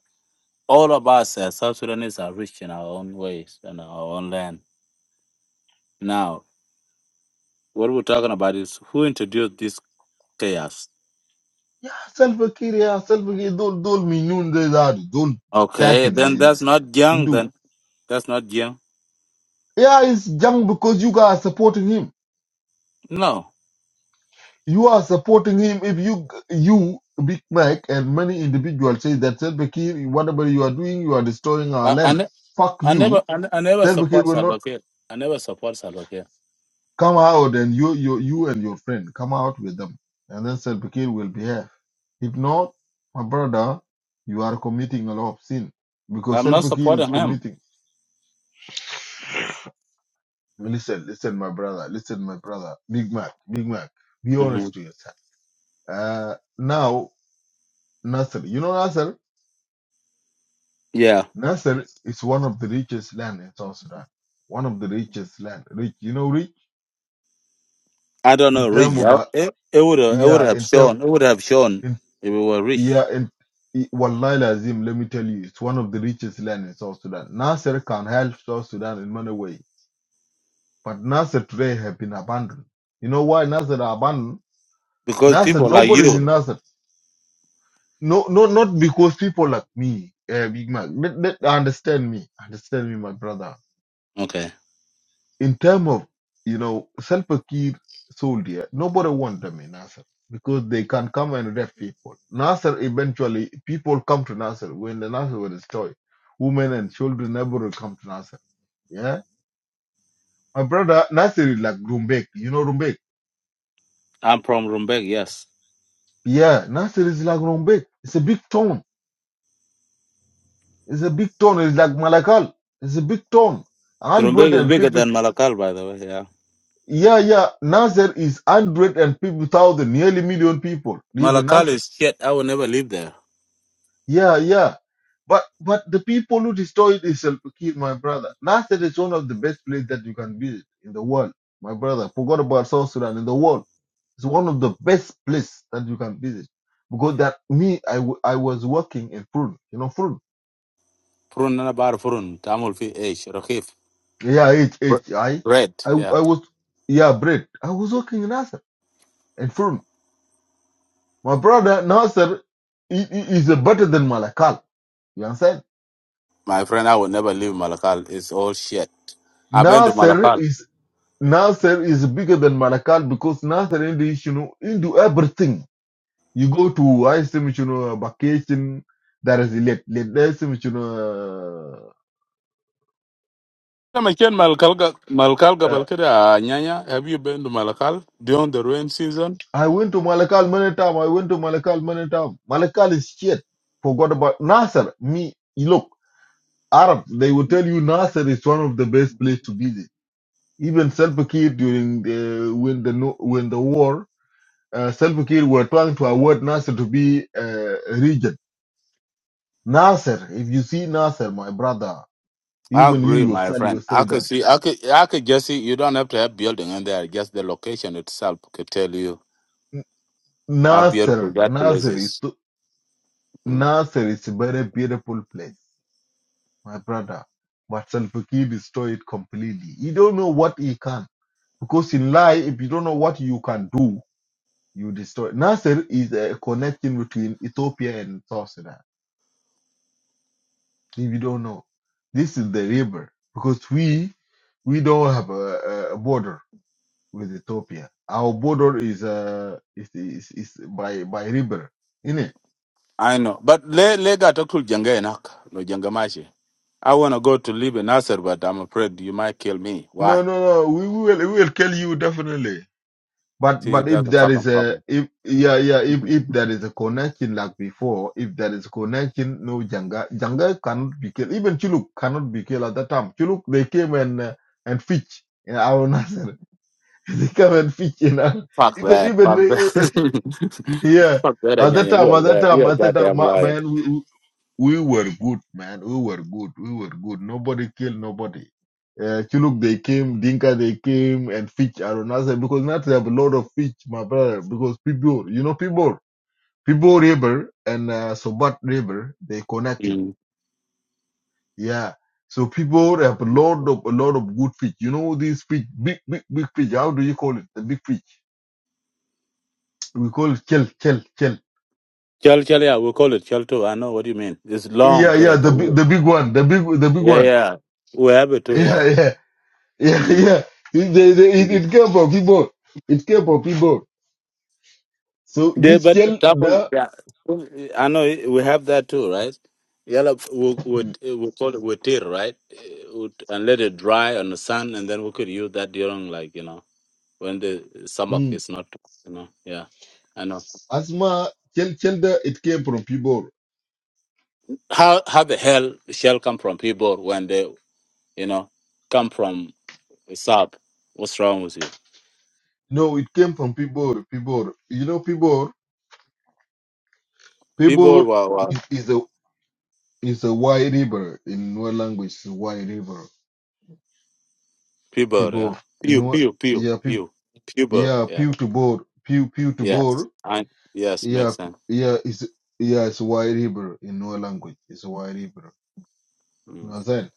[SPEAKER 8] all of us as South Sudanese are rich in our own ways and our own land. Now, what we're talking about is who introduced this chaos.
[SPEAKER 7] Yeah, Salva Kiir, yeah, Salva Kiir. Don't, don't minun they that. Don't attack
[SPEAKER 8] Okay,
[SPEAKER 7] it,
[SPEAKER 8] then
[SPEAKER 7] Zayde.
[SPEAKER 8] that's not young.
[SPEAKER 7] Do.
[SPEAKER 8] Then that's not young.
[SPEAKER 7] Yeah, it's young because you guys are supporting him.
[SPEAKER 8] No,
[SPEAKER 7] You are supporting him if you, you, Big Mac and many individuals say that Salva Kiir, whatever you are doing, you are destroying our
[SPEAKER 8] I, I,
[SPEAKER 7] land.
[SPEAKER 8] ne-
[SPEAKER 7] Fuck
[SPEAKER 8] I never,
[SPEAKER 7] you.
[SPEAKER 8] I, ne- I never
[SPEAKER 7] Self-Care
[SPEAKER 8] support
[SPEAKER 7] will
[SPEAKER 8] Salva
[SPEAKER 7] not
[SPEAKER 8] Kiir. I never support Salva Kiir.
[SPEAKER 7] Come out and you, you, you and your friend, come out with them. And then Salva Kiir will behave. If not, my brother, you are committing a lot of sin. Because
[SPEAKER 8] I'm not
[SPEAKER 7] Salva Kiir is
[SPEAKER 8] supporting him.
[SPEAKER 7] committing. Listen, listen, my brother, listen, my brother. Big Mac, Big Mac, be
[SPEAKER 8] hmm
[SPEAKER 7] honest to yourself. Uh, now, Nasser, you know Nasser?
[SPEAKER 8] Yeah,
[SPEAKER 7] Nasser is one of the richest land in South Sudan. One of the richest land. Rich, you know, rich
[SPEAKER 8] I don't know
[SPEAKER 7] in term
[SPEAKER 8] really.
[SPEAKER 7] of,
[SPEAKER 8] I,
[SPEAKER 7] uh,
[SPEAKER 8] it it would it would
[SPEAKER 7] yeah,
[SPEAKER 8] have
[SPEAKER 7] in term
[SPEAKER 8] shown it would have shown if we were rich
[SPEAKER 7] Yeah, and it- Wallahi Lazim, let me tell you, it's one of the richest land in South Sudan. Nasser can help South Sudan in many ways, but Nasser today have been abandoned. You know why Nasser are abandoned?
[SPEAKER 8] because
[SPEAKER 7] Nasser,
[SPEAKER 8] people like
[SPEAKER 7] nobody is in
[SPEAKER 8] you.
[SPEAKER 7] Nasser. No, no, not because people like me, uh, Big Man. Let, let- understand me, understand me, my brother.
[SPEAKER 8] Okay,
[SPEAKER 7] in terms of you know Salva Kiir soldier, nobody want them in Nasser because they can come and rape people. Nasser eventually people come to Nasser when the Nasser was destroyed. Women and children never will come to Nasser. Yeah, my brother Nasser is like Rumbek. You know Rumbek?
[SPEAKER 8] I'm from Rumbek. Yes,
[SPEAKER 7] Yeah, Nasser is like Rumbek. It's a big town. It's a big town. It's like Malakal. It's a big town.
[SPEAKER 8] Rumbek
[SPEAKER 7] Hundred
[SPEAKER 8] is
[SPEAKER 7] and
[SPEAKER 8] bigger
[SPEAKER 7] people.
[SPEAKER 8] than Malakal, by the way. Yeah,
[SPEAKER 7] Yeah, yeah. Nasser is hundred and people thousand, nearly million people live in
[SPEAKER 8] Malakal
[SPEAKER 7] Nasser.
[SPEAKER 8] is shit. I will never live there.
[SPEAKER 7] Yeah, yeah. But but the people who destroyed is uh, killed my brother. Nasser is one of the best places that you can visit in the world, my brother. Forgot about South Sudan in the world. It's one of the best place that you can visit because that me I, w- I was working in Prune, you know Prune.
[SPEAKER 8] Furun na bar furun. Tamil fi ish rakif.
[SPEAKER 7] Yeah, H
[SPEAKER 8] Bre-
[SPEAKER 7] H I
[SPEAKER 8] Bread.
[SPEAKER 7] I
[SPEAKER 8] Yeah,
[SPEAKER 7] I was yeah bread. I was working in Nasser and Prune. My brother Nasser i- i- is better than Malakal. You understand?
[SPEAKER 8] my friend, I will never leave Malakal. It's all shit. I've been to
[SPEAKER 7] Nasser
[SPEAKER 8] Malakal.
[SPEAKER 7] is Nasser is bigger than Malakal because Nasser in you know into everything. You go to I see you know vacation there is let let there is you know
[SPEAKER 8] Come and Malakal, Malakal,
[SPEAKER 7] uh, uh,
[SPEAKER 8] Have you been to Malakal during the rain season?
[SPEAKER 7] I went to Malakal many time. I went to Malakal many time. Malakal is shit. Forgot about Nasser. Me you look Arab. They will tell you Nasser is one of the best place to visit. Even Salva Kiir during the when the no- when the war, uh, Salva Kiir were trying to award Nasser to be uh, a region Nasser, if you see Nasser, my brother,
[SPEAKER 8] I
[SPEAKER 7] even
[SPEAKER 8] agree,
[SPEAKER 7] you
[SPEAKER 8] my
[SPEAKER 7] yourself, you
[SPEAKER 8] friend.
[SPEAKER 7] say
[SPEAKER 8] I could
[SPEAKER 7] that
[SPEAKER 8] see, I could, I could just see. You don't have to have building in there; just the location itself could tell you
[SPEAKER 7] N-
[SPEAKER 8] how beautiful
[SPEAKER 7] Nasser,
[SPEAKER 8] that place
[SPEAKER 7] Nasser is,
[SPEAKER 8] is.
[SPEAKER 7] to-
[SPEAKER 8] Mm.
[SPEAKER 7] Nasser is a very beautiful place, my brother. But Salpiki destroyed it completely. You don't know what he can. Because in life, if you don't know what you can do, you destroy. Nasser is a connection between Ethiopia and South Sudan. If you don't know, this is the river. Because we, we don't have a, a a border with Ethiopia. Our border is uh is is, is by by river, isn't it?
[SPEAKER 8] I know, but le lega tokul jenga enak no jenga maji. I wanna go to live in Nasser, but I'm afraid you might kill me.
[SPEAKER 7] No,
[SPEAKER 8] Why?
[SPEAKER 7] no, no. We will we will kill you definitely. But
[SPEAKER 8] See,
[SPEAKER 7] but if
[SPEAKER 8] that's a
[SPEAKER 7] there is
[SPEAKER 8] fucking
[SPEAKER 7] a
[SPEAKER 8] problem.
[SPEAKER 7] if yeah yeah if if there is a connection like before, if there is a connection, no Janga Janga cannot be killed. Even Chuluk cannot be killed at that time. Chuluk they came and uh, and fish in our Nasser. they come and fish in our
[SPEAKER 8] Fuck
[SPEAKER 7] even
[SPEAKER 8] that.
[SPEAKER 7] even
[SPEAKER 8] Fuck that.
[SPEAKER 7] uh, yeah.
[SPEAKER 8] Fuck that,
[SPEAKER 7] At that
[SPEAKER 8] Anyanya.
[SPEAKER 7] time,
[SPEAKER 8] You're a
[SPEAKER 7] at that
[SPEAKER 8] li-
[SPEAKER 7] time,
[SPEAKER 8] you're a
[SPEAKER 7] at that time,
[SPEAKER 8] goddamn
[SPEAKER 7] ma-
[SPEAKER 8] liar.
[SPEAKER 7] man, we were good, man. We were good. We were good. Nobody killed nobody. Uh, Chiluk, they came, Dinka, they came, and Fitch, Aronasa, because now they have a lot of Fitch, my brother, because people, you know, people, people River and uh, Sobat River, they connected.
[SPEAKER 8] Mm.
[SPEAKER 7] Yeah. So people have a lot of, a lot of good Fitch. You know, these Fitch, big, big, big Fitch, how do you call it? The big Fitch. We call it Chel, Chel, Chel.
[SPEAKER 8] Chal chal, yeah, we call it chal too. I know what you mean. It's long,
[SPEAKER 7] Yeah, yeah,
[SPEAKER 8] correct?
[SPEAKER 7] the, big- the big one, the big, the big
[SPEAKER 8] Yeah,
[SPEAKER 7] one.
[SPEAKER 8] yeah. We have it too, yeah.
[SPEAKER 7] yeah yeah. Yeah,
[SPEAKER 8] Mm.
[SPEAKER 7] yeah. It, they, they, it,
[SPEAKER 8] Mm.
[SPEAKER 7] it came from people. It came from people. So
[SPEAKER 8] They,
[SPEAKER 7] this
[SPEAKER 8] but
[SPEAKER 7] child,
[SPEAKER 8] example,
[SPEAKER 7] the
[SPEAKER 8] yeah. I know it- we have that too, right? Yellow, we, we,
[SPEAKER 7] mm,
[SPEAKER 8] we call it witir, right? Eh, would- And let it dry on the sun, and then we could use that during, like, you know, when the stomach
[SPEAKER 7] mm,
[SPEAKER 8] is not, you know, yeah. I know.
[SPEAKER 7] asthma, child, child, it came from people.
[SPEAKER 8] How how the hell shell come from people when they, you know, come from South? What's wrong with you?
[SPEAKER 7] No, it came from people. People, you know, people,
[SPEAKER 8] People,
[SPEAKER 7] people
[SPEAKER 8] wow, wow.
[SPEAKER 7] is, is a is a wide river in what language? Is a wide river.
[SPEAKER 8] People, yeah.
[SPEAKER 7] People
[SPEAKER 8] Pew,
[SPEAKER 7] in what?
[SPEAKER 8] pew, pew,
[SPEAKER 7] Yeah, people.
[SPEAKER 8] pew. Puber,
[SPEAKER 7] Yeah,
[SPEAKER 8] yeah.
[SPEAKER 7] pew to board, pew pew to
[SPEAKER 8] Yes.
[SPEAKER 7] board.
[SPEAKER 8] I yes,
[SPEAKER 7] Yeah,
[SPEAKER 8] makes
[SPEAKER 7] p-
[SPEAKER 8] sense.
[SPEAKER 7] yeah, it's yeah, it's a wide river in what language? It's a wide river You know
[SPEAKER 8] Mm.
[SPEAKER 7] what I'm saying?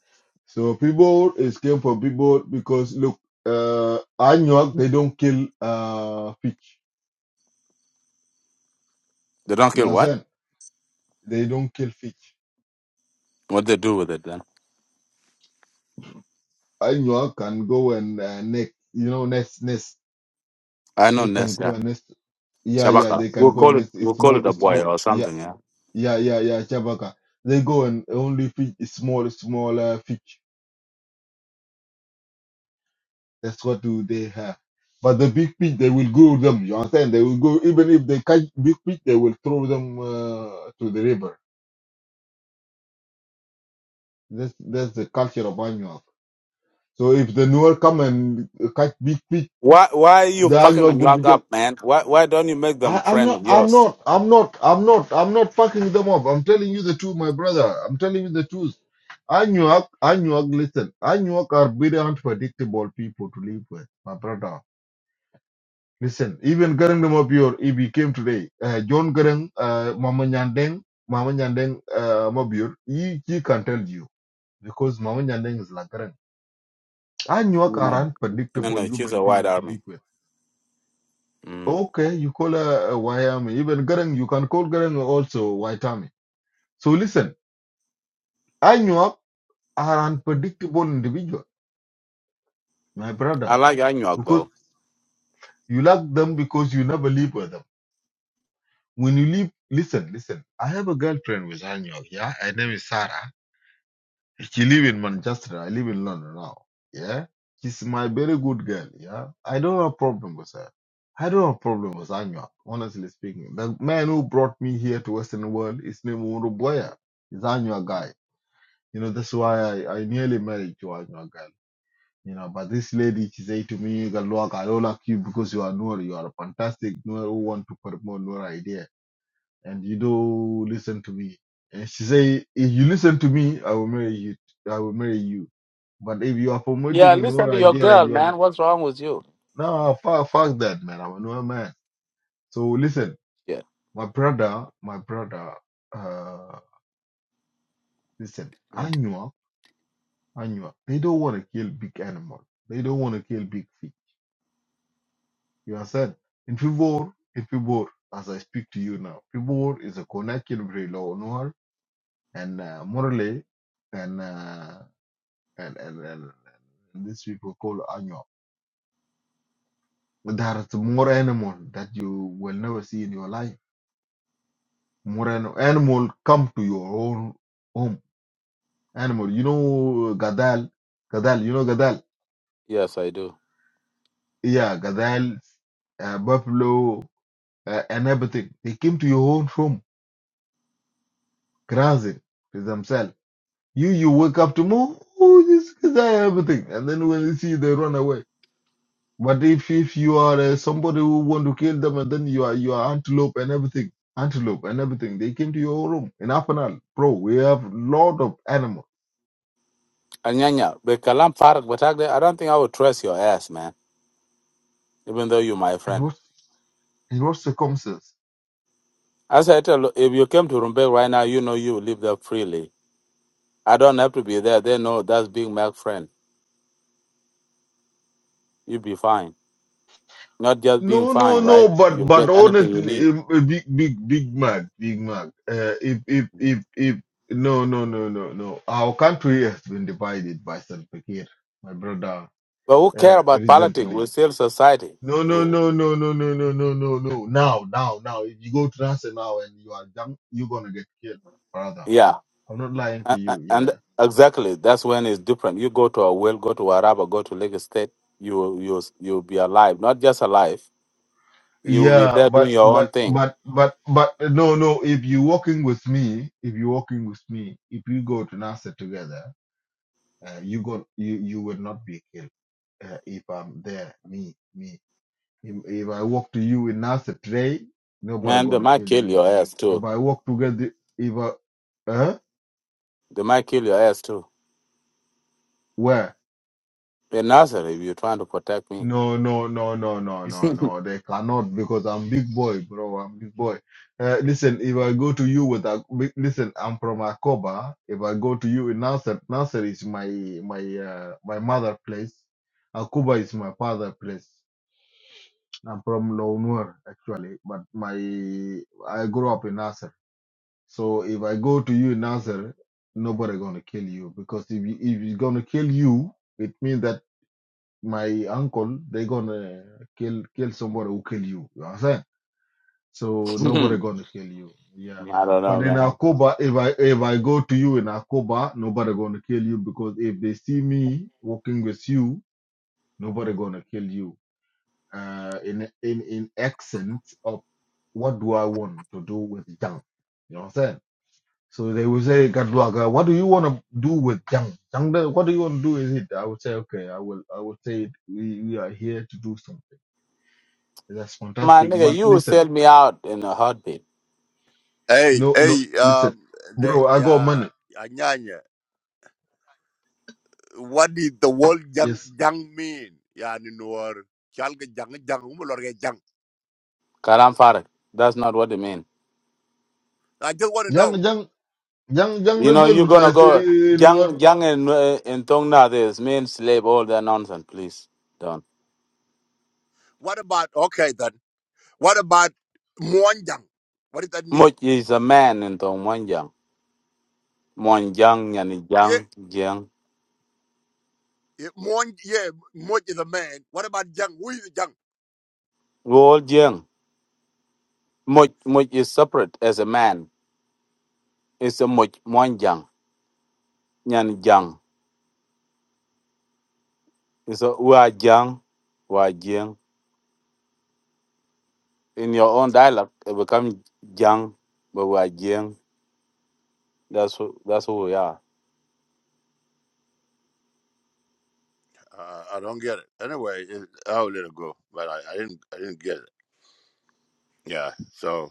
[SPEAKER 7] So people escape from people because look, uh, Anuak they don't kill uh fish.
[SPEAKER 8] They don't
[SPEAKER 7] You
[SPEAKER 8] kill
[SPEAKER 7] know what I'm
[SPEAKER 8] what?
[SPEAKER 7] saying? They don't kill fish.
[SPEAKER 8] What they do with it then?
[SPEAKER 7] Anuak can go and uh, neck, you know, nest, nest.
[SPEAKER 8] I know
[SPEAKER 7] They can
[SPEAKER 8] Ness,
[SPEAKER 7] go
[SPEAKER 8] yeah.
[SPEAKER 7] and nest. Yeah, yeah,
[SPEAKER 8] Shabaka.
[SPEAKER 7] they can
[SPEAKER 8] We'll
[SPEAKER 7] go
[SPEAKER 8] call
[SPEAKER 7] and
[SPEAKER 8] it
[SPEAKER 7] nest. It's
[SPEAKER 8] we'll call
[SPEAKER 7] small,
[SPEAKER 8] it a
[SPEAKER 7] it's
[SPEAKER 8] boy
[SPEAKER 7] small.
[SPEAKER 8] or
[SPEAKER 7] Yeah,
[SPEAKER 8] something, yeah.
[SPEAKER 7] yeah, yeah, yeah. Chabaka. They go and only fish small, small uh, fish. That's what do they have. But the big fish, they will go them. You understand? They will go even if they catch big fish, they will throw them uh, to the river. That's that's the culture of Anuak. So if the newer come and catch big fish,
[SPEAKER 8] Why why are you
[SPEAKER 7] the
[SPEAKER 8] fucking
[SPEAKER 7] Anuak
[SPEAKER 8] on
[SPEAKER 7] will
[SPEAKER 8] your
[SPEAKER 7] be just.
[SPEAKER 8] up, man? Why why don't you make them
[SPEAKER 7] I, I'm
[SPEAKER 8] friend
[SPEAKER 7] not.
[SPEAKER 8] of
[SPEAKER 7] I'm
[SPEAKER 8] yours?
[SPEAKER 7] not. I'm not. I'm not. I'm not fucking them up. I'm telling you the truth, my brother. I'm telling you the truth. Anuak, Anuak, listen. Anuak are very unpredictable people to live with, my brother. Listen, even Garang Mabior, if he came today, uh, John Garang, uh, Mama Nyandeng, Mama Nyandeng uh, Mabior, he, he can tell you because Mama Nyandeng is like Garang. Anyuak
[SPEAKER 8] You
[SPEAKER 7] are
[SPEAKER 8] know
[SPEAKER 7] an
[SPEAKER 8] no
[SPEAKER 7] unpredictable
[SPEAKER 8] no, she's
[SPEAKER 7] human
[SPEAKER 8] a white
[SPEAKER 7] being to
[SPEAKER 8] army.
[SPEAKER 7] live with.
[SPEAKER 8] Mm.
[SPEAKER 7] Okay, you call her uh, Wyoming. Even Garang, you can call Garang also Waitami. So listen, Anyuak are unpredictable individual, my
[SPEAKER 8] I
[SPEAKER 7] brother,
[SPEAKER 8] like Anyuak
[SPEAKER 7] because
[SPEAKER 8] though.
[SPEAKER 7] you like them because you never live with them. When you live, listen, listen. I have a girlfriend with Anyuak, yeah? Her name is Sarah She live in Manchester. I live in London now. Yeah. She's my very good girl. Yeah. I don't have problem with her. I don't have problem with Anya, honestly speaking. The man who brought me here to Western world is named Wuru Boya. He's Anya guy. You know, that's why I, I nearly married to Anya girl. You know, but this lady, she say to me, Galwak, I don't like you because you are Noor. You are a fantastic Noor who want to promote Noor idea. And you do not listen to me. And she say, if you listen to me, I will marry you. I will marry you but if you are
[SPEAKER 8] Yeah,
[SPEAKER 7] promoting
[SPEAKER 8] listen
[SPEAKER 7] your
[SPEAKER 8] to your
[SPEAKER 7] idea and
[SPEAKER 8] girl,
[SPEAKER 7] you're
[SPEAKER 8] man.
[SPEAKER 7] not,
[SPEAKER 8] What's wrong with you?
[SPEAKER 7] no, fuck, fuck that, man. I'm a new man. So listen,
[SPEAKER 8] Yeah.
[SPEAKER 7] my brother, my brother, uh, listen,
[SPEAKER 8] Mm.
[SPEAKER 7] Anua, Anua, they don't want to kill big animal. They don't want to kill big fish. You understand? In Fibor, in Fibor, as I speak to you now, Fibor is a connection between Law Noir and uh, Morley and, uh, and, and, and, and these people called Anua. There are more animals that you will never see in your life More an animal come to your own home. Animal, you know, gadal, gadal, you know, gadal.
[SPEAKER 8] Yes, I do.
[SPEAKER 7] Yeah, gadal, uh, buffalo, uh, and everything. They came to your own home, grazing to themselves. You, you wake up tomorrow, oh, this gadal, everything. And then when they see, you, they run away. But if, if you are uh, somebody who want to kill them, and then you are, you are antelope and everything, antelope and everything, they came to your room. In Afanal, bro, we have lot of animals.
[SPEAKER 8] Anyanya, but Kalam Farak, but I don't think I would trust your ass, man. Even though you're my
[SPEAKER 7] And
[SPEAKER 8] friend.
[SPEAKER 7] what, in what circumstances?
[SPEAKER 8] As I tell, you, if you came to Rumbek right now, you know you will live there freely. I don't have to be there. They know that's being my friend. you be fine. Not just being
[SPEAKER 7] No, no,
[SPEAKER 8] fine, right?
[SPEAKER 7] no, but
[SPEAKER 8] You
[SPEAKER 7] but
[SPEAKER 8] get anything you
[SPEAKER 7] honestly,
[SPEAKER 8] need.
[SPEAKER 7] um, uh, big big big Mac, big Mac. Uh, if if if if no no no no no, our country has been divided by Salva Kiir, my brother.
[SPEAKER 8] But who care
[SPEAKER 7] Uh,
[SPEAKER 8] about politics? We
[SPEAKER 7] recently,
[SPEAKER 8] save society.
[SPEAKER 7] no no
[SPEAKER 8] We,
[SPEAKER 7] no no no no no no no no. Now now now, if you go to Nasser now and you are dumb, you're gonna get killed, brother.
[SPEAKER 8] yeah,
[SPEAKER 7] I'm not lying
[SPEAKER 8] and,
[SPEAKER 7] to you.
[SPEAKER 8] and
[SPEAKER 7] Yeah
[SPEAKER 8] exactly that's when it's different. You go to a well, go to Araba, go to Lagos State. You you you'll be alive. Not just alive. You'll be
[SPEAKER 7] yeah,
[SPEAKER 8] there doing
[SPEAKER 7] but
[SPEAKER 8] your own
[SPEAKER 7] but
[SPEAKER 8] thing.
[SPEAKER 7] but but but no no. If you're walking with me, if you're walking with me, if we go to Nasser together. Uh, you got you you will not be killed uh, if I'm there. Me me. If, if I walk to you in Nasser today, nobody
[SPEAKER 8] Man, they
[SPEAKER 7] gonna
[SPEAKER 8] might
[SPEAKER 7] kill
[SPEAKER 8] kill
[SPEAKER 7] you.
[SPEAKER 8] your ass
[SPEAKER 7] If
[SPEAKER 8] too.
[SPEAKER 7] I walk together, if I huh?
[SPEAKER 8] They might kill your ass too.
[SPEAKER 7] where
[SPEAKER 8] In Nazareth, if you're trying to protect me.
[SPEAKER 7] no no no no no no no they cannot because I'm big boy, bro. I'm big boy. Uh, listen, if I go to you with a big- listen, I'm from Akoba. If I go to you in Nasser, Nasser is my my uh, my mother place. Akuba is my father place. I'm from Lownur actually, but my I grew up in Nasser. So if I go to you in Nasser, nobody gonna kill you because if you, if he's gonna kill you, it means that my uncle they gonna kill kill somebody who kill you. You understand? So
[SPEAKER 8] I
[SPEAKER 7] nobody
[SPEAKER 8] don't
[SPEAKER 7] gonna kill you. Yeah.
[SPEAKER 8] know,
[SPEAKER 7] But in
[SPEAKER 8] man.
[SPEAKER 7] Akoba, if I if I go to you in Akoba, nobody gonna kill you because if they see me walking with you, nobody gonna kill you uh, in in in accent of what do I want to do with junk? You know what I'm saying? So they will say, Gadwaga, what do you want to do with junk? Junk, da- what do you want to do with it? I would say, okay, I will, I will say it. We, we are here to do something. That's
[SPEAKER 8] My
[SPEAKER 7] fantastic.
[SPEAKER 8] nigga,
[SPEAKER 7] But
[SPEAKER 8] you will
[SPEAKER 7] listen,
[SPEAKER 8] sell me out in a heartbeat.
[SPEAKER 9] Hey,
[SPEAKER 7] no, no,
[SPEAKER 9] hey,
[SPEAKER 7] listen,
[SPEAKER 9] um, the,
[SPEAKER 7] bro, I got
[SPEAKER 9] yeah,
[SPEAKER 7] money.
[SPEAKER 9] Anyanya, what did the word jang,
[SPEAKER 7] Yes.
[SPEAKER 9] jang mean? Yeah, in war, chalga jang, jang, umulorga jang.
[SPEAKER 8] Kalam Farag. That's not what it mean.
[SPEAKER 9] I just want to
[SPEAKER 7] Junk,
[SPEAKER 9] know,
[SPEAKER 7] junk, junk, junk
[SPEAKER 8] You know,
[SPEAKER 7] result,
[SPEAKER 8] you're
[SPEAKER 7] but
[SPEAKER 8] gonna
[SPEAKER 7] I
[SPEAKER 8] go
[SPEAKER 7] say, no.
[SPEAKER 8] young, young and uh, in Tongna. This mean slave. All that nonsense, please. Don't.
[SPEAKER 9] what about, okay then, what about muan jang? What does that mean?
[SPEAKER 8] Much is a man in Tong Monjang. Monjang and
[SPEAKER 9] Yeah,
[SPEAKER 8] Yang Jiang.
[SPEAKER 9] yeah, muan, yeah, muan is a man. What about jang? Who is jang?
[SPEAKER 8] We all Jiang. Much, much is separate as a man. It's a much Monjang. Nyan Jiang. It's a we are Jiang. We are Jiang. In your own dialect, it become Jiang, but we are Jiang. That's who. That's who we are.
[SPEAKER 9] Uh, I don't get it. Anyway, it, I'll let it go, but I, I didn't, I didn't get it. Yeah, so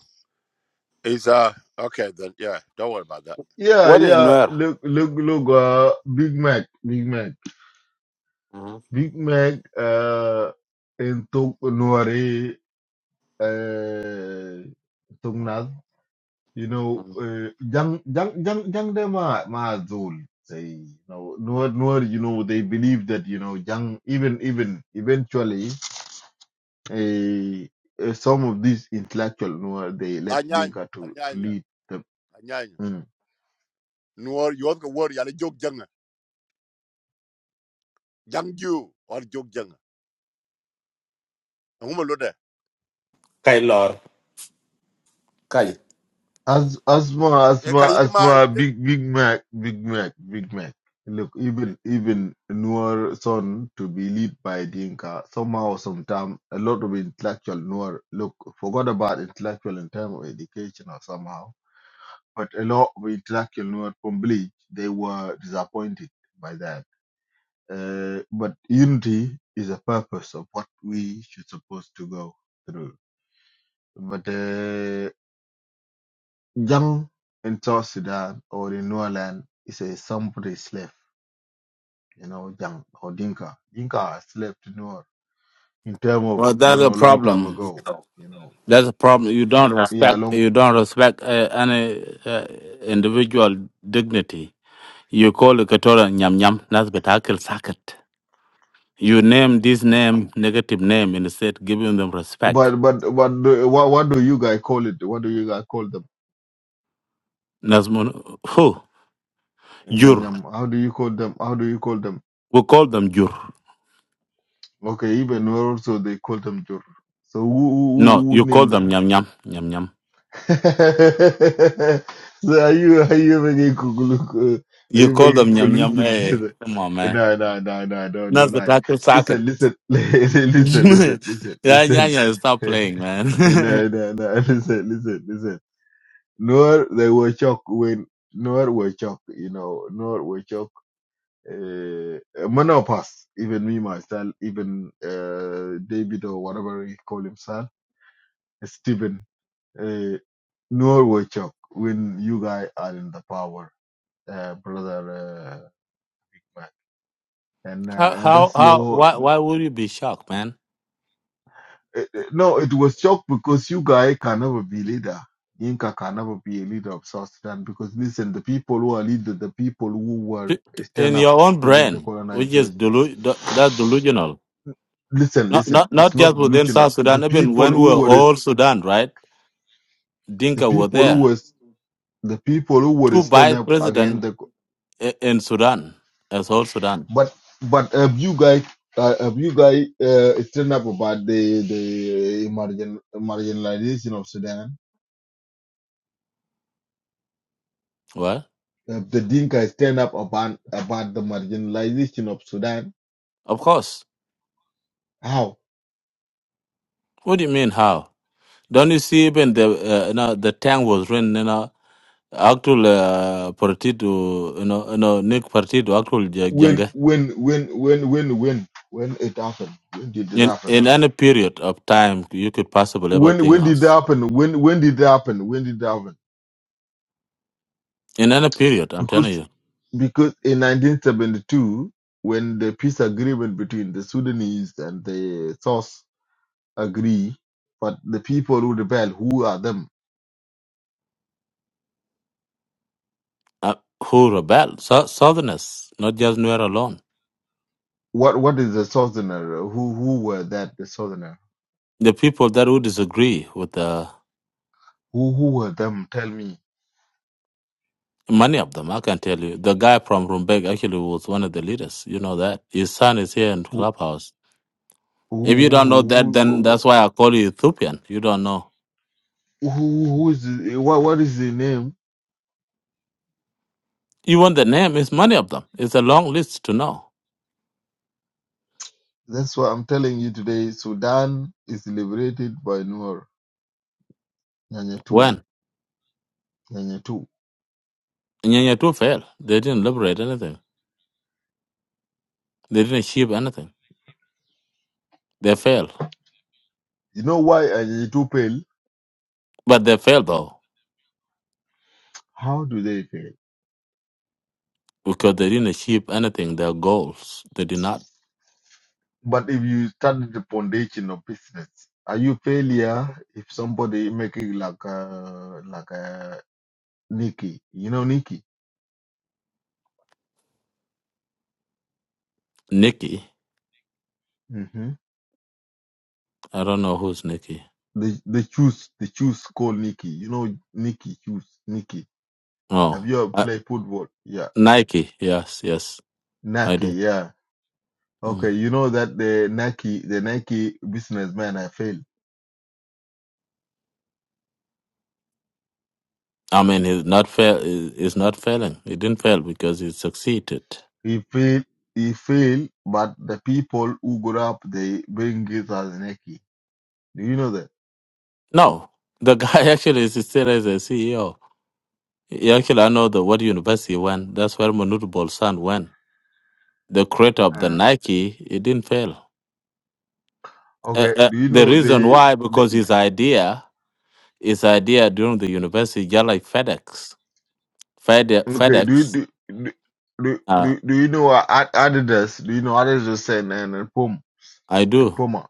[SPEAKER 9] it's, uh, okay then, yeah, don't worry about that.
[SPEAKER 7] Yeah,
[SPEAKER 8] What is
[SPEAKER 7] yeah,
[SPEAKER 8] Nuer?
[SPEAKER 7] look, look, look, uh, Big Mac, Big Mac.
[SPEAKER 8] Mm-hmm.
[SPEAKER 7] Big Mac uh, in Tok Nuare uh, Tungnas, you know, uh, young, young, young, young, they are ma Zul. They, you know, Nuer, Nuer, you know, they believe that, you know, young, even, even, eventually, uh, uh, some of these intellectual Nuer, they let
[SPEAKER 9] Anyanya,
[SPEAKER 7] Dinka to, to
[SPEAKER 9] Anyanya,
[SPEAKER 7] lead them.
[SPEAKER 9] Anyanya.
[SPEAKER 7] Mm.
[SPEAKER 9] nuor yod ko wor yale jog janga jang ju or jog janga ngumo lode
[SPEAKER 8] Kai lor. Kai.
[SPEAKER 7] As Asma,
[SPEAKER 9] e
[SPEAKER 7] Asma,
[SPEAKER 9] kayidi ma
[SPEAKER 7] Asma, Big Big Mac, Big Mac, Big Mac. Look, even even Noor son to be led by Dinka somehow, sometime a lot of intellectual Noor look forgot about intellectual in terms of education or somehow, but a lot of intellectual Noor from Bleach they were disappointed by that. Uh, but unity is a purpose of what we should supposed to go through. But uh, Jang in South Sudan or in Nuer is a somebody slave, you know, Jang or Dinka. Dinka are slave to Nuer in term of,
[SPEAKER 8] Well,
[SPEAKER 7] you
[SPEAKER 8] that's a
[SPEAKER 7] know, long time
[SPEAKER 8] problem.
[SPEAKER 7] ago, you know.
[SPEAKER 8] That's a problem. You don't
[SPEAKER 7] Yeah,
[SPEAKER 8] respect.
[SPEAKER 7] long.
[SPEAKER 8] You don't respect uh, any uh, individual dignity. You call a Katora nyam nyam. That's betakil sakat. You name this name negative name instead giving them respect.
[SPEAKER 7] But but but do, what what do you guys call it? What do you guys call them?
[SPEAKER 8] That's mon- who
[SPEAKER 7] Nyam
[SPEAKER 8] jur.
[SPEAKER 7] nyam. How do you call them? How do you call them?
[SPEAKER 8] We call them jur.
[SPEAKER 7] Okay, even Nuer also they call them Jur. So who who,
[SPEAKER 8] No,
[SPEAKER 7] who who
[SPEAKER 8] you call
[SPEAKER 7] named
[SPEAKER 8] them
[SPEAKER 7] them?
[SPEAKER 8] nyam nyam nyam nyam.
[SPEAKER 7] so are you are you making kukuluku? Are
[SPEAKER 8] You
[SPEAKER 7] you
[SPEAKER 8] call
[SPEAKER 7] making
[SPEAKER 8] them nyam nyam.
[SPEAKER 7] collusion with
[SPEAKER 8] Hey,
[SPEAKER 7] the?
[SPEAKER 8] come on, man.
[SPEAKER 7] No, no, no, no, no,
[SPEAKER 8] That's
[SPEAKER 7] don't lie.
[SPEAKER 8] betakil
[SPEAKER 7] Listen, listen, listen,
[SPEAKER 8] yeah,
[SPEAKER 7] listen, listen,
[SPEAKER 8] yeah,
[SPEAKER 7] listen.
[SPEAKER 8] yeah. Stop
[SPEAKER 7] no,
[SPEAKER 8] playing, man.
[SPEAKER 7] no, no, listen, listen, listen. Nor they were shocked when nor were shocked, you know, nor were shocked. Uh, menopause, even me myself, even uh, David or whatever he call himself, Stephen uh, Norway Chok when you guys are in the power, uh, brother. Uh, Mac. and uh,
[SPEAKER 8] how,
[SPEAKER 7] and
[SPEAKER 8] how,
[SPEAKER 7] that's
[SPEAKER 8] how?
[SPEAKER 7] your
[SPEAKER 8] Why, why would you be shocked, man?
[SPEAKER 7] uh, uh, no. It was Chok because you guys can never be leader. Inca can never be a leader of South Sudan because listen, the people who are leader, the people who were
[SPEAKER 8] T- t- In
[SPEAKER 7] stand up
[SPEAKER 8] your own
[SPEAKER 7] during the
[SPEAKER 8] brain, which is
[SPEAKER 7] colonization.
[SPEAKER 8] delu- de- that's delusional.
[SPEAKER 7] Listen,
[SPEAKER 8] Not,
[SPEAKER 7] listen.
[SPEAKER 8] not,
[SPEAKER 7] It's
[SPEAKER 8] not
[SPEAKER 7] not
[SPEAKER 8] just within
[SPEAKER 7] Luchina.
[SPEAKER 8] South Sudan.
[SPEAKER 7] The
[SPEAKER 8] Even
[SPEAKER 7] people
[SPEAKER 8] when we were
[SPEAKER 7] who were
[SPEAKER 8] all Sudan, right?
[SPEAKER 7] the
[SPEAKER 8] Dinka were
[SPEAKER 7] people who
[SPEAKER 8] there.
[SPEAKER 7] was the people who were
[SPEAKER 8] Two
[SPEAKER 7] stand
[SPEAKER 8] vice
[SPEAKER 7] up against
[SPEAKER 8] president
[SPEAKER 7] the.
[SPEAKER 8] i- in Sudan as whole Sudan.
[SPEAKER 7] But but uh, you guys, uh, have you guys uh, stand up about the the uh, margin, marginalization of Sudan?
[SPEAKER 8] Well,
[SPEAKER 7] If the Dinka stand up about about the marginalization of Sudan,
[SPEAKER 8] of course.
[SPEAKER 7] how?
[SPEAKER 8] What do you mean? How? Don't you see? Even the uh, you know, the tank was written. actual uh, partido you know you know Nick partido actual ja-
[SPEAKER 7] When
[SPEAKER 8] jungle
[SPEAKER 7] when when when when when when it happened? When did it
[SPEAKER 8] in
[SPEAKER 7] happen?
[SPEAKER 8] in any period of time you could possibly ever
[SPEAKER 7] When
[SPEAKER 8] think
[SPEAKER 7] when
[SPEAKER 8] of
[SPEAKER 7] did it happen? When when did it happen? When did it happen?
[SPEAKER 8] in any period I'm telling
[SPEAKER 7] Because
[SPEAKER 8] you
[SPEAKER 7] because in 1972, when the peace agreement between the Sudanese and the South agree, but the people who rebel, who are them?
[SPEAKER 8] uh, who rebel so, Southerners not just Nuer alone
[SPEAKER 7] What what is the southerner? Who who were that the southerner?
[SPEAKER 8] the people that would disagree with the
[SPEAKER 7] Who who were them? Tell me.
[SPEAKER 8] many of them I can tell you the guy from Rumbek actually was one of the leaders you know that his son is here in
[SPEAKER 7] Who
[SPEAKER 8] clubhouse
[SPEAKER 7] who
[SPEAKER 8] if you
[SPEAKER 7] who
[SPEAKER 8] don't know that then
[SPEAKER 7] who,
[SPEAKER 8] that's why I call you Ethiopian you don't know
[SPEAKER 7] who, who who is what what is the name?
[SPEAKER 8] even the name is many of them it's a long list to know
[SPEAKER 7] That's why I'm telling you today. Sudan is liberated by Nuer Nyanyatu.
[SPEAKER 8] when.
[SPEAKER 7] Nyanyatu.
[SPEAKER 8] Nyanya too failed. They didn't liberate anything. They didn't achieve anything. They failed.
[SPEAKER 7] You know why Nyanyatu fail?
[SPEAKER 8] But they failed though,
[SPEAKER 7] How do they fail?
[SPEAKER 8] because they didn't achieve anything, their goals. They did not.
[SPEAKER 7] But if you study the foundation of business, are you failure if somebody making like a like a Nikki. You know Nikki.
[SPEAKER 8] Nikki,
[SPEAKER 7] hmm
[SPEAKER 8] I don't know who's Nikki.
[SPEAKER 7] The the choose the choose called Nikki. You know Nikki choose Nikki.
[SPEAKER 8] Oh,
[SPEAKER 7] Have you ever
[SPEAKER 8] I,
[SPEAKER 7] played football? Yeah.
[SPEAKER 8] Nike. Yes, yes, I
[SPEAKER 7] Nike.
[SPEAKER 8] do.
[SPEAKER 7] Yeah.
[SPEAKER 8] Mm.
[SPEAKER 7] Okay. You know that the Nike the Nike businessman I failed.
[SPEAKER 8] I mean, he's not fail. he- He's not failing. He didn't fail because he succeeded.
[SPEAKER 7] He failed. He failed. But the people who got up they bring it as Nike. Do you know that?
[SPEAKER 8] No, the guy actually is still as a CEO. He actually, I know the what university went. That's where Manute Bolsan went. The creator of the
[SPEAKER 7] Uh,
[SPEAKER 8] Nike, he didn't fail uh,
[SPEAKER 7] Okay.
[SPEAKER 8] uh,
[SPEAKER 7] Do you
[SPEAKER 8] the
[SPEAKER 7] know
[SPEAKER 8] reason
[SPEAKER 7] the,
[SPEAKER 8] why
[SPEAKER 7] the
[SPEAKER 8] because his idea his idea during the university just like fedex Fed,
[SPEAKER 7] okay? Do you
[SPEAKER 8] fedex
[SPEAKER 7] do do do,
[SPEAKER 8] uh,
[SPEAKER 7] do do you know uh, Ad- Adidas? Do you know Adidas and and, and Puma
[SPEAKER 8] i
[SPEAKER 7] and
[SPEAKER 8] do
[SPEAKER 7] Puma?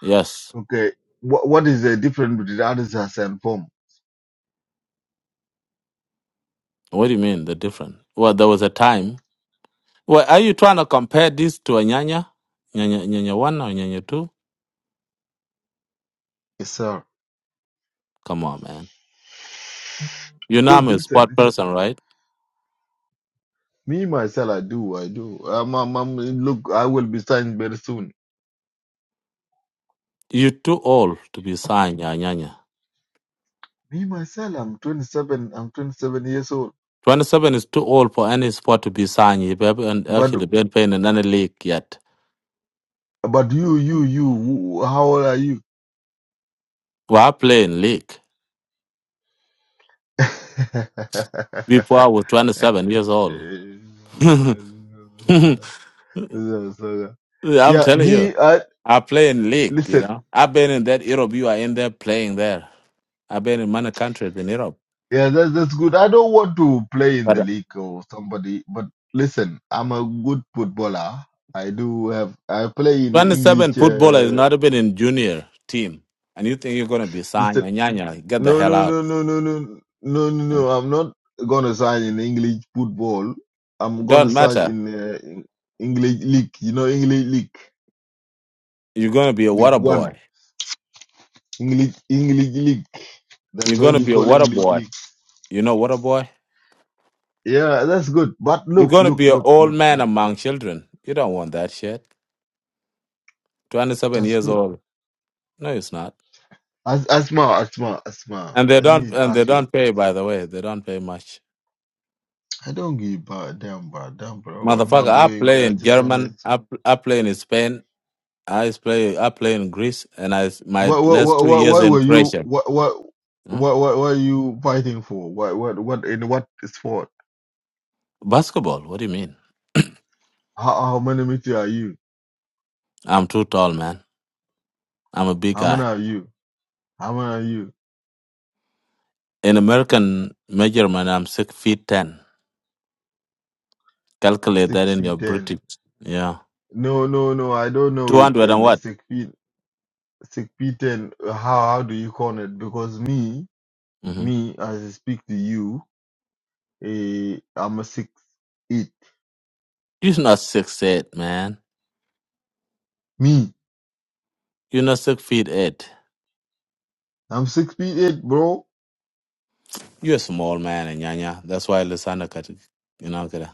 [SPEAKER 8] yes
[SPEAKER 7] Okay. What what is the difference between answers and form?
[SPEAKER 8] what do you mean the different well there was a time well are you trying to compare this to a nyanya nyanya, nyanya one or nyanya two
[SPEAKER 7] Yes, sir.
[SPEAKER 8] come on man you know i'm
[SPEAKER 7] Because
[SPEAKER 8] a
[SPEAKER 7] listen,
[SPEAKER 8] sport
[SPEAKER 7] listen.
[SPEAKER 8] person right
[SPEAKER 7] Me myself, I do, I do. I'm, I'm, I'm look. I will be signed very soon.
[SPEAKER 8] you're too old to be signed yeah, nyanya
[SPEAKER 7] Me myself, I'm 27. I'm 27 years old.
[SPEAKER 8] 27 is too old for any sport to be signed. You haven't
[SPEAKER 7] But
[SPEAKER 8] actually been playing in any league yet.
[SPEAKER 7] but you, you, you. who- How old are you?
[SPEAKER 8] We are playing league. before I was 27 years old. I'm
[SPEAKER 7] yeah,
[SPEAKER 8] telling you,
[SPEAKER 7] me. I
[SPEAKER 8] I play in league, you
[SPEAKER 7] listen.
[SPEAKER 8] know. I've been in that Europe. You are in there playing there. I've been in many countries in Europe.
[SPEAKER 7] Yeah, that's that's good. I don't want to play in the
[SPEAKER 8] But
[SPEAKER 7] league or somebody, but listen, I'm a good footballer. I do have, I play in
[SPEAKER 8] 27
[SPEAKER 7] English.
[SPEAKER 8] footballer has
[SPEAKER 7] Uh,
[SPEAKER 8] not been in junior team. And you think you're going to be signed.
[SPEAKER 7] listen,
[SPEAKER 8] And Nyanya, get the
[SPEAKER 7] no,
[SPEAKER 8] hell
[SPEAKER 7] no,
[SPEAKER 8] out.
[SPEAKER 7] no, no, no, no, no, no, no. I'm not gonna sign in English football. I'm gonna
[SPEAKER 8] Don't
[SPEAKER 7] sign
[SPEAKER 8] matter.
[SPEAKER 7] in, uh, in English league. You know, English league,
[SPEAKER 8] You're going to be a
[SPEAKER 7] League
[SPEAKER 8] water
[SPEAKER 7] One,
[SPEAKER 8] boy.
[SPEAKER 7] English, English league.
[SPEAKER 8] You're
[SPEAKER 7] That's
[SPEAKER 8] going
[SPEAKER 7] what
[SPEAKER 8] to
[SPEAKER 7] you
[SPEAKER 8] be a
[SPEAKER 7] call
[SPEAKER 8] water
[SPEAKER 7] English
[SPEAKER 8] boy.
[SPEAKER 7] league.
[SPEAKER 8] You know water boy?
[SPEAKER 7] Yeah, that's good. But
[SPEAKER 8] You're
[SPEAKER 7] look,
[SPEAKER 8] going to
[SPEAKER 7] look,
[SPEAKER 8] be an
[SPEAKER 7] look,
[SPEAKER 8] old
[SPEAKER 7] look,
[SPEAKER 8] man
[SPEAKER 7] look.
[SPEAKER 8] among children. You don't want that shit. 27
[SPEAKER 7] That's
[SPEAKER 8] years
[SPEAKER 7] good.
[SPEAKER 8] old. No, it's not.
[SPEAKER 7] As Asma, Asma, Asma.
[SPEAKER 8] And they
[SPEAKER 7] Let
[SPEAKER 8] don't
[SPEAKER 7] me
[SPEAKER 8] and they
[SPEAKER 7] ask you a
[SPEAKER 8] don't pay
[SPEAKER 7] question.
[SPEAKER 8] by the way, they don't pay much.
[SPEAKER 7] I don't give a damn, bro, damn, bro. I'm not
[SPEAKER 8] Motherfucker, I
[SPEAKER 7] going
[SPEAKER 8] play
[SPEAKER 7] there. I
[SPEAKER 8] in
[SPEAKER 7] just wanna.
[SPEAKER 8] German, I, p- I play in Spain, I play I play in Greece and I s- my
[SPEAKER 7] What, what,
[SPEAKER 8] last
[SPEAKER 7] what,
[SPEAKER 8] two
[SPEAKER 7] what,
[SPEAKER 8] years
[SPEAKER 7] why
[SPEAKER 8] in
[SPEAKER 7] were you?
[SPEAKER 8] Croatia.
[SPEAKER 7] What, what,
[SPEAKER 8] Hmm?
[SPEAKER 7] what, what, what are you fighting for? What, what, what? In what sport?
[SPEAKER 8] Basketball, what do you mean?
[SPEAKER 7] How, how many meter are you?
[SPEAKER 8] I'm too tall, man. I'm a big
[SPEAKER 7] How many
[SPEAKER 8] guy.
[SPEAKER 7] are you? How many are you?
[SPEAKER 8] In American measurement I'm six feet ten. Calculate
[SPEAKER 7] Six
[SPEAKER 8] that in your
[SPEAKER 7] feet ten.
[SPEAKER 8] British yeah.
[SPEAKER 7] No, no, no. I don't know
[SPEAKER 8] Two
[SPEAKER 7] it
[SPEAKER 8] hundred and
[SPEAKER 7] in
[SPEAKER 8] what?
[SPEAKER 7] six feet. Six feet ten. How, how do you call it? Because me,
[SPEAKER 8] hmm
[SPEAKER 7] me, as I speak to you, eh, I'm a six eight.
[SPEAKER 8] You're not six eight, man.
[SPEAKER 7] Me,
[SPEAKER 8] You're not six feet eight.
[SPEAKER 7] I'm six feet eight, bro.
[SPEAKER 8] You're a small man, and Nyanya. That's why Lusana cut it. You know, okay.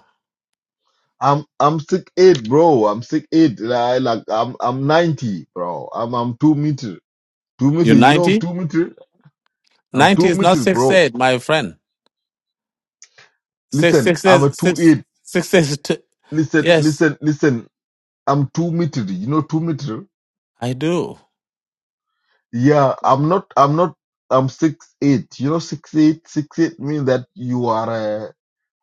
[SPEAKER 7] I'm I'm six eight, bro. I'm six eight. Like, like I'm I'm ninety, bro. I'm I'm two meter, two meter.
[SPEAKER 8] You're
[SPEAKER 7] You know
[SPEAKER 8] 90?
[SPEAKER 7] two meter. I'm
[SPEAKER 8] 90
[SPEAKER 7] two
[SPEAKER 8] is not
[SPEAKER 7] meter,
[SPEAKER 8] 6
[SPEAKER 7] bro.
[SPEAKER 8] 8, my friend. 6
[SPEAKER 7] Listen,
[SPEAKER 8] 6
[SPEAKER 7] I'm
[SPEAKER 8] is
[SPEAKER 7] a two
[SPEAKER 8] 6
[SPEAKER 7] eight.
[SPEAKER 8] 6 is t-
[SPEAKER 7] Listen,
[SPEAKER 8] yes,
[SPEAKER 7] listen, listen. I'm two meter. You know two meter.
[SPEAKER 8] I do.
[SPEAKER 7] Yeah, I'm not. I'm not. I'm six eight. You know six eight. Six eight means that you are uh,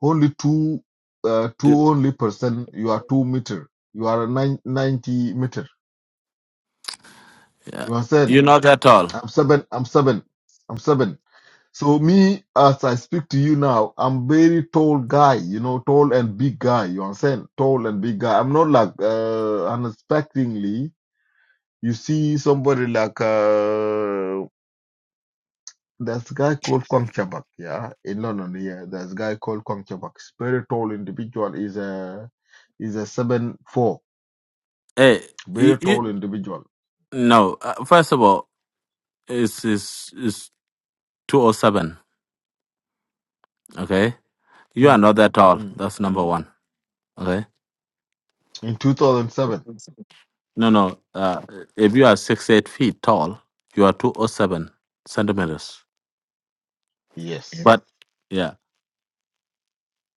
[SPEAKER 7] only two, uh, two
[SPEAKER 8] Y-
[SPEAKER 7] only percent. You are two meter. You are a nine, ninety meter.
[SPEAKER 8] Yeah.
[SPEAKER 7] You understand?
[SPEAKER 8] You're not at all.
[SPEAKER 7] I'm seven. I'm seven. I'm seven. So me, as I speak to you now, I'm very tall guy. You know, tall and big guy. You understand? Tall and big guy. I'm not like uh, unexpectedly. You see somebody like uh, there's a guy called Kwang Chabak, yeah, in London. Yeah, there's a guy called Kwang Chabak. He's very tall individual. Is a is a seven four.
[SPEAKER 8] Hey, you,
[SPEAKER 7] Very
[SPEAKER 8] you,
[SPEAKER 7] tall individual.
[SPEAKER 8] no, uh, first of all, it's, it's, it's 207, okay? You are
[SPEAKER 7] Mm,
[SPEAKER 8] not that tall.
[SPEAKER 7] mm.
[SPEAKER 8] That's number one, okay?
[SPEAKER 7] In 2007,
[SPEAKER 8] No, no. Uh, if you are 6 8 feet tall, you are 207 centimeters. Yeah.
[SPEAKER 7] yes
[SPEAKER 8] But yeah,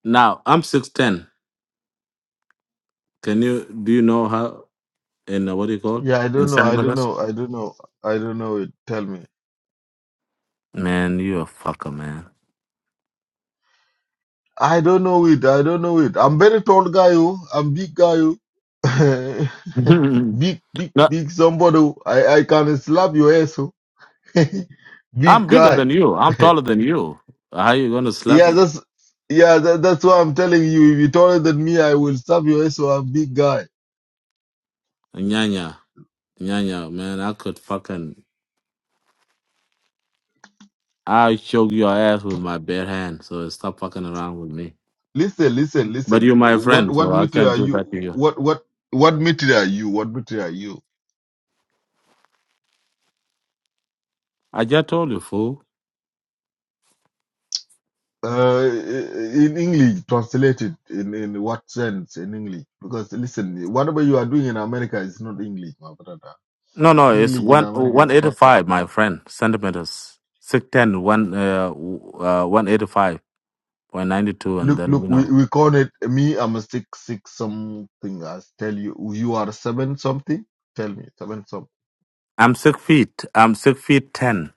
[SPEAKER 8] now I'm 6'10. Can you, do you know how, in uh, what do you call?
[SPEAKER 7] Yeah, I
[SPEAKER 8] In
[SPEAKER 7] don't know. I don't
[SPEAKER 8] centimeters?
[SPEAKER 7] know. I don't know. I don't know it. Tell me.
[SPEAKER 8] Man, you a fucker, man.
[SPEAKER 7] I don't know it. I don't know it. I'm very tall guy. oh. I'm big guy. oh. big, big,
[SPEAKER 8] No,
[SPEAKER 7] big somebody. oh. I, I can slap your ass. oh. big
[SPEAKER 8] I'm bigger
[SPEAKER 7] guy.
[SPEAKER 8] than you. I'm taller than you. How you gonna slap
[SPEAKER 7] yeah,
[SPEAKER 8] me?
[SPEAKER 7] that's yeah. That, that's why I'm telling you. If you're taller than me, I will slap your ass. oh. I'm big guy.
[SPEAKER 8] Nyanya, nyanya, man, I could fucking, I choke your ass with my bare hand. So stop fucking around with me.
[SPEAKER 7] Listen, listen,
[SPEAKER 8] But
[SPEAKER 7] listen.
[SPEAKER 8] you're my
[SPEAKER 7] What
[SPEAKER 8] friend,
[SPEAKER 7] what
[SPEAKER 8] so I
[SPEAKER 7] material
[SPEAKER 8] can't
[SPEAKER 7] are
[SPEAKER 8] do
[SPEAKER 7] you?
[SPEAKER 8] that to you.
[SPEAKER 7] What what what material are you? What material are you?
[SPEAKER 8] I just told you, fool.
[SPEAKER 7] Uh, in English, translated in, in what sense in English? Because listen, whatever you are doing in America is not English, my brother.
[SPEAKER 8] No, no, it's
[SPEAKER 7] English in
[SPEAKER 8] one
[SPEAKER 7] America
[SPEAKER 8] one
[SPEAKER 7] is
[SPEAKER 8] eighty
[SPEAKER 7] fucked up.
[SPEAKER 8] five, my friend. Centimeters, six ten, one uh, w- uh one eighty five point ninety two, and
[SPEAKER 7] Look,
[SPEAKER 8] then
[SPEAKER 7] look,
[SPEAKER 8] you
[SPEAKER 7] we,
[SPEAKER 8] know
[SPEAKER 7] we call it me. I'm a six six something. I tell you, you are seven something. Tell me seven something.
[SPEAKER 8] I'm six feet. I'm six feet ten.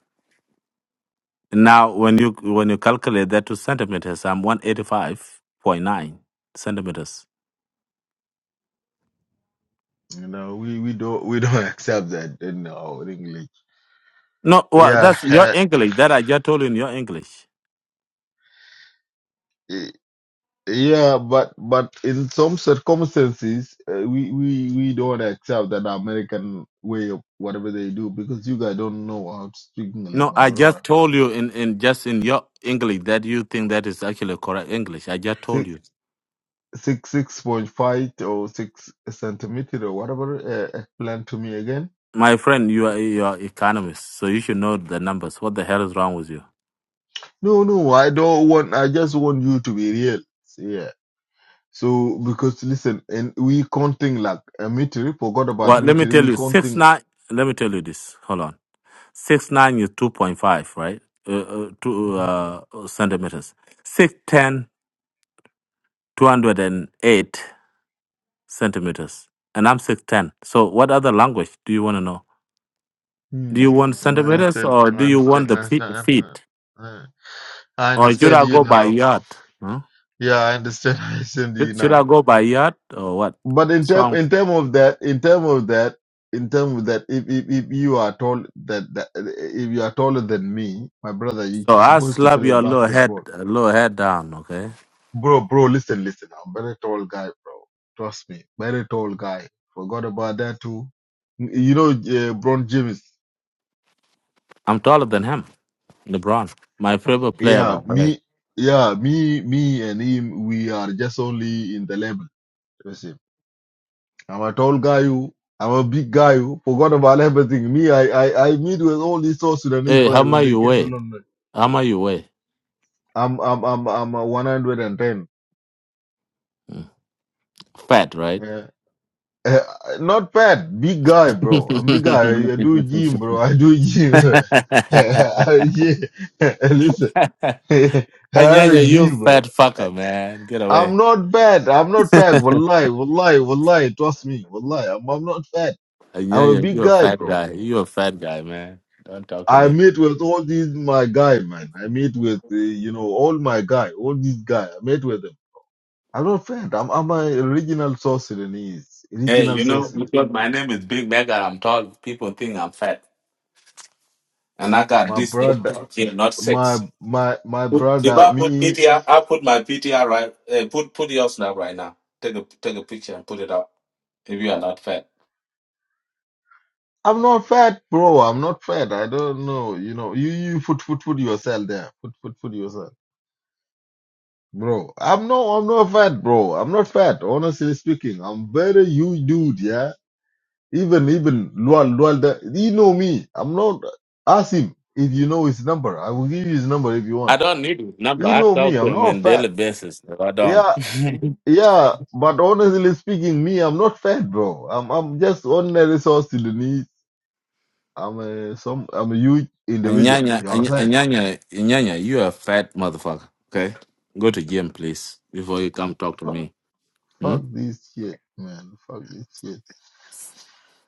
[SPEAKER 8] Now, when you when you calculate that to centimeters, I'm one eighty five point nine centimeters.
[SPEAKER 7] You know, we we don't we don't accept that in our English.
[SPEAKER 8] No, well,
[SPEAKER 7] Yeah,
[SPEAKER 8] that's your English. That I just told you in your English.
[SPEAKER 7] uh, Yeah, but but in some circumstances, uh, we we we don't accept that American way of whatever they do because you guys don't know how to speak English,
[SPEAKER 8] No,
[SPEAKER 7] my
[SPEAKER 8] I
[SPEAKER 7] brother.
[SPEAKER 8] just told you in, in just in your English that you think that is actually correct English. I just told
[SPEAKER 7] Six
[SPEAKER 8] you,
[SPEAKER 7] six six point five or six centimeter or whatever. Uh, explain to me again.
[SPEAKER 8] my friend, you are you are economist, so you should know the numbers. What the hell is wrong with you?
[SPEAKER 7] No, no, I don't want. I just want you to be real. Yeah. So because listen, and we counting like a meter. Forgot about
[SPEAKER 8] Well, let me
[SPEAKER 7] meter.
[SPEAKER 8] tell
[SPEAKER 7] We
[SPEAKER 8] you, six
[SPEAKER 7] counting.
[SPEAKER 8] nine. Let me tell you this. Hold on, six nine is two point five, right? Uh, uh, two
[SPEAKER 7] Mhm.
[SPEAKER 8] uh, centimeters. Six ten 208 centimeters and i'm 610 so what other language do you want to know do you
[SPEAKER 7] Hmm.
[SPEAKER 8] want
[SPEAKER 7] I
[SPEAKER 8] centimeters
[SPEAKER 7] understand.
[SPEAKER 8] or
[SPEAKER 7] I
[SPEAKER 8] do you want
[SPEAKER 7] understand. I
[SPEAKER 8] the feet,
[SPEAKER 7] understand. I understand.
[SPEAKER 8] feet?
[SPEAKER 7] Uh, I
[SPEAKER 8] or should
[SPEAKER 7] understand
[SPEAKER 8] i
[SPEAKER 7] you
[SPEAKER 8] go by
[SPEAKER 7] now.
[SPEAKER 8] yard huh?
[SPEAKER 7] Yeah, I understand. I understand you
[SPEAKER 8] should, should
[SPEAKER 7] now.
[SPEAKER 8] i go by yard or what
[SPEAKER 7] But in term
[SPEAKER 8] so,
[SPEAKER 7] in term of that, in term of that, in term of that, if if, if you are tall that, that if you are taller than me, my brother, you-
[SPEAKER 8] so
[SPEAKER 7] you're
[SPEAKER 8] i
[SPEAKER 7] supposed to
[SPEAKER 8] slap
[SPEAKER 7] play
[SPEAKER 8] your little head
[SPEAKER 7] basketball,
[SPEAKER 8] little head down okay
[SPEAKER 7] bro. Bro, listen, listen. I'm very tall guy, bro. Trust me, very tall guy. Forgot about that too. You know, uh, Bron James.
[SPEAKER 8] i'm taller than him lebron my favorite player
[SPEAKER 7] Yeah,
[SPEAKER 8] by the way
[SPEAKER 7] me. Yeah, me, me and him. We are just only in the level. I'm a tall guy who I'm a big guy who forgot about everything. Me, I, I, I meet with all these South Sudanese
[SPEAKER 8] hey how
[SPEAKER 7] players when
[SPEAKER 8] much
[SPEAKER 7] they
[SPEAKER 8] you
[SPEAKER 7] came to
[SPEAKER 8] weigh
[SPEAKER 7] London.
[SPEAKER 8] how much you weigh
[SPEAKER 7] I'm I'm I'm I'm a 110.
[SPEAKER 8] Mm, fat right
[SPEAKER 7] Yeah. Eh, not fat, big guy, bro. I'm big guy. I, I do gym, bro. I do gym. I- yeah. Listen, I have a
[SPEAKER 8] Anyanya, you
[SPEAKER 7] gym, bro.
[SPEAKER 8] fat
[SPEAKER 7] Eh,
[SPEAKER 8] fucker, man. Get
[SPEAKER 7] I'm
[SPEAKER 8] away.
[SPEAKER 7] not fat. I'm not fat. Wallahi, wallahi, wallahi. Trust me, wallahi. I'm, I'm not fat. I'm a
[SPEAKER 8] Anyanya,
[SPEAKER 7] big
[SPEAKER 8] you a
[SPEAKER 7] guy,
[SPEAKER 8] fat
[SPEAKER 7] bro.
[SPEAKER 8] guy. You a fat guy, man. Don't talk to
[SPEAKER 7] I
[SPEAKER 8] me.
[SPEAKER 7] meet with all these my guy, man. I meet with uh, you know all my guy, all these guy. I meet with them. I'm not friend. I'm I'm a original South Sudanese,
[SPEAKER 8] Hey,
[SPEAKER 7] original
[SPEAKER 8] you
[SPEAKER 7] South
[SPEAKER 8] know,
[SPEAKER 7] Sudanese.
[SPEAKER 8] because my name is Big Mega, I'm tall. People think I'm fat. And I got
[SPEAKER 7] My
[SPEAKER 8] this eight
[SPEAKER 7] brother,
[SPEAKER 8] pack here, not
[SPEAKER 7] my
[SPEAKER 8] six.
[SPEAKER 7] my my
[SPEAKER 8] Put- If
[SPEAKER 7] brother,
[SPEAKER 8] I put
[SPEAKER 7] me.
[SPEAKER 8] PTR, I put my PTR right. Uh, put put yours now, right now. Take a take a picture and put it up. If you are not fat,
[SPEAKER 7] I'm not fat, bro. I'm not fat. I don't know. You know, you you put put put yourself there. Put put put yourself, bro. I'm no I'm not fat, bro. I'm not fat. Honestly speaking, I'm very huge dude. Yeah. Even even Lual Lual, that you know me. I'm not. Ask him if you know his number. I will give you his number if you
[SPEAKER 8] I
[SPEAKER 7] want.
[SPEAKER 8] don't need his number.
[SPEAKER 7] You
[SPEAKER 8] I
[SPEAKER 7] know me.
[SPEAKER 8] talk
[SPEAKER 7] I'm
[SPEAKER 8] to him
[SPEAKER 7] not
[SPEAKER 8] on
[SPEAKER 7] fat.
[SPEAKER 8] daily basis. I don't.
[SPEAKER 7] Yeah, yeah. But honestly speaking, me, I'm not fat, bro. I'm I'm just ordinary South Sudanese. I'm a some. I'm a huge
[SPEAKER 8] And
[SPEAKER 7] individual.
[SPEAKER 8] Nyanya,
[SPEAKER 7] You know what I'm
[SPEAKER 8] and
[SPEAKER 7] saying?
[SPEAKER 8] and Nyanya, and Nyanya, you a fat motherfucker. Okay, go to gym, please, before you come talk to
[SPEAKER 7] Fuck,
[SPEAKER 8] me. Hmm?
[SPEAKER 7] fuck this shit, man. Fuck this shit.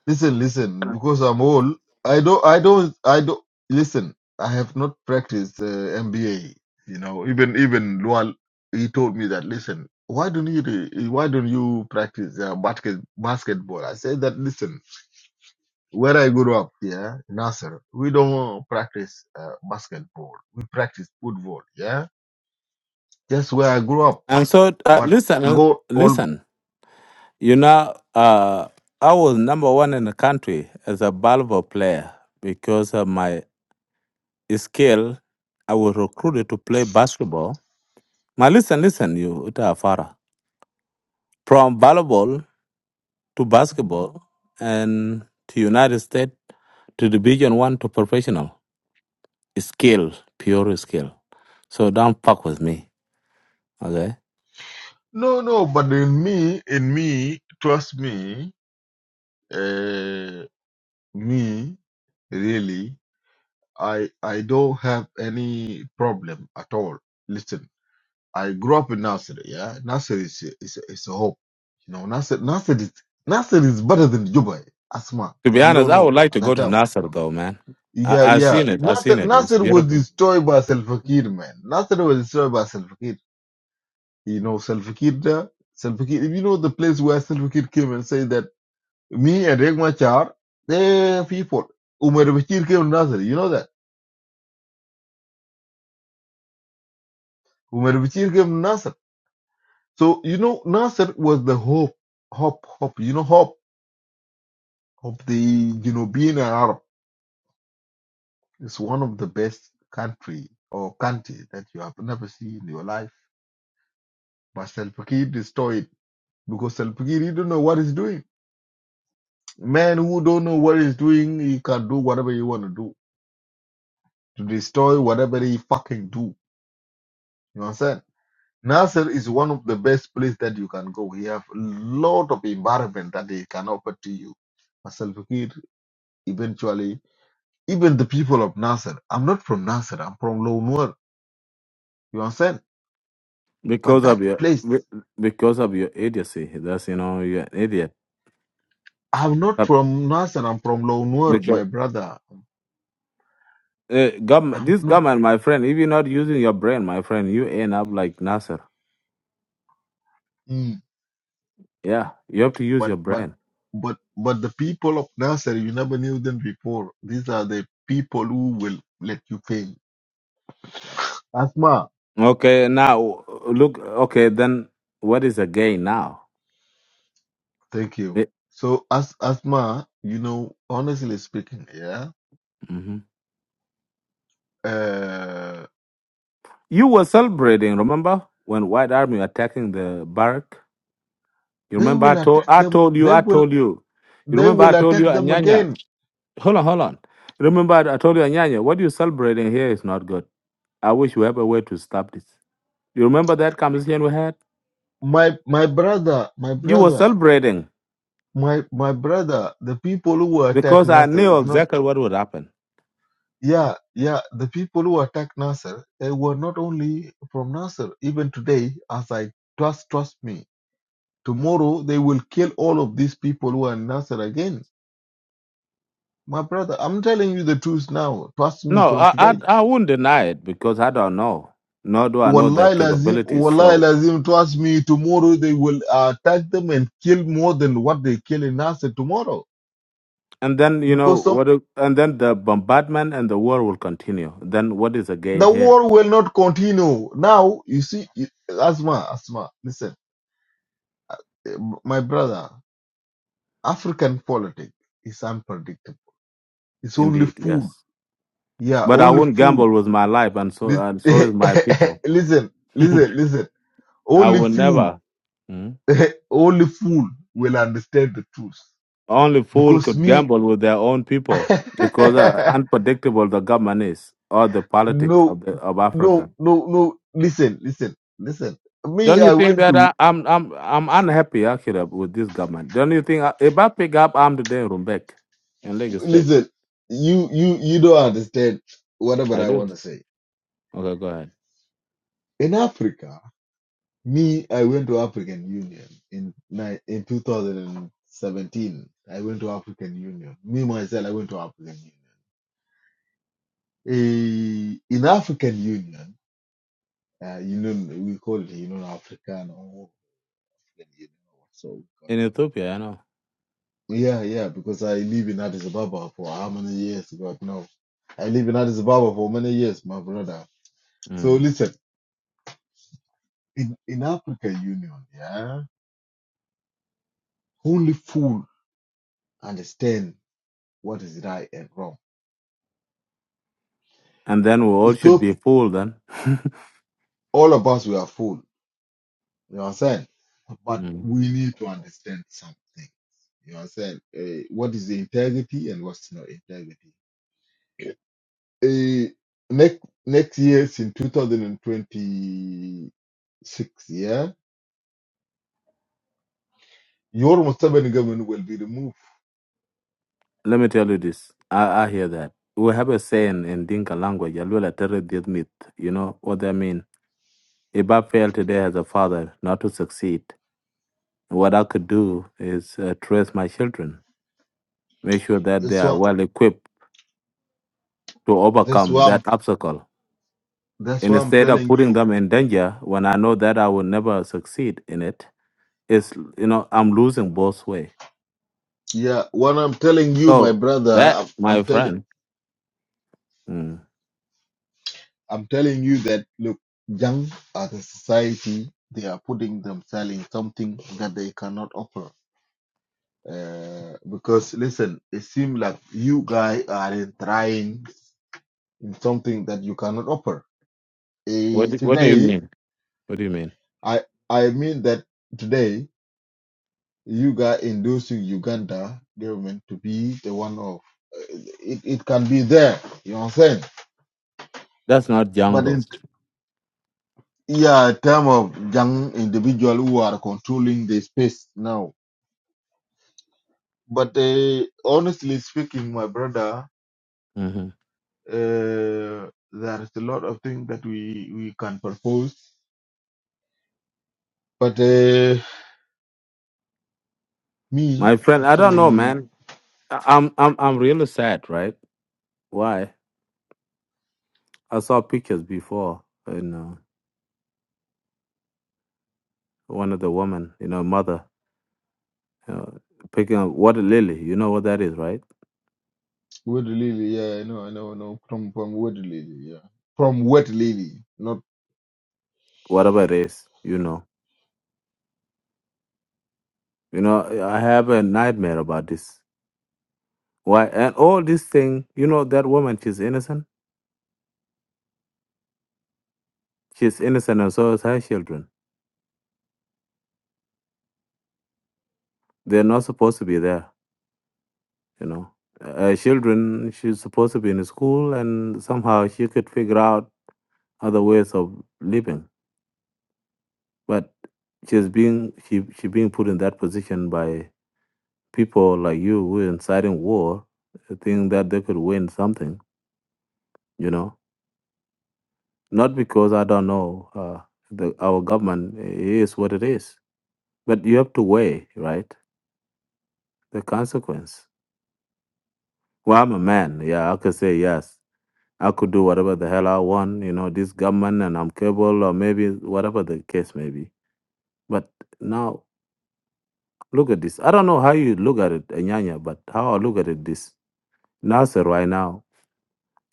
[SPEAKER 7] Listen, listen, because I'm old, I don't, I don't, I don't, listen, I have not practiced uh, MBA. You know, even, even Lual, he told me that, listen, why don't you, do- why don't you practice uh, basket, basketball? I said that, listen, where I grew up, yeah, Nasser, we don't practice uh, basketball. We practice football, yeah? That's where I grew up.
[SPEAKER 8] And so, uh,
[SPEAKER 7] But
[SPEAKER 8] listen, uh,
[SPEAKER 7] go all,
[SPEAKER 8] listen. You know, uh, I was number one in the country as a volleyball player because of my skill. I was recruited to play basketball. Now, listen, listen, you Uta Afara. From volleyball to basketball and to United States to Division One to professional. skill, pure skill. So don't fuck with me. Okay.
[SPEAKER 7] no, no, but in me, in me, trust me, uh, Me, really, I I don't have any problem at all. Listen, I grew up in Nasser. Yeah, Nasser is is is a hope. You know, Nasser Nasser is Nasser is better than Juba. Asma,
[SPEAKER 8] To be
[SPEAKER 7] if you
[SPEAKER 8] honest,
[SPEAKER 7] don't
[SPEAKER 8] I would
[SPEAKER 7] know
[SPEAKER 8] like to
[SPEAKER 7] at
[SPEAKER 8] go
[SPEAKER 7] that
[SPEAKER 8] to
[SPEAKER 7] time.
[SPEAKER 8] Nasser though, man. I,
[SPEAKER 7] Yeah,
[SPEAKER 8] I've
[SPEAKER 7] yeah.
[SPEAKER 8] seen it. I've
[SPEAKER 7] Nasser
[SPEAKER 8] seen it. It's
[SPEAKER 7] Nasser was
[SPEAKER 8] beautiful.
[SPEAKER 7] destroyed by Salva Kiir, man. Nasser was destroyed by Salva Kiir. You know, Salva Kiir. there- Salva Kiir. If you know the place where Salva Kiir came and said that me and Riek Machar, they're people. Umar Bashir came to Nasser. You know that. Umar Bashir gave Nasser. So, you know, Nasser was the hope, hope, hope, you know, hope of the Genobian Arab. It's one of the best country or country that you have never seen in your life. But Salpakir destroyed it because Salpakir, you don't know what he's doing. Man who don't know what he's doing, he can do whatever he want to do to destroy whatever he fucking do. You understand? Nasser is one of the best place that you can go. He have a lot of environment that he can offer to you. But Salva Kiir eventually, even the people of Nasser, I'm not from Nasser, I'm from Lounwer, you understand? But
[SPEAKER 8] Because of
[SPEAKER 7] that
[SPEAKER 8] your
[SPEAKER 7] place,
[SPEAKER 8] be- because of your idiocy. That's you know, you're an idiot.
[SPEAKER 7] I'm not
[SPEAKER 8] But
[SPEAKER 7] from Nasser, I'm from Lounwer,
[SPEAKER 8] because
[SPEAKER 7] my brother.
[SPEAKER 8] uh, government,
[SPEAKER 7] I'm
[SPEAKER 8] this
[SPEAKER 7] not,
[SPEAKER 8] government, my friend, if you're not using your brain, my friend, you end up like Nasser.
[SPEAKER 7] Mm,
[SPEAKER 8] Yeah. You have to use
[SPEAKER 7] but,
[SPEAKER 8] your
[SPEAKER 7] but,
[SPEAKER 8] brain.
[SPEAKER 7] but, but the people of Nasser, you never knew them before. These are the people who will let you fail. Asma,
[SPEAKER 8] Okay, now look okay, then what is the gain now?
[SPEAKER 7] thank you. So, as Asma, you know, honestly speaking, yeah, uh,
[SPEAKER 8] You were celebrating, remember, when White Army attacking the barrack? You
[SPEAKER 7] they
[SPEAKER 8] remember I
[SPEAKER 7] will
[SPEAKER 8] told
[SPEAKER 7] attack
[SPEAKER 8] I
[SPEAKER 7] them.
[SPEAKER 8] told you,
[SPEAKER 7] They
[SPEAKER 8] I
[SPEAKER 7] will,
[SPEAKER 8] told you. You
[SPEAKER 7] they
[SPEAKER 8] remember I
[SPEAKER 7] will
[SPEAKER 8] told you
[SPEAKER 7] attack them
[SPEAKER 8] Anyanya.
[SPEAKER 7] again
[SPEAKER 8] Hold on, hold on. You remember I I told you Anyanya, what you celebrating here is not good. I wish we have a way to stop this. You remember that conversation we had?
[SPEAKER 7] my my brother, my
[SPEAKER 8] You were
[SPEAKER 7] brother,
[SPEAKER 8] celebrating
[SPEAKER 7] my my brother, the people who attack
[SPEAKER 8] because I
[SPEAKER 7] Nasser
[SPEAKER 8] knew
[SPEAKER 7] is not
[SPEAKER 8] exactly what would happen.
[SPEAKER 7] yeah, yeah, the people who attack Nasser they were not only from Nasser. Even today, as I trust trust me, tomorrow they will kill all of these people who are in Nasser again. My brother, I'm telling you the truth now. Trust me
[SPEAKER 8] No,
[SPEAKER 7] from
[SPEAKER 8] I I,
[SPEAKER 7] today.
[SPEAKER 8] I wouldn't deny it because I don't know. Nor do I know their
[SPEAKER 7] Wallahi lazim,
[SPEAKER 8] capabilities.
[SPEAKER 7] wallahi
[SPEAKER 8] So.
[SPEAKER 7] lazim, trust me, tomorrow they will attack them and kill more than what they kill in Nasser tomorrow
[SPEAKER 8] And then you know
[SPEAKER 7] because some.
[SPEAKER 8] what? do- And then the bombardment and the war will continue. Then what is the gain
[SPEAKER 7] the
[SPEAKER 8] here?
[SPEAKER 7] war will not continue. Now, you see, you- Asma, Asma, listen, eh, my brother, African politics is unpredictable. It's only
[SPEAKER 8] Indeed,
[SPEAKER 7] fool.
[SPEAKER 8] yes.
[SPEAKER 7] Yeah,
[SPEAKER 8] But I
[SPEAKER 7] only
[SPEAKER 8] won't gamble
[SPEAKER 7] fool.
[SPEAKER 8] with my life, and so
[SPEAKER 7] Lis-
[SPEAKER 8] and so is my people.
[SPEAKER 7] listen, listen, listen.
[SPEAKER 8] I
[SPEAKER 7] Only
[SPEAKER 8] will
[SPEAKER 7] fool,
[SPEAKER 8] never. Mm.
[SPEAKER 7] only fool will understand the truth.
[SPEAKER 8] Only fool
[SPEAKER 7] Because
[SPEAKER 8] could
[SPEAKER 7] me,
[SPEAKER 8] gamble with their own people because uh, unpredictable the government is or the politics
[SPEAKER 7] no, no,
[SPEAKER 8] of the, of Africa.
[SPEAKER 7] no, no. Listen, listen, listen. Me,
[SPEAKER 8] Don't you
[SPEAKER 7] I
[SPEAKER 8] think
[SPEAKER 7] went
[SPEAKER 8] that
[SPEAKER 7] to
[SPEAKER 8] I, I'm I'm I'm unhappy actually with this government? Don't you think I, if I pick up arm today in Rumbek in Lagos State,
[SPEAKER 7] Listen, you you you don't understand whatever
[SPEAKER 8] I
[SPEAKER 7] I
[SPEAKER 8] do.
[SPEAKER 7] want to say.
[SPEAKER 8] Okay, go ahead.
[SPEAKER 7] In Africa, me, I went to African Union in ni- in 2017. I went to African Union. Me myself, I went to African Union. Eh, in African Union, uh, you know, we call it, you know, African or African Union, or so we call it.
[SPEAKER 8] in Ethiopia, I know.
[SPEAKER 7] Yeah, yeah, because I live in Addis Ababa for how many years? God knows. I live in Addis Ababa for many years, my brother. So
[SPEAKER 8] Mm.
[SPEAKER 7] listen. in in African Union, yeah, only fool understand what is right and wrong.
[SPEAKER 8] And then we all
[SPEAKER 7] It
[SPEAKER 8] should
[SPEAKER 7] took
[SPEAKER 8] be fooled then.
[SPEAKER 7] all of us we are fool. You know what I'm saying? But
[SPEAKER 8] Mm.
[SPEAKER 7] we need to understand something. You know what I'm saying? Uh, what is the integrity and what's not integrity? Uh, next next year, in 2026, yeah, your Museveni government will be removed.
[SPEAKER 8] Let me tell you this. I, I hear that. We have a saying in Dinka language, Yalwela Tere Diet Myth. You know what that mean? If I fail today as a father not to succeed, what I could do is uh, trace my children, make sure that they
[SPEAKER 7] That's
[SPEAKER 8] are
[SPEAKER 7] why
[SPEAKER 8] well equipped to
[SPEAKER 7] that's
[SPEAKER 8] overcome
[SPEAKER 7] why
[SPEAKER 8] that
[SPEAKER 7] I'm
[SPEAKER 8] obstacle.
[SPEAKER 7] that's why I'm
[SPEAKER 8] Instead of
[SPEAKER 7] telling
[SPEAKER 8] putting
[SPEAKER 7] you.
[SPEAKER 8] them in danger when I know that I will never succeed in it, it's, you know, I'm losing both way.
[SPEAKER 7] Yeah, what I'm telling you, my
[SPEAKER 8] So
[SPEAKER 7] brother,
[SPEAKER 8] that,
[SPEAKER 7] I'm, I'm
[SPEAKER 8] my
[SPEAKER 7] telling
[SPEAKER 8] friend, Mm.
[SPEAKER 7] I'm telling you that look, young as a society, they are putting themselves in something that they cannot offer. Uh, because listen, it seems like you guys are in trying in something that you cannot offer.
[SPEAKER 8] What
[SPEAKER 7] Eh,
[SPEAKER 8] do, What do you
[SPEAKER 7] today,
[SPEAKER 8] mean? What do you mean?
[SPEAKER 7] I I mean that today you guys inducing Uganda government to be the one of eh, it, it can be there. You know what I'm saying?
[SPEAKER 8] That's not young
[SPEAKER 7] But
[SPEAKER 8] though.
[SPEAKER 7] in Yeah, term of young individual who are controlling the space now. But uh, honestly speaking, my brother,
[SPEAKER 8] hmm
[SPEAKER 7] uh, there is a lot of things that we we can propose. But uh, me,
[SPEAKER 8] My
[SPEAKER 7] I'm
[SPEAKER 8] friend, I don't
[SPEAKER 7] telling
[SPEAKER 8] know,
[SPEAKER 7] you,
[SPEAKER 8] man. I- I'm I'm I'm really sad, right? Why? I saw pictures before, you know, one of the women, you know, mother, you know, picking up water lily. You know what that is, right?
[SPEAKER 7] word lily. Yeah, I know, I know, I know. From from word lily. Yeah, from word lily. Not.
[SPEAKER 8] Whatever it is, you know, you know. I have a nightmare about this. Why? And all this thing, you know, that woman, she's innocent. She's innocent, and so is her children. They're not supposed to be there. you know uh, children she's supposed to be in school and somehow she could figure out other ways of living but she's being she she being put in that position by people like you who are inciting war think that they could win something you know not because i don't know uh, the, our government is what it is but you have to weigh right the consequence well i'm a man yeah i could say yes I could do whatever the hell I want, you know, this government and I'm capable or maybe whatever the case may be. But now look at this. I don't know how you look at it, Anyanya, but how I look at it this Nasser right now.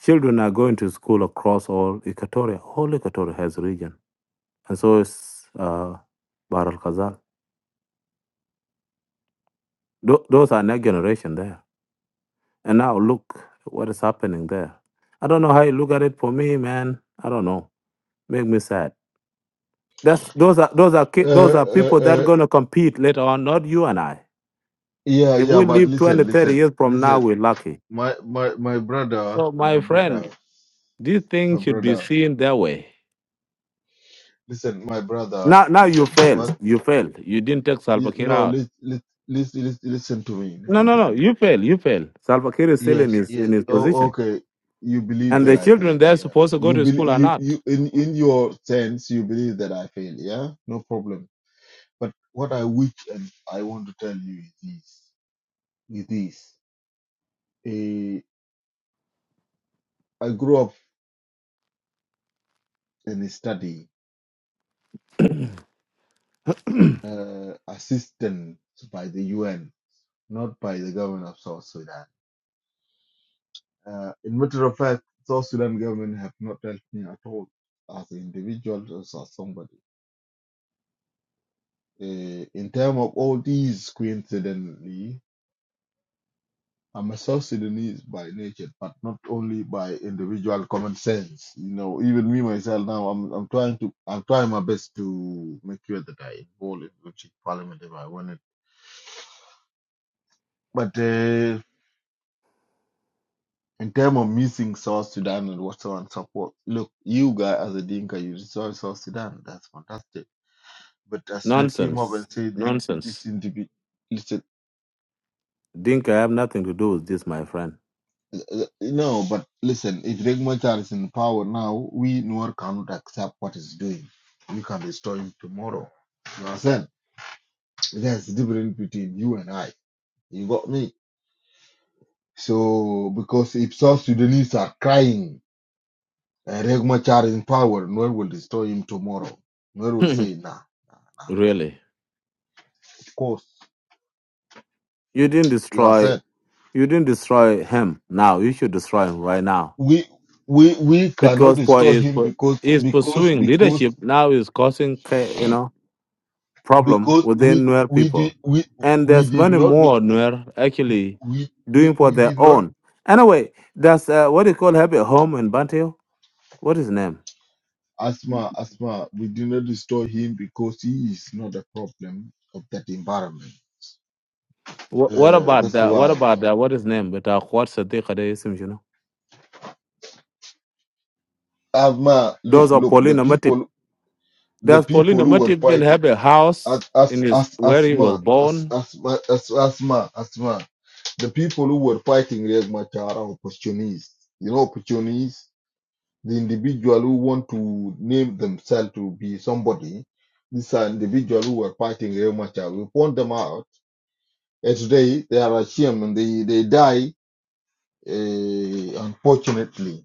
[SPEAKER 8] Children are going to school across all Equatoria. All Equatoria has region. And so is uh Bahr al Khazal. Tho- those are next generation there. And now look what is happening there. I don't know how you look at it for me, man. I don't know. Make me sad. That's those are those are ki- those
[SPEAKER 7] Uh,
[SPEAKER 8] are
[SPEAKER 7] uh,
[SPEAKER 8] people that are
[SPEAKER 7] uh,
[SPEAKER 8] gonna compete later on, not you and I.
[SPEAKER 7] yeah,
[SPEAKER 8] If
[SPEAKER 7] yeah.
[SPEAKER 8] we
[SPEAKER 7] But
[SPEAKER 8] live 20,
[SPEAKER 7] listen,
[SPEAKER 8] 30
[SPEAKER 7] listen,
[SPEAKER 8] years from now,
[SPEAKER 7] listen.
[SPEAKER 8] we're lucky.
[SPEAKER 7] My my my brother,
[SPEAKER 8] So
[SPEAKER 7] my
[SPEAKER 8] my
[SPEAKER 7] brother,
[SPEAKER 8] friend, these
[SPEAKER 7] my
[SPEAKER 8] things should be
[SPEAKER 7] brother.
[SPEAKER 8] seen that way.
[SPEAKER 7] Listen, my brother.
[SPEAKER 8] Now now you
[SPEAKER 7] Listen,
[SPEAKER 8] failed.
[SPEAKER 7] what?
[SPEAKER 8] You failed. You didn't take Salva
[SPEAKER 7] you-
[SPEAKER 8] Kiir
[SPEAKER 7] No,
[SPEAKER 8] out.
[SPEAKER 7] Let, let, listen, listen, listen to me.
[SPEAKER 8] No,
[SPEAKER 7] Listen
[SPEAKER 8] no,
[SPEAKER 7] to
[SPEAKER 8] no.
[SPEAKER 7] me.
[SPEAKER 8] You fail. You fail. Salva Kiir is still in
[SPEAKER 7] Yes,
[SPEAKER 8] his in
[SPEAKER 7] yes.
[SPEAKER 8] his
[SPEAKER 7] Oh,
[SPEAKER 8] position.
[SPEAKER 7] okay. You believe
[SPEAKER 8] And
[SPEAKER 7] that
[SPEAKER 8] the
[SPEAKER 7] I
[SPEAKER 8] children
[SPEAKER 7] failed.
[SPEAKER 8] they're
[SPEAKER 7] Yeah.
[SPEAKER 8] supposed to go
[SPEAKER 7] You
[SPEAKER 8] to
[SPEAKER 7] believe
[SPEAKER 8] school are
[SPEAKER 7] you
[SPEAKER 8] not.
[SPEAKER 7] you in in your sense you believe that I failed. Yeah. No problem. But what I wish and I want to tell you is this. Is this? Eh, I grew up in a study uh, assistance by the UN, not by the government of South Sudan. Uh, in matter of fact, South Sudan government have not helped me at all as an individual, as, as somebody. Uh, in terms of all these, coincidentally, I'm a South Sudanese by nature, but not only by individual common sense. You know, even me myself now, I'm I'm trying to I'm trying my best to make sure that I involve in the parliament if I want it. But uh, in terms of missing South Sudan and whatsoever and support, look, you guys as a Dinka, you resolve South Sudan. That's fantastic But as you came up
[SPEAKER 8] Nonsense.
[SPEAKER 7] and say this, this
[SPEAKER 8] Nonsense.
[SPEAKER 7] individual, listen,
[SPEAKER 8] Dinka, I have nothing to do with this, my friend.
[SPEAKER 7] uh, uh, no, but listen, if Riek Machar is in power now, we Nuer cannot accept what he's doing. We can destroy him tomorrow. You understand? There's a difference between you and I. You got me? So, because if South Sudanese are crying, uh, Riek Machar is in power, Nuer will destroy him tomorrow. Nuer will say, nah,
[SPEAKER 8] really.
[SPEAKER 7] of course.
[SPEAKER 8] You didn't
[SPEAKER 7] You
[SPEAKER 8] destroy
[SPEAKER 7] understand?
[SPEAKER 8] You didn't destroy him now. You should destroy him right now
[SPEAKER 7] We, we, we cannot
[SPEAKER 8] because Paul
[SPEAKER 7] destroy
[SPEAKER 8] is
[SPEAKER 7] him
[SPEAKER 8] pu-
[SPEAKER 7] because,
[SPEAKER 8] is
[SPEAKER 7] because,
[SPEAKER 8] pursuing
[SPEAKER 7] because
[SPEAKER 8] leadership now is causing ca- you know problem
[SPEAKER 7] because
[SPEAKER 8] within
[SPEAKER 7] we
[SPEAKER 8] Nuer
[SPEAKER 7] we did
[SPEAKER 8] people,
[SPEAKER 7] we
[SPEAKER 8] and
[SPEAKER 7] we
[SPEAKER 8] there's
[SPEAKER 7] did
[SPEAKER 8] many
[SPEAKER 7] not we
[SPEAKER 8] more Nuer actually
[SPEAKER 7] we,
[SPEAKER 8] doing for
[SPEAKER 7] we
[SPEAKER 8] their
[SPEAKER 7] did not
[SPEAKER 8] own. Anyway, that's uh, what you call have a home in Bantio. What is his name?
[SPEAKER 7] asthma asthma we did not destroy him because he is not a problem of that environment
[SPEAKER 8] What, what
[SPEAKER 7] uh,
[SPEAKER 8] about
[SPEAKER 7] that's
[SPEAKER 8] that? What
[SPEAKER 7] why
[SPEAKER 8] about that? What is his name? But uh, what's the thing that is him, you know?
[SPEAKER 7] asthma look
[SPEAKER 8] Those are
[SPEAKER 7] look the
[SPEAKER 8] Paulina Matip.
[SPEAKER 7] people the
[SPEAKER 8] Does
[SPEAKER 7] people
[SPEAKER 8] Paulina
[SPEAKER 7] who were
[SPEAKER 8] Matip been
[SPEAKER 7] fighting
[SPEAKER 8] have a house
[SPEAKER 7] as
[SPEAKER 8] in
[SPEAKER 7] as
[SPEAKER 8] his
[SPEAKER 7] as
[SPEAKER 8] where he was
[SPEAKER 7] asthma as
[SPEAKER 8] born?
[SPEAKER 7] asthma as asthma asthma the people who were fighting Riek Machar are opportunists you know opportunists the individual who want to name themselves to be somebody, these are individuals who were fighting Real Machar. We point them out. And today they are ashamed and they, they die, uh, unfortunately.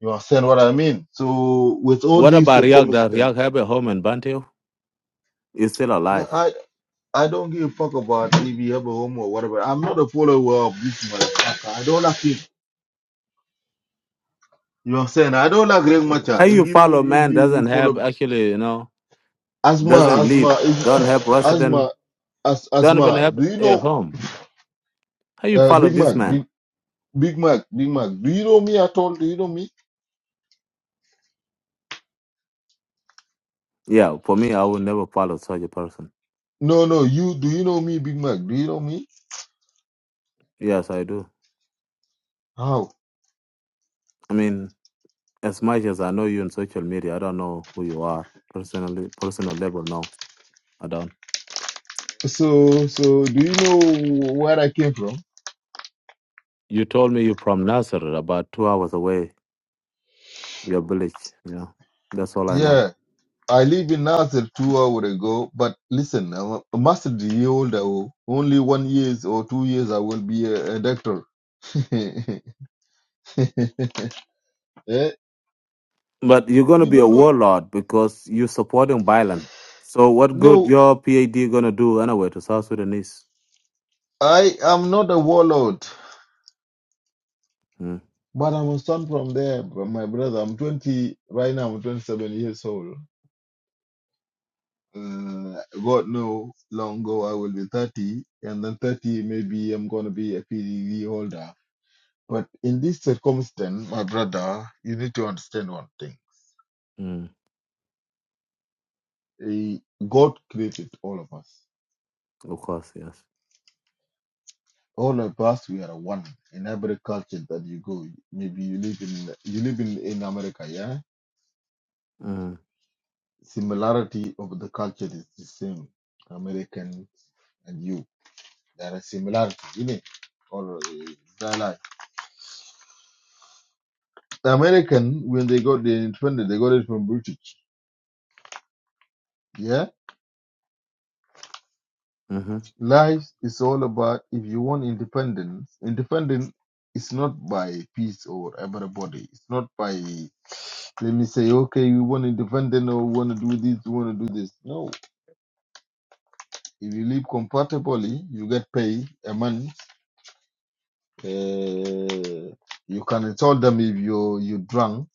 [SPEAKER 7] You understand what I mean? So with all
[SPEAKER 8] What
[SPEAKER 7] these
[SPEAKER 8] about Riak? Does
[SPEAKER 7] circumstances,
[SPEAKER 8] Riak have a home in Bantu? He's still alive.
[SPEAKER 7] I, I don't give a fuck about if you have a home or whatever. I'm not a follower of this motherfucker. I don't like it. You understand? I don't like Real
[SPEAKER 8] How
[SPEAKER 7] Machar. If
[SPEAKER 8] you
[SPEAKER 7] you,
[SPEAKER 8] follow
[SPEAKER 7] if
[SPEAKER 8] man
[SPEAKER 7] you, you
[SPEAKER 8] doesn't have
[SPEAKER 7] follow
[SPEAKER 8] actually, you know,
[SPEAKER 7] Asma,
[SPEAKER 8] doesn't live,
[SPEAKER 7] Asma, if,
[SPEAKER 8] don't have resident,
[SPEAKER 7] Asma, As,
[SPEAKER 8] don't even
[SPEAKER 7] Asma,
[SPEAKER 8] have
[SPEAKER 7] do you
[SPEAKER 8] a
[SPEAKER 7] know
[SPEAKER 8] home. How you
[SPEAKER 7] Uh,
[SPEAKER 8] follow
[SPEAKER 7] Big
[SPEAKER 8] this
[SPEAKER 7] Mac,
[SPEAKER 8] man?
[SPEAKER 7] Big, Big Mac, Big Mac. Do you know me at all? Do you know me?
[SPEAKER 8] Yeah, for me, I will never follow such a person.
[SPEAKER 7] No, no. You do you know me, Big Mac? Do you know me?
[SPEAKER 8] Yes, I do.
[SPEAKER 7] How?
[SPEAKER 8] I mean, as much as I know you on social media, I don't know who you are personally, personal level. No, I don't.
[SPEAKER 7] So, so do you know where I came from?
[SPEAKER 8] You told me you're from Nasser, about two hours away, your village. Yeah, that's all I know.
[SPEAKER 7] Yeah, I live in Nazareth two hours ago. But listen, I'm a master year old. oh. Only one years or two years, I will be a, a doctor. Eh?
[SPEAKER 8] But you're gonna
[SPEAKER 7] You
[SPEAKER 8] be a
[SPEAKER 7] don't know?
[SPEAKER 8] warlord because you're supporting violence. So what good
[SPEAKER 7] No,
[SPEAKER 8] your PAD gonna do anyway to South Sudanese?
[SPEAKER 7] I am not a warlord.
[SPEAKER 8] Mm,
[SPEAKER 7] But I'm a son from there, bro, my brother. I'm 20 right now. I'm 27 years old. Uh, God know, long ago I will be 30, and then 30 maybe I'm gonna be a PDD holder. But in this circumstance, my brother, you need to understand one thing.
[SPEAKER 8] mm,
[SPEAKER 7] Eh, God created all of us.
[SPEAKER 8] of course, yes.
[SPEAKER 7] All of us, we are one. In every culture that you go, maybe you live in you live in, in America, yeah.
[SPEAKER 8] Mm,
[SPEAKER 7] Similarity of the culture is the same. American and you, there are similarities in it, or uh, dialect. The American, when they got the independence, they got it from British. Yeah,
[SPEAKER 8] hmm
[SPEAKER 7] life is all about if you want independence. Independence is not by peace or everybody. It's not by let me say, okay, we want independence or we want to do this, we want to do this. No, if you live comfortably, you get paid a month. Uh, you can tell them if you you drunk,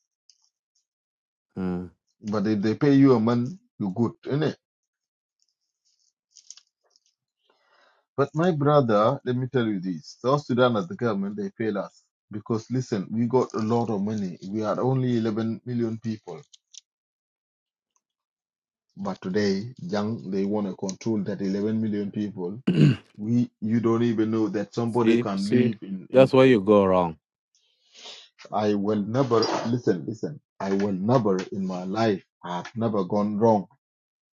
[SPEAKER 8] mm.
[SPEAKER 7] but if they pay you a month, you good, innit? But my brother, let me tell you this: South Sudan as the government, they fail us because listen, we got a lot of money. We are only 11 million people, but today, young, they want to control that 11 million people. We, you don't even know that somebody
[SPEAKER 8] see,
[SPEAKER 7] can
[SPEAKER 8] see,
[SPEAKER 7] live in.
[SPEAKER 8] that's
[SPEAKER 7] in
[SPEAKER 8] where you go wrong.
[SPEAKER 7] I will never listen. Listen, I will never in my life. I have never gone wrong.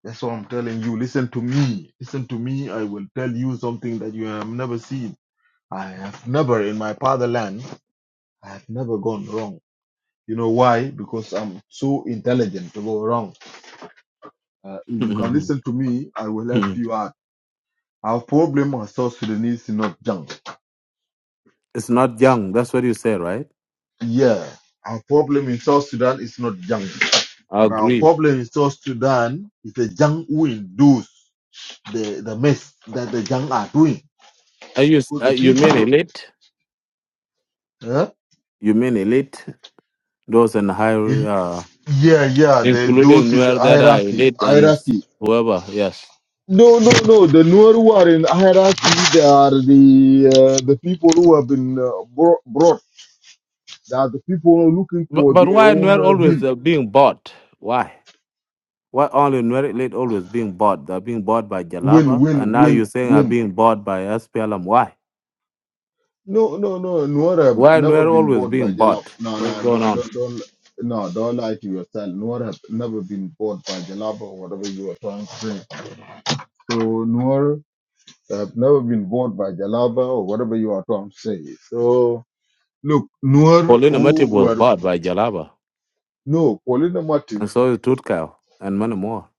[SPEAKER 7] That's what I'm telling you. Listen to me. Listen to me. I will tell you something that you have never seen. I have never in my fatherland. I have never gone wrong. You know why? Because I'm so intelligent to go wrong. Uh, if you can listen to me, I will help you out. Our problem in South Sudan is not junk.
[SPEAKER 8] it's not young. That's what you say, right?
[SPEAKER 7] Yeah, our problem in South Sudan is not junk.
[SPEAKER 8] I
[SPEAKER 7] But our
[SPEAKER 8] agree.
[SPEAKER 7] problem in South Sudan is the junk who induce the, the mess that the junk are doing.
[SPEAKER 8] Are you s-
[SPEAKER 7] Because
[SPEAKER 8] uh,
[SPEAKER 7] the
[SPEAKER 8] you mean
[SPEAKER 7] people,
[SPEAKER 8] elite?
[SPEAKER 7] huh?
[SPEAKER 8] You mean elite? Those in high,
[SPEAKER 7] in,
[SPEAKER 8] uh,
[SPEAKER 7] yeah, yeah, they
[SPEAKER 8] including
[SPEAKER 7] those in
[SPEAKER 8] Nuer that are
[SPEAKER 7] hierarchy,
[SPEAKER 8] elite and s-
[SPEAKER 7] hierarchy.
[SPEAKER 8] whoever. Yes.
[SPEAKER 7] No, no, no. The Nuer who are in hierarchy, they are the uh, the people who have been uh, bro- brought. They are the people who are looking
[SPEAKER 8] But
[SPEAKER 7] for
[SPEAKER 8] but
[SPEAKER 7] their
[SPEAKER 8] why
[SPEAKER 7] own
[SPEAKER 8] Nuer
[SPEAKER 7] uh,
[SPEAKER 8] always
[SPEAKER 7] bill.
[SPEAKER 8] uh, being bought? Why? Why only Nuer elite always being bought? They're being bought by
[SPEAKER 7] Win,
[SPEAKER 8] Jalaba, and
[SPEAKER 7] win,
[SPEAKER 8] now you're
[SPEAKER 7] win,
[SPEAKER 8] saying are
[SPEAKER 7] win.
[SPEAKER 8] being bought by SPLM. Why?
[SPEAKER 7] No, no, no. Nuer have
[SPEAKER 8] Why
[SPEAKER 7] never
[SPEAKER 8] Nuer
[SPEAKER 7] been
[SPEAKER 8] always
[SPEAKER 7] bought
[SPEAKER 8] being
[SPEAKER 7] by Jalap.
[SPEAKER 8] bought?
[SPEAKER 7] No,
[SPEAKER 8] What's
[SPEAKER 7] no,
[SPEAKER 8] going
[SPEAKER 7] don't,
[SPEAKER 8] on?
[SPEAKER 7] don't, don't. No, don't lie to yourself. Nuer have never been bought by Jalaba or whatever you are trying to say. So Nuer have never been bought by Jalaba or whatever you are trying to say. So look, Nuer
[SPEAKER 8] Paulina Matip
[SPEAKER 7] who
[SPEAKER 8] was
[SPEAKER 7] were
[SPEAKER 8] bought by Jalaba,
[SPEAKER 7] no, Paulina
[SPEAKER 8] and so is Tutkal, and many more.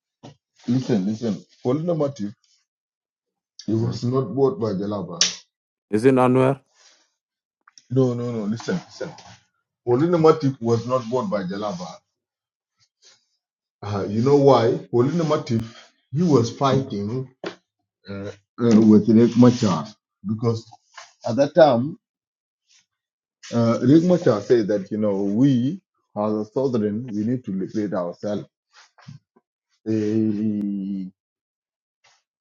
[SPEAKER 7] Listen, listen. Paulina Matip, he
[SPEAKER 8] Mm.
[SPEAKER 7] was not bought by Jalaba.
[SPEAKER 8] Is it not Nuer?
[SPEAKER 7] No, no, no. Listen, listen. Paulina Matip was not bought by Jalaba. Uh, you know why? Paulina Matip, he was fighting uh, uh, with Riek Machar because at that time, uh, Riek Machar said that, you know, we as a southern, we need to liberate ourselves. Eh,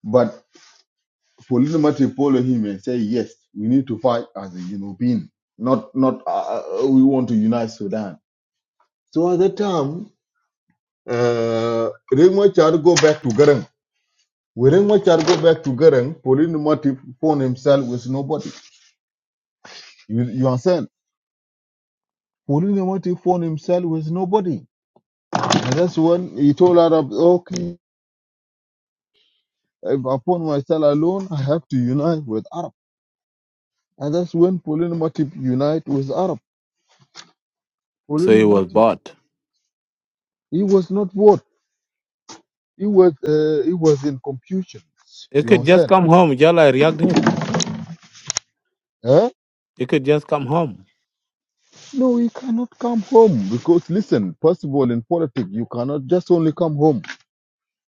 [SPEAKER 7] but Paulina Matip followed him and say, yes, we need to fight as a European. Not, not. Uh, uh, we want to unite Sudan So at that time, uh, Rengmachar go back to Garang. When Rengmachar go back to Garang, Pauline Motive found himself with nobody. You, you understand? Pauline Motive found himself with nobody. And that's when he told Arab, okay, if I found myself alone, I have to unite with Arab. And that's when Pauline Motive unite with Arab.
[SPEAKER 8] So he
[SPEAKER 7] Pauline
[SPEAKER 8] was
[SPEAKER 7] Motive,
[SPEAKER 8] bought.
[SPEAKER 7] he was not what? He was, uh, he was in confusion.
[SPEAKER 8] He
[SPEAKER 7] You
[SPEAKER 8] could just
[SPEAKER 7] understand?
[SPEAKER 8] come home, Jala Riak did.
[SPEAKER 7] Eh?
[SPEAKER 8] He could just come home.
[SPEAKER 7] No, he cannot come home because listen, first of all, in politics, you cannot just only come home.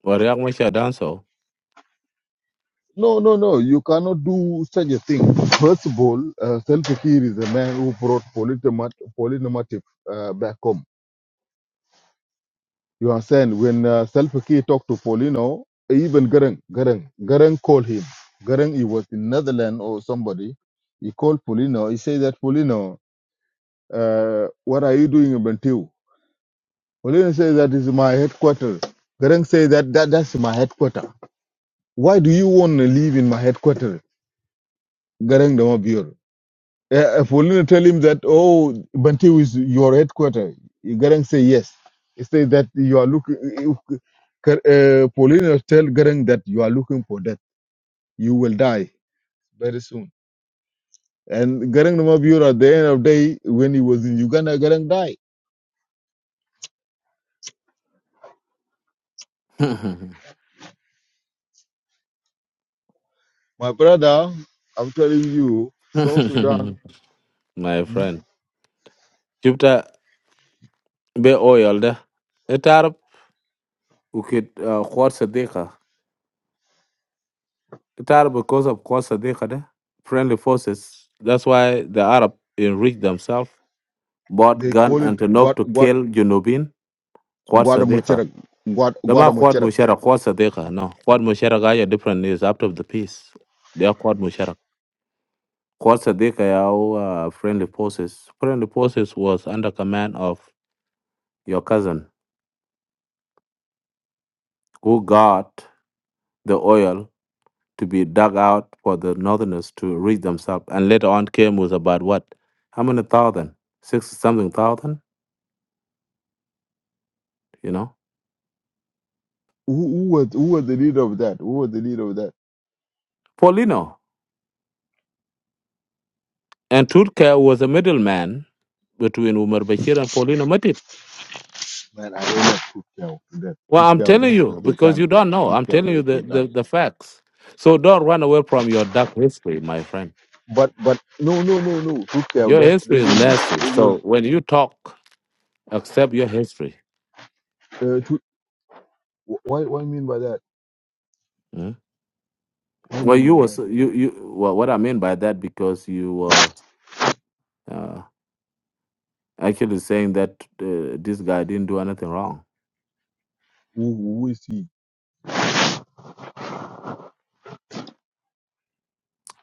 [SPEAKER 8] Or Riak Masha done so.
[SPEAKER 7] No, no, no, you cannot do such a thing. First of all, uh, Selfie Kiir is a man who brought polynomat- polynomative uh, back home. You understand? When uh, Selfie Kiir talked to Polino, even Garang, Garang, Garang called him. Garang, he was in Netherlands or somebody. He called Polino. He said that Polino, uh, what are you doing in Bentiu? Olin says that is my headquarters. Garang says that, that that's my headquarters. Why do you want to live in my headquarters? Garang Damabir. Uh, if Olin tell him that, oh, Bantu is your headquarters, Garang say yes. He says that you are looking, uh, Paulina tell Garang that you are looking for death. You will die very soon. And Garang Damabir at the end of the day, when he was in Uganda, Garang died. My brother, I'm telling you, South Sudan.
[SPEAKER 8] My
[SPEAKER 7] hmm?
[SPEAKER 8] friend. Jupiter be oiled. It Arab. We could, uh, Khwar Sadiqa. Qatar, because of course, the friendly forces. That's why the Arab enriched themselves, bought
[SPEAKER 7] They
[SPEAKER 8] gun
[SPEAKER 7] call it
[SPEAKER 8] and Tanop
[SPEAKER 7] Guad
[SPEAKER 8] to
[SPEAKER 7] Guad
[SPEAKER 8] kill Junubin, Quad Sadiqa.
[SPEAKER 7] Guadamucharak. Guad
[SPEAKER 8] The ma Quad
[SPEAKER 7] Guadamucharak.
[SPEAKER 8] Mushara, Quad Sadiqa. No, Quad Mushara Gaya different is after the peace. They are Quad Mushara. Quad Sadiqa, our uh, friendly forces. Friendly forces was under command of your cousin who got the oil to be dug out for the northerners to reach themselves. And later on came was about what? How many thousand? Six something thousand, you know?
[SPEAKER 7] Who, who was who was the leader of that? Who was the leader of that?
[SPEAKER 8] Paulino. And Turka was a middleman between Umar Bashir and Paulino Matip.
[SPEAKER 7] Man, I don't know Tooth Cow that.
[SPEAKER 8] Well,
[SPEAKER 7] Tooth
[SPEAKER 8] I'm
[SPEAKER 7] Cow
[SPEAKER 8] telling
[SPEAKER 7] da
[SPEAKER 8] you,
[SPEAKER 7] okay
[SPEAKER 8] because you
[SPEAKER 7] done.
[SPEAKER 8] don't know.
[SPEAKER 7] Tooth
[SPEAKER 8] I'm
[SPEAKER 7] Cow
[SPEAKER 8] telling
[SPEAKER 7] da
[SPEAKER 8] you the,
[SPEAKER 7] okay
[SPEAKER 8] the,
[SPEAKER 7] done.
[SPEAKER 8] the facts. So don't run away from your dark history, my friend.
[SPEAKER 7] But but no no no no Tooth Cow
[SPEAKER 8] Your
[SPEAKER 7] da they
[SPEAKER 8] history is
[SPEAKER 7] don't
[SPEAKER 8] nasty.
[SPEAKER 7] they
[SPEAKER 8] So
[SPEAKER 7] don't
[SPEAKER 8] when you talk, accept your history.
[SPEAKER 7] uh, tooth, why why mean by that?
[SPEAKER 8] mm?
[SPEAKER 7] What
[SPEAKER 8] Well,
[SPEAKER 7] mean
[SPEAKER 8] you
[SPEAKER 7] by
[SPEAKER 8] was
[SPEAKER 7] that?
[SPEAKER 8] you you well, what I mean by that because you were uh, actually saying that uh, this guy didn't do anything wrong.
[SPEAKER 7] Who, who is he?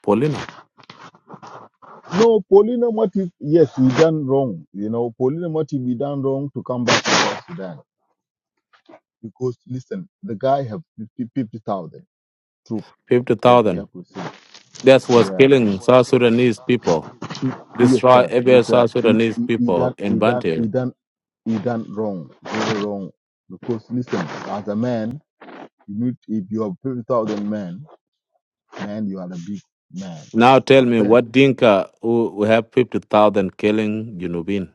[SPEAKER 8] Paulino,
[SPEAKER 7] No, Paulina Motive, yes, we done wrong. You know, Paulina Motive, we done wrong to come back to South Sudan. Because, listen, the guy have 50,000 troops. that he
[SPEAKER 8] 50,000.
[SPEAKER 7] helped us.
[SPEAKER 8] That was
[SPEAKER 7] Yeah.
[SPEAKER 8] killing South Sudanese people,
[SPEAKER 7] He- Yes,
[SPEAKER 8] destroy
[SPEAKER 7] sir.
[SPEAKER 8] every
[SPEAKER 7] Yes, sir.
[SPEAKER 8] South
[SPEAKER 7] He,
[SPEAKER 8] Sudanese
[SPEAKER 7] he, he
[SPEAKER 8] people
[SPEAKER 7] done,
[SPEAKER 8] in
[SPEAKER 7] he done,
[SPEAKER 8] Bantu.
[SPEAKER 7] he done, he done wrong, very wrong. Because listen, as a man, you need if you have fifty thousand men, man, you are a big man.
[SPEAKER 8] Now
[SPEAKER 7] You
[SPEAKER 8] tell me
[SPEAKER 7] understand?
[SPEAKER 8] what Dinka who, who have 50,000 killing Junubin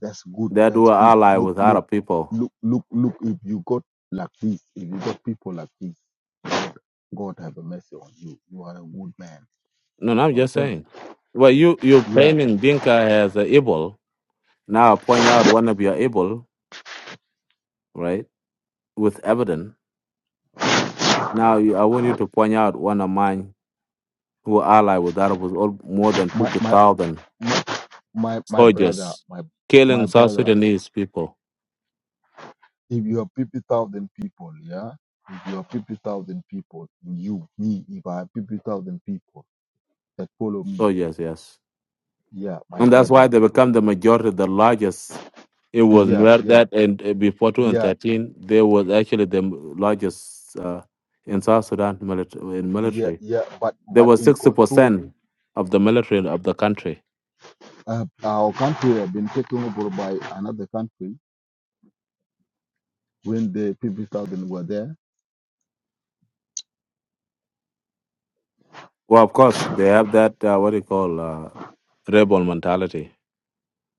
[SPEAKER 7] That's good.
[SPEAKER 8] that
[SPEAKER 7] That's
[SPEAKER 8] were
[SPEAKER 7] good.
[SPEAKER 8] allied
[SPEAKER 7] Look,
[SPEAKER 8] with
[SPEAKER 7] look,
[SPEAKER 8] Arab people.
[SPEAKER 7] look, look, look. If you got like this, if you got people like this, God, God have a mercy on you. You are a good man.
[SPEAKER 8] No, no, I'm
[SPEAKER 7] You
[SPEAKER 8] just
[SPEAKER 7] understand?
[SPEAKER 8] saying. Well, you, you
[SPEAKER 7] Yeah.
[SPEAKER 8] painting Dinka as a evil. Now point out one of your evil, right, with evidence. Now you- I want you to point out one of mine who were allied with Arab was all, more than
[SPEAKER 7] My, my,
[SPEAKER 8] 50,000
[SPEAKER 7] my, my, my brother,
[SPEAKER 8] soldiers,
[SPEAKER 7] my, my
[SPEAKER 8] killing South
[SPEAKER 7] brother.
[SPEAKER 8] Sudanese people,
[SPEAKER 7] If you have 50,000 people, yeah? If you have 50,000 people, you, me, if I have 50,000 people that follow me,
[SPEAKER 8] soldiers, yes. yes.
[SPEAKER 7] yeah, my
[SPEAKER 8] And that's why
[SPEAKER 7] brother,
[SPEAKER 8] they become the majority, the largest. It was
[SPEAKER 7] yeah,
[SPEAKER 8] near
[SPEAKER 7] yeah,
[SPEAKER 8] that, and uh, before
[SPEAKER 7] yeah,
[SPEAKER 8] 2013, they was actually the m- largest uh, in South Sudan military, in
[SPEAKER 7] yeah,
[SPEAKER 8] military.
[SPEAKER 7] yeah, but
[SPEAKER 8] there
[SPEAKER 7] but
[SPEAKER 8] was
[SPEAKER 7] in control,
[SPEAKER 8] 60% of the military of the country.
[SPEAKER 7] uh, our country have been taken over by another country when the 50,000 were there,
[SPEAKER 8] Well, of course, they have that, uh, what do you call, uh, rebel mentality.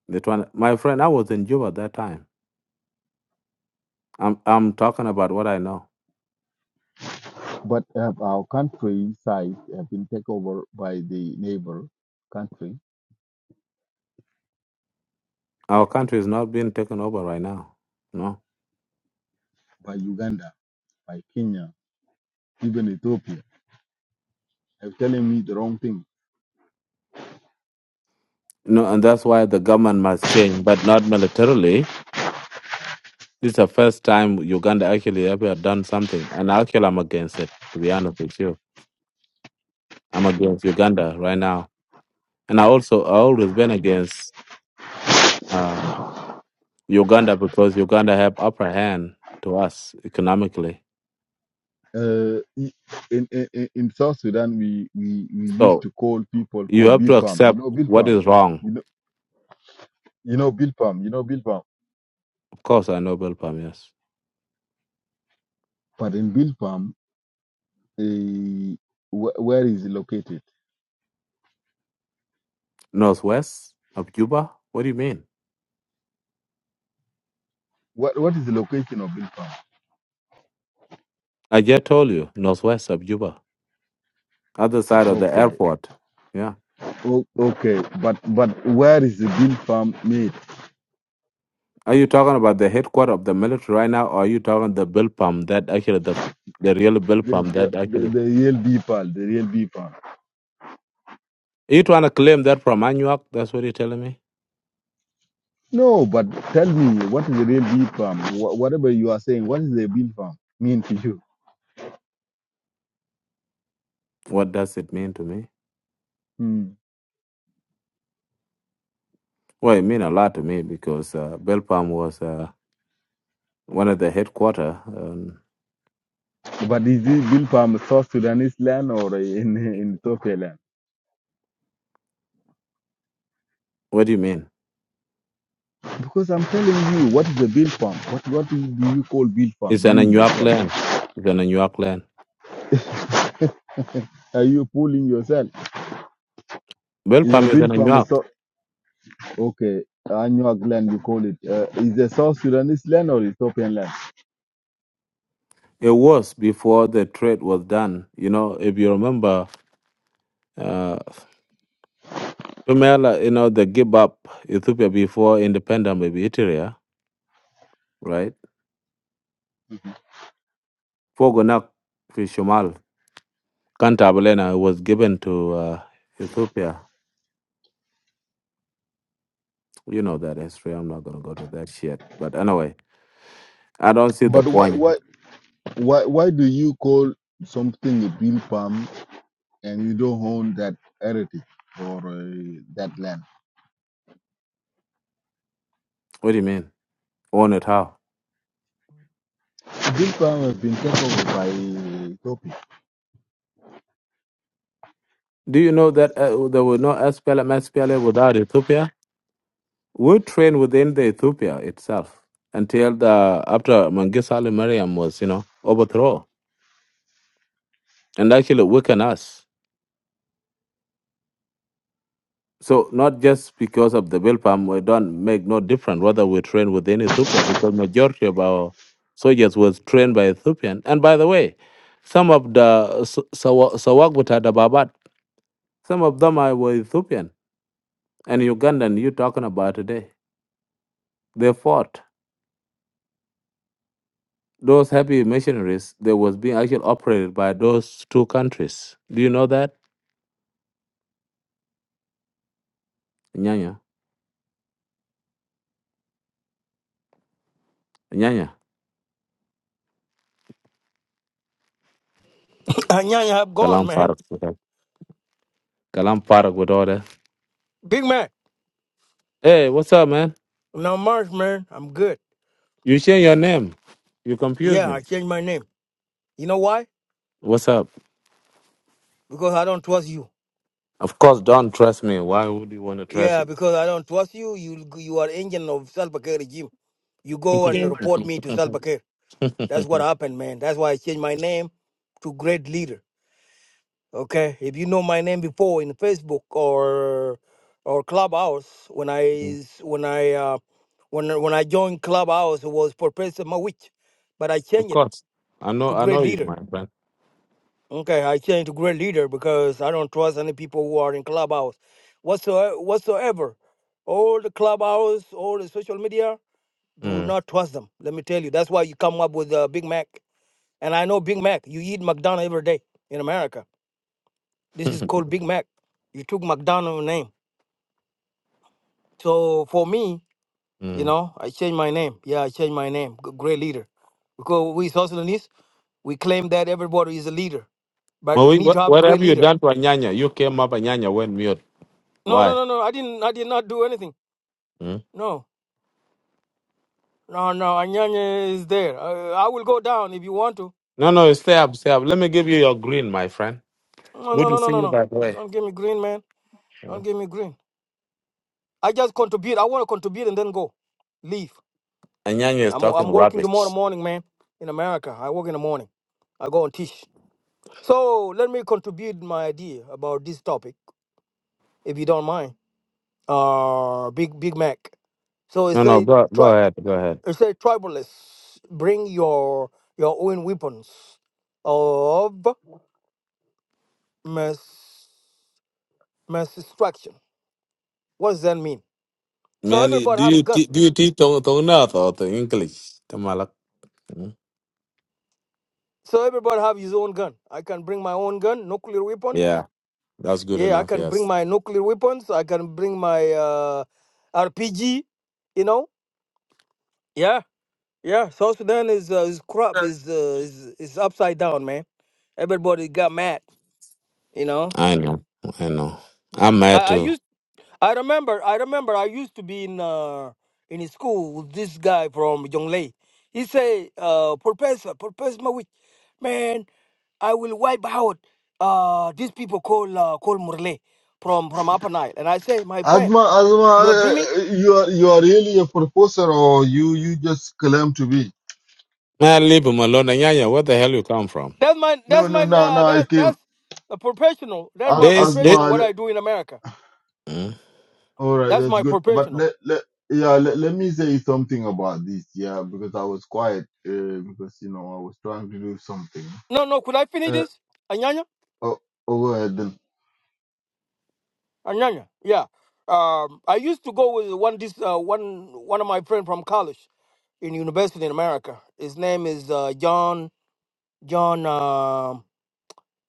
[SPEAKER 8] They tryna- my friend, I was in Juba at that time. I'm, I'm talking about what I know.
[SPEAKER 7] but uh, our country side have been taken over by the neighbor country,
[SPEAKER 8] Our country is not being taken over right now. No.
[SPEAKER 7] by Uganda, by Kenya, even Ethiopia. They're telling me the wrong thing
[SPEAKER 8] No, and that's why the government must change, but not militarily. This is the first time Uganda actually ever done something. And actually I'm against it, to be honest with you. I'm against Uganda right now. And I also I always been against uh, Uganda because Uganda have upper hand to us economically.
[SPEAKER 7] uh, in, in in in South Sudan, we, we we used
[SPEAKER 8] So
[SPEAKER 7] to call people
[SPEAKER 8] you
[SPEAKER 7] called
[SPEAKER 8] have to
[SPEAKER 7] Bilpam. You
[SPEAKER 8] accept
[SPEAKER 7] know
[SPEAKER 8] what
[SPEAKER 7] Bilpam.
[SPEAKER 8] is wrong.
[SPEAKER 7] You know you know Bilpam. You know Bilpam.
[SPEAKER 8] Of course I know Bill Palm, yes.
[SPEAKER 7] But in Bilpam, uh, wh- where is it located?
[SPEAKER 8] Northwest of Cuba? What do you mean?
[SPEAKER 7] What what is the location of Bilpam?
[SPEAKER 8] I just told you, northwest of Juba. other side of the
[SPEAKER 7] Okay,
[SPEAKER 8] airport. Yeah.
[SPEAKER 7] o- okay. But but where is the Bilpam made?
[SPEAKER 8] Are you talking about the headquarters of the military right now, or are you talking the bill pump that actually the the real bill
[SPEAKER 7] The
[SPEAKER 8] pump
[SPEAKER 7] the,
[SPEAKER 8] that
[SPEAKER 7] the,
[SPEAKER 8] actually?
[SPEAKER 7] the real Bilpam. The real Bilpam.
[SPEAKER 8] you trying to claim that from Anuak? That's what you're telling me.
[SPEAKER 7] No, but tell me what is the real Bilpam? Wh- whatever you are saying, what is the Bilpam mean to
[SPEAKER 8] What does it mean to me?
[SPEAKER 7] you?
[SPEAKER 8] Well, it mean a lot to me because uh, bill pump was uh, one of the headquarters. Um,
[SPEAKER 7] But is this bill from South Sudanese land or in, in Ethiopia land?
[SPEAKER 8] what do you mean?
[SPEAKER 7] Because I'm telling you, what is a bill farm? What what do you call bill farm?
[SPEAKER 8] It's an
[SPEAKER 7] You
[SPEAKER 8] Anuak
[SPEAKER 7] yourself.
[SPEAKER 8] land.
[SPEAKER 7] What
[SPEAKER 8] It's an Anuak land.
[SPEAKER 7] are you fooling yourself?
[SPEAKER 8] Bel
[SPEAKER 7] Is
[SPEAKER 8] pam
[SPEAKER 7] a
[SPEAKER 8] is
[SPEAKER 7] bill
[SPEAKER 8] an
[SPEAKER 7] farm a
[SPEAKER 8] anyak.
[SPEAKER 7] South? Okay, Anuag land you call it. Uh, is a South Sudanese land or Ethiopian land?
[SPEAKER 8] It was before the trade was done. You know, if you remember, uh, Pamela, you know, the give up Ethiopia before independence, maybe Eritrea, right? Fogonak Fishomal, Kantabalena was given to uh, Ethiopia. You know that history. I'm not going to go to that shit. But anyway, I don't see the
[SPEAKER 7] But why why
[SPEAKER 8] point.
[SPEAKER 7] why why do you call something a bill farm and you don't own that heritage or uh, that land?
[SPEAKER 8] What do you mean? Own it how?
[SPEAKER 7] Bill farm has been taken over by Ethiopia.
[SPEAKER 8] Do you know that uh, there were no SPLM, SPLA without Ethiopia? We trained within the Ethiopia itself until the after Mangisali Ali Mariam was, you know, overthrown and actually weakened us. So not just because of the Bilpam, we don't make no difference whether we train within Ethiopia because majority of our soldiers was trained by Ethiopian. And by the way, some of the Sawagbuta, the Babat, some of them are were Ethiopian and Ugandan you talking about today. They fought. those happy missionaries they was being actually operated by those two countries. Do you know that? Nyanya. Nyanya.
[SPEAKER 10] Anyanya have gone,
[SPEAKER 8] Kalam
[SPEAKER 10] man.
[SPEAKER 8] Farag. Okay. Kalam Farag with all that.
[SPEAKER 10] Big man.
[SPEAKER 8] Hey, what's up, man?
[SPEAKER 10] Now Marsh, man, I'm good.
[SPEAKER 8] You change your name. You confuse
[SPEAKER 10] Yeah,
[SPEAKER 8] me.
[SPEAKER 10] I changed my name. You know why?
[SPEAKER 8] What's up?
[SPEAKER 10] Because I don't trust you.
[SPEAKER 8] Of course, don't trust me. Why would you want to trust
[SPEAKER 10] Yeah,
[SPEAKER 8] me?
[SPEAKER 10] because I don't trust you. You you are engine of Salva Kiir regime. You go and report me to Salva Kiir.
[SPEAKER 8] of
[SPEAKER 10] That's what happened, man. That's why I changed my name to Great Leader. Okay, if you know my name before in Facebook or or Clubhouse, when I s- when I uh, when I- when I joined Clubhouse, it was Professor Mawich, but I changed it
[SPEAKER 8] course. I know
[SPEAKER 10] to
[SPEAKER 8] I
[SPEAKER 10] Great
[SPEAKER 8] know you,
[SPEAKER 10] Leader.
[SPEAKER 8] my friend.
[SPEAKER 10] Okay, I changed to great leader because I don't trust any people who are in clubhouse whatsoever. whatsoever. All the clubhouse, all the social media, do
[SPEAKER 8] Mm.
[SPEAKER 10] not trust them. Let me tell you. That's why you come up with uh, Big Mac. And I know Big Mac. You eat McDonald's every day in America. This is called Big Mac. You took McDonald's name. So for me, you
[SPEAKER 8] mm.
[SPEAKER 10] know, I changed my name. Yeah, I changed my name. G- Great leader. Because we South Sudanese, we claim that everybody is a leader, but we
[SPEAKER 8] Well,
[SPEAKER 10] need to
[SPEAKER 8] what,
[SPEAKER 10] have a
[SPEAKER 8] what have
[SPEAKER 10] great
[SPEAKER 8] you
[SPEAKER 10] leader.
[SPEAKER 8] done to Anyanya? You came up Anyanya went mute.
[SPEAKER 10] No, no,
[SPEAKER 8] Why?
[SPEAKER 10] no, no. I didn't. I did not do anything.
[SPEAKER 8] Mm.
[SPEAKER 10] No, no, no. Anyanya is there. Uh, I will go down if you want to.
[SPEAKER 8] No, no, stay up, stay up. Let me give you your green, my friend.
[SPEAKER 10] No,
[SPEAKER 8] Good
[SPEAKER 10] no,
[SPEAKER 8] to
[SPEAKER 10] no, no,
[SPEAKER 8] see
[SPEAKER 10] no,
[SPEAKER 8] you,
[SPEAKER 10] no.
[SPEAKER 8] by the way.
[SPEAKER 10] Don't give me green, man. Don't
[SPEAKER 8] Mm.
[SPEAKER 10] give me green. I just contribute. I want to contribute and then go. Leave.
[SPEAKER 8] Anyanya is
[SPEAKER 10] I'm,
[SPEAKER 8] talking
[SPEAKER 10] I'm working tomorrow
[SPEAKER 8] rubbish.
[SPEAKER 10] morning, man. In America, I work in the morning. I go and teach. So let me contribute my idea about this topic, if you don't mind. Uh, Big Big Mac. So it
[SPEAKER 8] No, no,
[SPEAKER 10] said,
[SPEAKER 8] go, go
[SPEAKER 10] tri-
[SPEAKER 8] ahead, go ahead.
[SPEAKER 10] it said tribalists, bring your your own weapons. of. mass mass destruction. What does that mean? So
[SPEAKER 8] Man,
[SPEAKER 10] everybody
[SPEAKER 8] do
[SPEAKER 10] have a
[SPEAKER 8] you
[SPEAKER 10] gun.
[SPEAKER 8] te- do you teach Tong Tong North or the English? Tamalak. Mm.
[SPEAKER 10] So everybody have his own gun. I can bring my own gun, nuclear weapons.
[SPEAKER 8] Yeah, that's good
[SPEAKER 10] Yeah, I
[SPEAKER 8] enough.
[SPEAKER 10] can bring
[SPEAKER 8] Yes,
[SPEAKER 10] my nuclear weapons. I can bring my uh, RPG. You know. Yeah, yeah. South Sudan is uh, is corrupt. Is, uh, is is upside down, man. Everybody got mad. You know.
[SPEAKER 8] I know, I know. I'm
[SPEAKER 10] I,
[SPEAKER 8] mad
[SPEAKER 10] I
[SPEAKER 8] too.
[SPEAKER 10] used I remember, I remember, I used to be in uh, in a school with this guy from Jonglei. He say, uh, Professor, Professor Mawich, man, I will wipe out uh, these people called uh, called Murle from from Upper Nile. And I say, my friend,
[SPEAKER 7] Asma, Asma,
[SPEAKER 10] you are
[SPEAKER 7] uh,
[SPEAKER 10] dreaming.
[SPEAKER 7] uh, you are you are really a professor, or you you just claim to be?
[SPEAKER 8] Man, leave him alone. Anyanya, where the hell you come from?
[SPEAKER 10] That's my
[SPEAKER 7] No,
[SPEAKER 10] that's
[SPEAKER 7] no,
[SPEAKER 10] my
[SPEAKER 7] no,
[SPEAKER 10] uh,
[SPEAKER 7] no. I
[SPEAKER 10] that
[SPEAKER 7] came.
[SPEAKER 10] that's a professional. That's
[SPEAKER 7] As,
[SPEAKER 10] my
[SPEAKER 8] This, this.
[SPEAKER 10] professional.
[SPEAKER 7] Asma,
[SPEAKER 10] What
[SPEAKER 7] le-
[SPEAKER 10] I do in America.
[SPEAKER 8] Mm.
[SPEAKER 7] all right,
[SPEAKER 10] That's
[SPEAKER 7] that's
[SPEAKER 10] my
[SPEAKER 7] good. But
[SPEAKER 10] professional.
[SPEAKER 7] let let yeah, let, let me say something about this. Yeah, because I was quiet uh, because you know I was trying to do something.
[SPEAKER 10] No, no, could I finish
[SPEAKER 7] Uh,
[SPEAKER 10] this, Anyanya?
[SPEAKER 7] oh, oh, go ahead then.
[SPEAKER 10] Uh, no, no, yeah. Um, I used to go with one this uh, one one of my friend from college in university in America. His name is uh, John John um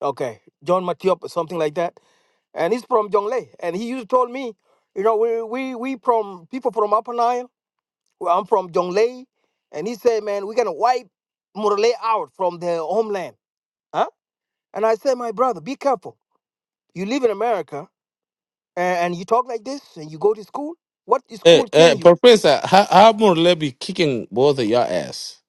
[SPEAKER 10] okay John Matiop or something like that, and he's from Jonglei. And he used to told me, you know, we we we from people from Upper Nile. Well, I'm from Jonglei, and he said, man, we're gonna wipe Murle out from their homeland, huh? And I said, my brother, be careful. You live in America and, and you talk like this, and you go to school. What is
[SPEAKER 8] Hey,
[SPEAKER 10] school
[SPEAKER 8] hey,
[SPEAKER 10] change you?
[SPEAKER 8] Professor, how, how more they be kicking both of your ass?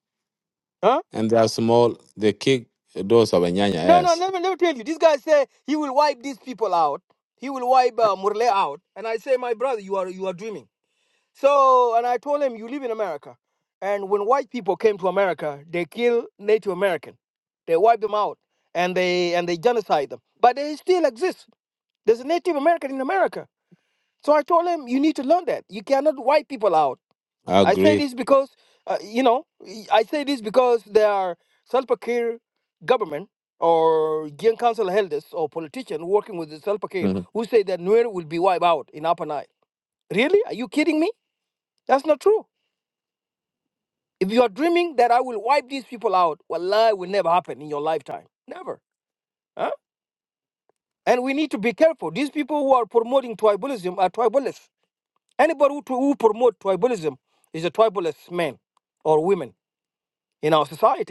[SPEAKER 10] Huh?
[SPEAKER 8] And they are small. They kick those of Anyanya
[SPEAKER 10] No, no,
[SPEAKER 8] ass.
[SPEAKER 10] let me, let me tell you. This guy said he will wipe these people out. He will wipe uh, Murle out. And I say, my brother, you are you are dreaming. So, and I told him, you live in America. And when white people came to America, they killed Native American. They wiped them out and they and they genocide them. But they still exist. There's a Native American in America. So I told him, you need to learn that. You cannot wipe people out.
[SPEAKER 8] I
[SPEAKER 10] I say
[SPEAKER 8] agree.
[SPEAKER 10] this because, uh, you know, y- I say this because there are Salpakir government or Gian Council elders or politicians working with the Salpakir
[SPEAKER 8] Mm.
[SPEAKER 10] who say that Nuer will be wiped out in Upper Nile. Really? Are you kidding me? That's not true. If you are dreaming that I will wipe these people out, wallahi, it will never happen in your lifetime. Never. Huh? And we need to be careful. These people who are promoting tribalism are tribalists. Anybody who, who promote tribalism is a tribalist man or women in our society.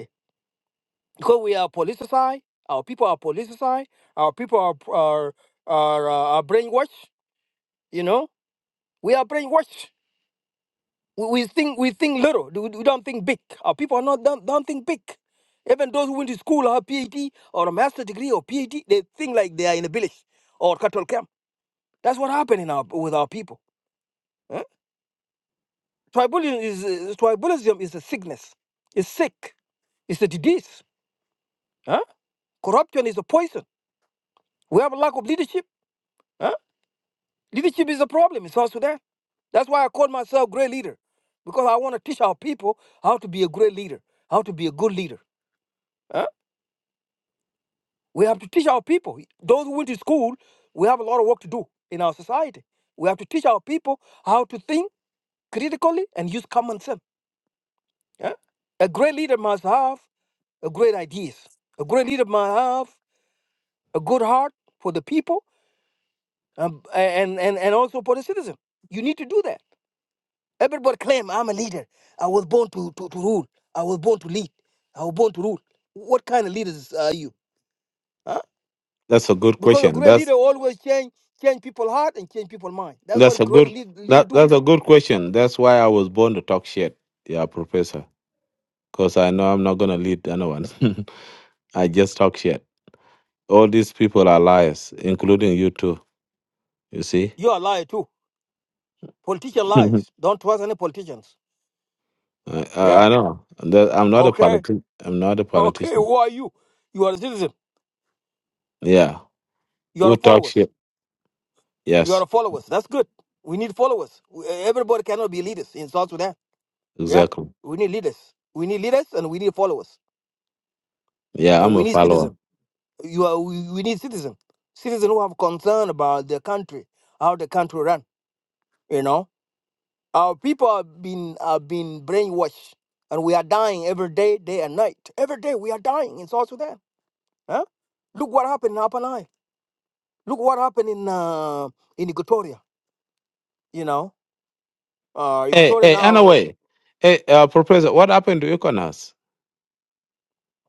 [SPEAKER 10] because we are politicized, our people are politicized, our people are are are, uh, are brainwashed. You know, we are brainwashed. We, we think we think little. We, we don't think big. Our people are not don't, don't think big. Even those who went to school have PhD or a master degree or PhD, they think like they are in a village or cattle camp. That's what happened in our, with our people. Huh? Tribalism is is- tribalism is a sickness. It's sick. It's a disease. Huh? Corruption is a poison. We have a lack of leadership. huh? Leadership is a problem in South Sudan. That's why I call myself great leader, because I want to teach our people how to be a great leader, how to be a good leader. huh? We have to teach our people. Those who went to school, we have a lot of work to do in our society. We have to teach our people how to think critically and use common sense. huh? A great leader must have a great ideas. A great leader must have a good heart for the people um, and, and, and also for the citizen. You need to do that. Everybody claim I'm a leader. I was born to, to, to rule. I was born to lead. I was born to rule. What kind of leaders are you? Huh?
[SPEAKER 8] That's a good
[SPEAKER 10] Because a
[SPEAKER 8] question.
[SPEAKER 10] great
[SPEAKER 8] That's
[SPEAKER 10] leader always change change people's heart and change people's mind. That's
[SPEAKER 8] that's
[SPEAKER 10] what
[SPEAKER 8] a
[SPEAKER 10] great
[SPEAKER 8] good
[SPEAKER 10] lead, leader
[SPEAKER 8] that
[SPEAKER 10] do.
[SPEAKER 8] that's a good question. That's why I was born to talk shit. Yeah, professor. Because I know I'm not gonna lead anyone. I just talk shit. All these people are liars, including you too. You see.
[SPEAKER 10] You are liar too. Politician
[SPEAKER 8] I,
[SPEAKER 10] lies. Don't trust any politicians.
[SPEAKER 8] I
[SPEAKER 10] Yeah.
[SPEAKER 8] I know. That- I'm not a
[SPEAKER 10] Okay.
[SPEAKER 8] politician. I'm not a
[SPEAKER 10] Okay.
[SPEAKER 8] politician.
[SPEAKER 10] Who are you? You are a citizen.
[SPEAKER 8] Yeah,
[SPEAKER 10] You are
[SPEAKER 8] who
[SPEAKER 10] a
[SPEAKER 8] talk
[SPEAKER 10] followers.
[SPEAKER 8] shit?
[SPEAKER 10] You are
[SPEAKER 8] Yes,
[SPEAKER 10] a followers. That's good. We need followers. We- Everybody cannot be leaders in South Sudan. Yeah.
[SPEAKER 8] exactly.
[SPEAKER 10] We need leaders. We need leaders and we need followers.
[SPEAKER 8] Yeah,
[SPEAKER 10] And
[SPEAKER 8] I'm a
[SPEAKER 10] we need
[SPEAKER 8] follower.
[SPEAKER 10] citizens. You are, we, we need citizens, citizens who have concern about the country, how the country run. You know, our people have been have been brainwashed, and we are dying every day, day and night. Every day we are dying in South Sudan. Huh? Look what happened in Upper Nile. Look what happened in uh, in Equatoria. You know, uh,
[SPEAKER 8] Hey,
[SPEAKER 10] Equatoria
[SPEAKER 8] hey.
[SPEAKER 10] now.
[SPEAKER 8] Anyway, hey, uh, professor, what happened to Econas?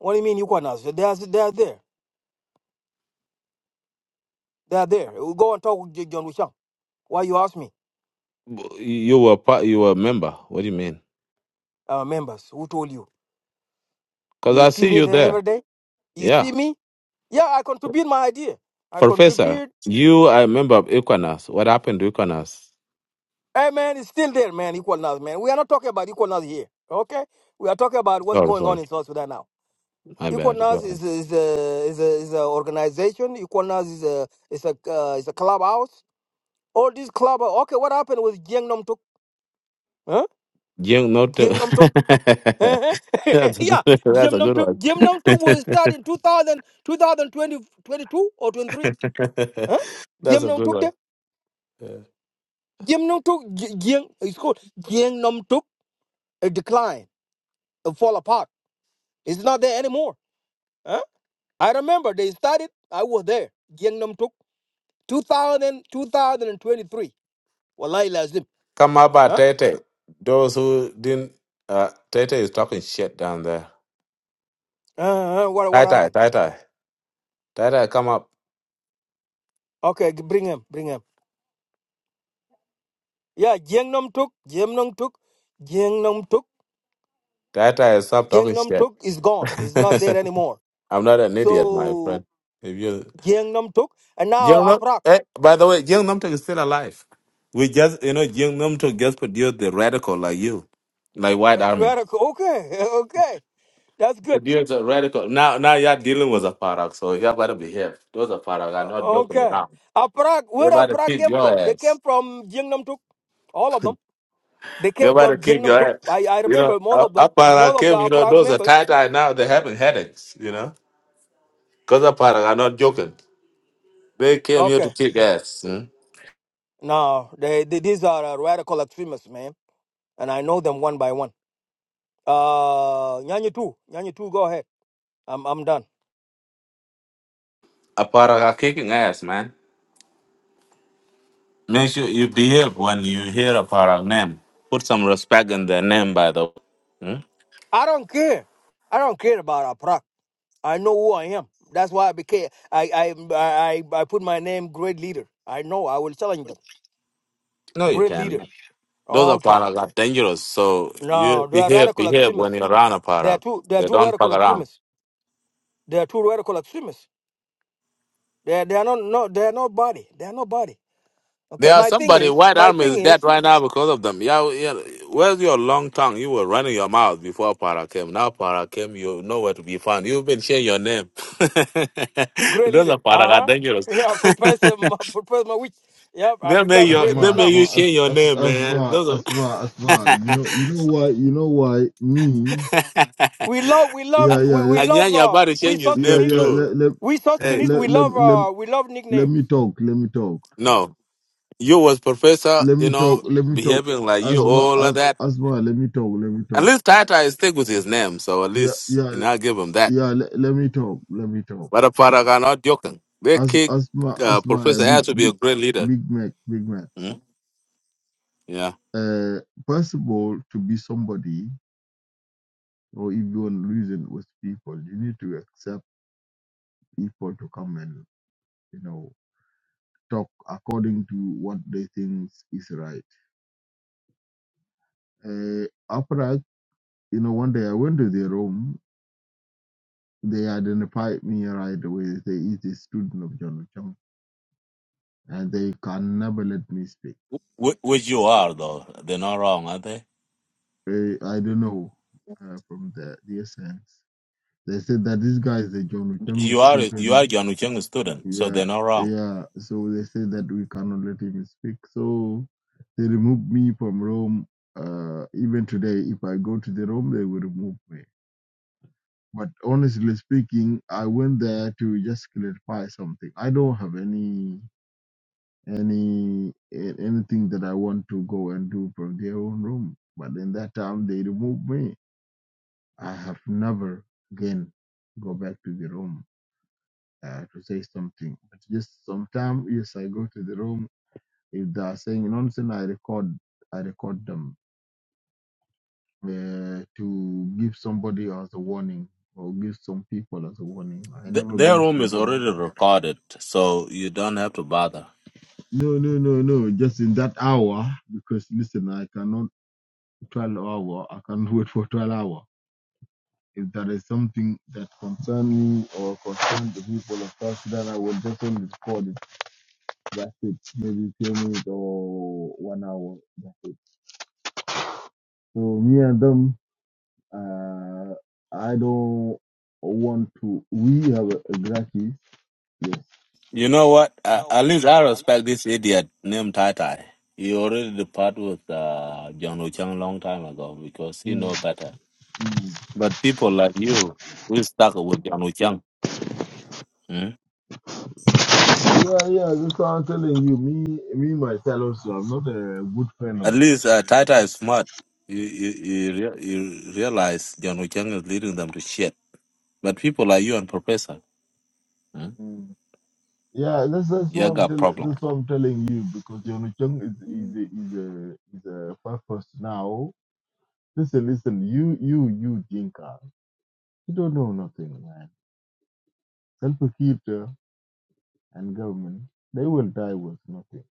[SPEAKER 10] What do you mean Equanas? They are they are there. They are there. We go and talk with J- John Wishang. Why you ask me,
[SPEAKER 8] You were part. You were a member. What do you mean?
[SPEAKER 10] our members? Who told you?
[SPEAKER 8] Because
[SPEAKER 10] You
[SPEAKER 8] I
[SPEAKER 10] see
[SPEAKER 8] see
[SPEAKER 10] me
[SPEAKER 8] you
[SPEAKER 10] there
[SPEAKER 8] there.
[SPEAKER 10] every day. You
[SPEAKER 8] Yeah.
[SPEAKER 10] see me? Yeah, I contribute my idea. I
[SPEAKER 8] Professor,
[SPEAKER 10] contribute.
[SPEAKER 8] you are a member of Equinas. What happened to Equinas?
[SPEAKER 10] Hey, man, it's still there, man. Equalness, man. We are not talking about equalness here. Okay, we are talking about what's
[SPEAKER 8] Sorry,
[SPEAKER 10] going on
[SPEAKER 8] sorry.
[SPEAKER 10] in South Sudan now.
[SPEAKER 8] My bad. Go
[SPEAKER 10] Equalness
[SPEAKER 8] ahead.
[SPEAKER 10] is is a is a is a organization. Equalness is a is a uh, is a clubhouse. All these club. Okay, what happened with Jiang Nam Tuk? Huh?
[SPEAKER 8] Jing, not to...
[SPEAKER 10] Jiang Nam Tuk. Uh-huh.
[SPEAKER 8] That's a good
[SPEAKER 10] yeah,
[SPEAKER 8] that's
[SPEAKER 10] Jiang
[SPEAKER 8] a
[SPEAKER 10] Nam
[SPEAKER 8] good
[SPEAKER 10] Tuk.
[SPEAKER 8] one.
[SPEAKER 10] Jiang Nam Tuk was started in 2000 2020 22 or 23. Huh?
[SPEAKER 8] that's
[SPEAKER 10] Jiang
[SPEAKER 8] a
[SPEAKER 10] Nam
[SPEAKER 8] good
[SPEAKER 10] Tuk
[SPEAKER 8] one.
[SPEAKER 10] there.
[SPEAKER 8] Yeah.
[SPEAKER 10] Jiang Nam Tuk. Jiang. It's called Jiang Nam Tuk. it declined, it fall apart. It's not there anymore. Huh? I remember they started, I was there. Gangnam took 2000, 2023. Wallahi lazim.
[SPEAKER 8] Come up at
[SPEAKER 10] Huh?
[SPEAKER 8] Tete. Those who didn't uh Tete is talking shit down there.
[SPEAKER 10] Uh, uh, what, what
[SPEAKER 8] Tata,
[SPEAKER 10] happened?
[SPEAKER 8] Tata. Tata, come up.
[SPEAKER 10] Okay, g- bring him, bring him. Yeah, Gangnam took, Gangnam took, Gangnam took,
[SPEAKER 8] Tata, stop talking
[SPEAKER 10] Gangnam
[SPEAKER 8] shit.
[SPEAKER 10] took is gone. It's not there anymore.
[SPEAKER 8] I'm not an idiot, my
[SPEAKER 10] So
[SPEAKER 8] friend. If you
[SPEAKER 10] Gangnam took, and now
[SPEAKER 8] Young Nam,
[SPEAKER 10] Aprak.
[SPEAKER 8] eh, by the way, Young Namtok is still alive. We just, you know, Young Namtok just produced the radical like you, like White Army.
[SPEAKER 10] Okay, okay, that's good.
[SPEAKER 8] Produced a radical. Now, now you're dealing with a parak, so you gotta behave. Those are parak are not
[SPEAKER 10] O-
[SPEAKER 8] joking
[SPEAKER 10] Okay.
[SPEAKER 8] around.
[SPEAKER 10] Aparak,
[SPEAKER 8] They
[SPEAKER 10] where
[SPEAKER 8] about to
[SPEAKER 10] Aparak
[SPEAKER 8] kick
[SPEAKER 10] came
[SPEAKER 8] your
[SPEAKER 10] from? They
[SPEAKER 8] ass.
[SPEAKER 10] came from Jingnam Tuk. All of them. They
[SPEAKER 8] They
[SPEAKER 10] came
[SPEAKER 8] about
[SPEAKER 10] from
[SPEAKER 8] to kick
[SPEAKER 10] Jingnam
[SPEAKER 8] your
[SPEAKER 10] Tuk.
[SPEAKER 8] ass.
[SPEAKER 10] I, I
[SPEAKER 8] You know,
[SPEAKER 10] remember most
[SPEAKER 8] a
[SPEAKER 10] of them.
[SPEAKER 8] a parak
[SPEAKER 10] Most of the
[SPEAKER 8] came. You know,
[SPEAKER 10] Aparak
[SPEAKER 8] those are
[SPEAKER 10] members.
[SPEAKER 8] tight eye now. They're having headaches. You know, because a parak are not joking. They came here to
[SPEAKER 10] Okay.
[SPEAKER 8] kick ass. Hmm?
[SPEAKER 10] No, they, they these are uh, radical extremists, man. And I know them one by one. Uh Nyanyi Tu. Nyanyi Tu, go ahead. I'm I'm done.
[SPEAKER 8] A parak are kicking ass, man. Make sure you behave when you hear about our name. Put some respect in their name, by the way. Hmm?
[SPEAKER 10] I don't care. I don't care about Aparak. I know who I am. That's why I became I I I, I I put my name great leader. I know I will challenge them.
[SPEAKER 8] No, you
[SPEAKER 10] Great
[SPEAKER 8] can.
[SPEAKER 10] leader.
[SPEAKER 8] Those are
[SPEAKER 10] Okay.
[SPEAKER 8] parak are dangerous. So you
[SPEAKER 10] No, they are
[SPEAKER 8] behave,
[SPEAKER 10] radical
[SPEAKER 8] behave when
[SPEAKER 10] extremists.
[SPEAKER 8] you run a
[SPEAKER 10] They are
[SPEAKER 8] parak.
[SPEAKER 10] two. They are
[SPEAKER 8] They
[SPEAKER 10] two
[SPEAKER 8] don't fuck
[SPEAKER 10] radical
[SPEAKER 8] around.
[SPEAKER 10] extremists. They are two radical extremists. They are, they are not. No, they are nobody. They are nobody. Okay,
[SPEAKER 8] There are
[SPEAKER 10] my thing
[SPEAKER 8] somebody.
[SPEAKER 10] is,
[SPEAKER 8] White
[SPEAKER 10] my
[SPEAKER 8] army
[SPEAKER 10] thing
[SPEAKER 8] is dead
[SPEAKER 10] is,
[SPEAKER 8] right now because of them. Yeah, yeah. Where's your long tongue? You were running your mouth before parak came. Now parak came, you nowhere to be found. You've been sharing your name.
[SPEAKER 10] great
[SPEAKER 8] Those are
[SPEAKER 10] leader. Uh
[SPEAKER 8] parak are
[SPEAKER 10] huh.
[SPEAKER 8] dangerous.
[SPEAKER 10] Yeah, Professor, Ma- Professor Mawich. Yep, I
[SPEAKER 8] They make
[SPEAKER 10] become
[SPEAKER 8] your
[SPEAKER 10] great
[SPEAKER 8] they
[SPEAKER 10] leader
[SPEAKER 7] Asma,
[SPEAKER 8] make
[SPEAKER 10] now.
[SPEAKER 8] you
[SPEAKER 7] Asma, As,
[SPEAKER 8] change your
[SPEAKER 7] As,
[SPEAKER 8] name, man.
[SPEAKER 7] Asma,
[SPEAKER 8] Those
[SPEAKER 7] Asma, Asma.
[SPEAKER 8] are
[SPEAKER 7] You know, you know why? You know why me?
[SPEAKER 10] We love, we love,
[SPEAKER 8] A-
[SPEAKER 7] Yeah, yeah,
[SPEAKER 10] we, we
[SPEAKER 7] le-
[SPEAKER 10] love.
[SPEAKER 8] Anyanya
[SPEAKER 10] Uh,
[SPEAKER 8] about
[SPEAKER 10] we
[SPEAKER 8] change his
[SPEAKER 10] South
[SPEAKER 7] yeah,
[SPEAKER 8] name
[SPEAKER 10] Sudanese.
[SPEAKER 7] yeah. Let
[SPEAKER 8] too.
[SPEAKER 7] let
[SPEAKER 10] We South
[SPEAKER 8] Hey,
[SPEAKER 10] Sudanese.
[SPEAKER 7] let
[SPEAKER 10] We
[SPEAKER 7] let,
[SPEAKER 10] love.
[SPEAKER 7] let,
[SPEAKER 10] Uh, we love
[SPEAKER 7] let
[SPEAKER 10] nicknames.
[SPEAKER 7] me talk. Let me talk.
[SPEAKER 8] no, you was professor,
[SPEAKER 7] Let
[SPEAKER 8] you
[SPEAKER 7] me talk.
[SPEAKER 8] know,
[SPEAKER 7] Let me talk.
[SPEAKER 8] behaving like you,
[SPEAKER 7] Asma,
[SPEAKER 8] all of
[SPEAKER 7] as,
[SPEAKER 8] that.
[SPEAKER 7] Asma, let me talk. Let me
[SPEAKER 8] At
[SPEAKER 7] talk.
[SPEAKER 8] least Tata is stick with his name, so at
[SPEAKER 7] Yeah,
[SPEAKER 8] least you
[SPEAKER 7] yeah,
[SPEAKER 8] know I give him that.
[SPEAKER 7] yeah. Let, let me talk. Let me talk.
[SPEAKER 8] But a part I'm not joking. They
[SPEAKER 7] As,
[SPEAKER 8] kick
[SPEAKER 7] Asma,
[SPEAKER 8] uh,
[SPEAKER 7] Asma, a
[SPEAKER 8] Professor
[SPEAKER 7] big,
[SPEAKER 8] had to be a
[SPEAKER 7] big,
[SPEAKER 8] great leader.
[SPEAKER 7] big Mac, big Mac.
[SPEAKER 8] Mm, Yeah,
[SPEAKER 7] Uh, first of all, to be somebody, or if you want to reason with people, you need to accept people to come and, you know, talk according to what they think is right. Uh, after that, you know, one day I went to their room they identified me right away. They is a student of John and they can never let me speak.
[SPEAKER 8] Wh- which you are though. They're not wrong, are they?
[SPEAKER 7] Eh, I don't know uh, from the the essence. They said that this guy is a John Chang
[SPEAKER 8] You are you are
[SPEAKER 7] student.
[SPEAKER 8] Yanucheng student, so
[SPEAKER 7] Yeah,
[SPEAKER 8] they're not wrong.
[SPEAKER 7] yeah. So they said that we cannot let him speak. So they removed me from Rome. Uh, even today, if I go to the Rome, they will remove me. But honestly speaking, I went there to just clarify something. I don't have any. any anything that I want to go and do from their own room. But in that time, they removed me. I have never again go back to the room uh, to say something. But just sometimes, yes, I go to the room. If they are saying nonsense, I record. I record them uh, to give somebody as a warning or give some people as a warning. I
[SPEAKER 8] Th-
[SPEAKER 7] never go
[SPEAKER 8] their
[SPEAKER 7] to
[SPEAKER 8] room
[SPEAKER 7] the
[SPEAKER 8] is
[SPEAKER 7] room
[SPEAKER 8] already
[SPEAKER 7] at all.
[SPEAKER 8] recorded, so you don't have to bother.
[SPEAKER 7] No, no, no, no. Just in that hour, because listen, I cannot. 12 hour. I can not wait for 12 hour. If there is something that concern me or concern the people of South Sudan, I will definitely record it. That's it. Maybe few minutes or one hour. That's it. So me and them, uh, I don't want to. We have a, a grudges. Yes.
[SPEAKER 8] You know what? Uh, at least I respect this idiot named Tai Tai. He already departed with uh, John Wuchang long time ago because he know
[SPEAKER 7] Mm,
[SPEAKER 8] better.
[SPEAKER 7] mm.
[SPEAKER 8] But people like you, we stuck with John Wuchang. Mm?
[SPEAKER 7] Yeah, yeah. That's what I'm telling you. Me, me myself also. I'm not a good friend of.
[SPEAKER 8] At
[SPEAKER 7] them.
[SPEAKER 8] least uh, Tai Tai is smart. You you you, rea- you realize John Wuchang is leading them to shit. But people like you and Professor, mm?
[SPEAKER 7] Mm. Yeah, that's that's what
[SPEAKER 8] you
[SPEAKER 7] I'm
[SPEAKER 8] got
[SPEAKER 7] telling.
[SPEAKER 8] problem.
[SPEAKER 7] That's what I'm telling you because Yonu Chung is is a, is a is a purpose now. Listen, listen, you you you Jinka, you don't know nothing, man. Self Peter and government, they will die with nothing.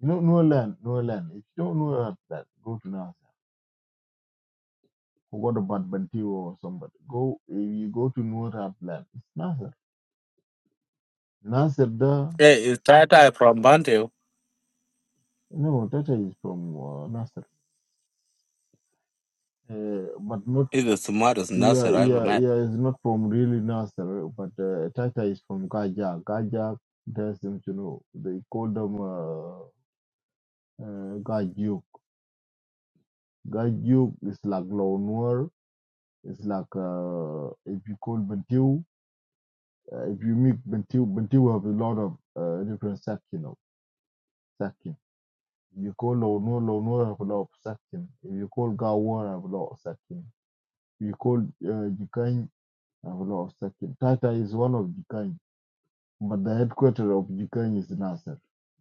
[SPEAKER 7] You know, no land, no land. If you don't know about that, go to NASA. Forgot about Bantu or somebody. Go if you go to no land. It's Nasser. Nasser, the
[SPEAKER 8] Hey, is Tai Tai from Bantu?
[SPEAKER 7] no, Tata is from uh, Nasser. Uh, but not.
[SPEAKER 8] He's the smartest nurse
[SPEAKER 7] Yeah,
[SPEAKER 8] I ever
[SPEAKER 7] yeah,
[SPEAKER 8] met.
[SPEAKER 7] yeah. It's not from really Nasser, but uh, Tata is from Kajak. Kajak, there's them to know. They call them uh, uh, Gajuk. Gajuk is like Lonwar. It's like uh, if you call Bentiu, uh, if you meet Bentiu, Bentiu have a lot of uh, different section of section. If You call Lonwar, Lonwar have a lot of section. If you call Gawar, have a lot of section. If you call uh, Jikany, have a lot of section. Tata is one of Jikany. but the headquarters of Ukraine is Nasser.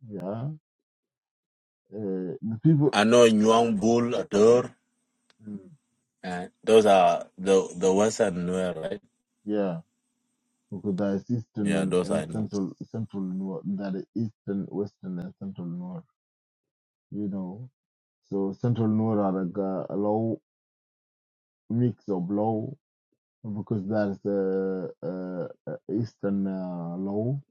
[SPEAKER 7] Yeah, uh, the people.
[SPEAKER 8] I know Nguyen Bull
[SPEAKER 7] Mm.
[SPEAKER 8] Uh, those are the the Western wear, right?
[SPEAKER 7] Yeah, because there is eastern
[SPEAKER 8] Yeah,
[SPEAKER 7] and,
[SPEAKER 8] those
[SPEAKER 7] and
[SPEAKER 8] I know.
[SPEAKER 7] central, central north. That is eastern, western, and central north. You know, so central north are like a, a low mix of low because there's a, uh uh, eastern uh, low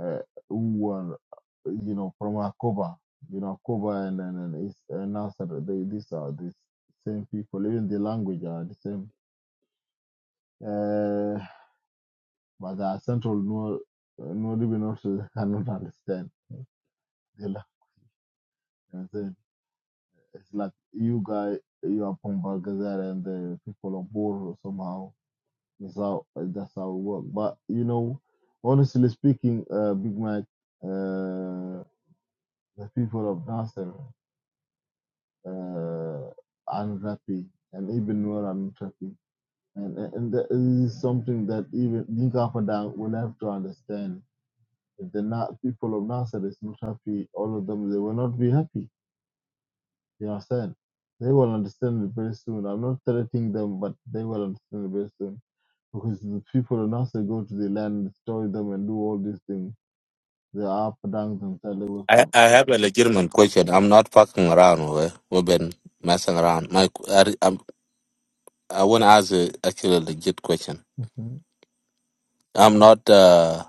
[SPEAKER 7] uh, who are you know from Akoba. You know, Akoba and and, and, East, and Nasser. They these are the same people. Even the language are the same Uh, but the central no, no, even also cannot understand. They like- It's like you guys, you are from Balgazar and the people of Bor somehow. That's how that's how it works. But you know, honestly speaking, uh, Big Mac, uh, the people of Nasser uh, aren't happy, and even more aren't happy. And, and and that is something that even Dinka Padang will have to understand the Na- people of Nasser is not happy, all of them, they will not be happy. You understand? They will understand it very soon. I'm not threatening them, but they will understand it very soon. Because the people of Nazareth go to the land, destroy them, and do all these things. They are up and down themselves, they wake
[SPEAKER 8] I,
[SPEAKER 7] up.
[SPEAKER 8] I have a legitimate question. I'm not fucking around. We we've been messing around. My I I'm, I want to ask a actually a legit question.
[SPEAKER 7] Mhm.
[SPEAKER 8] I'm not uh,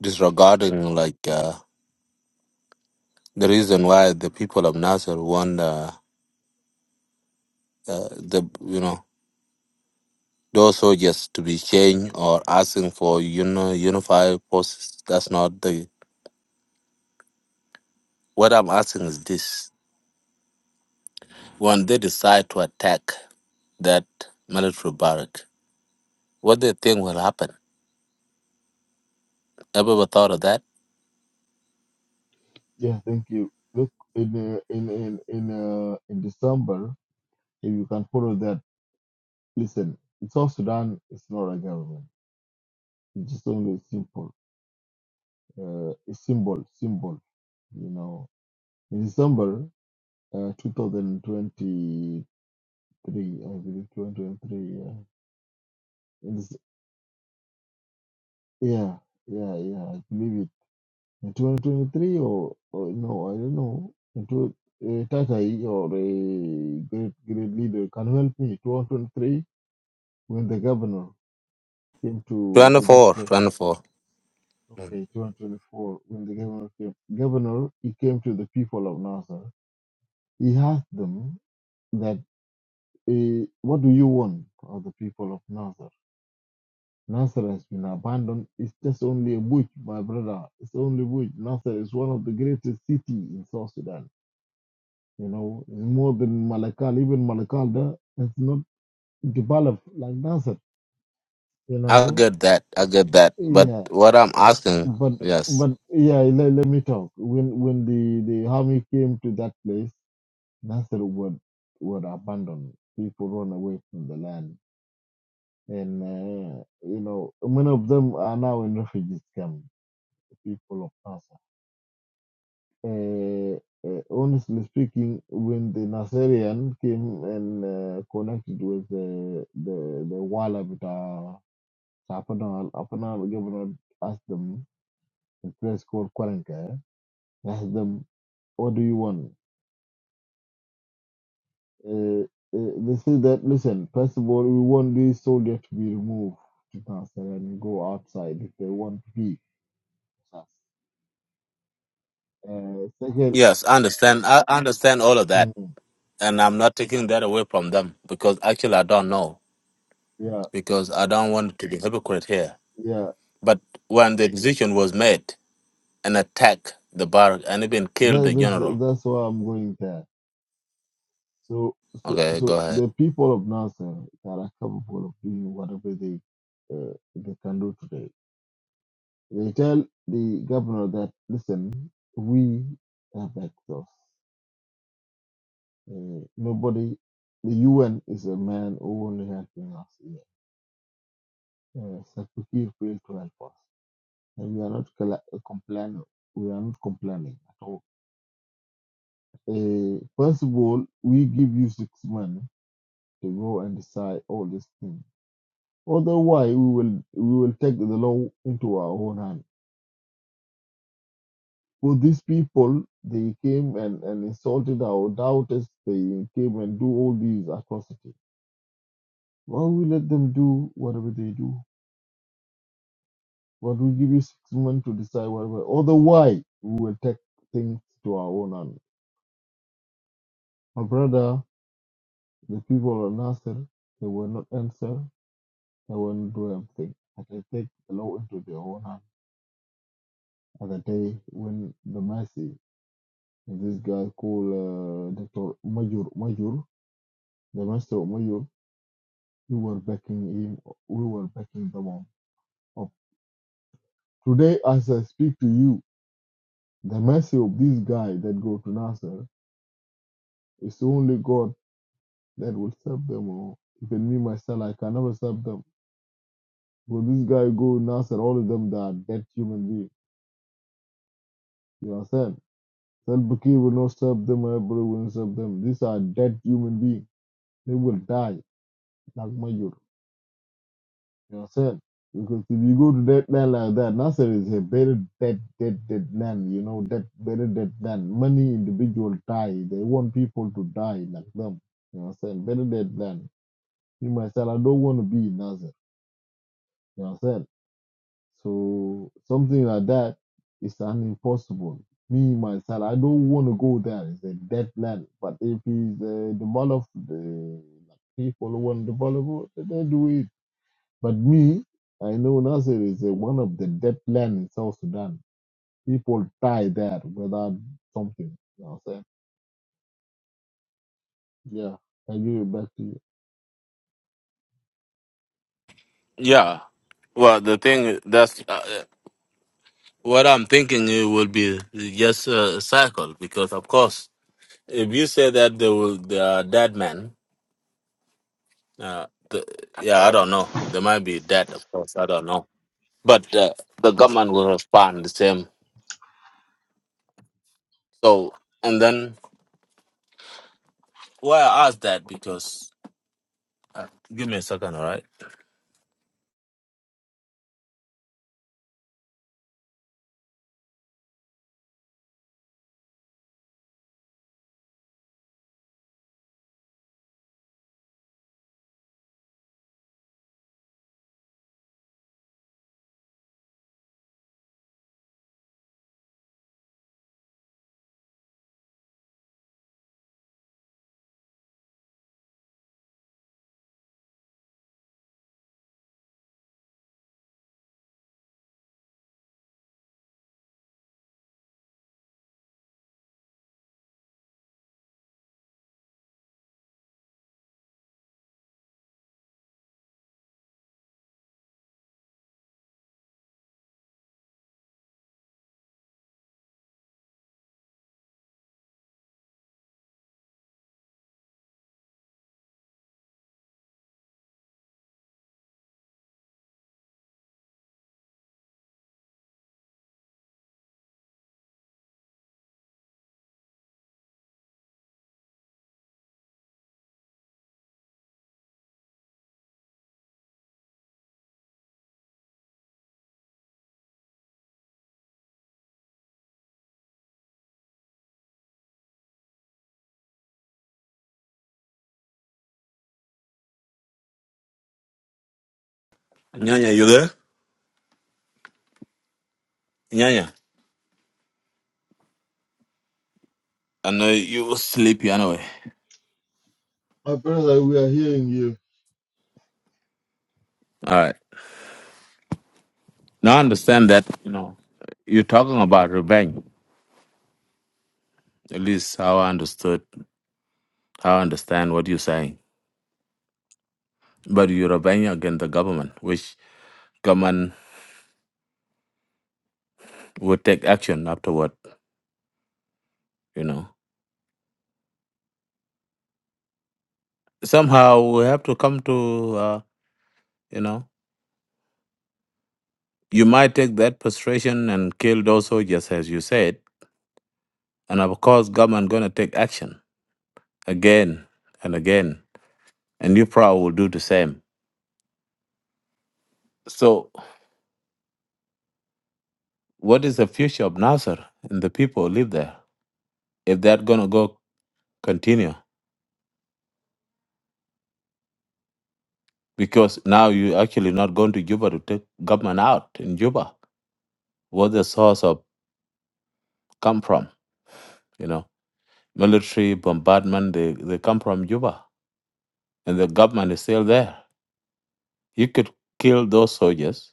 [SPEAKER 8] disregarding like uh, the reason why the people of Nasser want uh, uh, the you know those soldiers to be changed or asking for you know unified forces. That's not the what I'm asking is this: when they decide to attack. that military barrack. What do you think will happen? ever thought of that?
[SPEAKER 7] Yeah, thank you. Look, in uh, in in in, uh, in December, if you can follow that, listen, South Sudan is not a government. It's just only a simple, uh, a symbol, symbol you know in December uh, 2023, I believe 2023. Yeah, in this, yeah, yeah, yeah. I believe it in 2023 or, or no, I don't know. Into uh, Tatai or a great great leader can help me. 2023 when the governor came to to that
[SPEAKER 8] 24,
[SPEAKER 7] place.
[SPEAKER 8] 24.
[SPEAKER 7] Okay, 2024 when the governor came. Governor he came to the people of Nazar. He asked them that uh, what do you want of the people of Nazar? Nasser has been abandoned. It's just only a bush, my brother. It's only bush. Nasser is one of the greatest cities in South Sudan. You know, it's more than Malakal. Even Malakal there has not developed like Nasser. You
[SPEAKER 8] I
[SPEAKER 7] know,
[SPEAKER 8] get that. I get that. But
[SPEAKER 7] yeah.
[SPEAKER 8] what I'm asking,
[SPEAKER 7] But
[SPEAKER 8] yes.
[SPEAKER 7] but yeah, let, let me talk. When when the the army came to that place, Nasser were were abandoned. People run away from the land, and uh, you know many of them are now in refugee camps. The people of Nasser. Uh, uh, honestly speaking, when the Nasarian came and uh, connected with the the the wala with uh, Apanal, Apanal governor asked them in place called Kwarenka, asked them, "What do you want?" Uh, uh, they said that, "Listen, first of all, we want these soldiers to be removed to Nasarian and go outside if they want to be." with us." Uh, second,
[SPEAKER 8] Yes, I understand. I understand all of that.
[SPEAKER 7] mm,
[SPEAKER 8] And I'm not taking that away from them because actually I don't know
[SPEAKER 7] yeah,
[SPEAKER 8] because I don't want to be hypocrite here.
[SPEAKER 7] yeah,
[SPEAKER 8] But when the decision was made and attack the barrack and even kill the
[SPEAKER 7] that's that's
[SPEAKER 8] general.
[SPEAKER 7] that's why I'm going there So, so,
[SPEAKER 8] Okay,
[SPEAKER 7] so
[SPEAKER 8] go ahead.
[SPEAKER 7] the people of Nasser they are capable of doing whatever they uh, they can do today. They tell the governor that listen, we have access. Uh, nobody, the UN is a man who only helping us here. Uh, Sarkozy failed to help us, and we are not colla- uh, complaining. We are not complaining at all. Uh, first of all, we give you six months to go and decide all these things Otherwise, we will we will take the law into our own hand. For these people, they came and, and insulted our doubters. They came and do all these atrocities. Why we let them do whatever they do? But we give you six months to decide whatever. Otherwise, we will take things to our own hand. My brother, the people of Nasser, they will not answer. They will not do anything. But they take the law into their own hand at the day when the mercy This guy called uh, Dr. Major, Major, the master of Major, we were backing him, we were backing them up. up. Today, as I speak to you, the mercy of this guy that go to Nasser is only God that will save them all. Even me, myself, I can never save them. Will this guy go Nasser? All of them that are dead human beings. You understand? Self-Bakir will not serve them, Everybody will not serve them. These are dead human beings. They will die like Major. You know what I'm saying? Because if you go to that land like that, Nasser is a very dead, dead, dead land. You know, that very dead land. Many individuals die. They want people to die like them. You know what I'm saying? Very dead land. Me myself, I don't want to be in Nasser. You know what I'm saying? So something like that is an impossible. Me myself, I don't want to go there. It's a dead land. But if it's uh, developed, the like, people who want to develop, it, they do it. But me, I know Nasser is uh, one of the dead land in South Sudan. People die there without something. You know what I'm saying? Yeah. I give it back to you.
[SPEAKER 8] Yeah. Well, the thing that's uh, what I'm thinking it will be just a cycle because of course if you say that they will they are dead men uh, the, yeah I don't know they might be dead of course I don't know but uh, the government will respond the same so and then why I ask that because uh, give me a second all right Nyanya you there Nyanya I know you were sleepy anyway
[SPEAKER 7] My brother, we are hearing you.
[SPEAKER 8] all right now I understand that you know you're talking about revenge at least how I understood how I understand what you're saying But you're rebelling against the government, which government would take action afterward, you know. Somehow we have to come to, uh, you know, you might take that frustration and kill those soldiers, as you said, and of course government going to take action again and again, and you probably will do the same. So what is the future of Nasser and the people who live there if they're going to go continue? Because now you actually not going to Juba to take government out in Juba. What's the source of come from. You know, military bombardment they, they come from Juba, and the government is still there. You could kill those soldiers,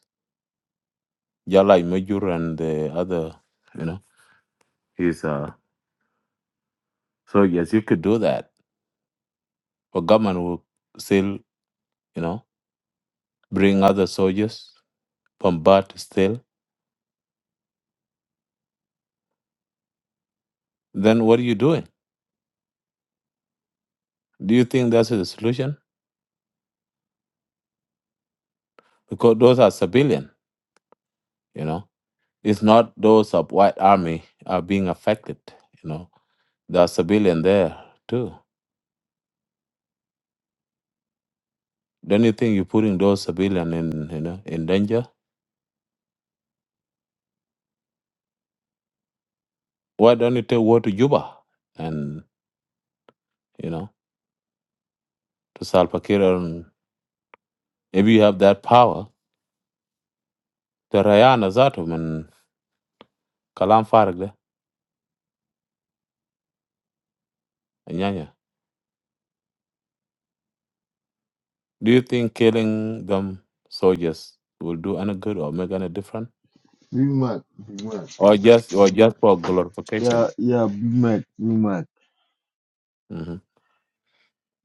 [SPEAKER 8] just like and the other, you know, his uh, soldiers. You could do that, but government will still, you know, bring other soldiers, bombard still. Then what are you doing? Do you think that's the solution? Because those are civilian, you know. It's not those of white army are being affected, you know. There are civilian there too Don't you think you're putting those civilians in you know in danger? Why don't you take war to Juba and you know to Salva Kiir? And if you have that power, the Rayana Zatum and Kalam Faragde and Nyanya. Do you think killing them soldiers will do any good or make any difference,
[SPEAKER 7] Big Mac, Big Mac.
[SPEAKER 8] or just or just for glorification?
[SPEAKER 7] Yeah, yeah, Big Mac, Big Mac.
[SPEAKER 8] Mm-hmm.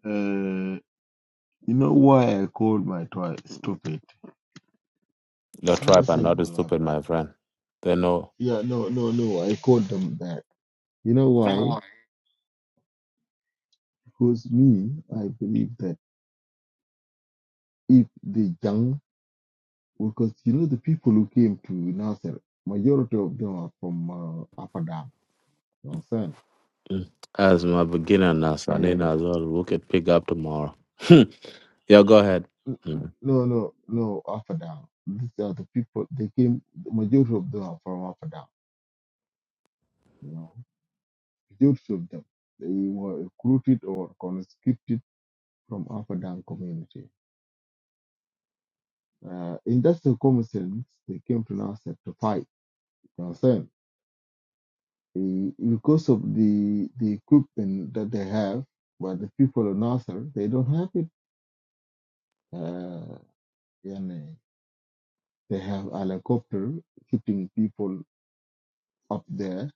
[SPEAKER 7] Uh, you know why I called my toy stupid?
[SPEAKER 8] Your
[SPEAKER 7] It's very
[SPEAKER 8] tribe are not
[SPEAKER 7] simple, my
[SPEAKER 8] stupid,
[SPEAKER 7] brother.
[SPEAKER 8] my friend. They know.
[SPEAKER 7] Yeah, no, no, no. I called them that. You know why? Because me, I believe that if the young because you know the people who came to Nasser, majority of them are from uh, Upper Dam. You know what I'm
[SPEAKER 8] As my beginner now, so I
[SPEAKER 7] saying?
[SPEAKER 8] need as well. We could pick up tomorrow. yeah, go ahead.
[SPEAKER 7] Uh,
[SPEAKER 8] Mm,
[SPEAKER 7] no, no, no, Upper Dam. These are the people. They came. The majority of them are from Upper Dam. You know, majority of them they were recruited or conscripted from Upper Dam community. Uh, in that circumstance, they came to Nasser to fight. You know what I'm saying? Uh, Because of the the equipment that they have, but the people of Nasser they don't have it uh, yani they have a helicopter shooting people up there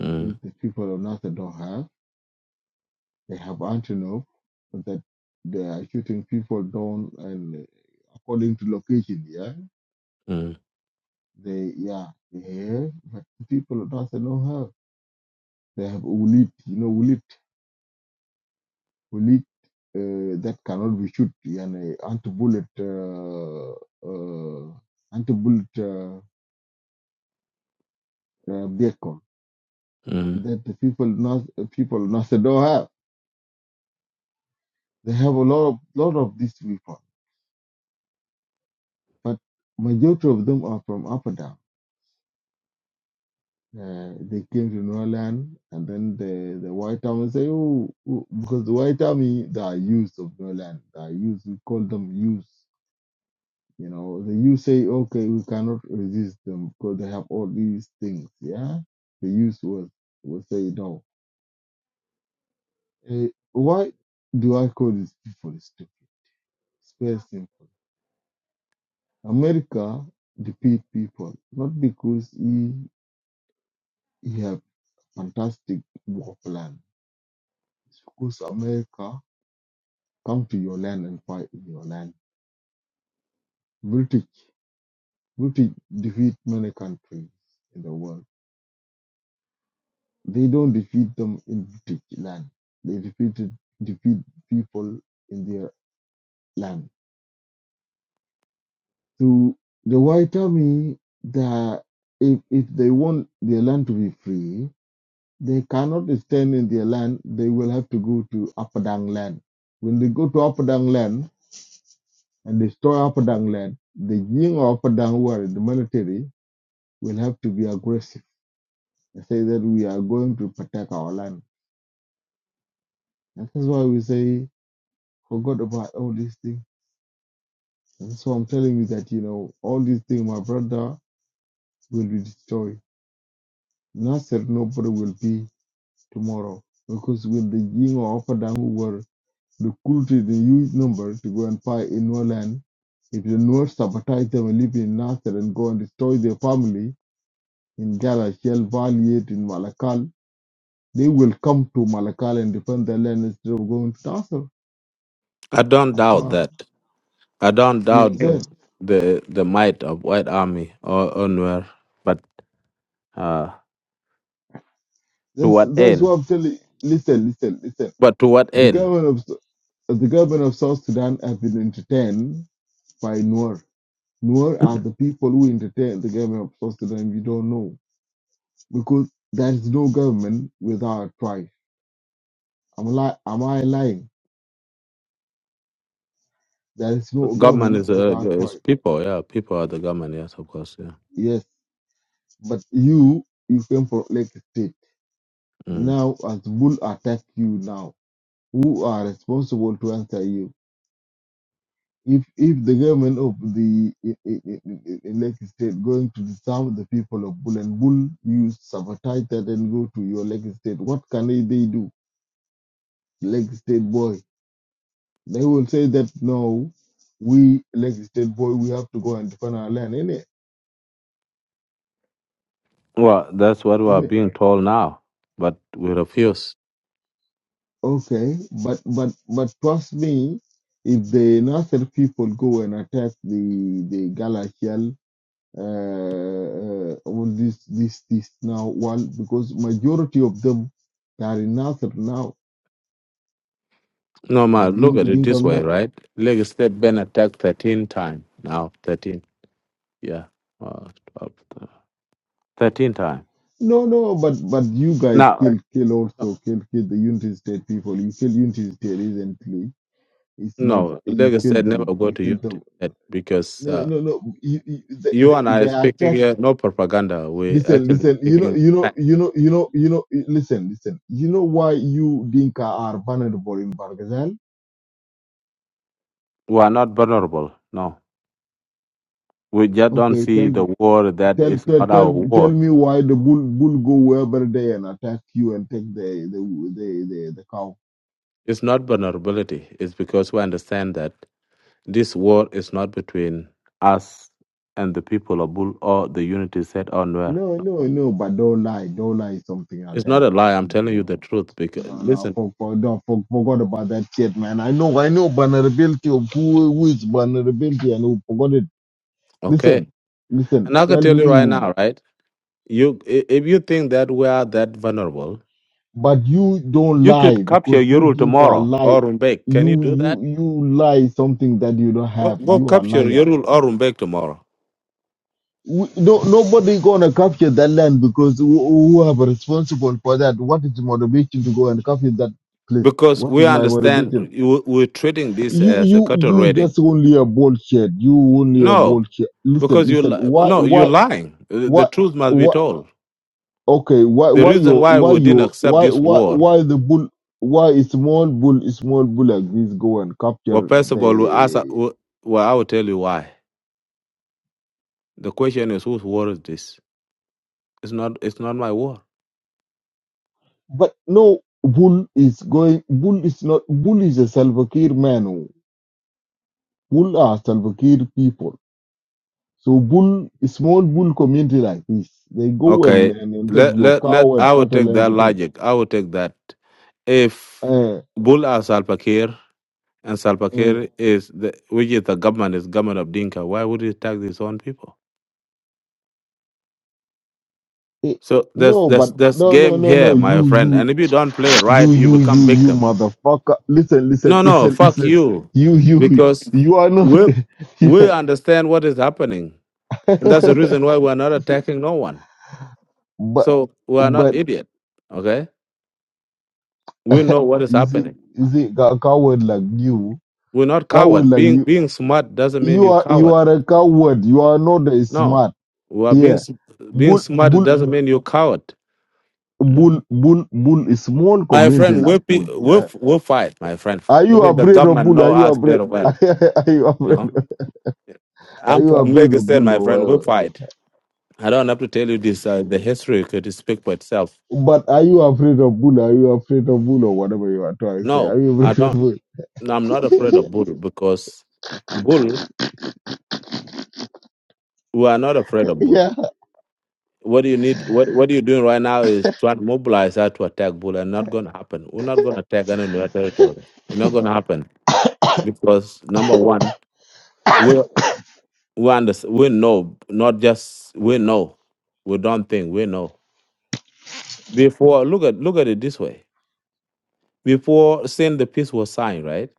[SPEAKER 8] mm,
[SPEAKER 7] with the people of Nasser don't have. They have antelope that they are shooting people down and uh, according to location, yeah.
[SPEAKER 8] mm,
[SPEAKER 7] They yeah, they have but the people of Nasser don't have. They have ulit, you know, ulit, ulit uh, that cannot be shoot yani anti bullet uh, uh, anti bullet uh, uh, vehicle
[SPEAKER 8] mm.
[SPEAKER 7] that the people North people of Macedonia have. They have a lot of lot of these people, but majority of them are from up and down. Uh, they came to New Orleans, and then the the White Army say, oh, oh," because the White Army they are youth of New Orleans. They are youth. We call them youth. You know, the youth say, okay, we cannot resist them because they have all these things. Yeah, the youth was will say no. Uh, why do I call these people stupid? It's very simple America defeat people not because he, he have fantastic war plan. It's because America come to your land and fight in your land. British British defeat many countries in the world. They don't defeat them in British land. They defeated defeat people in their land. So the white army the if if they want their land to be free, They cannot stand in their land. They will have to go to Apadang land. When they go to Apadang land and destroy Apadang land, the Jing of Apadang who are the military will have to be aggressive and say that we are going to protect our land. And that's why we say, forgot about all these things. And so I'm telling you that, you know, all these things, my brother, will be destroyed. Nasser nobody will be tomorrow. Because when the Jing of Apadang who were The Quraysh in huge numbers to go and fight in Noah's land. If the Noah sabotage them and live in Nasser and go and destroy their family in Gala, Shell, Valley, in Malakal, they will come to Malakal and defend their land instead of going to Nasser.
[SPEAKER 8] I don't
[SPEAKER 7] That's
[SPEAKER 8] doubt
[SPEAKER 7] why
[SPEAKER 8] that. I don't
[SPEAKER 7] you
[SPEAKER 8] doubt the
[SPEAKER 7] understand.
[SPEAKER 8] the, the might of white army or UNWER, but uh, to
[SPEAKER 7] That's
[SPEAKER 8] what
[SPEAKER 7] that's what
[SPEAKER 8] end?
[SPEAKER 7] I'm telling. you. Listen, listen, listen.
[SPEAKER 8] But to what
[SPEAKER 7] The
[SPEAKER 8] end?
[SPEAKER 7] government of the government of South Sudan have been entertained by Noor. Noor are the people who entertain the government of South Sudan. If You don't know. because there is no government without tribe. Am I li- am I lying? There is no
[SPEAKER 8] Government
[SPEAKER 7] government
[SPEAKER 8] is uh,
[SPEAKER 7] without
[SPEAKER 8] is
[SPEAKER 7] tribe.
[SPEAKER 8] people. Yeah, people are the government. Yes, of course. Yeah.
[SPEAKER 7] Yes, but you you came from Lake State.
[SPEAKER 8] Mm.
[SPEAKER 7] Now as bull attack you now, who are responsible to answer you? If if the government of the i- i- i- i- i- Lake State going to disarm the people of Bull and Bull, you sabotage that and go to your Lake State. What can they they do? Lake State boy They will say that no, we Lake State boy, we have to go and defend our land, in it,
[SPEAKER 8] Well, that's what we are
[SPEAKER 7] in it.
[SPEAKER 8] being told now, but we refuse.
[SPEAKER 7] Okay, but but but trust me, if the Nasser people go and attack the the Galatial, uh, uh, all this this this now, well, because majority of them are in Nasser now,
[SPEAKER 8] No, ma,
[SPEAKER 7] the
[SPEAKER 8] look at
[SPEAKER 7] Din-
[SPEAKER 8] it
[SPEAKER 7] Dinka
[SPEAKER 8] this way,
[SPEAKER 7] Ngok.
[SPEAKER 8] right? Leg step been attacked 13 times. Now, 13. Yeah. Uh, 12, uh, 13 times.
[SPEAKER 7] No, no, but but you guys
[SPEAKER 8] Now,
[SPEAKER 7] kill kill
[SPEAKER 8] uh,
[SPEAKER 7] also kill kill the United State people. You kill United State recently It's not
[SPEAKER 8] no,
[SPEAKER 7] you
[SPEAKER 8] Leg
[SPEAKER 7] kill
[SPEAKER 8] said never
[SPEAKER 7] them.
[SPEAKER 8] go
[SPEAKER 7] You
[SPEAKER 8] to
[SPEAKER 7] kill
[SPEAKER 8] Unity
[SPEAKER 7] them.
[SPEAKER 8] State because
[SPEAKER 7] No,
[SPEAKER 8] uh,
[SPEAKER 7] no, no. You, you, they,
[SPEAKER 8] you
[SPEAKER 7] they
[SPEAKER 8] and I
[SPEAKER 7] they
[SPEAKER 8] are speaking
[SPEAKER 7] attack.
[SPEAKER 8] here, no propaganda. we
[SPEAKER 7] Listen,
[SPEAKER 8] actually
[SPEAKER 7] listen. You know,
[SPEAKER 8] speaking
[SPEAKER 7] you know,
[SPEAKER 8] fact.
[SPEAKER 7] you know, you know, you know. Listen, listen. You know why you Dinka are vulnerable in Bargazal?
[SPEAKER 8] We are not vulnerable. No. We just don't
[SPEAKER 7] Okay, tell
[SPEAKER 8] see the
[SPEAKER 7] me,
[SPEAKER 8] war that
[SPEAKER 7] tell,
[SPEAKER 8] is
[SPEAKER 7] tell,
[SPEAKER 8] not our
[SPEAKER 7] tell, tell
[SPEAKER 8] war.
[SPEAKER 7] me why the bull bull go wherever they and attack you and take the the the the, the cow.
[SPEAKER 8] It's not vulnerability. It's because we understand that. This war is not between us and the people of Bull or the unity set on where.
[SPEAKER 7] No, no, no. But don't lie. Don't lie. Something like
[SPEAKER 8] It's not
[SPEAKER 7] that.
[SPEAKER 8] a lie. I'm telling
[SPEAKER 7] You
[SPEAKER 8] you
[SPEAKER 7] know.
[SPEAKER 8] the truth. Because
[SPEAKER 7] No, no, I
[SPEAKER 8] listen,
[SPEAKER 7] for, for, no, for, forgot about that shit, man. I know, I know vulnerability of who, who is vulnerability and who forgot it. Listen,
[SPEAKER 8] okay,
[SPEAKER 7] listen,
[SPEAKER 8] and I can
[SPEAKER 7] tell
[SPEAKER 8] tell you right
[SPEAKER 7] me,
[SPEAKER 8] now, right? You, i- if you think that we are that vulnerable,
[SPEAKER 7] but you don't
[SPEAKER 8] you
[SPEAKER 7] lie
[SPEAKER 8] could capture
[SPEAKER 7] because you
[SPEAKER 8] Yorul
[SPEAKER 7] think I
[SPEAKER 8] tomorrow
[SPEAKER 7] lie.
[SPEAKER 8] or Rumbek. Can you
[SPEAKER 7] You,
[SPEAKER 8] do that?
[SPEAKER 7] you, you lie something that you don't
[SPEAKER 8] Go,
[SPEAKER 7] have.
[SPEAKER 8] go
[SPEAKER 7] You are
[SPEAKER 8] capture
[SPEAKER 7] liars.
[SPEAKER 8] Yorul or Rumbek tomorrow
[SPEAKER 7] We, no, nobody gonna capture that land because who, who have a responsible for that? What is the motivation to go and capture that place?
[SPEAKER 8] because
[SPEAKER 7] What
[SPEAKER 8] we
[SPEAKER 7] is my
[SPEAKER 8] understand
[SPEAKER 7] motivation?
[SPEAKER 8] you, we're treating this
[SPEAKER 7] you
[SPEAKER 8] as a
[SPEAKER 7] you
[SPEAKER 8] cattle
[SPEAKER 7] you
[SPEAKER 8] raiding.
[SPEAKER 7] just only a bullshit. You only a
[SPEAKER 8] No,
[SPEAKER 7] bullshit. Listen,
[SPEAKER 8] because you
[SPEAKER 7] listen.
[SPEAKER 8] li-
[SPEAKER 7] Why
[SPEAKER 8] no, you're
[SPEAKER 7] why
[SPEAKER 8] lying. The the
[SPEAKER 7] why
[SPEAKER 8] truth must be
[SPEAKER 7] why?
[SPEAKER 8] told.
[SPEAKER 7] Okay, why
[SPEAKER 8] The
[SPEAKER 7] why
[SPEAKER 8] reason
[SPEAKER 7] you
[SPEAKER 8] why
[SPEAKER 7] why
[SPEAKER 8] we didn't
[SPEAKER 7] you
[SPEAKER 8] accept
[SPEAKER 7] why
[SPEAKER 8] this
[SPEAKER 7] why
[SPEAKER 8] war,
[SPEAKER 7] why the bull? Why a small bull A small bull like this go and
[SPEAKER 8] well,
[SPEAKER 7] capture
[SPEAKER 8] first of all, we ask,
[SPEAKER 7] the?
[SPEAKER 8] well, I will tell you why. The question is, whose war is this? It's not. It's not my war.
[SPEAKER 7] But no bull is going. Bull is not. Bull is a Salvakir man. oh. Bull are Salvakir people. So bull small bull community like this, they go and,
[SPEAKER 8] Okay.
[SPEAKER 7] and, and take
[SPEAKER 8] Let
[SPEAKER 7] your
[SPEAKER 8] let let.
[SPEAKER 7] cow and
[SPEAKER 8] I will
[SPEAKER 7] cattle
[SPEAKER 8] take that
[SPEAKER 7] and everything.
[SPEAKER 8] logic. I will take that. If
[SPEAKER 7] Uh,
[SPEAKER 8] Bull are Salva Kiir and Salva
[SPEAKER 7] uh,
[SPEAKER 8] Kiir is the which is the government is government of Dinka, why would he attack his own people?
[SPEAKER 7] It,
[SPEAKER 8] So there's
[SPEAKER 7] no,
[SPEAKER 8] there's
[SPEAKER 7] but
[SPEAKER 8] there's
[SPEAKER 7] no, no,
[SPEAKER 8] game
[SPEAKER 7] no, no.
[SPEAKER 8] here, my
[SPEAKER 7] You,
[SPEAKER 8] friend.
[SPEAKER 7] you,
[SPEAKER 8] And if you don't play it right,
[SPEAKER 7] you,
[SPEAKER 8] you
[SPEAKER 7] you, you,
[SPEAKER 8] become
[SPEAKER 7] you,
[SPEAKER 8] victim.
[SPEAKER 7] motherfucker. Listen, listen,
[SPEAKER 8] No, no,
[SPEAKER 7] listen,
[SPEAKER 8] fuck
[SPEAKER 7] listen.
[SPEAKER 8] you.
[SPEAKER 7] You, you,
[SPEAKER 8] Because
[SPEAKER 7] you are not.
[SPEAKER 8] we we
[SPEAKER 7] yeah.
[SPEAKER 8] understand what is happening. And that's the reason why we're not attacking no one.
[SPEAKER 7] but,
[SPEAKER 8] So we're not
[SPEAKER 7] but
[SPEAKER 8] idiot. Okay? We know what is
[SPEAKER 7] you see,
[SPEAKER 8] happening.
[SPEAKER 7] you see, cow- coward like you,
[SPEAKER 8] We're not
[SPEAKER 7] coward
[SPEAKER 8] coward.
[SPEAKER 7] like
[SPEAKER 8] Being
[SPEAKER 7] you,
[SPEAKER 8] being smart doesn't mean
[SPEAKER 7] you
[SPEAKER 8] you're
[SPEAKER 7] are, you
[SPEAKER 8] coward.
[SPEAKER 7] are a coward. You are not a
[SPEAKER 8] No.
[SPEAKER 7] smart.
[SPEAKER 8] We are being
[SPEAKER 7] Yeah.
[SPEAKER 8] s- being
[SPEAKER 7] Bull,
[SPEAKER 8] smart
[SPEAKER 7] bull,
[SPEAKER 8] doesn't mean you're coward. Mm.
[SPEAKER 7] bull, bull, bull. is Small
[SPEAKER 8] My
[SPEAKER 7] community
[SPEAKER 8] friend,
[SPEAKER 7] like
[SPEAKER 8] we pe-
[SPEAKER 7] bull.
[SPEAKER 8] we
[SPEAKER 7] Yeah.
[SPEAKER 8] f- we fight, my friend.
[SPEAKER 7] Are you
[SPEAKER 8] Even the
[SPEAKER 7] afraid of
[SPEAKER 8] government
[SPEAKER 7] bull? Are
[SPEAKER 8] know
[SPEAKER 7] you
[SPEAKER 8] us
[SPEAKER 7] afraid?
[SPEAKER 8] very well.
[SPEAKER 7] Are you
[SPEAKER 8] You
[SPEAKER 7] afraid?
[SPEAKER 8] know,
[SPEAKER 7] Are
[SPEAKER 8] I'm
[SPEAKER 7] you
[SPEAKER 8] from
[SPEAKER 7] afraid
[SPEAKER 8] Lagos
[SPEAKER 7] of
[SPEAKER 8] State,
[SPEAKER 7] bull
[SPEAKER 8] my
[SPEAKER 7] or
[SPEAKER 8] friend. We
[SPEAKER 7] whatever?
[SPEAKER 8] fight. I don't have to tell you this. Uh, the history could speak for itself.
[SPEAKER 7] But are you afraid of bull? Are you afraid of bull or whatever you are trying to say?
[SPEAKER 8] No,
[SPEAKER 7] Are you
[SPEAKER 8] I
[SPEAKER 7] afraid of
[SPEAKER 8] don't.
[SPEAKER 7] bull?
[SPEAKER 8] No, I'm not afraid of bull because bull. We are not afraid of bull.
[SPEAKER 7] yeah.
[SPEAKER 8] What do you need? What What you're doing right now is try to mobilize her to attack bull, and not going to happen. We're not going to attack any of their territory. It's not going to happen because number one, we we understand. We know, not just we know. We don't think we know. Before look at look at it this way. Before saying the peace was signed, right?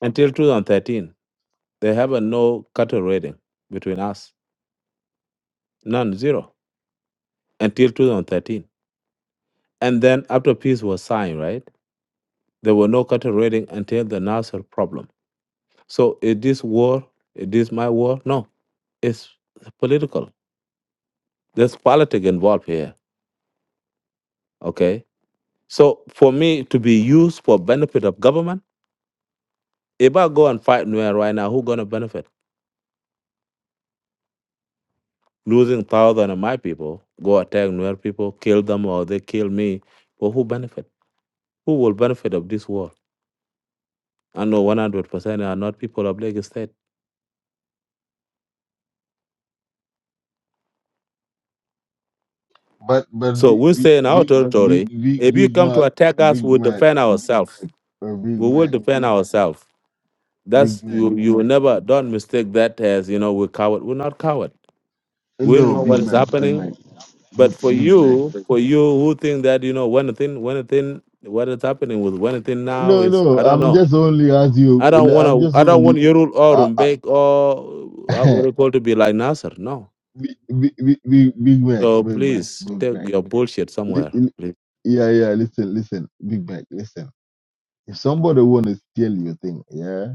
[SPEAKER 8] Until 2013 They have a no cattle rating between us, none, zero, until 2013. And then after peace was signed, right? There were no cattle rating until the Nasser problem. So is this war? Is this my war? No, it's political. There's politics involved here. Okay. So for me to be used for benefit of government, if I go and fight Nuer right now, who gonna benefit? Losing thousand of my people, go attack Nuer people, kill them, or they kill me. But who benefit? Who will benefit of this war? I know 100% are not people of Lagos State.
[SPEAKER 7] But but
[SPEAKER 8] So
[SPEAKER 7] big
[SPEAKER 8] we
[SPEAKER 7] big
[SPEAKER 8] say in our
[SPEAKER 7] big big
[SPEAKER 8] territory.
[SPEAKER 7] big
[SPEAKER 8] If you
[SPEAKER 7] big
[SPEAKER 8] come to
[SPEAKER 7] Mac
[SPEAKER 8] attack us,
[SPEAKER 7] Big
[SPEAKER 8] we'll
[SPEAKER 7] Mac
[SPEAKER 8] defend ourselves.
[SPEAKER 7] or Big
[SPEAKER 8] We will
[SPEAKER 7] Mac
[SPEAKER 8] defend ourselves.
[SPEAKER 7] Big
[SPEAKER 8] That's
[SPEAKER 7] Mac.
[SPEAKER 8] you. You will
[SPEAKER 7] Big,
[SPEAKER 8] never don't mistake that as you know we're coward. We're not coward. We
[SPEAKER 7] no
[SPEAKER 8] know what
[SPEAKER 7] Big
[SPEAKER 8] is
[SPEAKER 7] Mac Big
[SPEAKER 8] happening.
[SPEAKER 7] Mac Big
[SPEAKER 8] But for
[SPEAKER 7] Big Mac.
[SPEAKER 8] you, for you who think that you know one thing, one thing, what is happening with one thing now
[SPEAKER 7] No
[SPEAKER 8] is
[SPEAKER 7] no.
[SPEAKER 8] I don't
[SPEAKER 7] I'm
[SPEAKER 8] know.
[SPEAKER 7] just only as you.
[SPEAKER 8] I don't
[SPEAKER 7] like,
[SPEAKER 8] want
[SPEAKER 7] I'm just
[SPEAKER 8] to. I don't want
[SPEAKER 7] only.
[SPEAKER 8] Yorul or
[SPEAKER 7] Uh, uh,
[SPEAKER 8] Rumbek or uh, what do you call to be like Nasser. No.
[SPEAKER 7] big, big, big, big Big Mac
[SPEAKER 8] So
[SPEAKER 7] Big Mac
[SPEAKER 8] please
[SPEAKER 7] Big
[SPEAKER 8] take
[SPEAKER 7] Mac.
[SPEAKER 8] your bullshit
[SPEAKER 7] Li-
[SPEAKER 8] somewhere.
[SPEAKER 7] li- Yeah yeah. Listen listen. Big Mac listen. If somebody want to steal your thing, yeah,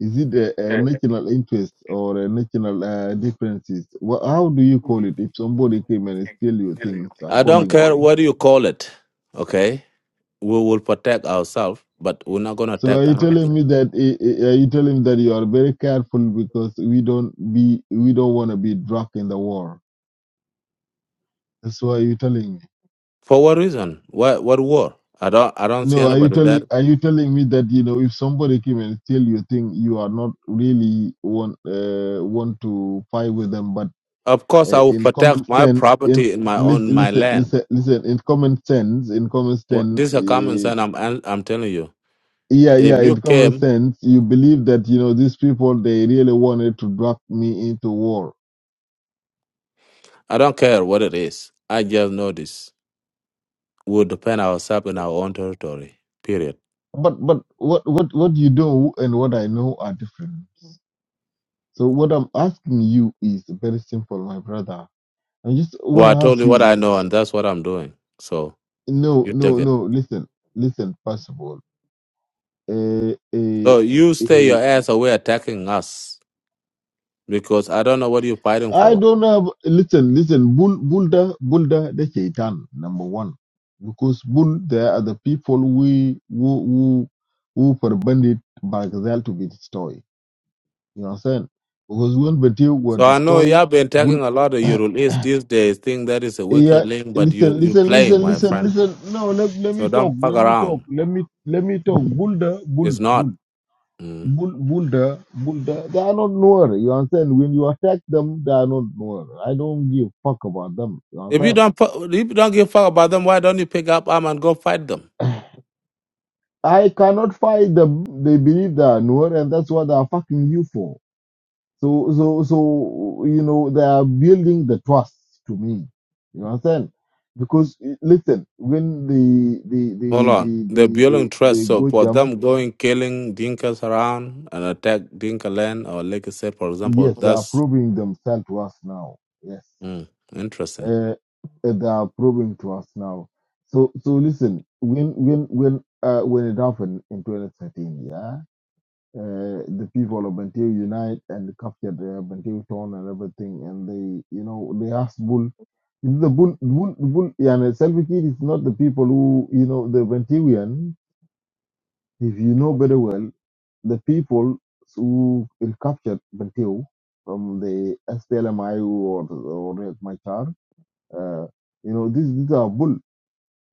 [SPEAKER 7] is it a, a national interest or a national uh, differences? Wha how do you call it if somebody came and steal your things
[SPEAKER 8] I don't care
[SPEAKER 7] accordingly?
[SPEAKER 8] what you call it. Okay, we will protect ourselves, but we're not gonna
[SPEAKER 7] So are
[SPEAKER 8] attack
[SPEAKER 7] you
[SPEAKER 8] anybody.
[SPEAKER 7] telling me that eh, eh, are you telling me that you are very careful because we don't be we don't want to be dragged in the war? That's why you telling me.
[SPEAKER 8] For what reason? What what war? I don't I don't see
[SPEAKER 7] No, are you
[SPEAKER 8] anybody there.
[SPEAKER 7] telling are you telling me that you know if somebody came and steal your thing, you are not really want uh, want to fight with them, but
[SPEAKER 8] Of course, I
[SPEAKER 7] uh,
[SPEAKER 8] will
[SPEAKER 7] in
[SPEAKER 8] protect
[SPEAKER 7] common
[SPEAKER 8] my
[SPEAKER 7] sense in
[SPEAKER 8] property in my own
[SPEAKER 7] listen
[SPEAKER 8] my
[SPEAKER 7] listen
[SPEAKER 8] land.
[SPEAKER 7] listen listen in common sense in common
[SPEAKER 8] Wha-
[SPEAKER 7] sense
[SPEAKER 8] This is a common
[SPEAKER 7] uh,
[SPEAKER 8] sense. I'm I'm I'm telling you.
[SPEAKER 7] yeah
[SPEAKER 8] If
[SPEAKER 7] yeah
[SPEAKER 8] you
[SPEAKER 7] in common
[SPEAKER 8] came,
[SPEAKER 7] sense you believe that you know these people they really wanted to drag me into war
[SPEAKER 8] I don't care what it is. I just know this. We'll defend ourselves in our own territory. Period.
[SPEAKER 7] but but what what what you do and what i know are different so what i'm asking you is very simple my brother i just want
[SPEAKER 8] Well,
[SPEAKER 7] to
[SPEAKER 8] I told
[SPEAKER 7] ask
[SPEAKER 8] you
[SPEAKER 7] you
[SPEAKER 8] what I
[SPEAKER 7] is
[SPEAKER 8] know, and that's what I'm doing. So
[SPEAKER 7] no
[SPEAKER 8] you take
[SPEAKER 7] no
[SPEAKER 8] it.
[SPEAKER 7] no listen listen first of all uh, uh,
[SPEAKER 8] So you stay
[SPEAKER 7] uh,
[SPEAKER 8] your ass away attacking us. because I don't know what you're fighting
[SPEAKER 7] I
[SPEAKER 8] for.
[SPEAKER 7] don't have. Listen, listen. Bull, Bulda, Bulda, the shaitan, number one, because Bull, there are the people we who who who forbade Bargazel to be destroyed. You know what I'm saying? Because when Betil were
[SPEAKER 8] So I know you
[SPEAKER 7] destroyed,
[SPEAKER 8] have been taking
[SPEAKER 7] Bull,
[SPEAKER 8] a lot of Ural East these days, think that is a
[SPEAKER 7] yeah.
[SPEAKER 8] wicked link, but you
[SPEAKER 7] Listen,
[SPEAKER 8] you
[SPEAKER 7] listen,
[SPEAKER 8] playing,
[SPEAKER 7] listen,
[SPEAKER 8] my
[SPEAKER 7] listen,
[SPEAKER 8] friend.
[SPEAKER 7] listen. No, let, let
[SPEAKER 8] So
[SPEAKER 7] me talk.
[SPEAKER 8] don't fuck
[SPEAKER 7] Let me
[SPEAKER 8] around.
[SPEAKER 7] talk. Let me let me talk. Bulda, Bull,
[SPEAKER 8] It's not.
[SPEAKER 7] Bull.
[SPEAKER 8] Mm.
[SPEAKER 7] Bull, Bulda, Bulda, they are not Noor. You understand? When you attack them, they are not Noor. I don't give fuck about them. You
[SPEAKER 8] If you
[SPEAKER 7] understand?
[SPEAKER 8] don't fu- if you don't give a fuck about them, why don't you pick up arm and go fight them?
[SPEAKER 7] I cannot fight the they believe that Noor, and that's what they're fucking you for. So so so you know they are building the trust to me. You understand? Because eh, listen, when the the
[SPEAKER 8] Hold
[SPEAKER 7] the
[SPEAKER 8] on.
[SPEAKER 7] the
[SPEAKER 8] They're
[SPEAKER 7] the
[SPEAKER 8] building
[SPEAKER 7] the, the
[SPEAKER 8] trust. So
[SPEAKER 7] go
[SPEAKER 8] for
[SPEAKER 7] jump,
[SPEAKER 8] them going killing Dinkas around and attack Dinka land or Legacy, for example,
[SPEAKER 7] yes, they are
[SPEAKER 8] that's
[SPEAKER 7] proving themselves to us now. Yes,
[SPEAKER 8] mm, interesting.
[SPEAKER 7] uh, they are proving to us now. So so listen, when when when uh, when it happened in 2013, yeah. uh, the people of Bentiu unite and captured uh, Bentiu town and everything. And they, you know, they asked Bull. The Bull, Bull, Bull, yeah, and Salva Kiir is not the people who, you know, the Bentiuan, if you know very well, the people who captured Bentiu from the SPLMIU or, or Riek Machar, uh, you know, these, these are Bull.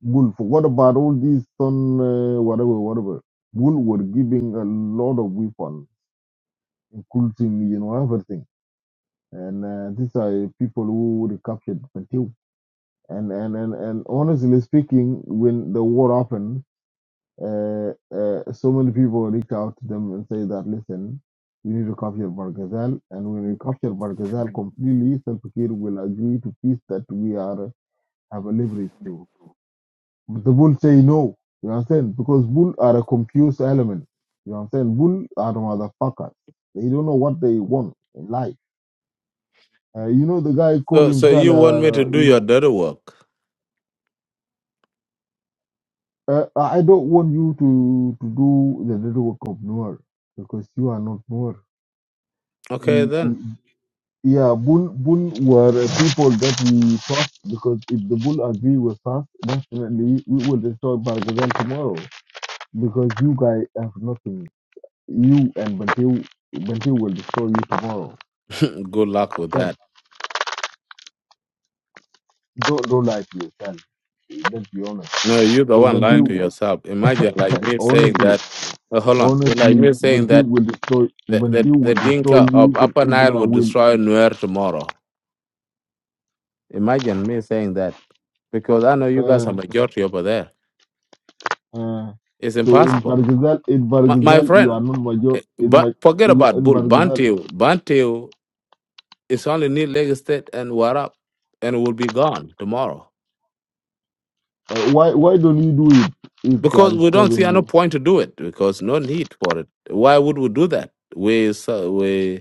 [SPEAKER 7] Bull, forgot about all these, ton, uh, whatever, whatever. Bull were giving a lot of weapons cool thing, you know, everything. And uh, these are people who recaptured Bantu. And, and, and, and honestly speaking, when the war happened, uh, uh, so many people reached out to them and say that, listen, we need to capture Barghazal. And when we capture Barghazal completely, Salpakir will agree to peace that we are have a leverage to. But the bull say no. You understand? Because bull are a confused element. You understand? Bull are motherfuckers. They don't know what they want in life. Uh, you know, the guy called
[SPEAKER 8] So so
[SPEAKER 7] himself,
[SPEAKER 8] you want me to
[SPEAKER 7] uh,
[SPEAKER 8] do
[SPEAKER 7] you
[SPEAKER 8] your
[SPEAKER 7] know,
[SPEAKER 8] dirty work?
[SPEAKER 7] uh, I I don't want you to, to do the dirty work of Noor because you are not Noor.
[SPEAKER 8] Okay
[SPEAKER 7] He-
[SPEAKER 8] then.
[SPEAKER 7] he- Yeah, Bull, Bull were people that we trust because if the Bull agree with us, definitely we will destroy Bargazan tomorrow because you guys have nothing. You and Bantu, Bantu will destroy you tomorrow.
[SPEAKER 8] Good luck with that.
[SPEAKER 7] Then don't, don't lie to yourself. Let's be honest.
[SPEAKER 8] No, you're the
[SPEAKER 7] So
[SPEAKER 8] one lying
[SPEAKER 7] Bantu,
[SPEAKER 8] to yourself. Imagine like me saying
[SPEAKER 7] honestly.
[SPEAKER 8] that. uh, hold on, you're like
[SPEAKER 7] Honestly,
[SPEAKER 8] me
[SPEAKER 7] when
[SPEAKER 8] saying
[SPEAKER 7] he
[SPEAKER 8] that
[SPEAKER 7] will destroy,
[SPEAKER 8] the,
[SPEAKER 7] when he
[SPEAKER 8] the,
[SPEAKER 7] will
[SPEAKER 8] the
[SPEAKER 7] destroy
[SPEAKER 8] Dinka
[SPEAKER 7] you,
[SPEAKER 8] of
[SPEAKER 7] then
[SPEAKER 8] Upper
[SPEAKER 7] even
[SPEAKER 8] Nile
[SPEAKER 7] I
[SPEAKER 8] will
[SPEAKER 7] will.
[SPEAKER 8] destroy Nuer tomorrow. Imagine me saying that because I know you guys are
[SPEAKER 7] Uh,
[SPEAKER 8] majority over there.
[SPEAKER 7] uh.
[SPEAKER 8] It's
[SPEAKER 7] So in
[SPEAKER 8] impossible,
[SPEAKER 7] Bargazal, in
[SPEAKER 8] my, my
[SPEAKER 7] Bargazal, you
[SPEAKER 8] friend.
[SPEAKER 7] are not major.
[SPEAKER 8] eh,
[SPEAKER 7] In
[SPEAKER 8] But
[SPEAKER 7] my,
[SPEAKER 8] forget
[SPEAKER 7] you
[SPEAKER 8] about
[SPEAKER 7] in
[SPEAKER 8] Bull
[SPEAKER 7] Bargazal.
[SPEAKER 8] Bantu. Bantu is only need Lagos State and Warap, and will be gone tomorrow
[SPEAKER 7] Uh, why, why don't you do it if they are
[SPEAKER 8] because we don't
[SPEAKER 7] disturbing
[SPEAKER 8] see any
[SPEAKER 7] you?
[SPEAKER 8] point to do it because no need for it. Why would we do that? We so- we.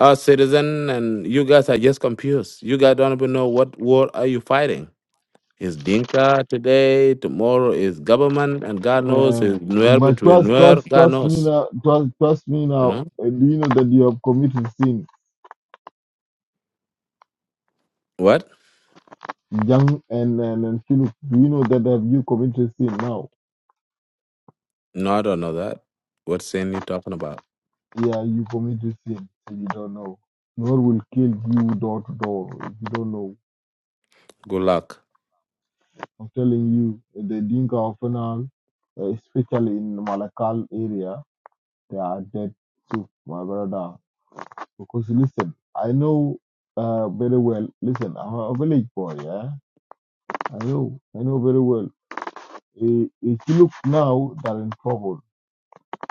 [SPEAKER 8] uh, citizen, and you guys are just confused. You guys don't even know what war are you fighting. Is Dinka today? Tomorrow is government, and God knows is
[SPEAKER 7] Uh,
[SPEAKER 8] Nuer
[SPEAKER 7] but
[SPEAKER 8] between
[SPEAKER 7] trust,
[SPEAKER 8] Nuer.
[SPEAKER 7] trust,
[SPEAKER 8] God
[SPEAKER 7] trust me
[SPEAKER 8] knows.
[SPEAKER 7] now. Trust, trust me
[SPEAKER 8] You
[SPEAKER 7] now.
[SPEAKER 8] know
[SPEAKER 7] Uh, do you know that you have committed sin,
[SPEAKER 8] what?
[SPEAKER 7] young and and, and Philip? Do you know that have you committed sin now?
[SPEAKER 8] No, I don't know that. What sin you talking about?
[SPEAKER 7] Yeah, you commit committed sin if you don't know. God will kill you door to door if you don't know.
[SPEAKER 8] Good luck.
[SPEAKER 7] I'm telling you, the Dinka of Anal, especially in Malakal area, they are dead too, my brother. Because listen, I know uh, very well. Listen, I'm a village boy, yeah. I know, I know very well. I- If you look now, they're in trouble.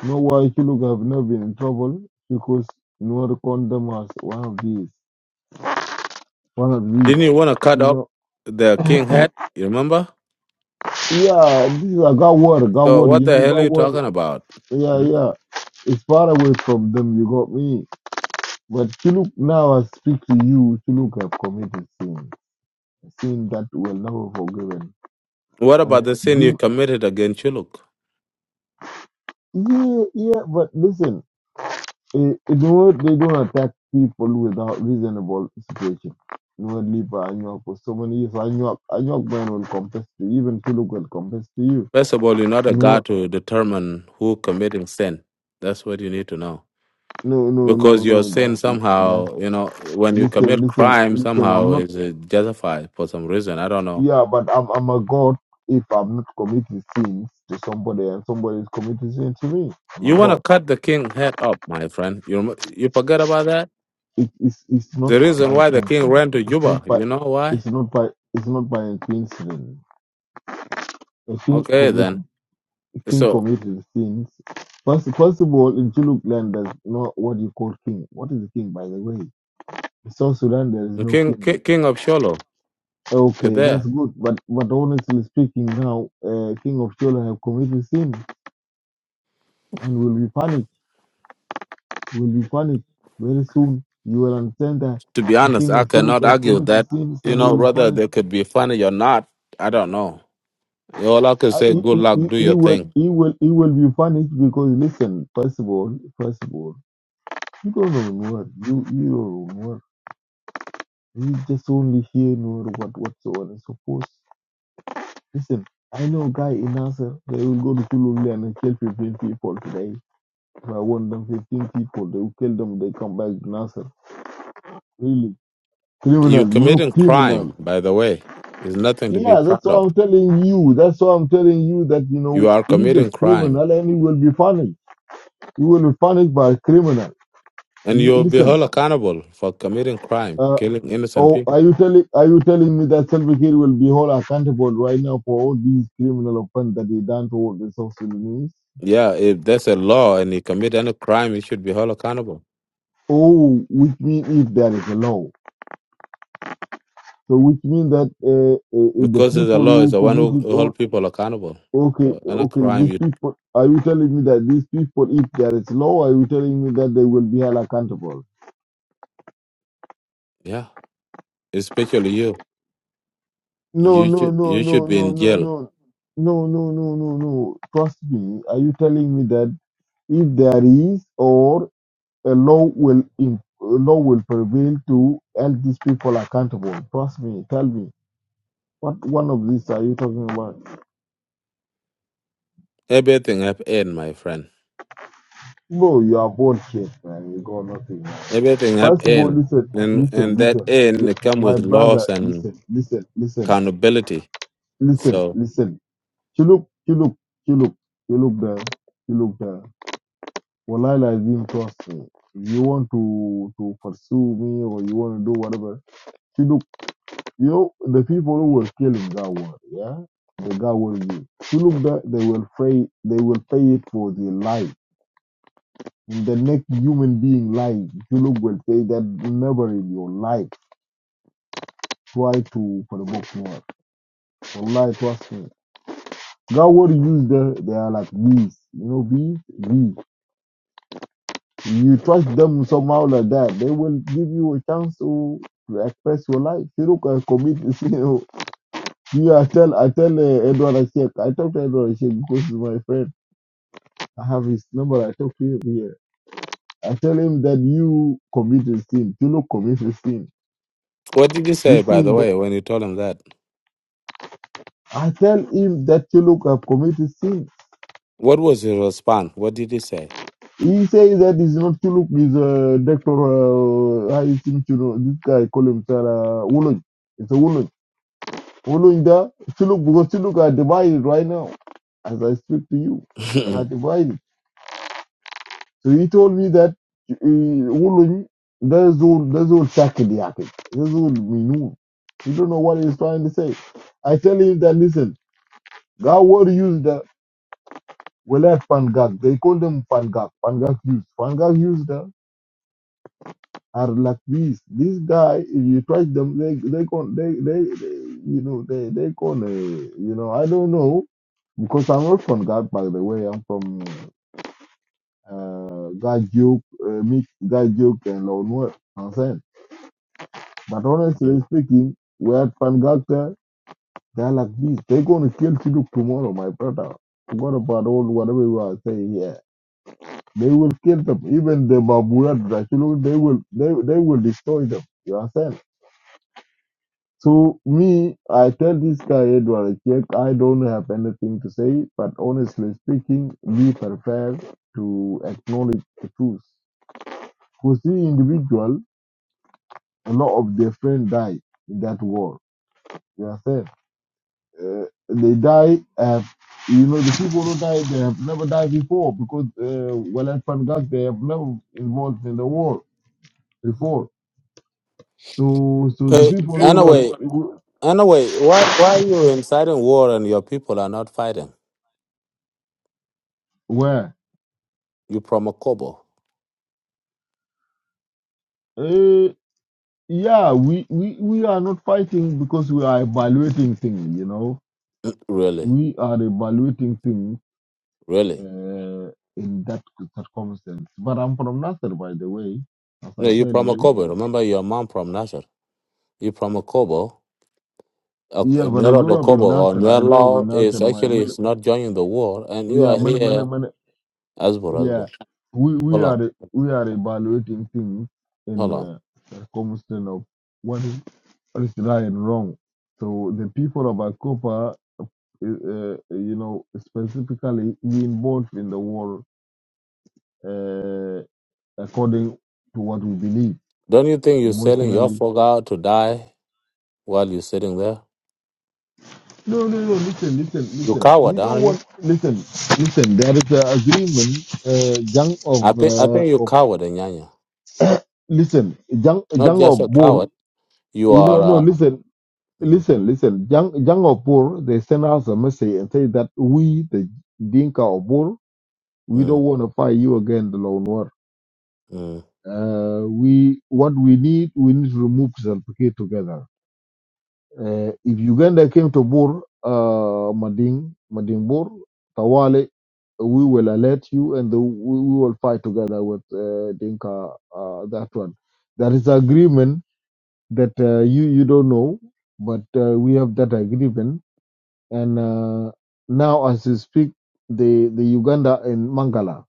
[SPEAKER 7] You know why if you look have not been in trouble? Because no condemn us one of these, one of these.
[SPEAKER 8] Didn't you want to cut
[SPEAKER 7] You
[SPEAKER 8] off
[SPEAKER 7] know.
[SPEAKER 8] the king head? You remember?
[SPEAKER 7] Yeah, this is a God word, God
[SPEAKER 8] So
[SPEAKER 7] word,
[SPEAKER 8] what
[SPEAKER 7] you
[SPEAKER 8] the
[SPEAKER 7] know,
[SPEAKER 8] hell are
[SPEAKER 7] God
[SPEAKER 8] you
[SPEAKER 7] word.
[SPEAKER 8] talking about?
[SPEAKER 7] Yeah,
[SPEAKER 8] Hmm?
[SPEAKER 7] yeah. It's far away from them, you got me. But you now, I speak to you, you have committed sin, a sin that will never forgiven.
[SPEAKER 8] What about
[SPEAKER 7] Uh,
[SPEAKER 8] the sin you
[SPEAKER 7] ding-
[SPEAKER 8] committed against Chuluk?
[SPEAKER 7] yeah, yeah, but listen, eh, you know, they don't attack people without reasonable situation. You know, leave Anyok for so many years. Anyok, Anyok man will confess to you, even Chiluk will confess to you.
[SPEAKER 8] First of all, you're not a
[SPEAKER 7] No,
[SPEAKER 8] God to determine who committing sin. That's what you need to know.
[SPEAKER 7] no, no,
[SPEAKER 8] because your
[SPEAKER 7] no,
[SPEAKER 8] sin
[SPEAKER 7] no, that's,
[SPEAKER 8] somehow, you know, when you
[SPEAKER 7] Listen,
[SPEAKER 8] commit
[SPEAKER 7] listen,
[SPEAKER 8] crime,
[SPEAKER 7] listen. I'm
[SPEAKER 8] somehow
[SPEAKER 7] not.
[SPEAKER 8] is uh, justified for some reason. I don't know.
[SPEAKER 7] Yeah, but I'm I'm a god if I'm not committing sins to somebody and somebody is committing sin to me. I'm
[SPEAKER 8] You
[SPEAKER 7] a
[SPEAKER 8] want to
[SPEAKER 7] god.
[SPEAKER 8] cut the king head up, my friend. You rem- you forget about that.
[SPEAKER 7] It, is. it's it's not
[SPEAKER 8] The reason
[SPEAKER 7] by
[SPEAKER 8] why the king
[SPEAKER 7] coincidence.
[SPEAKER 8] ran to
[SPEAKER 7] It's
[SPEAKER 8] Juba,
[SPEAKER 7] not by.
[SPEAKER 8] you know why?
[SPEAKER 7] It's not by. It's not by coincidence. I think
[SPEAKER 8] Okay, then.
[SPEAKER 7] committing. King
[SPEAKER 8] So
[SPEAKER 7] committed sins. First, first of all, in Chuluk land, there's no what you call king. What is a king, by the way? In South Sudan, there is no
[SPEAKER 8] King
[SPEAKER 7] king.
[SPEAKER 8] King, king of Sholo, you're
[SPEAKER 7] Okay, that's
[SPEAKER 8] there.
[SPEAKER 7] good. But but honestly speaking, now uh, King of Chola have committed sin and will be punished, will be punished very soon. You will understand that
[SPEAKER 8] To be
[SPEAKER 7] the
[SPEAKER 8] honest,
[SPEAKER 7] king
[SPEAKER 8] I
[SPEAKER 7] of
[SPEAKER 8] cannot
[SPEAKER 7] Shuluk have
[SPEAKER 8] argue
[SPEAKER 7] committed
[SPEAKER 8] that.
[SPEAKER 7] sins
[SPEAKER 8] You
[SPEAKER 7] and
[SPEAKER 8] know,
[SPEAKER 7] will be
[SPEAKER 8] whether
[SPEAKER 7] punished.
[SPEAKER 8] they could be funny or not, I don't know. All I could
[SPEAKER 7] Uh,
[SPEAKER 8] say,
[SPEAKER 7] He,
[SPEAKER 8] good
[SPEAKER 7] he,
[SPEAKER 8] luck,
[SPEAKER 7] he,
[SPEAKER 8] do
[SPEAKER 7] he
[SPEAKER 8] your
[SPEAKER 7] will,
[SPEAKER 8] thing.
[SPEAKER 7] he will, he will be punished because listen, first of all, first of all, you don't know Noor. You, you don't know Noor. You just only hear Noor what, what so on and so forth. Listen, I know a guy in Nasser, they will go to Shuluk and they kill 15 people today. If I want them 15 people, they will kill them, they come back to Nasser. Really,
[SPEAKER 8] You're
[SPEAKER 7] criminal, you know,
[SPEAKER 8] committing
[SPEAKER 7] criminal.
[SPEAKER 8] crime, by the way. It's nothing to be
[SPEAKER 7] Yeah, that's
[SPEAKER 8] proud
[SPEAKER 7] what
[SPEAKER 8] of.
[SPEAKER 7] I'm telling you. That's why I'm telling you that you
[SPEAKER 8] You
[SPEAKER 7] know
[SPEAKER 8] are
[SPEAKER 7] he's a
[SPEAKER 8] committing crime,
[SPEAKER 7] criminal and he will be punished. He will be punished by a criminal.
[SPEAKER 8] and
[SPEAKER 7] L-
[SPEAKER 8] you'll be
[SPEAKER 7] Listen,
[SPEAKER 8] held accountable for committing crime,
[SPEAKER 7] uh,
[SPEAKER 8] killing innocent
[SPEAKER 7] oh,
[SPEAKER 8] people.
[SPEAKER 7] are you telling are you telling me that Salva Kiir will be held accountable right now for all these criminal offense that he done to all the South Sudanese?
[SPEAKER 8] Yeah, if there's a law and you commit any crime, you should be held accountable
[SPEAKER 7] Oh, which means if there is a law, so which means that uh, uh, the
[SPEAKER 8] because the
[SPEAKER 7] people
[SPEAKER 8] law is
[SPEAKER 7] who
[SPEAKER 8] the one who
[SPEAKER 7] committed
[SPEAKER 8] who
[SPEAKER 7] all
[SPEAKER 8] hold people accountable
[SPEAKER 7] okay,
[SPEAKER 8] for any
[SPEAKER 7] okay,
[SPEAKER 8] crime.
[SPEAKER 7] these
[SPEAKER 8] You,
[SPEAKER 7] people. Are you telling me that these people, if there is law, are you telling me that they will be held accountable?
[SPEAKER 8] yeah, especially you.
[SPEAKER 7] No,
[SPEAKER 8] You
[SPEAKER 7] no,
[SPEAKER 8] should
[SPEAKER 7] no,
[SPEAKER 8] you should
[SPEAKER 7] no,
[SPEAKER 8] be
[SPEAKER 7] no,
[SPEAKER 8] in
[SPEAKER 7] no,
[SPEAKER 8] jail.
[SPEAKER 7] no, no, no, no, no, no. Trust me. Are you telling me that if there is or a law will im- a law will prevail to hold these people accountable? Trust me. Tell me. What one of these are you talking about?
[SPEAKER 8] Everything have end, my friend.
[SPEAKER 7] No, you are bullshit, man. You got nothing. Man.
[SPEAKER 8] Everything have
[SPEAKER 7] First of all,
[SPEAKER 8] end,
[SPEAKER 7] listen,
[SPEAKER 8] and
[SPEAKER 7] listen,
[SPEAKER 8] and that
[SPEAKER 7] listen.
[SPEAKER 8] end
[SPEAKER 7] Li-
[SPEAKER 8] it come
[SPEAKER 7] My
[SPEAKER 8] with loss
[SPEAKER 7] brother,
[SPEAKER 8] and
[SPEAKER 7] listen, listen, listen,
[SPEAKER 8] accountability.
[SPEAKER 7] listen,
[SPEAKER 8] So,
[SPEAKER 7] listen. She look, she look, she look, she look there, she look there. Wallahi Lazim, trust me. If you want to to pursue me or you want to do whatever, she look, you know, the people who were killing that war, yeah, the guy will be. She look that they will pay, they will pay it for their life. In the next human being life, you look will say that never in your life try to provoke war. Wallahi, trust me. God will use the, they are like bees, you know, bees, bees. You trust them somehow like that. They will give you a chance to express your life. You look and commit. You know, you I tell I tell uh, Edward Ashek. I talk to Edward Ashek because he's my friend. I have his number. I talk to him here. I tell him that you committed sin. You look committed sin.
[SPEAKER 8] what did you
[SPEAKER 7] This
[SPEAKER 8] say, by the
[SPEAKER 7] thing that
[SPEAKER 8] way, when you told him that?
[SPEAKER 7] I tell him that you look have committed sin.
[SPEAKER 8] What was his response? What did he say?
[SPEAKER 7] He says that he's not to look. He's a doctor. Uh, I think you know this guy. Call him Tara Woolon. It's a Woolon. Following that, still look because still look are divided right now. As I speak to you, are
[SPEAKER 8] uh,
[SPEAKER 7] divided. So he told me that uh, Wulun, that's all, that's all Shakidiyaki. That's all Minun. You don't know what he's trying to say. I tell him that listen, God will use the Welat Pangak. They call them Pangak. Pangak use. Pangak use the are like this. This guy, if you touch them, they they con they they, they you know they they con uh, you know I don't know Because I'm not from God, by the way. I'm from uh, Gajuk, uh, mix Gajuk and Lonwer. Understand? But honestly speaking, we're at Pangaka. They're like this. They're going to kill Chiduk tomorrow, my brother. Forgot about all whatever you are saying here. They will kill them. Even the Baburat, they will, they, they will destroy them. You understand? To me, I tell this guy Edward Jack, I don't have anything to say, but honestly speaking, be prepared to acknowledge the truth. For the individual, a lot of their friends died in that war. You understand? Uh, they die, have, you know, the people who died, they have never died before because, uh, well, at Pangak, they have never involved in the war before. So, so the people who were,
[SPEAKER 8] anyway,
[SPEAKER 7] who,
[SPEAKER 8] anyway, why why are you inciting war and your people are not fighting?
[SPEAKER 7] where?
[SPEAKER 8] You from Akobo,
[SPEAKER 7] yeah we, we we are not fighting because we are evaluating things you know
[SPEAKER 8] really,
[SPEAKER 7] we are evaluating things
[SPEAKER 8] really?
[SPEAKER 7] uh, in that circumstance but i'm from nasser by the way as
[SPEAKER 8] No,
[SPEAKER 7] i
[SPEAKER 8] you
[SPEAKER 7] tell
[SPEAKER 8] from
[SPEAKER 7] you
[SPEAKER 8] Akobo. Remember your mom from Nasser. You from Akobo.
[SPEAKER 7] yeah but i grew up
[SPEAKER 8] Nyorobokobo
[SPEAKER 7] in
[SPEAKER 8] or
[SPEAKER 7] nasser i grew up in
[SPEAKER 8] Nyerlo
[SPEAKER 7] nasser
[SPEAKER 8] is
[SPEAKER 7] my
[SPEAKER 8] actually
[SPEAKER 7] many,
[SPEAKER 8] is not joining the war, and you
[SPEAKER 7] yeah
[SPEAKER 8] are
[SPEAKER 7] many, many,
[SPEAKER 8] here,
[SPEAKER 7] many,
[SPEAKER 8] Asbor,
[SPEAKER 7] yeah
[SPEAKER 8] Asbor.
[SPEAKER 7] we we
[SPEAKER 8] Hold on,
[SPEAKER 7] are we are evaluating things
[SPEAKER 8] hold
[SPEAKER 7] in
[SPEAKER 8] on.
[SPEAKER 7] uh, circumstance of what is what is right and wrong so the people of Akopa uh, uh, you know, specifically we involved in the war uh, according to what we believe
[SPEAKER 8] Don't you think you're selling your
[SPEAKER 7] emotionally.
[SPEAKER 8] folk out to die while you're sitting there?
[SPEAKER 7] No, no, no. Listen, listen,
[SPEAKER 8] You
[SPEAKER 7] listen. We
[SPEAKER 8] coward,
[SPEAKER 7] don't
[SPEAKER 8] aren't you?
[SPEAKER 7] want. Listen, listen. There is an agreement. Uh, Jang
[SPEAKER 8] I
[SPEAKER 7] of
[SPEAKER 8] think I
[SPEAKER 7] uh,
[SPEAKER 8] think you're
[SPEAKER 7] of
[SPEAKER 8] coward, Nyanya.
[SPEAKER 7] listen. Jang
[SPEAKER 8] Not
[SPEAKER 7] Jang
[SPEAKER 8] just
[SPEAKER 7] of
[SPEAKER 8] a
[SPEAKER 7] Bor.
[SPEAKER 8] coward. You
[SPEAKER 7] You know, no.
[SPEAKER 8] are. Uh,
[SPEAKER 7] Listen,
[SPEAKER 8] mm,
[SPEAKER 7] listen, listen. Jang Jang of Bor. They send us a message and say that we the Dinka of Bor. We don't
[SPEAKER 8] mm,
[SPEAKER 7] want to fight you again, the Lone War.
[SPEAKER 8] mm.
[SPEAKER 7] Uh, we what we need we need to remove Zalpike together. Uh, if Uganda came to Bor, uh, Mading Mading Bor, Tawale, we will alert you and the, we, we will fight together with uh, Dinka. Uh, that one. There is agreement that uh, you you don't know, but uh, we have that agreement. And uh, now as we speak, the the Uganda in Mangala.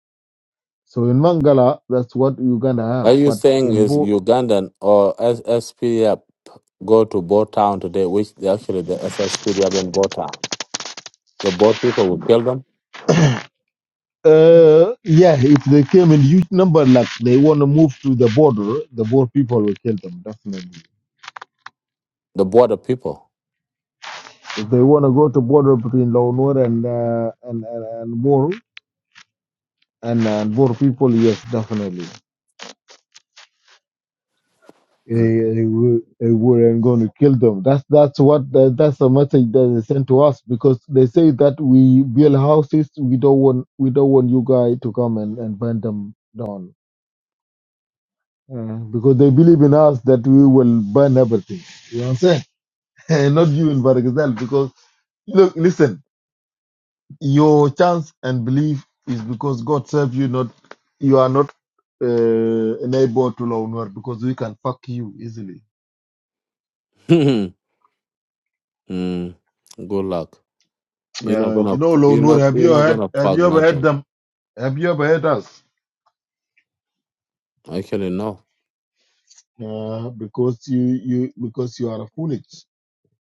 [SPEAKER 7] So in Mangala, that's what Uganda
[SPEAKER 8] Are
[SPEAKER 7] have,
[SPEAKER 8] you
[SPEAKER 7] but
[SPEAKER 8] saying
[SPEAKER 7] in
[SPEAKER 8] is
[SPEAKER 7] Bor
[SPEAKER 8] Ugandan or SSPF go to Bo Town today? Which they actually the SSPF in Bo Town. The Boer people will kill them.
[SPEAKER 7] Uh, yeah, if they came in huge number, like they want to move to the border, the boer people will kill them definitely.
[SPEAKER 8] The border people.
[SPEAKER 7] If they want to go to border between Lawnor and uh, and and, and Bor and and Bor people, yes, definitely.
[SPEAKER 8] Mm.
[SPEAKER 7] They, they weren't going to kill them. That's that's what that, that's the message that they sent to us because they say that we build houses. We don't want we don't want you guys to come and and burn them down uh, because they believe in us that we will burn everything. You understand? Eh, not you in Baragazel, because look, listen, your chance and belief is because God serves you, not you are not uh, enabled to Lawnwar because we can fuck you easily.
[SPEAKER 8] Mm, good luck. You're not
[SPEAKER 7] Uh, you
[SPEAKER 8] gonna
[SPEAKER 7] know,
[SPEAKER 8] you're
[SPEAKER 7] Lawnwar,
[SPEAKER 8] not
[SPEAKER 7] have
[SPEAKER 8] you're
[SPEAKER 7] you
[SPEAKER 8] not
[SPEAKER 7] had?
[SPEAKER 8] gonna
[SPEAKER 7] Have
[SPEAKER 8] fuck
[SPEAKER 7] you ever had
[SPEAKER 8] nothing.
[SPEAKER 7] them? Have you ever had us?
[SPEAKER 8] Actually no.
[SPEAKER 7] Uh, because you you because you are foolish.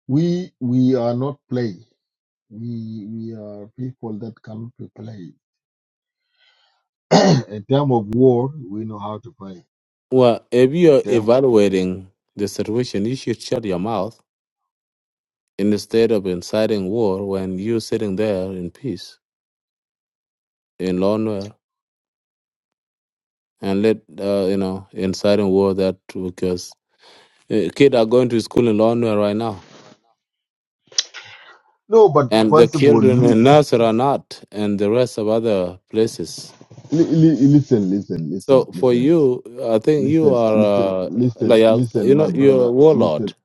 [SPEAKER 7] We we are not play. We we are people that come to play. in time of war, we know how to play.
[SPEAKER 8] Well, if
[SPEAKER 7] In
[SPEAKER 8] you're
[SPEAKER 7] time,
[SPEAKER 8] evaluating the situation, you should shut your mouth instead of inciting war when you're sitting there in peace, in lonely, and let uh, you know inciting war that because uh, kids are going to school in lonely right now,
[SPEAKER 7] no, but
[SPEAKER 8] and the
[SPEAKER 7] first of all,
[SPEAKER 8] children
[SPEAKER 7] you.
[SPEAKER 8] in Nasser are not, and the rest of other places.
[SPEAKER 7] Li- li- listen, listen,
[SPEAKER 8] So
[SPEAKER 7] listen,
[SPEAKER 8] for
[SPEAKER 7] listen,
[SPEAKER 8] you, I think you
[SPEAKER 7] listen, listen,
[SPEAKER 8] are uh,
[SPEAKER 7] listen,
[SPEAKER 8] like uh,
[SPEAKER 7] listen,
[SPEAKER 8] you
[SPEAKER 7] my
[SPEAKER 8] know you're a
[SPEAKER 7] brother,
[SPEAKER 8] warlord.
[SPEAKER 7] listen,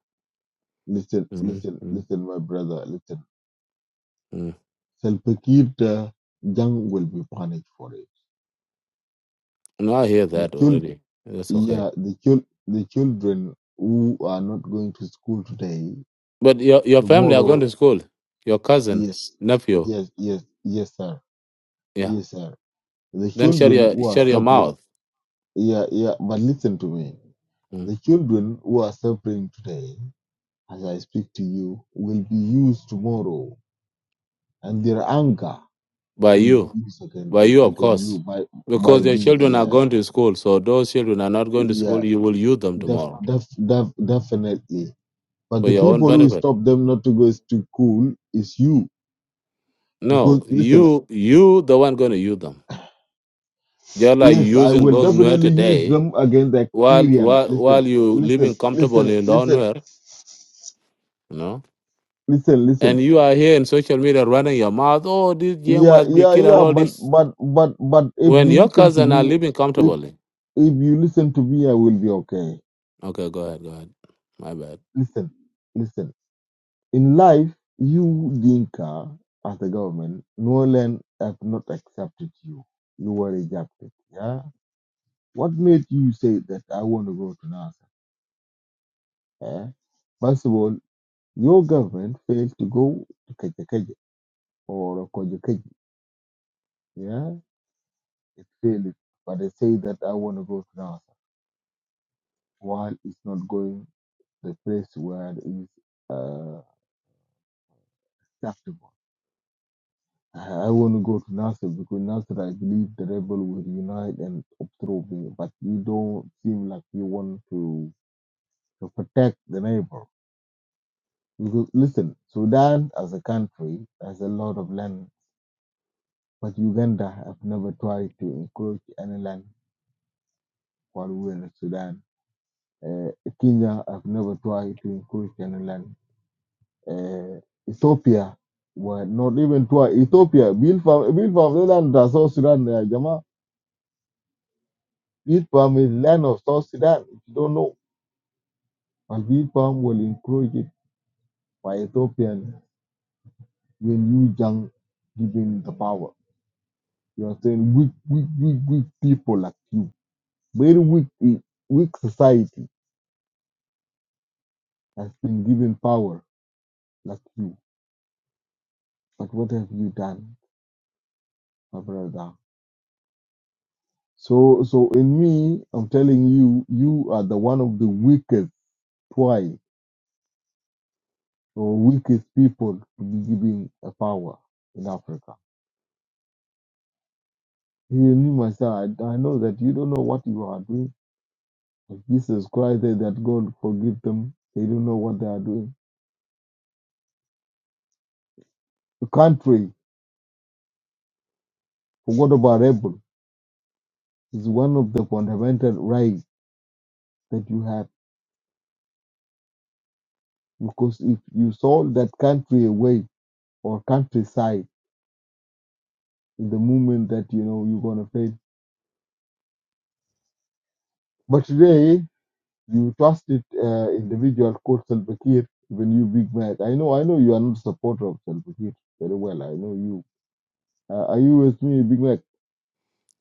[SPEAKER 7] listen,
[SPEAKER 8] mm
[SPEAKER 7] listen,
[SPEAKER 8] mm
[SPEAKER 7] listen, my brother, listen.
[SPEAKER 8] mm.
[SPEAKER 7] Salpakita Jang will be punished for it.
[SPEAKER 8] No, I hear
[SPEAKER 7] The
[SPEAKER 8] that
[SPEAKER 7] child,
[SPEAKER 8] already. That's okay.
[SPEAKER 7] yeah, the child, the children who are not going to school today,
[SPEAKER 8] But your your family are going
[SPEAKER 7] tomorrow,
[SPEAKER 8] to school. Your
[SPEAKER 7] yes,
[SPEAKER 8] cousins, nephew,
[SPEAKER 7] yes, yes, yes, sir,
[SPEAKER 8] yeah.
[SPEAKER 7] yes, sir. The
[SPEAKER 8] Then shut
[SPEAKER 7] children
[SPEAKER 8] your
[SPEAKER 7] who are
[SPEAKER 8] shut your
[SPEAKER 7] suffering,
[SPEAKER 8] mouth.
[SPEAKER 7] yeah, yeah, but listen to me.
[SPEAKER 8] Mm.
[SPEAKER 7] The children who are suffering today. as I speak to you, will be used tomorrow, and their anger
[SPEAKER 8] By
[SPEAKER 7] will be
[SPEAKER 8] you,
[SPEAKER 7] used again
[SPEAKER 8] by you, of
[SPEAKER 7] again
[SPEAKER 8] course,
[SPEAKER 7] you by by
[SPEAKER 8] because your
[SPEAKER 7] me.
[SPEAKER 8] children are
[SPEAKER 7] Yeah,
[SPEAKER 8] going to school. So those children are not going to school.
[SPEAKER 7] yeah,
[SPEAKER 8] You will use them
[SPEAKER 7] def,
[SPEAKER 8] tomorrow
[SPEAKER 7] def, def, definitely. But
[SPEAKER 8] for
[SPEAKER 7] the
[SPEAKER 8] your own
[SPEAKER 7] people who
[SPEAKER 8] benefit.
[SPEAKER 7] stop them not to go is to school is you.
[SPEAKER 8] No,
[SPEAKER 7] Because listen,
[SPEAKER 8] you you the one going to use them. Just like
[SPEAKER 7] yes, I
[SPEAKER 8] using
[SPEAKER 7] will
[SPEAKER 8] those new
[SPEAKER 7] definitely use
[SPEAKER 8] today
[SPEAKER 7] them against the
[SPEAKER 8] while
[SPEAKER 7] experience.
[SPEAKER 8] while
[SPEAKER 7] Listen,
[SPEAKER 8] while you
[SPEAKER 7] listen,
[SPEAKER 8] living
[SPEAKER 7] listen,
[SPEAKER 8] comfortably in
[SPEAKER 7] listen,
[SPEAKER 8] nowhere, you know,
[SPEAKER 7] listen, listen.
[SPEAKER 8] and you are here in social media running your mouth, oh, this young
[SPEAKER 7] Yeah,
[SPEAKER 8] must be
[SPEAKER 7] yeah,
[SPEAKER 8] killed and
[SPEAKER 7] yeah.
[SPEAKER 8] all
[SPEAKER 7] But
[SPEAKER 8] this.
[SPEAKER 7] but but but if
[SPEAKER 8] When
[SPEAKER 7] you
[SPEAKER 8] your
[SPEAKER 7] listen to
[SPEAKER 8] cousin are
[SPEAKER 7] me
[SPEAKER 8] living comfortably,
[SPEAKER 7] If you listen to me, I will be okay.
[SPEAKER 8] okay, go ahead, go ahead. My bad.
[SPEAKER 7] Listen, listen. In life, you, Dinka, as the government, no land have not accepted you. You were rejected. Yeah. What made you say that I want to go to NASA? Eh? First of all, your government failed to go to Kajakaji or Kojakaji. Yeah. It failed. But they say that I want to go to NASA while it's not going the place where it is uh, acceptable. I, I want to go to Nasser because Nasser, I believe the rebel will unite and overthrow me. But you don't seem like you want to, to protect the neighbor. Because listen, Sudan as a country has a lot of land, but Uganda have never tried to encroach any land while we were in Sudan. Uh, Kenya have never tried to encroach any land. Uh, Ethiopia were not even try. Ethiopia built from built from the land that South Sudan. Uh, Seed palm is land of South Sudan. If you don't know, and wheat palm will encourage it by Ethiopian when you young given the power. You are saying weak, weak, weak, weak people like you, very weak, e- weak society has been given power like you. But what have you done, my brother? So, so in me, I'm telling you, you are the one of the weakest twice or weakest people to be given a power in Africa. He knew my son. I, I know that you don't know what you are doing. But Jesus Christ said that God forgive them. They don't know what they are doing. The country, forgot about rebel, is one of the fundamental rights that you have. Because if you sold that country away or countryside, in the moment that you know you're gonna fail. But today you trusted uh, individual called Salva Kiir, even you big Mac. I know, I know you are not a supporter of Salva Kiir very well. I know you. Uh, are you with me, Big Mac?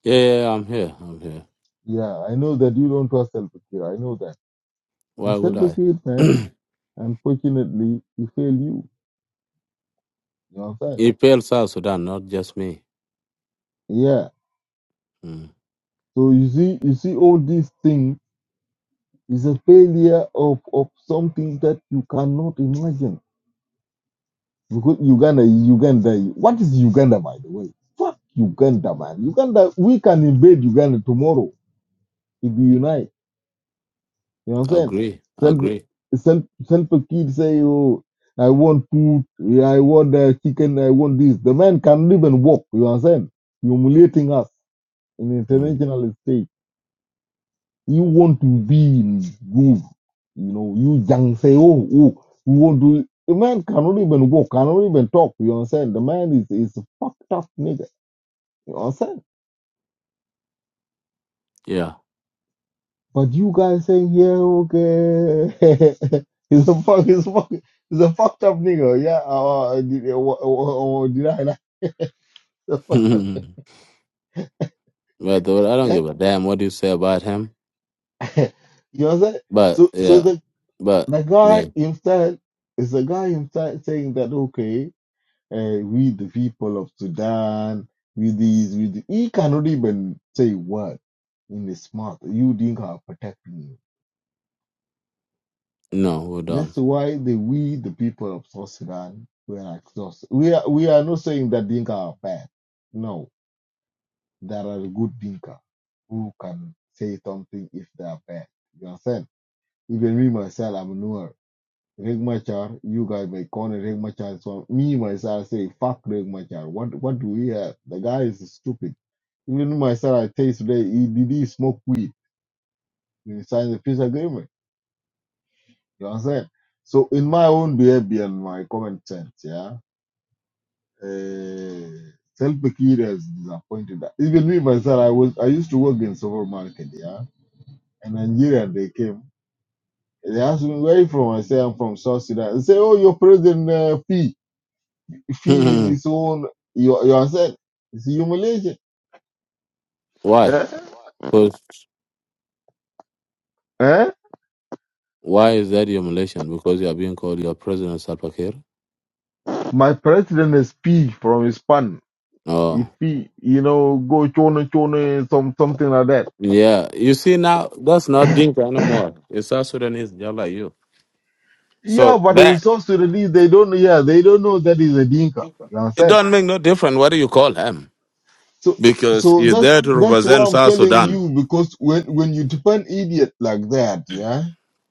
[SPEAKER 8] Yeah, yeah, yeah, I'm here, I'm here.
[SPEAKER 7] Yeah, I know that you don't trust Salpakir. I know that. But
[SPEAKER 8] Why would I?
[SPEAKER 7] Salpakir, man, unfortunately, he failed you. You know what
[SPEAKER 8] it fails South Sudan, not just me.
[SPEAKER 7] Yeah.
[SPEAKER 8] Mm.
[SPEAKER 7] So you see, you see, all these things is a failure of of something that you cannot imagine. Because Uganda, is Uganda, what is Uganda, by the way? Fuck Uganda, man. Uganda, we can invade Uganda tomorrow if we unite. You know what I'm saying?
[SPEAKER 8] Agree,
[SPEAKER 7] Self,
[SPEAKER 8] agree.
[SPEAKER 7] self, self a kid say, oh, I want food, yeah, I want uh, chicken, I want this. The man can't even walk. You know what I'm saying? humiliating us in the
[SPEAKER 8] Mm.
[SPEAKER 7] international stage. You want to be in groove. You know, you young say, oh, oh, you want to. The man cannot even walk, cannot even talk. You know what I'm saying? The man is is a fucked up nigga. You know what I'm saying?
[SPEAKER 8] Yeah,
[SPEAKER 7] But you guys saying, yeah, okay. he's a fuck, he's a fuck, he's a fucked up nigga. Yeah, uh, uh, did, uh, uh, uh, uh, did I like the
[SPEAKER 8] but
[SPEAKER 7] fuck?
[SPEAKER 8] the- I don't give a damn what you say about him.
[SPEAKER 7] You know what I'm saying?
[SPEAKER 8] But
[SPEAKER 7] So, so
[SPEAKER 8] yeah,
[SPEAKER 7] the,
[SPEAKER 8] but
[SPEAKER 7] the
[SPEAKER 8] yeah,
[SPEAKER 7] guy himself is the guy himself saying that, okay, uh, we the people of Sudan, we these, we the, he cannot even say what in his mouth. You think are protecting you.
[SPEAKER 8] no, we
[SPEAKER 7] That's why the we, the people of South Sudan, were exhausted. We are we are not saying that Dinka are bad. No, there are good Dinka who can say something if they are bad. You understand? Even me myself, I'm newer. Regmachar, you guys may call Regmachar. So me myself say fuck Regmachar. What what do we have? The guy is stupid. Even myself, I say today, he did he smoke weed when he signed the peace agreement. You understand? So in my own behavior and my common sense, yeah. Uh, Selpakir has disappointed us. Even me myself, I was I used to work in supermarket, yeah. And Nigeria they came. They asked me where you from. I say I'm from South Sudan. They say, oh, your president uh, fee fee in
[SPEAKER 8] don't.
[SPEAKER 7] his own. You you are said it's humiliation.
[SPEAKER 8] Why?
[SPEAKER 7] Eh?
[SPEAKER 8] Because
[SPEAKER 7] Eh?
[SPEAKER 8] why is that your Malaysian? Because you are being called your president Salva Kiir.
[SPEAKER 7] My president is fee from his pan. If
[SPEAKER 8] Oh,
[SPEAKER 7] he, you know, go chona chona some something like that.
[SPEAKER 8] yeah. You see now, that's not Dinka anymore. It's South Sudanese, just like you.
[SPEAKER 7] Yeah,
[SPEAKER 8] So
[SPEAKER 7] but in
[SPEAKER 8] that
[SPEAKER 7] South Sudanese they don't. Yeah, they don't know that he's a dinka. You
[SPEAKER 8] it
[SPEAKER 7] understand?
[SPEAKER 8] don't make no difference whether you call him
[SPEAKER 7] So
[SPEAKER 8] because
[SPEAKER 7] so
[SPEAKER 8] he's
[SPEAKER 7] that's
[SPEAKER 8] there to
[SPEAKER 7] that's why
[SPEAKER 8] represent
[SPEAKER 7] I'm
[SPEAKER 8] South
[SPEAKER 7] telling
[SPEAKER 8] Sudan.
[SPEAKER 7] you because when when you depend idiot like that, yeah,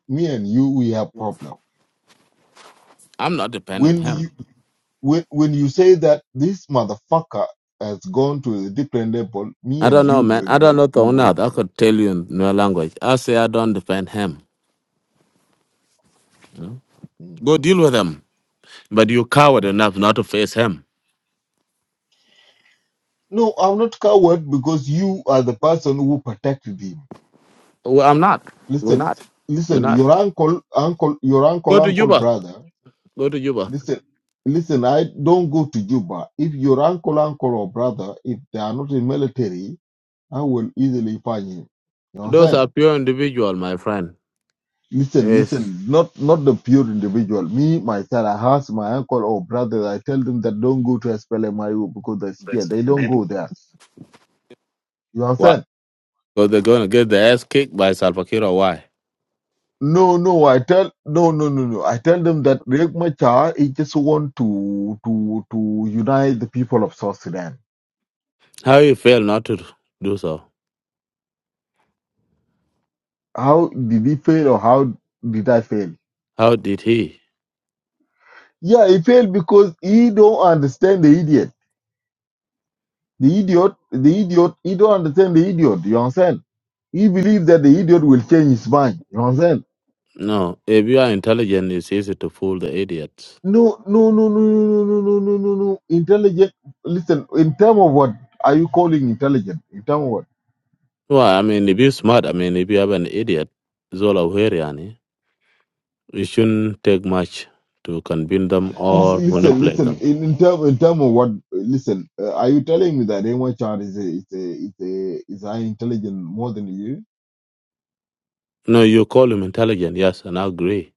[SPEAKER 7] me and you we have problem.
[SPEAKER 8] I'm not depending
[SPEAKER 7] When
[SPEAKER 8] him.
[SPEAKER 7] you when when you say that this motherfucker has gone to a different level, me
[SPEAKER 8] I
[SPEAKER 7] and
[SPEAKER 8] don't know,
[SPEAKER 7] you
[SPEAKER 8] man.
[SPEAKER 7] we
[SPEAKER 8] I don't
[SPEAKER 7] will
[SPEAKER 8] know the
[SPEAKER 7] we
[SPEAKER 8] only
[SPEAKER 7] will.
[SPEAKER 8] other I could tell you in no language. I say I don't defend him. you know.
[SPEAKER 7] Mm.
[SPEAKER 8] Go deal with him. But you coward enough not to face him.
[SPEAKER 7] No, I'm not coward because you are the person who protected him.
[SPEAKER 8] Well, I'm not. We're
[SPEAKER 7] Listen,
[SPEAKER 8] not. We're
[SPEAKER 7] listen,
[SPEAKER 8] not.
[SPEAKER 7] your uncle, uncle, your uncle,
[SPEAKER 8] Go to
[SPEAKER 7] uncle,
[SPEAKER 8] Juba.
[SPEAKER 7] brother.
[SPEAKER 8] Go to Juba.
[SPEAKER 7] Listen, listen. I don't go to Juba. If your uncle, uncle or brother, if they are not in military, I will easily find him. You
[SPEAKER 8] Those
[SPEAKER 7] understand?
[SPEAKER 8] are pure individual, my friend.
[SPEAKER 7] Listen,
[SPEAKER 8] Yes.
[SPEAKER 7] listen. Not not the pure individual. Me myself, I ask my uncle or brother. I tell them that don't go to SPLMIO because they're scared. They don't go there. You
[SPEAKER 8] Why?
[SPEAKER 7] understand?
[SPEAKER 8] Because they're going to get their ass kicked by Salva Kiir or why?
[SPEAKER 7] No, no. I tell no, no, no, no. I tell them that Riek Machar he just want to to to unite the people of South Sudan.
[SPEAKER 8] How you fail not to do so?
[SPEAKER 7] How did he fail or how did I fail?
[SPEAKER 8] How did he?
[SPEAKER 7] Yeah, he failed because he don't understand the idiot. The idiot, the idiot, he don't understand the idiot. You understand? He believes that the idiot will change his mind. You understand?
[SPEAKER 8] No, if you are intelligent, it's easy to fool the idiots.
[SPEAKER 7] No, no, no, no, no, no, no, no, no, no. no. Intelligent. Listen, in term of what are you calling intelligent? In term of what?
[SPEAKER 8] Well, I mean, if you're smart, I mean, if you have an idiot, Zola Weriani, it shouldn't take much to convince them or
[SPEAKER 7] Listen, listen,
[SPEAKER 8] manipulate
[SPEAKER 7] listen.
[SPEAKER 8] them.
[SPEAKER 7] In, in term, in term of what? Listen, uh, are you telling me that anyone child is a, is a, is a, is an intelligent more than you?
[SPEAKER 8] No, you call him intelligent, yes, and I agree.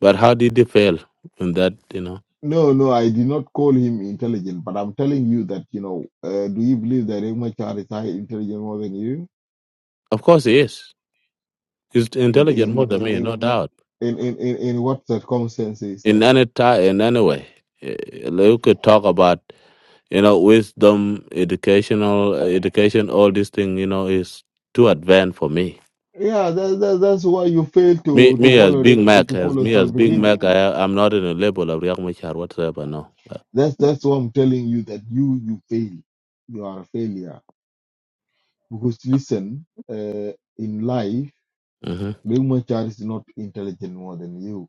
[SPEAKER 8] But how did he fail in that, you know?
[SPEAKER 7] No, no, I did not call him intelligent, but I'm telling you that, you know, uh, do you believe that Emachar is high intelligent more than you?
[SPEAKER 8] Of course he is. He's
[SPEAKER 7] In
[SPEAKER 8] intelligent more
[SPEAKER 7] in
[SPEAKER 8] than
[SPEAKER 7] in
[SPEAKER 8] me,
[SPEAKER 7] in
[SPEAKER 8] no doubt.
[SPEAKER 7] in in, in in what circumstances?
[SPEAKER 8] in any time, in any way. Eh, You could talk about, you know, wisdom, educational, eh, education, all these things, you know, is too advanced for me.
[SPEAKER 7] Yeah, that, that that's why you fail
[SPEAKER 8] Me,
[SPEAKER 7] to to
[SPEAKER 8] me as
[SPEAKER 7] follow
[SPEAKER 8] Big
[SPEAKER 7] the-
[SPEAKER 8] Mac,
[SPEAKER 7] to
[SPEAKER 8] as
[SPEAKER 7] follow
[SPEAKER 8] me as
[SPEAKER 7] Salva
[SPEAKER 8] Big
[SPEAKER 7] Kiir.
[SPEAKER 8] Mac, I, I'm not in a label of Riak Machar whatsoever, no.
[SPEAKER 7] That's that's why I'm telling you that you you fail. You are a failure because listen, uh, in life,
[SPEAKER 8] hmm
[SPEAKER 7] Emachar is not intelligent more than you.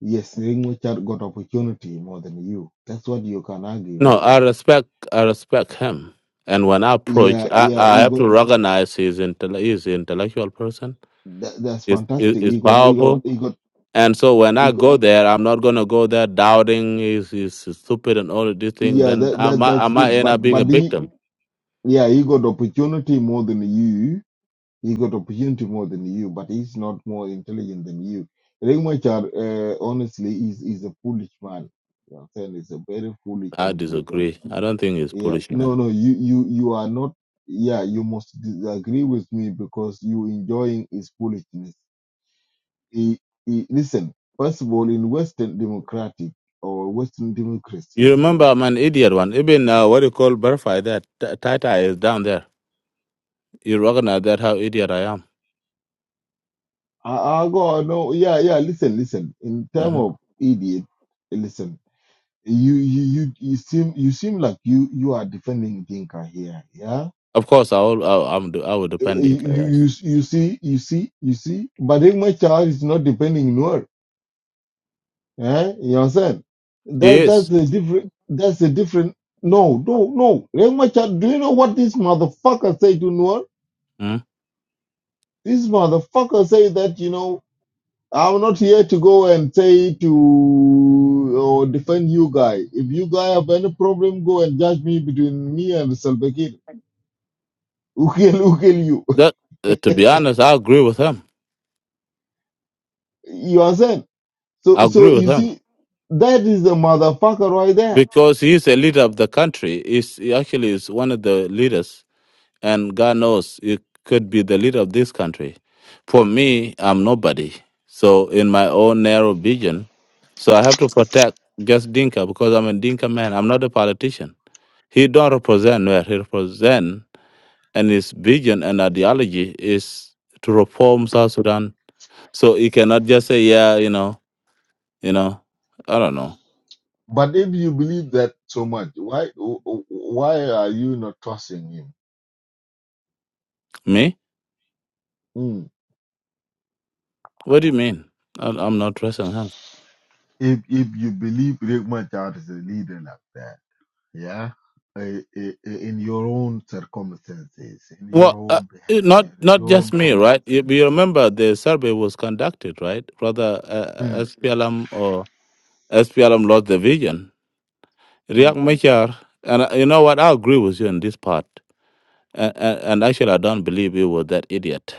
[SPEAKER 7] Yes, Emachar got opportunity more than you. That's what you can argue with
[SPEAKER 8] No, I respect, I respect him. And when I approach,
[SPEAKER 7] Yeah,
[SPEAKER 8] I,
[SPEAKER 7] yeah,
[SPEAKER 8] I
[SPEAKER 7] he
[SPEAKER 8] have
[SPEAKER 7] got
[SPEAKER 8] to recognize he's, intell- he's an intellectual person.
[SPEAKER 7] that, that's
[SPEAKER 8] is
[SPEAKER 7] fantastic.
[SPEAKER 8] is
[SPEAKER 7] He got he got
[SPEAKER 8] powerful
[SPEAKER 7] he got
[SPEAKER 8] And so when
[SPEAKER 7] he
[SPEAKER 8] I
[SPEAKER 7] got
[SPEAKER 8] go there, I'm not gonna go there doubting is is stupid and all of this thing.
[SPEAKER 7] yeah,
[SPEAKER 8] Then
[SPEAKER 7] that,
[SPEAKER 8] I
[SPEAKER 7] that
[SPEAKER 8] might I
[SPEAKER 7] that's
[SPEAKER 8] might
[SPEAKER 7] good.
[SPEAKER 8] end
[SPEAKER 7] But
[SPEAKER 8] up being
[SPEAKER 7] but
[SPEAKER 8] a
[SPEAKER 7] he
[SPEAKER 8] victim.
[SPEAKER 7] yeah, he got opportunity more than you. He got opportunity more than you, but he's not more intelligent than you. Regmachar, uh, honestly, is is a foolish man. You know what I'm saying? He's a very foolish
[SPEAKER 8] I
[SPEAKER 7] individual.
[SPEAKER 8] disagree. I don't think it's
[SPEAKER 7] Yeah,
[SPEAKER 8] foolish,
[SPEAKER 7] no,
[SPEAKER 8] man.
[SPEAKER 7] no, you you you are not. Yeah, you must disagree with me because you enjoying his foolishness he, he, listen, first of all, in Western democratic or Western
[SPEAKER 8] You
[SPEAKER 7] democracy,
[SPEAKER 8] remember I'm an idiot one. Even uh, what do you call verify that T- Tata is down there. You recognize that how idiot I am.
[SPEAKER 7] I, I go, no, yeah, yeah, listen, listen, in term
[SPEAKER 8] hmm
[SPEAKER 7] of idiot, listen, you, you, you, you seem, you seem like you, you are defending Dinka here, yeah?
[SPEAKER 8] Of course, I will. I, I'm. I will
[SPEAKER 7] Eh, eh,
[SPEAKER 8] depend on
[SPEAKER 7] You,
[SPEAKER 8] Yes.
[SPEAKER 7] you, you see, you see, you see, but if my child is not defending Nuer. eh? You understand?
[SPEAKER 8] He
[SPEAKER 7] That's, that's
[SPEAKER 8] is.
[SPEAKER 7] the different, that's the different, no, no, no. Rengmachar, do you know what this motherfucker said to Nuer?
[SPEAKER 8] Mhm.
[SPEAKER 7] This motherfucker say that, you know, I'm not here to go and say to or defend you guy. If you guy have any problem, go and judge me between me and Salva Kiir. Who kill, who kill you?
[SPEAKER 8] That uh, to be honest, I agree with him.
[SPEAKER 7] you understand?
[SPEAKER 8] I
[SPEAKER 7] So, so
[SPEAKER 8] agree with
[SPEAKER 7] you
[SPEAKER 8] him.
[SPEAKER 7] see, that is the motherfucker right there.
[SPEAKER 8] because he's a leader of the country. He's, he actually is one of the leaders, and God knows he could be the leader of this country. For me, I'm nobody. So in my own narrow vision, so I have to protect just Dinka because I'm a Dinka man. I'm not a politician. He don't represent where he represent, and his vision and ideology is to reform South Sudan. So he cannot just say, yeah, you know, you know, I don't know.
[SPEAKER 7] But if you believe that so much, why, why are you not trusting him?
[SPEAKER 8] Me?
[SPEAKER 7] Hmm.
[SPEAKER 8] What do you mean? I- I'm not dressing him.
[SPEAKER 7] If if you believe Riek Machar is a leader like that. yeah I- I- I- in your own circumstances in your
[SPEAKER 8] Well, uh,
[SPEAKER 7] own
[SPEAKER 8] it- not
[SPEAKER 7] behavior in
[SPEAKER 8] not
[SPEAKER 7] your
[SPEAKER 8] just
[SPEAKER 7] own
[SPEAKER 8] me,
[SPEAKER 7] common
[SPEAKER 8] right? You,
[SPEAKER 7] sense
[SPEAKER 8] you remember the survey was conducted, right? Rather, uh,
[SPEAKER 7] Mm,
[SPEAKER 8] SPLM or SPLM lost the vision. Riak
[SPEAKER 7] mm.
[SPEAKER 8] Machar, and uh, you know what? I agree with you on this part. And, and, and actually, I don't believe you were that idiot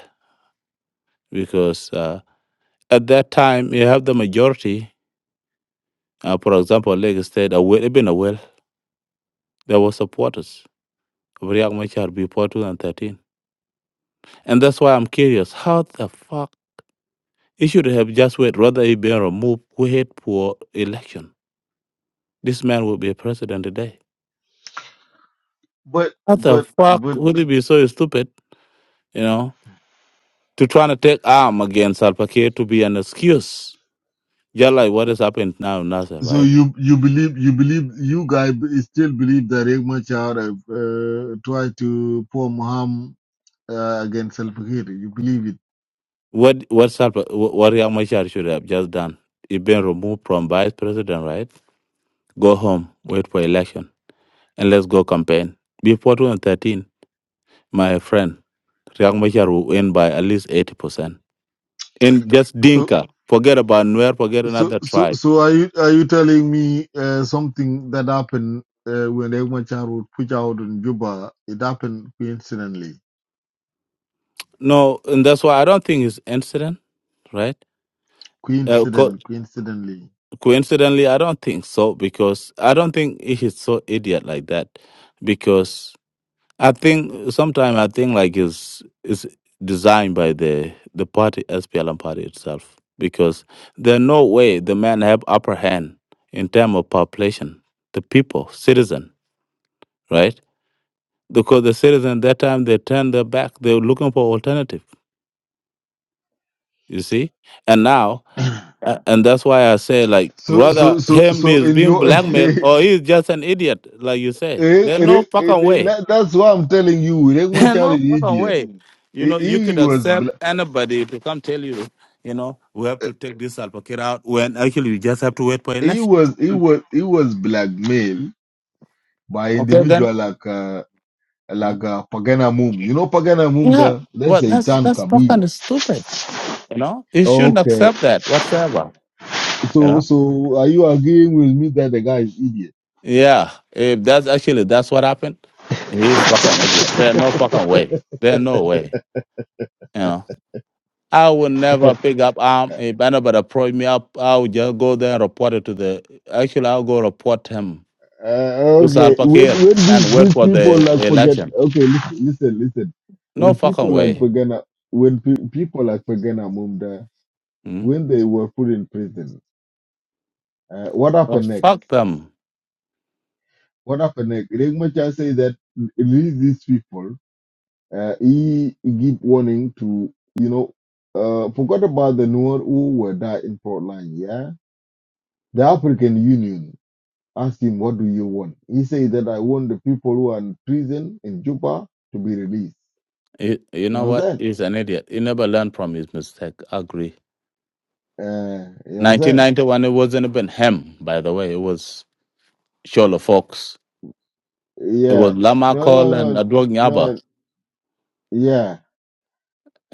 [SPEAKER 8] because uh, at that time you have the majority. Uh, for example, Lagos State, Awil, Ibn Awil, there were supporters of Riak Machar before 2013, and that's why I'm curious. How the fuck? He should have just waited rather he been removed, wait for election. This man will be a president today.
[SPEAKER 7] but
[SPEAKER 8] How the
[SPEAKER 7] but
[SPEAKER 8] fuck
[SPEAKER 7] but
[SPEAKER 8] will he be so stupid, you know, to try to take arm against Salva Kiir to be an excuse? Just like what has happened now in Nasser,
[SPEAKER 7] so
[SPEAKER 8] right?
[SPEAKER 7] you you believe you believe you guys b- still believe that Riek Machar uh, tried to form harm uh, against Salva Kiir you believe it
[SPEAKER 8] What what Salva, what Riyad Machar should have just done? He been removed from vice president, right? Go home, wait for election, and let's go campaign. Before 2013, my friend, Riyad Machar will win by at least 80%. in just
[SPEAKER 7] so
[SPEAKER 8] Dinka. Forget about Nuer, forget
[SPEAKER 7] so
[SPEAKER 8] another
[SPEAKER 7] so
[SPEAKER 8] tribe.
[SPEAKER 7] so are you are you telling me uh, something that happened uh, when Riek Machar would push out in Juba it happened coincidentally
[SPEAKER 8] No, and that's why I don't think it's incident, right? Uh, co-
[SPEAKER 7] Coincident, coincidentally.
[SPEAKER 8] coincidentally, I don't think so because I don't think he is so idiot like that. Because I think sometimes I think like it's it's designed by the the party SPLM party itself because there's no way the men have upper hand in terms of population, the people, citizen, right? because the citizens that time they turned their back they were looking for alternative you see and now uh, and that's why i say like
[SPEAKER 7] So,
[SPEAKER 8] rather
[SPEAKER 7] so, so,
[SPEAKER 8] him
[SPEAKER 7] so
[SPEAKER 8] is
[SPEAKER 7] in
[SPEAKER 8] being
[SPEAKER 7] your,
[SPEAKER 8] blackmailed
[SPEAKER 7] eh,
[SPEAKER 8] or he's just an idiot like you say
[SPEAKER 7] eh,
[SPEAKER 8] there's no
[SPEAKER 7] eh, eh,
[SPEAKER 8] fucking way
[SPEAKER 7] that- that's why I'm telling you, Rengma
[SPEAKER 8] there's
[SPEAKER 7] Char
[SPEAKER 8] no
[SPEAKER 7] is
[SPEAKER 8] fucking
[SPEAKER 7] idiot.
[SPEAKER 8] way you
[SPEAKER 7] He,
[SPEAKER 8] know you could
[SPEAKER 7] he was,
[SPEAKER 8] accept
[SPEAKER 7] bla-
[SPEAKER 8] anybody to come tell you you know we have to take this advocate out when actually you just have to wait for
[SPEAKER 7] he
[SPEAKER 8] election
[SPEAKER 7] was, he was, he was blackmailed by
[SPEAKER 8] okay then
[SPEAKER 7] individual like, uh,
[SPEAKER 8] Huh?
[SPEAKER 7] like uh, Pagana Mum. You know Pagana Mum,
[SPEAKER 8] yeah
[SPEAKER 7] the, that's
[SPEAKER 8] well
[SPEAKER 7] a
[SPEAKER 8] that's
[SPEAKER 7] Itan
[SPEAKER 8] that's
[SPEAKER 7] Kabir.
[SPEAKER 8] fucking stupid you know you shouldn't
[SPEAKER 7] Okay,
[SPEAKER 8] accept that whatsoever you
[SPEAKER 7] so,
[SPEAKER 8] know
[SPEAKER 7] so are you agreeing with me that the guy is idiot?
[SPEAKER 8] Yeah, if that's actually that's what happened, he's fucking idiot. There's no fucking way. There's no way. You know, I would never pick up arm. If anybody approach me up, I would just go there and report it to the. Actually, I'll go report him
[SPEAKER 7] Uh,
[SPEAKER 8] to
[SPEAKER 7] okay,
[SPEAKER 8] Salva
[SPEAKER 7] when
[SPEAKER 8] Kiir
[SPEAKER 7] when
[SPEAKER 8] and
[SPEAKER 7] these,
[SPEAKER 8] wait
[SPEAKER 7] these
[SPEAKER 8] for
[SPEAKER 7] people
[SPEAKER 8] the
[SPEAKER 7] like forget,
[SPEAKER 8] election.
[SPEAKER 7] okay, listen, listen, listen.
[SPEAKER 8] No
[SPEAKER 7] When
[SPEAKER 8] fucking
[SPEAKER 7] people like
[SPEAKER 8] way.
[SPEAKER 7] Pagana, when pe- people like Pagana Mumda,
[SPEAKER 8] Mm?
[SPEAKER 7] when they were put in prison, uh, what
[SPEAKER 8] Well,
[SPEAKER 7] happened next?
[SPEAKER 8] fuck them.
[SPEAKER 7] What happened next? Regmacha say that release these people. Uh, he give warning to you know, uh, forgot about the Noor who were there in front line. Yeah, the African Union asked him, "What do you want?" He said that I want the people who are in prison in Juba to be released.
[SPEAKER 8] You, you
[SPEAKER 7] You
[SPEAKER 8] know
[SPEAKER 7] know what I'm
[SPEAKER 8] what?
[SPEAKER 7] saying?
[SPEAKER 8] He's an idiot. He never learned from his mistake. I agree.
[SPEAKER 7] Uh, you know what I'm saying?
[SPEAKER 8] 1991, it wasn't even him, by the way. It was Shola Fox It was
[SPEAKER 7] Yeah.
[SPEAKER 8] Lama
[SPEAKER 7] No,
[SPEAKER 8] and
[SPEAKER 7] no, no,
[SPEAKER 8] Adwog Nyaba,
[SPEAKER 7] no. Yeah.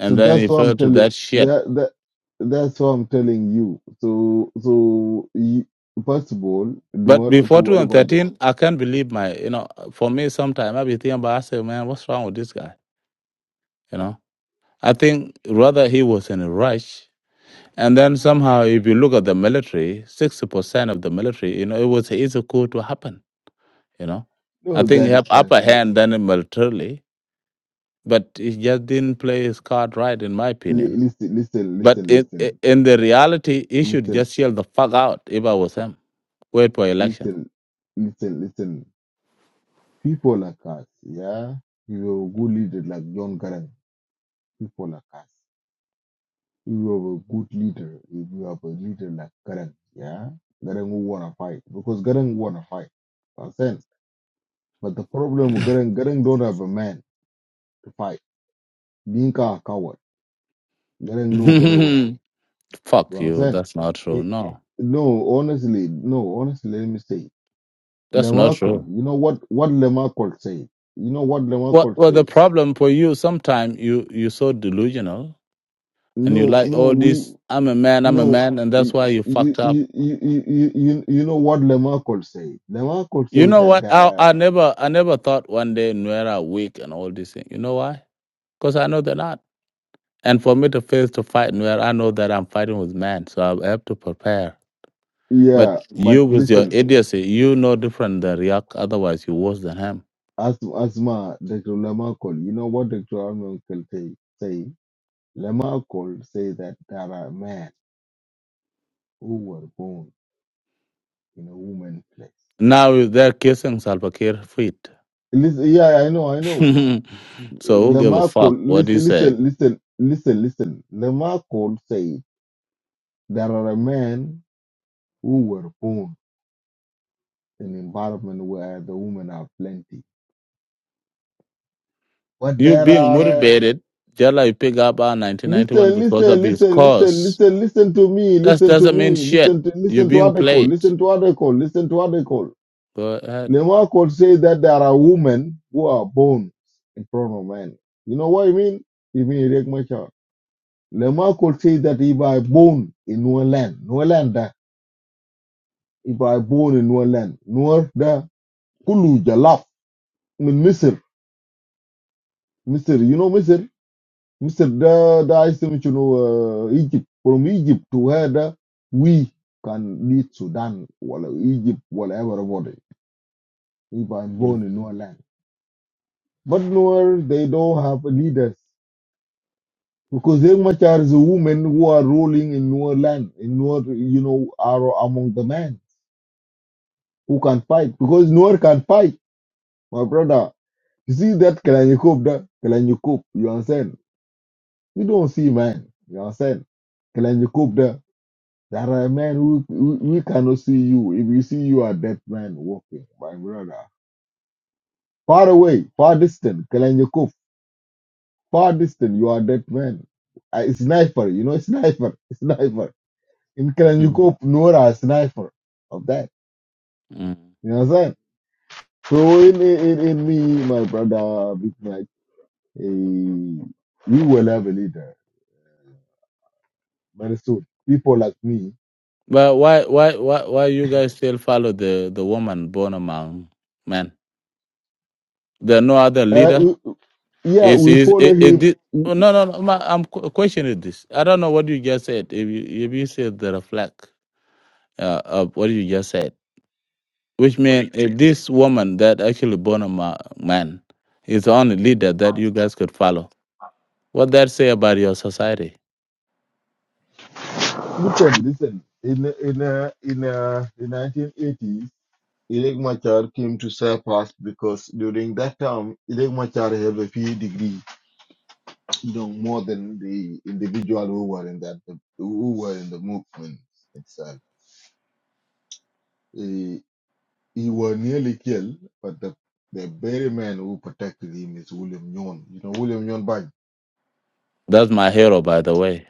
[SPEAKER 7] So
[SPEAKER 8] then
[SPEAKER 7] that's
[SPEAKER 8] he
[SPEAKER 7] what I'm
[SPEAKER 8] fell to
[SPEAKER 7] telling.
[SPEAKER 8] that shit.
[SPEAKER 7] That that that's what I'm telling you. So so you, first of all, do
[SPEAKER 8] But
[SPEAKER 7] not
[SPEAKER 8] before
[SPEAKER 7] forget about the
[SPEAKER 8] 2013, I can't believe my, you know, for me, sometimes I be thinking about, I say, man, what's wrong with this guy? You know, I think rather he was in a rush. And then somehow, if you look at the military, 60% of the military, you know, it was easy coup to happen, you know. I
[SPEAKER 7] no.
[SPEAKER 8] think he
[SPEAKER 7] That is
[SPEAKER 8] have
[SPEAKER 7] that
[SPEAKER 8] upper
[SPEAKER 7] is no.
[SPEAKER 8] hand than him militarily, but he just didn't play his card right, in my
[SPEAKER 7] li-
[SPEAKER 8] opinion.
[SPEAKER 7] Listen, listen,
[SPEAKER 8] But
[SPEAKER 7] listen,
[SPEAKER 8] in,
[SPEAKER 7] listen,
[SPEAKER 8] in the reality, he should
[SPEAKER 7] listen,
[SPEAKER 8] just yell the fuck out if I was him wait for election.
[SPEAKER 7] listen, listen, listen. People like us, yeah. You know, good leaders like John Garang. People like us. you are a good leader, if you have a leader like Garang, yeah, Garang will wanna fight because Garang wanna fight. Understand? But the problem with Garang, Garang don't have a man to fight. Being a coward, Garang know very well.
[SPEAKER 8] Fuck
[SPEAKER 7] You
[SPEAKER 8] you.
[SPEAKER 7] understand?
[SPEAKER 8] That's not true.
[SPEAKER 7] It,
[SPEAKER 8] No,
[SPEAKER 7] no, honestly, no, honestly, let me say,
[SPEAKER 8] that's not
[SPEAKER 7] Lemakol,
[SPEAKER 8] true.
[SPEAKER 7] you know what what Lemakol say? You know what
[SPEAKER 8] Well,
[SPEAKER 7] Lemakol
[SPEAKER 8] well, the
[SPEAKER 7] say?
[SPEAKER 8] problem for you, sometimes you you're so delusional and you
[SPEAKER 7] No,
[SPEAKER 8] like
[SPEAKER 7] no,
[SPEAKER 8] all
[SPEAKER 7] we
[SPEAKER 8] this. I'm a man. I'm a
[SPEAKER 7] no.
[SPEAKER 8] man, and that's
[SPEAKER 7] y-
[SPEAKER 8] why you
[SPEAKER 7] You
[SPEAKER 8] fucked up.
[SPEAKER 7] you you you you you you know what Lemakol say? Lemakol
[SPEAKER 8] You
[SPEAKER 7] say
[SPEAKER 8] know
[SPEAKER 7] that
[SPEAKER 8] what?
[SPEAKER 7] there
[SPEAKER 8] I
[SPEAKER 7] are
[SPEAKER 8] I never I never thought one day Nuera weak and all these things. You know why? Because I know they're not. And for me to face to fight Nuera, I know that I'm fighting with man, so I have to prepare. But
[SPEAKER 7] Yeah, but
[SPEAKER 8] you with your
[SPEAKER 7] listen,
[SPEAKER 8] idiocy, you know different than React. Otherwise, you worse than him.
[SPEAKER 7] as as ma Dr. Lamarcol, you know what Dr. Lamarcol say? say Lamarcol say that there are men who were born in a woman's place.
[SPEAKER 8] Now is they're kissing Salva Kiir feet.
[SPEAKER 7] Listen, yeah, I know, I know.
[SPEAKER 8] so who gave a fuck
[SPEAKER 7] Lamarcol,
[SPEAKER 8] what do you
[SPEAKER 7] listen,
[SPEAKER 8] say?
[SPEAKER 7] listen, listen, listen, listen. Lamarcol say there are men who were born in environment where the women are plenty, but
[SPEAKER 8] You
[SPEAKER 7] there
[SPEAKER 8] being
[SPEAKER 7] are.
[SPEAKER 8] motivated, just like you pick up our 1991
[SPEAKER 7] Listen,
[SPEAKER 8] because
[SPEAKER 7] listen,
[SPEAKER 8] of his
[SPEAKER 7] listen, listen,
[SPEAKER 8] cause.
[SPEAKER 7] listen, listen to me,
[SPEAKER 8] That
[SPEAKER 7] listen to
[SPEAKER 8] doesn't mean
[SPEAKER 7] me,
[SPEAKER 8] shit.
[SPEAKER 7] listen to
[SPEAKER 8] You're
[SPEAKER 7] listen to
[SPEAKER 8] being
[SPEAKER 7] article,
[SPEAKER 8] played.
[SPEAKER 7] listen to article, listen to article.
[SPEAKER 8] Go ahead.
[SPEAKER 7] Lemar could say that there are women who are born in front of men. You know what I mean? You mean Eric Machar. Lemar could say that if I born in one land, no land, da, if I born in one land, no da, kulu jalaf, min Misr, Misr, you know Misr? Mr. Da da is saying, you know, uh, Egypt from Egypt to where the, we can lead Sudan or Egypt, whatever everybody. If I'm
[SPEAKER 8] Mm.
[SPEAKER 7] born in Nuer land, but nowhere they don't have leaders because they much are the women who are ruling in Nuer land, in Nuer, you know, are among the men who can fight because nowhere can fight, my brother. You see that Kalanyukub, da Kalanyukub, you understand? You don't see man, you understand? There are men who, who we cannot see you. If we see you are dead man walking, my brother. Far away, far distant, Kalanjakov, far distant, you are dead man. A sniper, you know, sniper, sniper. In
[SPEAKER 8] Mm.
[SPEAKER 7] Kalanjakov, Nora, a sniper of that.
[SPEAKER 8] Mm.
[SPEAKER 7] You know what I'm saying? So in, in, in me, my brother, Big Mike, eh, we will have a leader very soon. People like me.
[SPEAKER 8] But why, why, why, why you guys still follow the the woman born among men? There are no other
[SPEAKER 7] Uh,
[SPEAKER 8] leader.
[SPEAKER 7] we, yeah,
[SPEAKER 8] Is
[SPEAKER 7] we
[SPEAKER 8] is
[SPEAKER 7] follow
[SPEAKER 8] it? it,
[SPEAKER 7] him
[SPEAKER 8] it, no, no, no. ma- I'm qu- questioning this. I don't know what you just said. If you if you said the reflect. uh, of what you just said, which means if this woman that actually born a ma- man is the only leader that you guys could follow, what that say about your society?
[SPEAKER 7] Listen, listen. In in uh, in uh, the 1980s, Irek Machar came to surpass because during that time, Irek Machar had a PhD degree, you know, more than the individual who were in that who were in the movement itself. He, he was nearly killed, but the the very man who protected him is William Nyon. You know, William Nyon Bang.
[SPEAKER 8] That's my hero, by the way.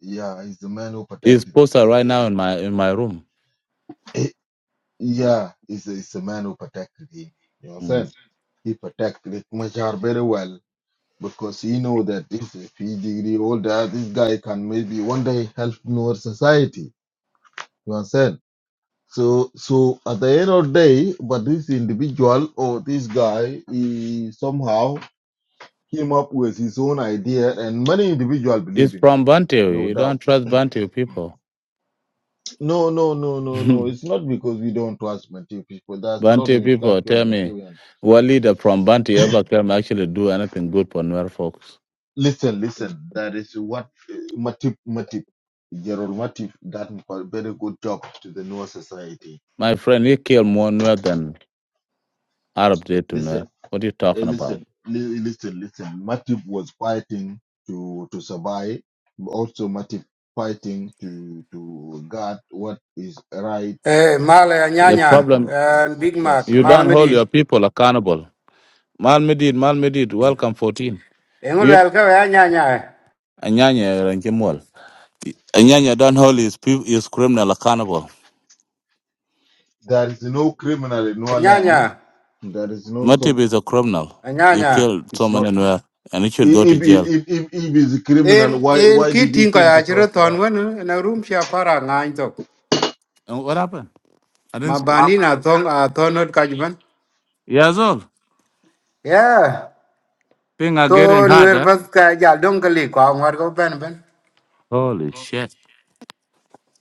[SPEAKER 7] Yeah, he's the man who
[SPEAKER 8] He's
[SPEAKER 7] protected.
[SPEAKER 8] posted
[SPEAKER 7] Uh,
[SPEAKER 8] right now in my in my room.
[SPEAKER 7] Irek. yeah, he's, he's the man who protected him. You know what I'm
[SPEAKER 8] Mm.
[SPEAKER 7] saying? He protected Machar very well because he know that if, if he degree older, this guy can maybe one day help our society. You understand? So, so at the end of the day, but this individual or this guy, he somehow came up with his own idea, and many individuals believe
[SPEAKER 8] He's
[SPEAKER 7] in
[SPEAKER 8] from
[SPEAKER 7] him,
[SPEAKER 8] Bantu.
[SPEAKER 7] no
[SPEAKER 8] You
[SPEAKER 7] doubt.
[SPEAKER 8] don't trust Bantu people.
[SPEAKER 7] No, no, no, no, no. It's not because we don't trust Matthew people. There's a lot
[SPEAKER 8] Bantu
[SPEAKER 7] of
[SPEAKER 8] people
[SPEAKER 7] intellectual
[SPEAKER 8] tell me,
[SPEAKER 7] Matthew
[SPEAKER 8] what leader from Bantu ever can actually do anything good for Nuer folks?
[SPEAKER 7] Listen, listen. That is what uh, Matip, Matip, Gerald Matip done a very good job to the Noah Society.
[SPEAKER 8] My friend, he killed more Nuer than Arab did to
[SPEAKER 7] Listen,
[SPEAKER 8] Nuer. What are you
[SPEAKER 7] eh,
[SPEAKER 8] talking about?
[SPEAKER 7] listen, li- listen, listen. Matip was fighting to to survive. Also, Matip fighting to to guard what is right
[SPEAKER 11] Eh, male
[SPEAKER 7] for
[SPEAKER 8] The
[SPEAKER 7] the
[SPEAKER 11] anyanya
[SPEAKER 7] people
[SPEAKER 8] problem,
[SPEAKER 7] of, of,
[SPEAKER 11] and
[SPEAKER 7] of
[SPEAKER 11] Big
[SPEAKER 7] South
[SPEAKER 11] Mac,
[SPEAKER 8] you
[SPEAKER 11] male
[SPEAKER 8] don't
[SPEAKER 7] Sudan.
[SPEAKER 8] hold
[SPEAKER 11] medit.
[SPEAKER 8] your people accountable. Malmedid, Malmedid, welcome 14.
[SPEAKER 11] Engul
[SPEAKER 8] You,
[SPEAKER 11] el ka anyanya,
[SPEAKER 8] Anyanya, Ranjimwal. Anyanya don't hold his, peo- his criminal accountable.
[SPEAKER 7] There is no criminal in our land.
[SPEAKER 11] anyanya,
[SPEAKER 7] There is no
[SPEAKER 8] Matip
[SPEAKER 7] some.
[SPEAKER 8] is a criminal. He
[SPEAKER 11] anyanya.
[SPEAKER 8] killed
[SPEAKER 7] It's
[SPEAKER 8] someone
[SPEAKER 7] not.
[SPEAKER 8] and where, and he should go to
[SPEAKER 7] If if
[SPEAKER 8] jail.
[SPEAKER 7] if if, if he's a criminal,
[SPEAKER 11] En
[SPEAKER 7] why
[SPEAKER 11] en
[SPEAKER 7] why did he
[SPEAKER 11] kitin ko
[SPEAKER 7] came to
[SPEAKER 11] ya chiro
[SPEAKER 7] South Sudan?
[SPEAKER 11] ton won na room sha para ngain to.
[SPEAKER 8] And what happened? I didn't. see-
[SPEAKER 11] Mabani na thong a thonot kajban.
[SPEAKER 8] Years old.
[SPEAKER 11] Yeah.
[SPEAKER 8] Things are
[SPEAKER 11] So
[SPEAKER 8] getting
[SPEAKER 11] nwer
[SPEAKER 8] harder.
[SPEAKER 11] bas ka ja dong kali ko ngor ko ben ben.
[SPEAKER 8] Holy shit!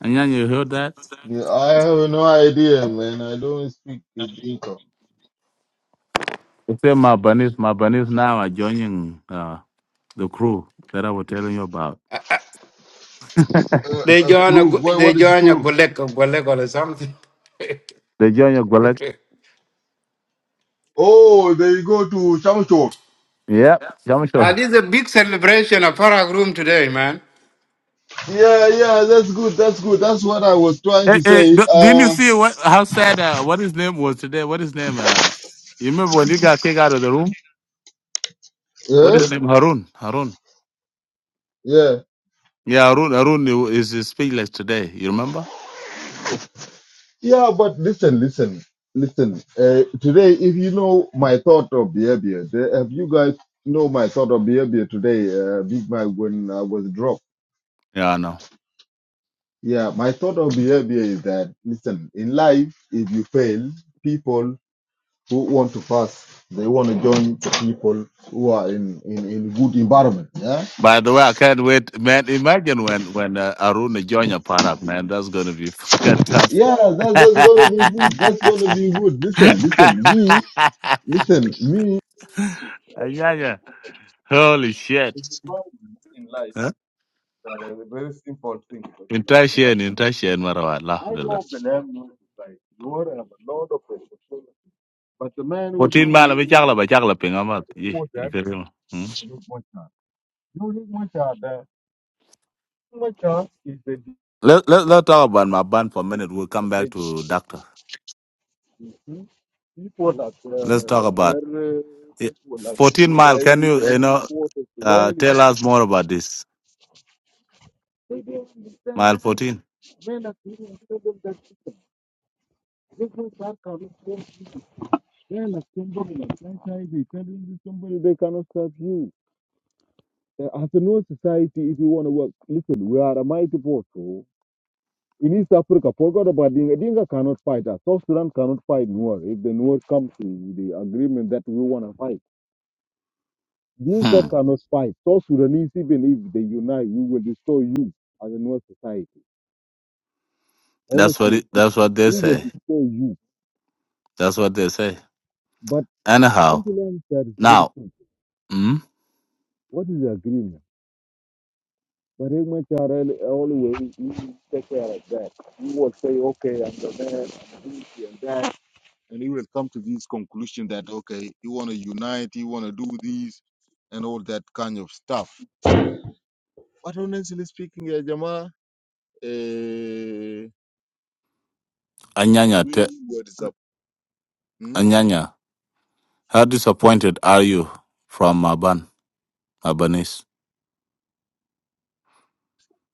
[SPEAKER 8] And then you heard that?
[SPEAKER 7] Yeah, I have no idea, man. I don't speak the Dinka.
[SPEAKER 8] They say my bunnies, my bunnies now are joining uh, the crew that I was telling you about.
[SPEAKER 7] Uh,
[SPEAKER 11] They
[SPEAKER 7] uh,
[SPEAKER 11] join a
[SPEAKER 7] crew.
[SPEAKER 11] gu-
[SPEAKER 7] What,
[SPEAKER 11] they
[SPEAKER 7] what is
[SPEAKER 11] join a
[SPEAKER 7] crew?
[SPEAKER 11] golek a golek or something.
[SPEAKER 8] They join your golek.
[SPEAKER 7] Oh, they go to Changchor.
[SPEAKER 8] Yep, I'm
[SPEAKER 11] Uh,
[SPEAKER 8] sure.
[SPEAKER 11] this is a big celebration of Parag room today, man.
[SPEAKER 7] Yeah, yeah, that's good. That's good. That's what I was trying
[SPEAKER 8] Hey,
[SPEAKER 7] to
[SPEAKER 8] hey,
[SPEAKER 7] say.
[SPEAKER 8] d- didn't you
[SPEAKER 7] Uh,
[SPEAKER 8] see what how sad uh, what his name was today? What his name? Uh, you remember when you got kicked out of the room? What
[SPEAKER 7] yeah,
[SPEAKER 8] is his name? Harun. Harun.
[SPEAKER 7] yeah,
[SPEAKER 8] Yeah, Harun. Harun is is speechless today. You remember?
[SPEAKER 7] yeah. But listen, listen, listen. Uh, today, if you know my thought of behavior, the- if you guys know my thought of behavior today, uh, Big Mac, when I was dropped.
[SPEAKER 8] Yeah, I know.
[SPEAKER 7] Yeah, my thought of behavior is that listen, in life, if you fail, people who want to fast. They want to join the people who are in in, in good environment. Yeah,
[SPEAKER 8] By the way, I can't wait, man. Imagine when when uh, Aruna join your parak, man. That's gonna be fucking tough.
[SPEAKER 7] yeah, that, that's gonna be good.
[SPEAKER 8] yeah,
[SPEAKER 7] That's gonna be good. Listen, listen, me, listen, me.
[SPEAKER 8] yeah. Holy
[SPEAKER 7] The
[SPEAKER 8] shit.
[SPEAKER 7] environment in life
[SPEAKER 8] Huh?
[SPEAKER 7] that are a very simple thing. but you have
[SPEAKER 8] Entire
[SPEAKER 7] to-
[SPEAKER 8] shit, entire shit, marawat lah.
[SPEAKER 7] I
[SPEAKER 8] Alhamdulillah.
[SPEAKER 7] don't believe in like you all have a lot of responsibility. But the man who
[SPEAKER 8] Fourteen
[SPEAKER 7] did
[SPEAKER 8] mile, we
[SPEAKER 7] who
[SPEAKER 8] chakla ba chakla pingamat. Yeah,
[SPEAKER 7] support
[SPEAKER 8] you
[SPEAKER 7] that is
[SPEAKER 8] Hmm?
[SPEAKER 7] not much. You need much. Much is
[SPEAKER 8] Let let let's talk about my band for a minute. We'll come
[SPEAKER 7] the
[SPEAKER 8] back to doctor.
[SPEAKER 7] hmm People like
[SPEAKER 8] Let's
[SPEAKER 7] uh,
[SPEAKER 8] talk about
[SPEAKER 7] Kerr,
[SPEAKER 8] it.
[SPEAKER 7] people like
[SPEAKER 8] fourteen
[SPEAKER 7] these
[SPEAKER 8] mile.
[SPEAKER 7] guys
[SPEAKER 8] Can
[SPEAKER 7] who
[SPEAKER 8] you you know
[SPEAKER 7] support us
[SPEAKER 8] uh,
[SPEAKER 7] loyally,
[SPEAKER 8] tell us more about this
[SPEAKER 7] they don't
[SPEAKER 8] mile
[SPEAKER 7] understand
[SPEAKER 8] fourteen?
[SPEAKER 7] men are people tell them that the business are coming from men like somebody like franchise, they tell you somebody they cannot serve you. Uh, As a no society, if you want to work, listen, we are a mighty force. oh. In East Africa, forgot about Dinga. Dinga cannot fight us. South Sudan cannot fight Noor. If the Noor comes to the agreement that we want to fight. Dinka
[SPEAKER 8] Hmm.
[SPEAKER 7] cannot fight. South Sudanese, even if they unite, we will destroy you as a North society.
[SPEAKER 8] That's what
[SPEAKER 7] Honestly
[SPEAKER 8] it, that's
[SPEAKER 7] speaking,
[SPEAKER 8] what they
[SPEAKER 7] we will
[SPEAKER 8] say.
[SPEAKER 7] destroy you.
[SPEAKER 8] That's what they say.
[SPEAKER 7] But
[SPEAKER 8] Anyhow,
[SPEAKER 7] Finland that is very
[SPEAKER 8] now,
[SPEAKER 7] simple.
[SPEAKER 8] mm,
[SPEAKER 7] What is the agreement? But MHRL always you take care of that. he will say, okay, I'm the man, I'm this and that. And he will come to this conclusion that, okay, you want to unite, you want to do this, and all that kind of stuff. But honestly speaking, eh, Jama, eh,
[SPEAKER 8] Anyanya, te,
[SPEAKER 7] we were disappointed
[SPEAKER 8] Anyanya, how disappointed are you from Aban, Abanese?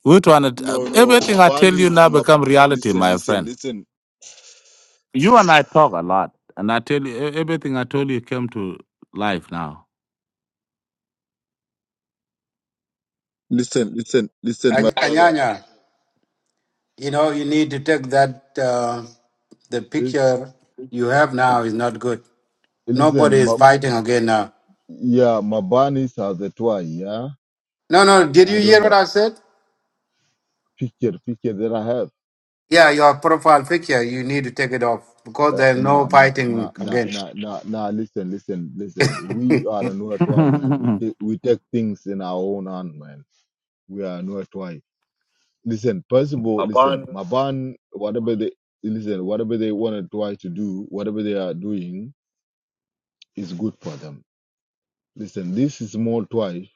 [SPEAKER 8] Which one? it- uh,
[SPEAKER 7] No, no,
[SPEAKER 8] Everything I tell you
[SPEAKER 7] Mabani's
[SPEAKER 8] now
[SPEAKER 7] Mab.
[SPEAKER 8] become reality,
[SPEAKER 7] Listen,
[SPEAKER 8] my
[SPEAKER 7] listen,
[SPEAKER 8] friend.
[SPEAKER 7] listen,
[SPEAKER 8] You and I talk a lot, and I tell you e- everything I told you came to life now.
[SPEAKER 7] listen, listen, listen, my brother.
[SPEAKER 11] Anyanya. You know, you need to take that. Uh, the
[SPEAKER 7] Lis-
[SPEAKER 11] picture you have now is not good. Nobody
[SPEAKER 7] Listen,
[SPEAKER 11] is
[SPEAKER 7] Mab.
[SPEAKER 11] fighting again now.
[SPEAKER 7] Yeah, Mabanis has a toy. Yeah,
[SPEAKER 11] No, no. Did
[SPEAKER 7] I
[SPEAKER 11] you
[SPEAKER 7] don't
[SPEAKER 11] hear what
[SPEAKER 7] know
[SPEAKER 11] I said?
[SPEAKER 7] picture, picture that I have.
[SPEAKER 11] Yeah, your profile picture. You need to take it off because
[SPEAKER 7] Uh,
[SPEAKER 11] there's
[SPEAKER 7] nah,
[SPEAKER 11] no
[SPEAKER 7] nah, nah,
[SPEAKER 11] fighting
[SPEAKER 7] nah,
[SPEAKER 11] again.
[SPEAKER 7] nah, nah, nah. Listen, listen, listen. We are no toy, man. We take we take things in our own hand, man. We are no toy. Listen, first of all, listen, Maban. Whatever they listen, whatever they want to try to do, whatever they are doing is good for them Listen, this is small twice.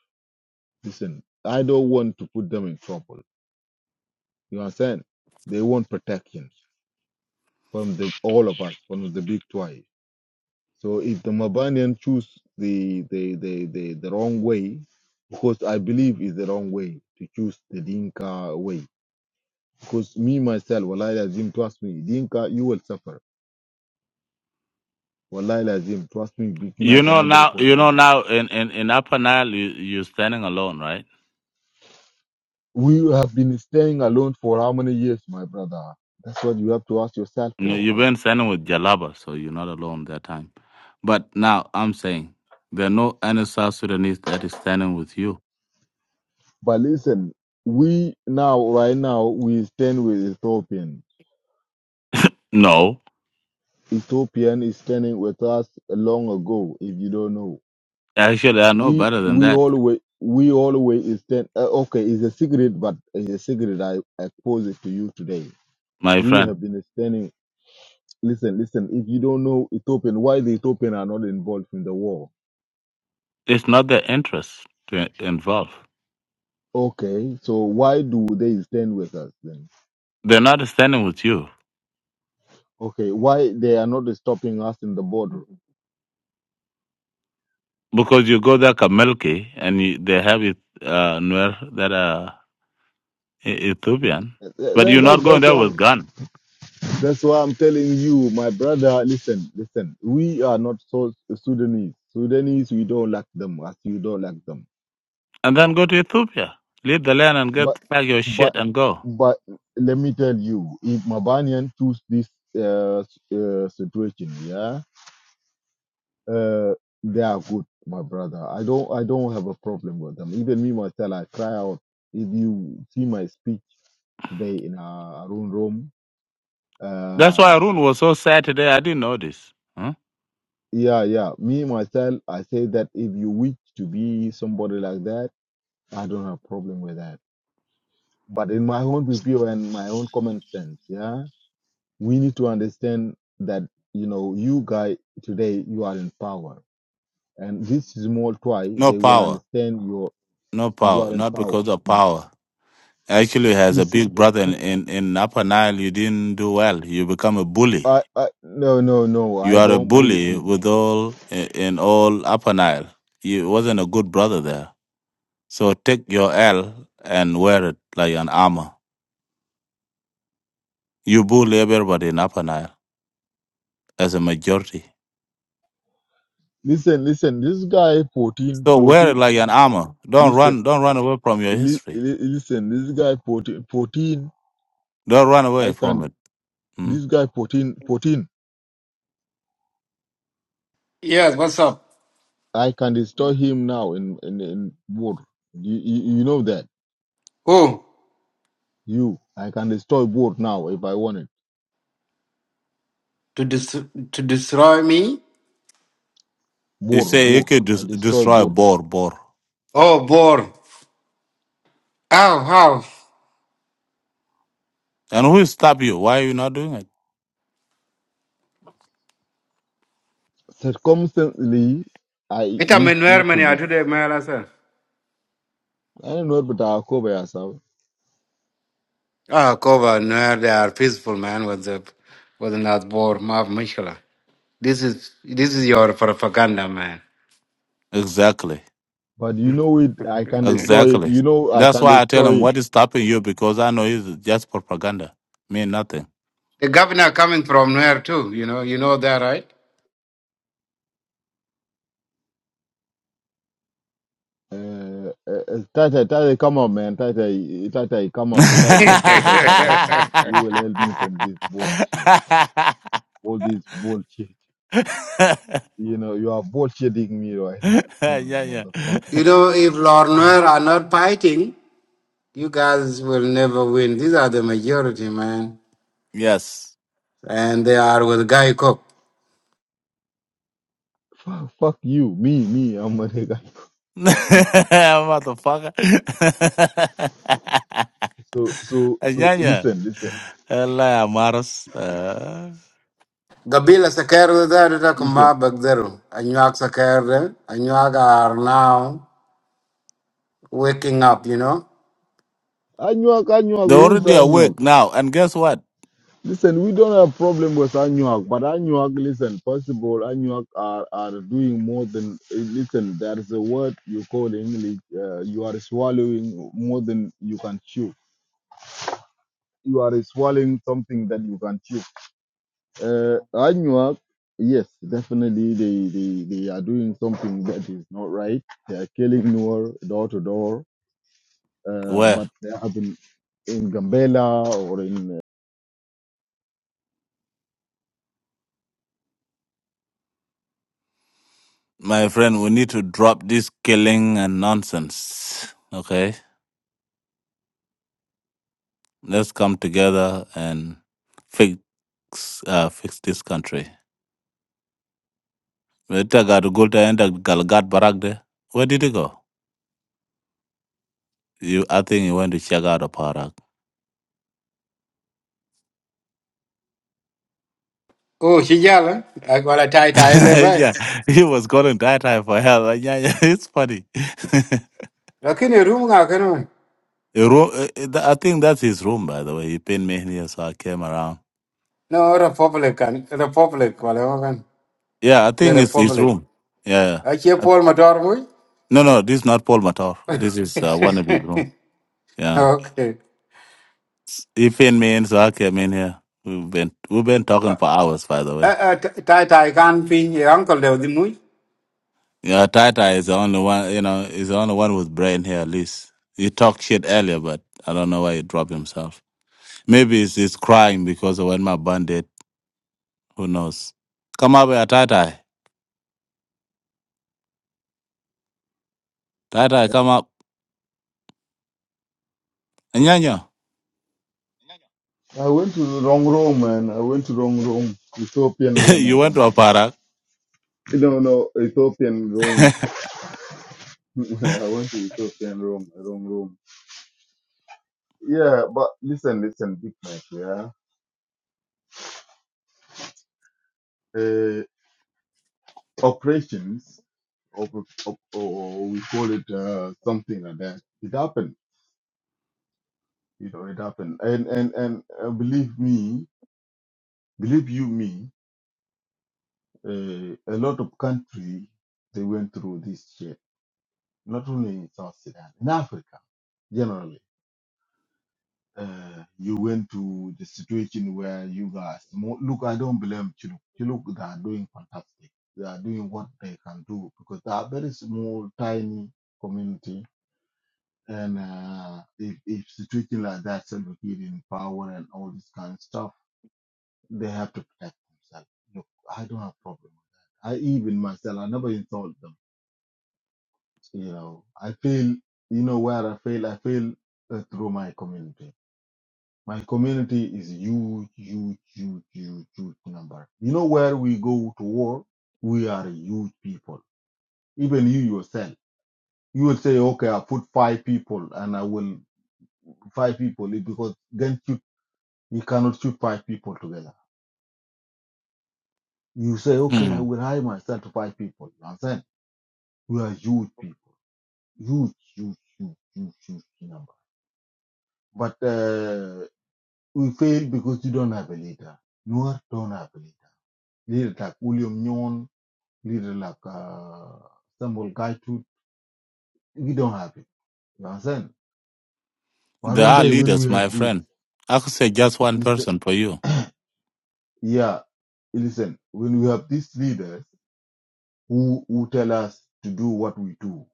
[SPEAKER 7] Listen, I don't want to put them in trouble. You understand? They want protection from the all of us, from the big twice. So if the Mabanian choose the the, the, the the wrong way, because I believe is the wrong way to choose the Dinka way. Because me myself, Wallahi Azim, trust me, Dinka, you will suffer. Wallahi Azim, trust me, Big
[SPEAKER 8] you
[SPEAKER 7] Mac and
[SPEAKER 8] know now. You
[SPEAKER 7] everybody.
[SPEAKER 8] know now. In in in Upper Nile, you you're standing alone, right?
[SPEAKER 7] We have been staying alone for how many years, my brother? That's what you have to ask yourself
[SPEAKER 8] You-
[SPEAKER 7] for
[SPEAKER 8] You've been standing with Jalaba, so you're not alone that time. But now I'm saying there are no any South Sudanese that is standing with you
[SPEAKER 7] But listen, we now, right now, we stand with Ethiopian.
[SPEAKER 8] No,
[SPEAKER 7] Ethiopian is standing with us long ago. If you don't know,
[SPEAKER 8] actually, I know
[SPEAKER 7] we
[SPEAKER 8] better than
[SPEAKER 7] we
[SPEAKER 8] that,
[SPEAKER 7] always we always stand. Uh, okay, it's a secret, but it's a secret. I expose it to you today.
[SPEAKER 8] my
[SPEAKER 7] We
[SPEAKER 8] friend.
[SPEAKER 7] have been standing. Listen, listen. If you don't know Ethiopian, why the Ethiopian are not involved in the war?
[SPEAKER 8] It's not their interest to involve.
[SPEAKER 7] Okay, so why do they stand with us then?
[SPEAKER 8] They're not standing with you
[SPEAKER 7] Okay, why they are not stopping us in the border?
[SPEAKER 8] because you go there Kamelki and you, they have it uh, Nuer that are E- Ethiopian,
[SPEAKER 7] That,
[SPEAKER 8] but
[SPEAKER 7] that,
[SPEAKER 8] you're
[SPEAKER 7] that's
[SPEAKER 8] not going
[SPEAKER 7] that's
[SPEAKER 8] there
[SPEAKER 7] why.
[SPEAKER 8] with gun.
[SPEAKER 7] That's why I'm telling you, my brother, listen, listen. We are not so Sudanese. Sudanese, we don't like them as you don't like them.
[SPEAKER 8] And then go to Ethiopia, leave the land and
[SPEAKER 7] But,
[SPEAKER 8] get back your shit
[SPEAKER 7] but,
[SPEAKER 8] and go.
[SPEAKER 7] but let me tell you, if Mabanian choose this uh, s- uh, situation, yeah, uh, they are good, my brother. I don't, I don't have a problem with them. Even me myself, I cry out. If you see my speech today in our own room,
[SPEAKER 8] That's why Arun was so sad today. I didn't know this. Huh?
[SPEAKER 7] yeah, yeah. Me myself, I say that if you wish to be somebody like that, I don't have problem with that. But in my own review and my own common sense, yeah, we need to understand that you know you guy today you are in power, and this small try
[SPEAKER 8] No
[SPEAKER 7] they will
[SPEAKER 8] power,
[SPEAKER 7] understand your
[SPEAKER 8] no
[SPEAKER 7] you
[SPEAKER 8] power,
[SPEAKER 7] are in
[SPEAKER 8] not
[SPEAKER 7] power.
[SPEAKER 8] because of power. Actually, as a
[SPEAKER 7] Listen,
[SPEAKER 8] big brother in, in, in Upper Nile, you didn't do well. You become a bully.
[SPEAKER 7] I, I, no, no, no.
[SPEAKER 8] You
[SPEAKER 7] I
[SPEAKER 8] are a
[SPEAKER 7] don't bully
[SPEAKER 8] bully
[SPEAKER 7] people.
[SPEAKER 8] with all in in all Upper Nile. You wasn't a good brother there. So take your L and wear it like an armor. You bully everybody in Upper Nile as a majority.
[SPEAKER 7] Listen, listen. This guy 14,
[SPEAKER 8] So wear
[SPEAKER 7] 14.
[SPEAKER 8] it like an armor. Don't
[SPEAKER 7] Listen,
[SPEAKER 8] run. Don't run away from your
[SPEAKER 7] li-
[SPEAKER 8] history.
[SPEAKER 7] li- listen. This guy 14, 14.
[SPEAKER 8] Don't run
[SPEAKER 7] I
[SPEAKER 8] away from
[SPEAKER 7] can
[SPEAKER 8] it. Mm?
[SPEAKER 7] this guy 14 14.
[SPEAKER 11] Yes. What's up?
[SPEAKER 7] I can destroy him now in in in board. You, you you know that
[SPEAKER 11] Who
[SPEAKER 7] you I can destroy board now if I want it.
[SPEAKER 11] to dis- to destroy me?
[SPEAKER 8] You
[SPEAKER 7] Board
[SPEAKER 8] say you
[SPEAKER 7] board
[SPEAKER 8] could
[SPEAKER 7] I
[SPEAKER 8] des-
[SPEAKER 7] destroy
[SPEAKER 8] destroy
[SPEAKER 7] board.
[SPEAKER 8] Bor Bor,
[SPEAKER 11] Oh, bore. How how?
[SPEAKER 8] and who stop you? Why are you not doing it?
[SPEAKER 7] Circumstantly, I
[SPEAKER 11] It am
[SPEAKER 7] wish
[SPEAKER 11] in
[SPEAKER 7] not to
[SPEAKER 11] Germany. I
[SPEAKER 7] this.
[SPEAKER 11] today, man. I said.
[SPEAKER 7] I don't know, but I'll cover yourself.
[SPEAKER 11] Ah, Kova, no, they are peaceful man with the with not bore. Maaf, Michela. This is this is your propaganda, man.
[SPEAKER 8] Exactly.
[SPEAKER 7] But you know it. I can destroy it.
[SPEAKER 8] Exactly.
[SPEAKER 7] You know I
[SPEAKER 8] That's
[SPEAKER 7] can
[SPEAKER 8] why I tell him
[SPEAKER 7] destroy it.
[SPEAKER 8] what is stopping you because I know it's just propaganda. Mean nothing.
[SPEAKER 11] The governor coming from where too? You know, you know that, right?
[SPEAKER 7] Uh, uh, uh, Tata, Tata, come up, man. Tata, Tata, come up. Tata, let Tata come
[SPEAKER 8] yeah,
[SPEAKER 7] up, man. You will help me from this bullshit. All this bullshit. You know, you are bullshitting me right now. You know,
[SPEAKER 8] yeah.
[SPEAKER 7] motherfucker.
[SPEAKER 11] you know, if Lord Nuer are not fighting, you guys will never win. These are the majority, man,
[SPEAKER 8] Yes.
[SPEAKER 11] and they are with Guy Cook.
[SPEAKER 7] Fuck, fuck you, me, me. I'm a nigga.
[SPEAKER 8] Motherfucker.
[SPEAKER 7] So, so, so.
[SPEAKER 8] yeah, yeah.
[SPEAKER 7] Listen, listen,
[SPEAKER 8] Allah maras. Uh,
[SPEAKER 11] Gabila Sakar there is a
[SPEAKER 7] listen.
[SPEAKER 11] Kumba Bagdero. Anuak Sakar, Anuak are now waking up, you know.
[SPEAKER 7] Anuak, Anuak,
[SPEAKER 8] They're
[SPEAKER 7] who is
[SPEAKER 8] already
[SPEAKER 7] Anuak?
[SPEAKER 8] awake now. And guess what?
[SPEAKER 7] Listen, we don't have problem with Anuak, but Anuak, listen. First of all, Anuak are are doing more than. eh, Listen, there is a word you call in English. Uh, you are swallowing more than you can chew. You are swallowing something that you can chew Uh, Anyuak, yes, definitely they, they, they are doing something that is not right. They are killing Nuer door to door, uh,
[SPEAKER 8] Where?
[SPEAKER 7] but they haven't in Gambela or in.
[SPEAKER 8] My friend, we need to drop this killing and nonsense. Okay? Let's come together and fix uh, fix this country. Meta got good and Galgat Barak there. Where did he go? You, I think he went to check out a Parak.
[SPEAKER 11] Oh, Shijala, I got a tight eye level.
[SPEAKER 8] yeah, he was calling that time for help. Like, Yeah, yeah, it's funny.
[SPEAKER 11] Lakini room, I can.
[SPEAKER 8] A room, uh, uh, th- I think that's his room, by the way. He pinned me here, so I came around.
[SPEAKER 11] No, Republican, Republic, whatever, man.
[SPEAKER 8] Yeah, I
[SPEAKER 11] The
[SPEAKER 8] think it's his
[SPEAKER 11] Republic.
[SPEAKER 8] room. Yeah. yeah.
[SPEAKER 11] I keep
[SPEAKER 8] I-
[SPEAKER 11] Paul Mador,
[SPEAKER 8] No, no, this is not Paul Matar. This is uh, one of his room. Yeah.
[SPEAKER 11] Okay.
[SPEAKER 8] He pinned me in, so I came in here. We've been we've been talking for hours, by the
[SPEAKER 11] Uh,
[SPEAKER 8] way.
[SPEAKER 11] uh, Tai Tai Kan Pin, your uncle, the Mui?
[SPEAKER 8] Yeah, Tata is the only one. You know, is the only one with brain here. At least he talked shit earlier, but I don't know why he dropped himself. Maybe he's, he's crying because of when my bandit. Who knows? Come up here, Tata. Tata, come up. Nyanya,
[SPEAKER 7] uh, I went to the wrong room, man. I went to wrong room, Ethiopian room or
[SPEAKER 8] you went to
[SPEAKER 7] something.
[SPEAKER 8] a parak.
[SPEAKER 7] No, no, Ethiopian room. I went to Ethiopian room, wrong room. Yeah, but listen, listen, big man, yeah. Uh, operations, or, or, or we call it uh, something like that. It happened, you know, it happened, and and and uh, believe me, believe you me, uh, a lot of country they went through this shit. Not only in South Sudan, in Africa generally. Uh, you went to the situation where you guys mo- look. I don't blame Chiluk. Chiluk, they are doing fantastic. They are doing what they can do because they are very small, tiny community And uh, if, if situation like that, Salva Kiir in power and all this kind of stuff, they have to protect themselves. Look, I don't have problem with that. I even myself, I never insult them. You know, I feel, you know, where I feel, I feel uh, through my community. My community is huge, huge, huge, huge, huge number. You know, where we go to war, we are a huge people. Even you yourself, you will say, okay, I put five people and I will five people because You cannot shoot five people together. You say, okay, I
[SPEAKER 8] hmm.
[SPEAKER 7] will hire myself to five people. You understand? We are huge people. Huge, huge, huge, huge, huge number. But uh, we fail because you don't have a leader. Noor don't have a leader. Leader like William Nyon, leader like uh, Samuel Gaitut, we don't have it. You understand? But
[SPEAKER 8] They
[SPEAKER 7] one
[SPEAKER 8] are
[SPEAKER 7] day when
[SPEAKER 8] leaders,
[SPEAKER 7] we
[SPEAKER 8] my
[SPEAKER 7] have this,
[SPEAKER 8] friend. I could say just one
[SPEAKER 7] listen,
[SPEAKER 8] person for you.
[SPEAKER 7] yeah, listen, when we have these leaders who, who tell us to do what we do,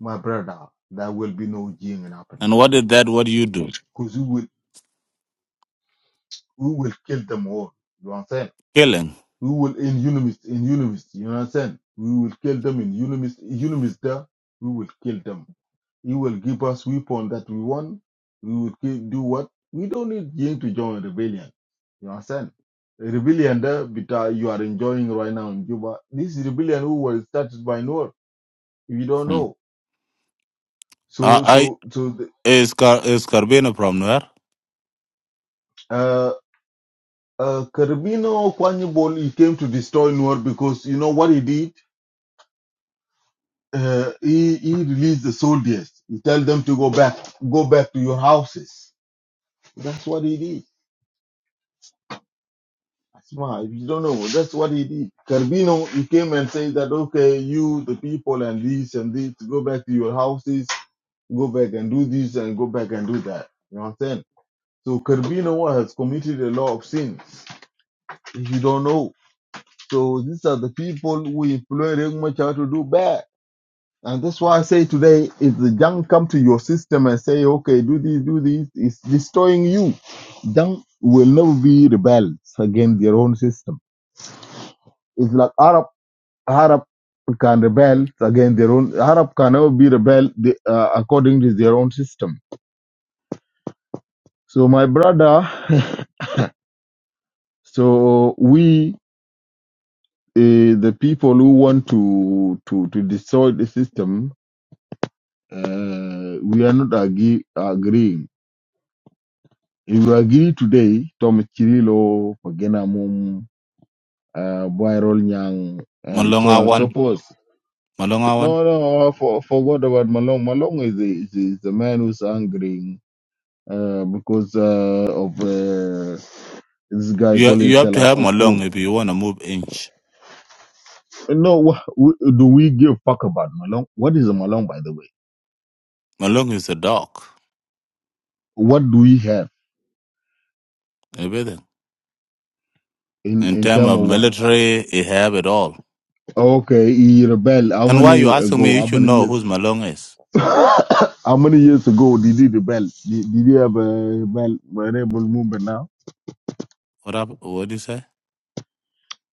[SPEAKER 7] my brother, there will be no Jing in Apana.
[SPEAKER 8] And what did that? What do you do?
[SPEAKER 7] Because we will, we will kill them all. You understand?
[SPEAKER 8] Killing.
[SPEAKER 7] We will in unimist, in unimist. You understand? We will kill them in unimist, unimist there. We will kill them. He will give us weapon that we want. We will give, do what? We don't need Jing to join rebellion. You understand? A rebellion there, but uh, you are enjoying right now in Juba. This rebellion who was started by Noor, if you don't
[SPEAKER 8] Hmm.
[SPEAKER 7] know. So, so, so, the,
[SPEAKER 8] Is Car is Carbino from where?
[SPEAKER 7] uh, uh, Carabino Kwanyebol, he came to destroy Nuer because you know what he did? Uh, he, he released the soldiers. He tell them to go back, go back to your houses. That's what he did. Asma, if you don't know, that's what he did. Carbino, he came and said that, okay, you, the people, and this and this, go back to your houses, go back and do this and go back and do that. You know what I'm saying? So Carbino has committed a lot of sins. If you don't know, so these are the people who employ Riek Machar to do bad. And that's why I say today, if the junk come to your system and say, okay, do this, do this, it's destroying you. Junk will never be rebels against their own system. It's like Arab, Arab can rebel against their own, Arab can never be rebel the- uh, according to their own system. So my brother, so we, uh, the people who want to, to, to destroy the system, uh, we are not agree, agreeing If you agree today, Tom Chirilo, Pagena Mum, uh, Boyrol Nyang, and so
[SPEAKER 8] Malonga
[SPEAKER 7] on and so
[SPEAKER 8] one,
[SPEAKER 7] forth.
[SPEAKER 8] Malonga one.
[SPEAKER 7] No, no, I for, forgot about Malong. Malong is the, is, is the man who's angry uh, because uh, of uh, this guy
[SPEAKER 8] You
[SPEAKER 7] calling
[SPEAKER 8] you have to
[SPEAKER 7] himself
[SPEAKER 8] have
[SPEAKER 7] a
[SPEAKER 8] Malong
[SPEAKER 7] Kolkur.
[SPEAKER 8] if you want to move inch.
[SPEAKER 7] No, wha- w- do we give fuck about Malong? What is a Malong, by the way?
[SPEAKER 8] Malong is a dog.
[SPEAKER 7] What do we have
[SPEAKER 8] Everything.
[SPEAKER 7] in,
[SPEAKER 8] In
[SPEAKER 7] in
[SPEAKER 8] terms
[SPEAKER 7] terms
[SPEAKER 8] of
[SPEAKER 7] of what?
[SPEAKER 8] military, he have it all.
[SPEAKER 7] Okay, he rebelled. How
[SPEAKER 8] And why you
[SPEAKER 7] many
[SPEAKER 8] asking me?
[SPEAKER 7] ago?
[SPEAKER 8] You
[SPEAKER 7] How
[SPEAKER 8] should
[SPEAKER 7] many
[SPEAKER 8] know
[SPEAKER 7] years?
[SPEAKER 8] who's Malong is.
[SPEAKER 7] How many years ago did he rebel? Did, did he have a rebel a rebel movement now?
[SPEAKER 8] What up? What do you say?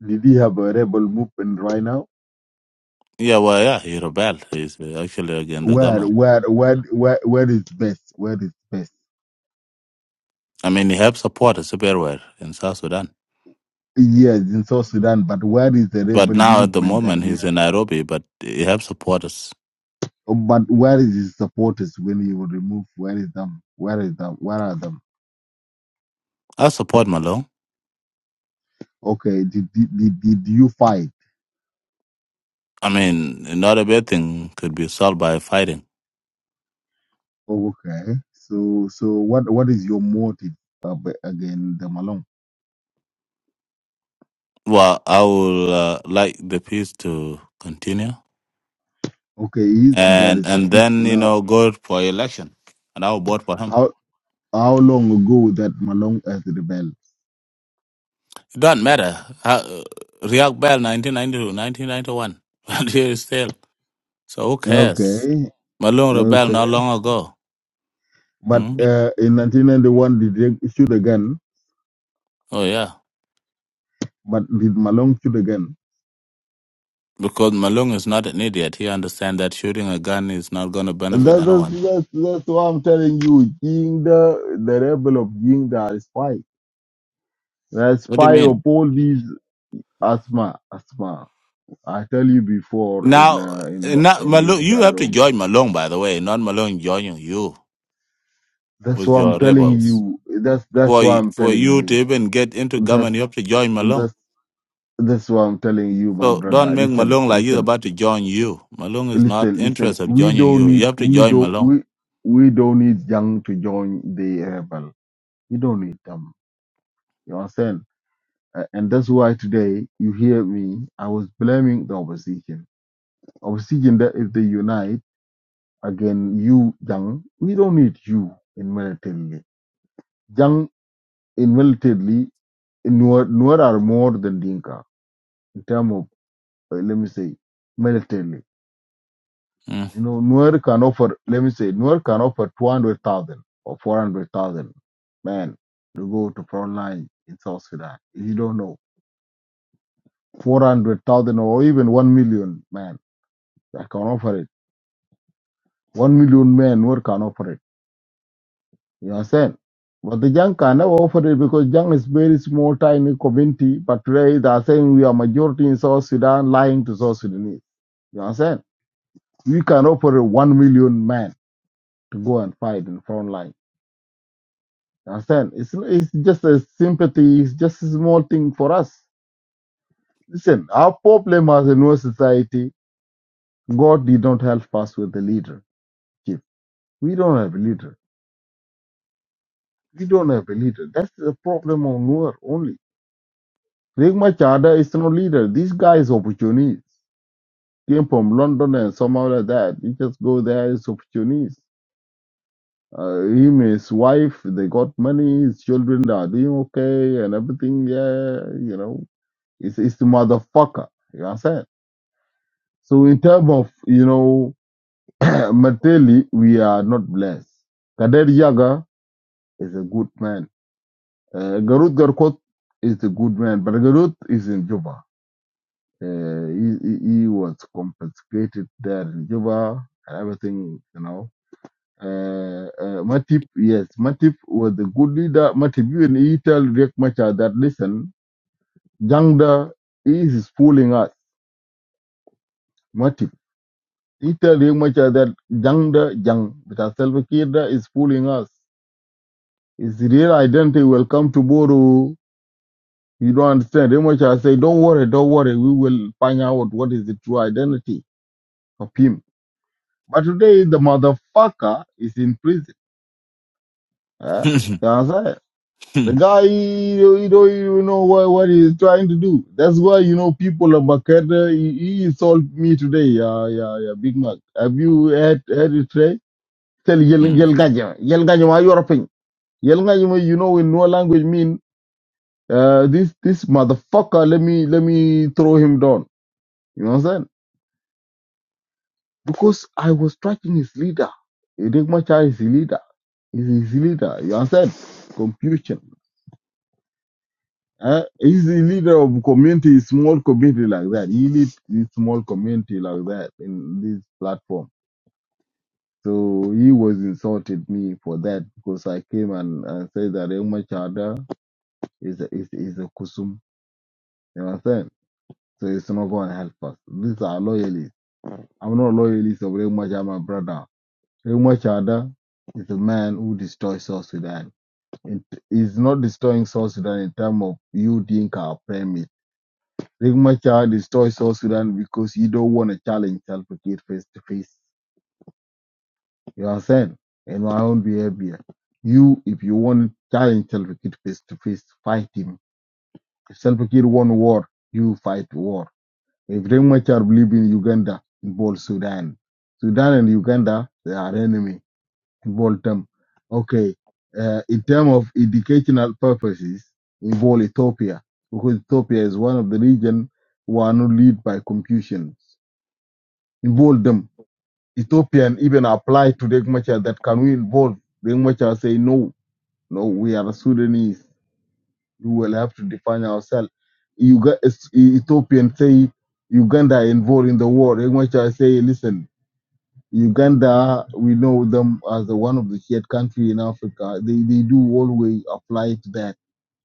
[SPEAKER 7] Did he have a rebel movement right now?
[SPEAKER 8] Yeah, well, yeah, he rebelled. He's uh, actually against the
[SPEAKER 7] Where
[SPEAKER 8] government.
[SPEAKER 7] where where where where is best? Where is best?
[SPEAKER 8] I mean, he have supporters everywhere in South Sudan.
[SPEAKER 7] Yes, in South Sudan, but where is the
[SPEAKER 8] But
[SPEAKER 7] rebel
[SPEAKER 8] now at the
[SPEAKER 7] movement that
[SPEAKER 8] moment
[SPEAKER 7] he
[SPEAKER 8] he's in
[SPEAKER 7] have?
[SPEAKER 8] Nairobi, but he have supporters.
[SPEAKER 7] Oh, But where is his supporters when he was removed? Where is them? Where is them? Where are them?
[SPEAKER 8] I support Malong.
[SPEAKER 7] Okay, did did, did, did you fight?
[SPEAKER 8] I mean, not everything could be solved by fighting.
[SPEAKER 7] Oh, okay. So so what what is your motive uh, b- again the Malong?
[SPEAKER 8] Well, I would uh, like the peace to continue,
[SPEAKER 7] Okay, is there
[SPEAKER 8] and
[SPEAKER 7] is the
[SPEAKER 8] and
[SPEAKER 7] peace
[SPEAKER 8] then you
[SPEAKER 7] now
[SPEAKER 8] know go for election, and I will vote for him.
[SPEAKER 7] How long ago that Malong has rebelled?
[SPEAKER 8] It doesn't matter. Uh, React Bell, nineteen ninety two, nineteen ninety-one, and here is still. So who cares?
[SPEAKER 7] Okay,
[SPEAKER 8] Malung rebelled
[SPEAKER 7] okay.
[SPEAKER 8] not long ago.
[SPEAKER 7] But
[SPEAKER 8] Hmm?
[SPEAKER 7] uh, in 1991, did they shoot a gun?
[SPEAKER 8] Oh yeah,
[SPEAKER 7] But did Malong shoot a gun?
[SPEAKER 8] because Malung is not an idiot. He understands that shooting a gun is not going to
[SPEAKER 7] And
[SPEAKER 8] benefit
[SPEAKER 7] that, that's,
[SPEAKER 8] anyone.
[SPEAKER 7] that's, that's why I'm telling you. Jingda, the rebel of Jingda, are spy. The
[SPEAKER 8] What do you
[SPEAKER 7] spy of
[SPEAKER 8] mean?
[SPEAKER 7] all these asthma, asthma. I tell you before in
[SPEAKER 8] Now,
[SPEAKER 7] uh, in
[SPEAKER 8] now
[SPEAKER 7] in
[SPEAKER 8] Malung,
[SPEAKER 7] this
[SPEAKER 8] you
[SPEAKER 7] guy
[SPEAKER 8] have to
[SPEAKER 7] room.
[SPEAKER 8] join Malung by the way, not Malung joining you
[SPEAKER 7] That's
[SPEAKER 8] with
[SPEAKER 7] why I'm
[SPEAKER 8] your
[SPEAKER 7] telling
[SPEAKER 8] rebels.
[SPEAKER 7] you. That's
[SPEAKER 8] for
[SPEAKER 7] that's why
[SPEAKER 8] y-
[SPEAKER 7] I'm
[SPEAKER 8] for
[SPEAKER 7] telling
[SPEAKER 8] you to
[SPEAKER 7] you.
[SPEAKER 8] even get into
[SPEAKER 7] That's
[SPEAKER 8] government, you have to join Malone.
[SPEAKER 7] that's That's why I'm telling you, my
[SPEAKER 8] So don't
[SPEAKER 7] brother.
[SPEAKER 8] make
[SPEAKER 7] Listen,
[SPEAKER 8] Malone like he's
[SPEAKER 7] listen,
[SPEAKER 8] about to join you. Malone is not
[SPEAKER 7] listen, listen.
[SPEAKER 8] interested in
[SPEAKER 7] We
[SPEAKER 8] joining
[SPEAKER 7] don't
[SPEAKER 8] you.
[SPEAKER 7] need
[SPEAKER 8] You have to
[SPEAKER 7] we
[SPEAKER 8] join
[SPEAKER 7] don't
[SPEAKER 8] Malone.
[SPEAKER 7] we we don't need young to join the rebel. You don't need them. You understand? A- And that's why today you hear me. I was blaming the opposition. Opposition that if they unite again, you young, we don't need you in militarily. Young in militarily, Nuer Nuer are more than Dinka in terms of uh, let me say militarily You know, Nuer can offer, let me say, Nuer can offer 200,000 or 400,000 men to go to front line in South Sudan. If you don't know, 400,000 or even 1 million men that can offer it. 1 million men, Nuer can offer it. You understand? But the young can never offer it because young is very small, tiny community. But today they are saying we are majority in South Sudan, lying to South Sudanese. You understand? We can offer 1 million men to go and fight in front line. Understand? It's it's just a sympathy. It's just a small thing for us. Listen, our problem as a new society, God did not help us with the leader. Chief. We don't have a leader. We don't have a leader. That's the problem of Nuer only. Rick Machada is no leader. This guy is opportunist. Came from London and somehow like that. He just go there as opportunist. Uh, him, his wife, they got money. His children are doing okay and everything. Yeah, you know, it's it's the motherfucker. You understand? So in terms of, you know, materially, we are not blessed. Kader Yaga is a good man. Uh, Garut Garkot is a good man, but Garut is in Juba. Uh, he, he, he was confiscated there in Juba and everything, you know. Uh, uh, Matip, yes, Matip was a good leader. Matip, even he tell Riek Machar that, listen, Jangda is fooling us. Matip. Peter Ringmacher that Jangda Jang because Selva Kirda is fooling us. His real identity will come tomorrow. You don't understand. Ringmacher say, Don't worry, don't worry. We will find out what is the true identity of him. But today the motherfucker is in prison. eh? You understand? The guy you you don't even know what, what he's trying to do. That's why you know people of Makeda he, he sold me today, yeah, yeah, yeah, Big Mac. Have you had had it Trey? tell
[SPEAKER 8] Mm.
[SPEAKER 7] yel yel gaje yel gaje ma yoro pin yel gaje ma you know in no language mean uh, this this motherfucker let me let me throw him down you understand because i was tracking his leader Idikmacha is his leader is his leader you understand confusion uh, he's the leader of community small community like that he lead this small community like that in this platform so he was insulted me for that because I came and, and said that Emma is a, is is a kusum. You understand? So it's not going to help us. These are loyalists. I'm not loyalist of Ray my brother. Ray is a man who destroys South Sudan. It is not destroying South Sudan in terms of you think our premise. Ray destroys South Sudan because you don't want to challenge Salva Kiir face to face. You understand? In my own behavior. You, if you want to challenge Salva Kiir face to face, fight him. If self kid want war, you fight war If Riek Machar live in Uganda, involve Sudan. Sudan and Uganda, they are enemy. Involve them. Okay. Uh, in terms of educational purposes, involve Ethiopia because Ethiopia is one of the region who are not led by Confucians. Involve them. Ethiopian even apply to Riek Machar that can we involve Riek Machar say no, no, we are Sudanese we will have to define ourselves. Uga- Es- Ethiopian say Uganda involved in the war. In which I say, listen, Uganda, we know them as one of the shared country in Africa. They they do always apply to that.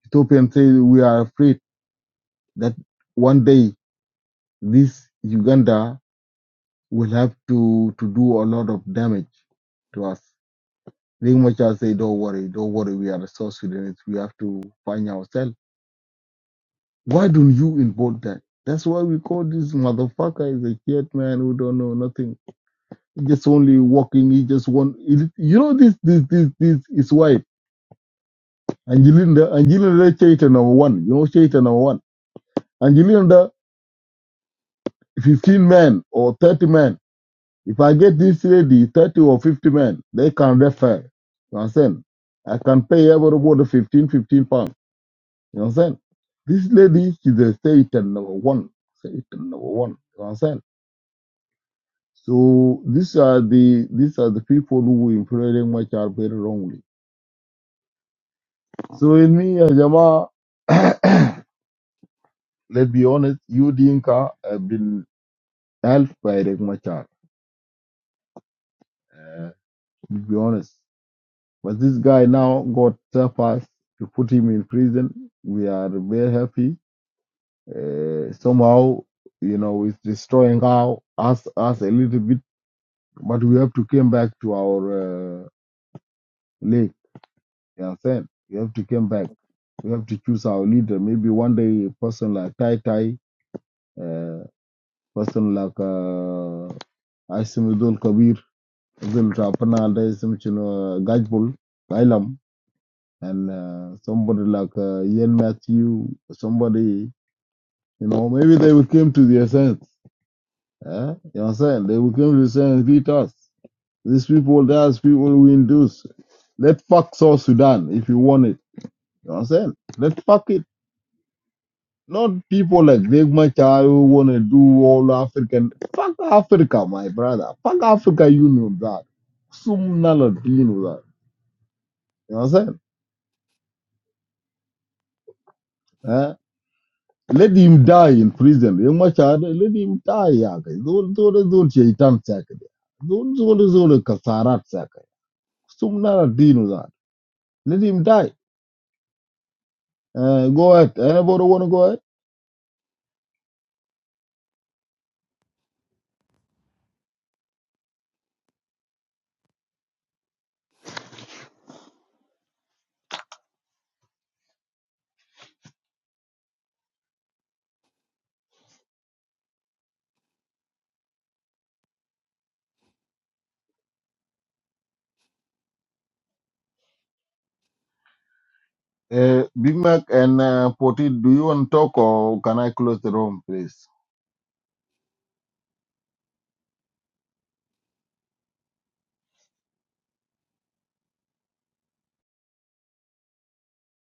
[SPEAKER 7] Ethiopian say we are afraid that one day this Uganda will have to to do a lot of damage to us. Ringmacher say, don't worry, don't worry, we are the South Sudanese. We have to find ourselves Why don't you involve that? That's why we call this motherfucker is a shit man who don't know nothing. Just only walking. He just want. You know this this this this is why Angelina Angelina Chaita number one. You know Chaita number one. Angelina fifteen men or thirty men. If I get this lady thirty or fifty men, they can refer. You understand? I can pay everybody 15, fifteen pounds. You understand? This lady, she's a Satan number one. Satan number one. You understand? So these are the these are the people who implying much are very wrongly. So in me, ya Jama, let's be honest, you Dinka have been helped by Riek Machar. Uh, to be honest, but this guy now got surpassed to put him in prison. We are very happy. Uh, somehow, you know, it's destroying our, us us a little bit, but we have to come back to our uh, lake. You understand? We have to come back. We have to choose our leader. Maybe one day, a person like Tai Tai, uh, person like uh, Asimidul Kabir, will Rapana, Asimchino, Gajbul, Kailam, and uh, somebody like uh, Ian Matthew, somebody, you know, maybe they will come to their sense. Eh? You know what I'm saying? They will come to the sense, beat us. These people, there's people we induce. Let fuck South Sudan if you want it. You know what I'm saying? Let fuck it. Not people like Riek Machar who want to do all African. Fuck Africa, my brother. Fuck Africa, you know that. Some Sumna know that. You know what I'm saying? Eh? Let him die in prison. Riek Machar, let him die. Yaka. Don't yake. Zol- Zol- Zol shaitan sake. Zol- Zol- Zol kasarat sake. Sumna know that. Let him die. Uh, go ahead. Anybody want to go ahead? Uh, Big Mac and uh, Poti, do you want to talk or can I close the room, please?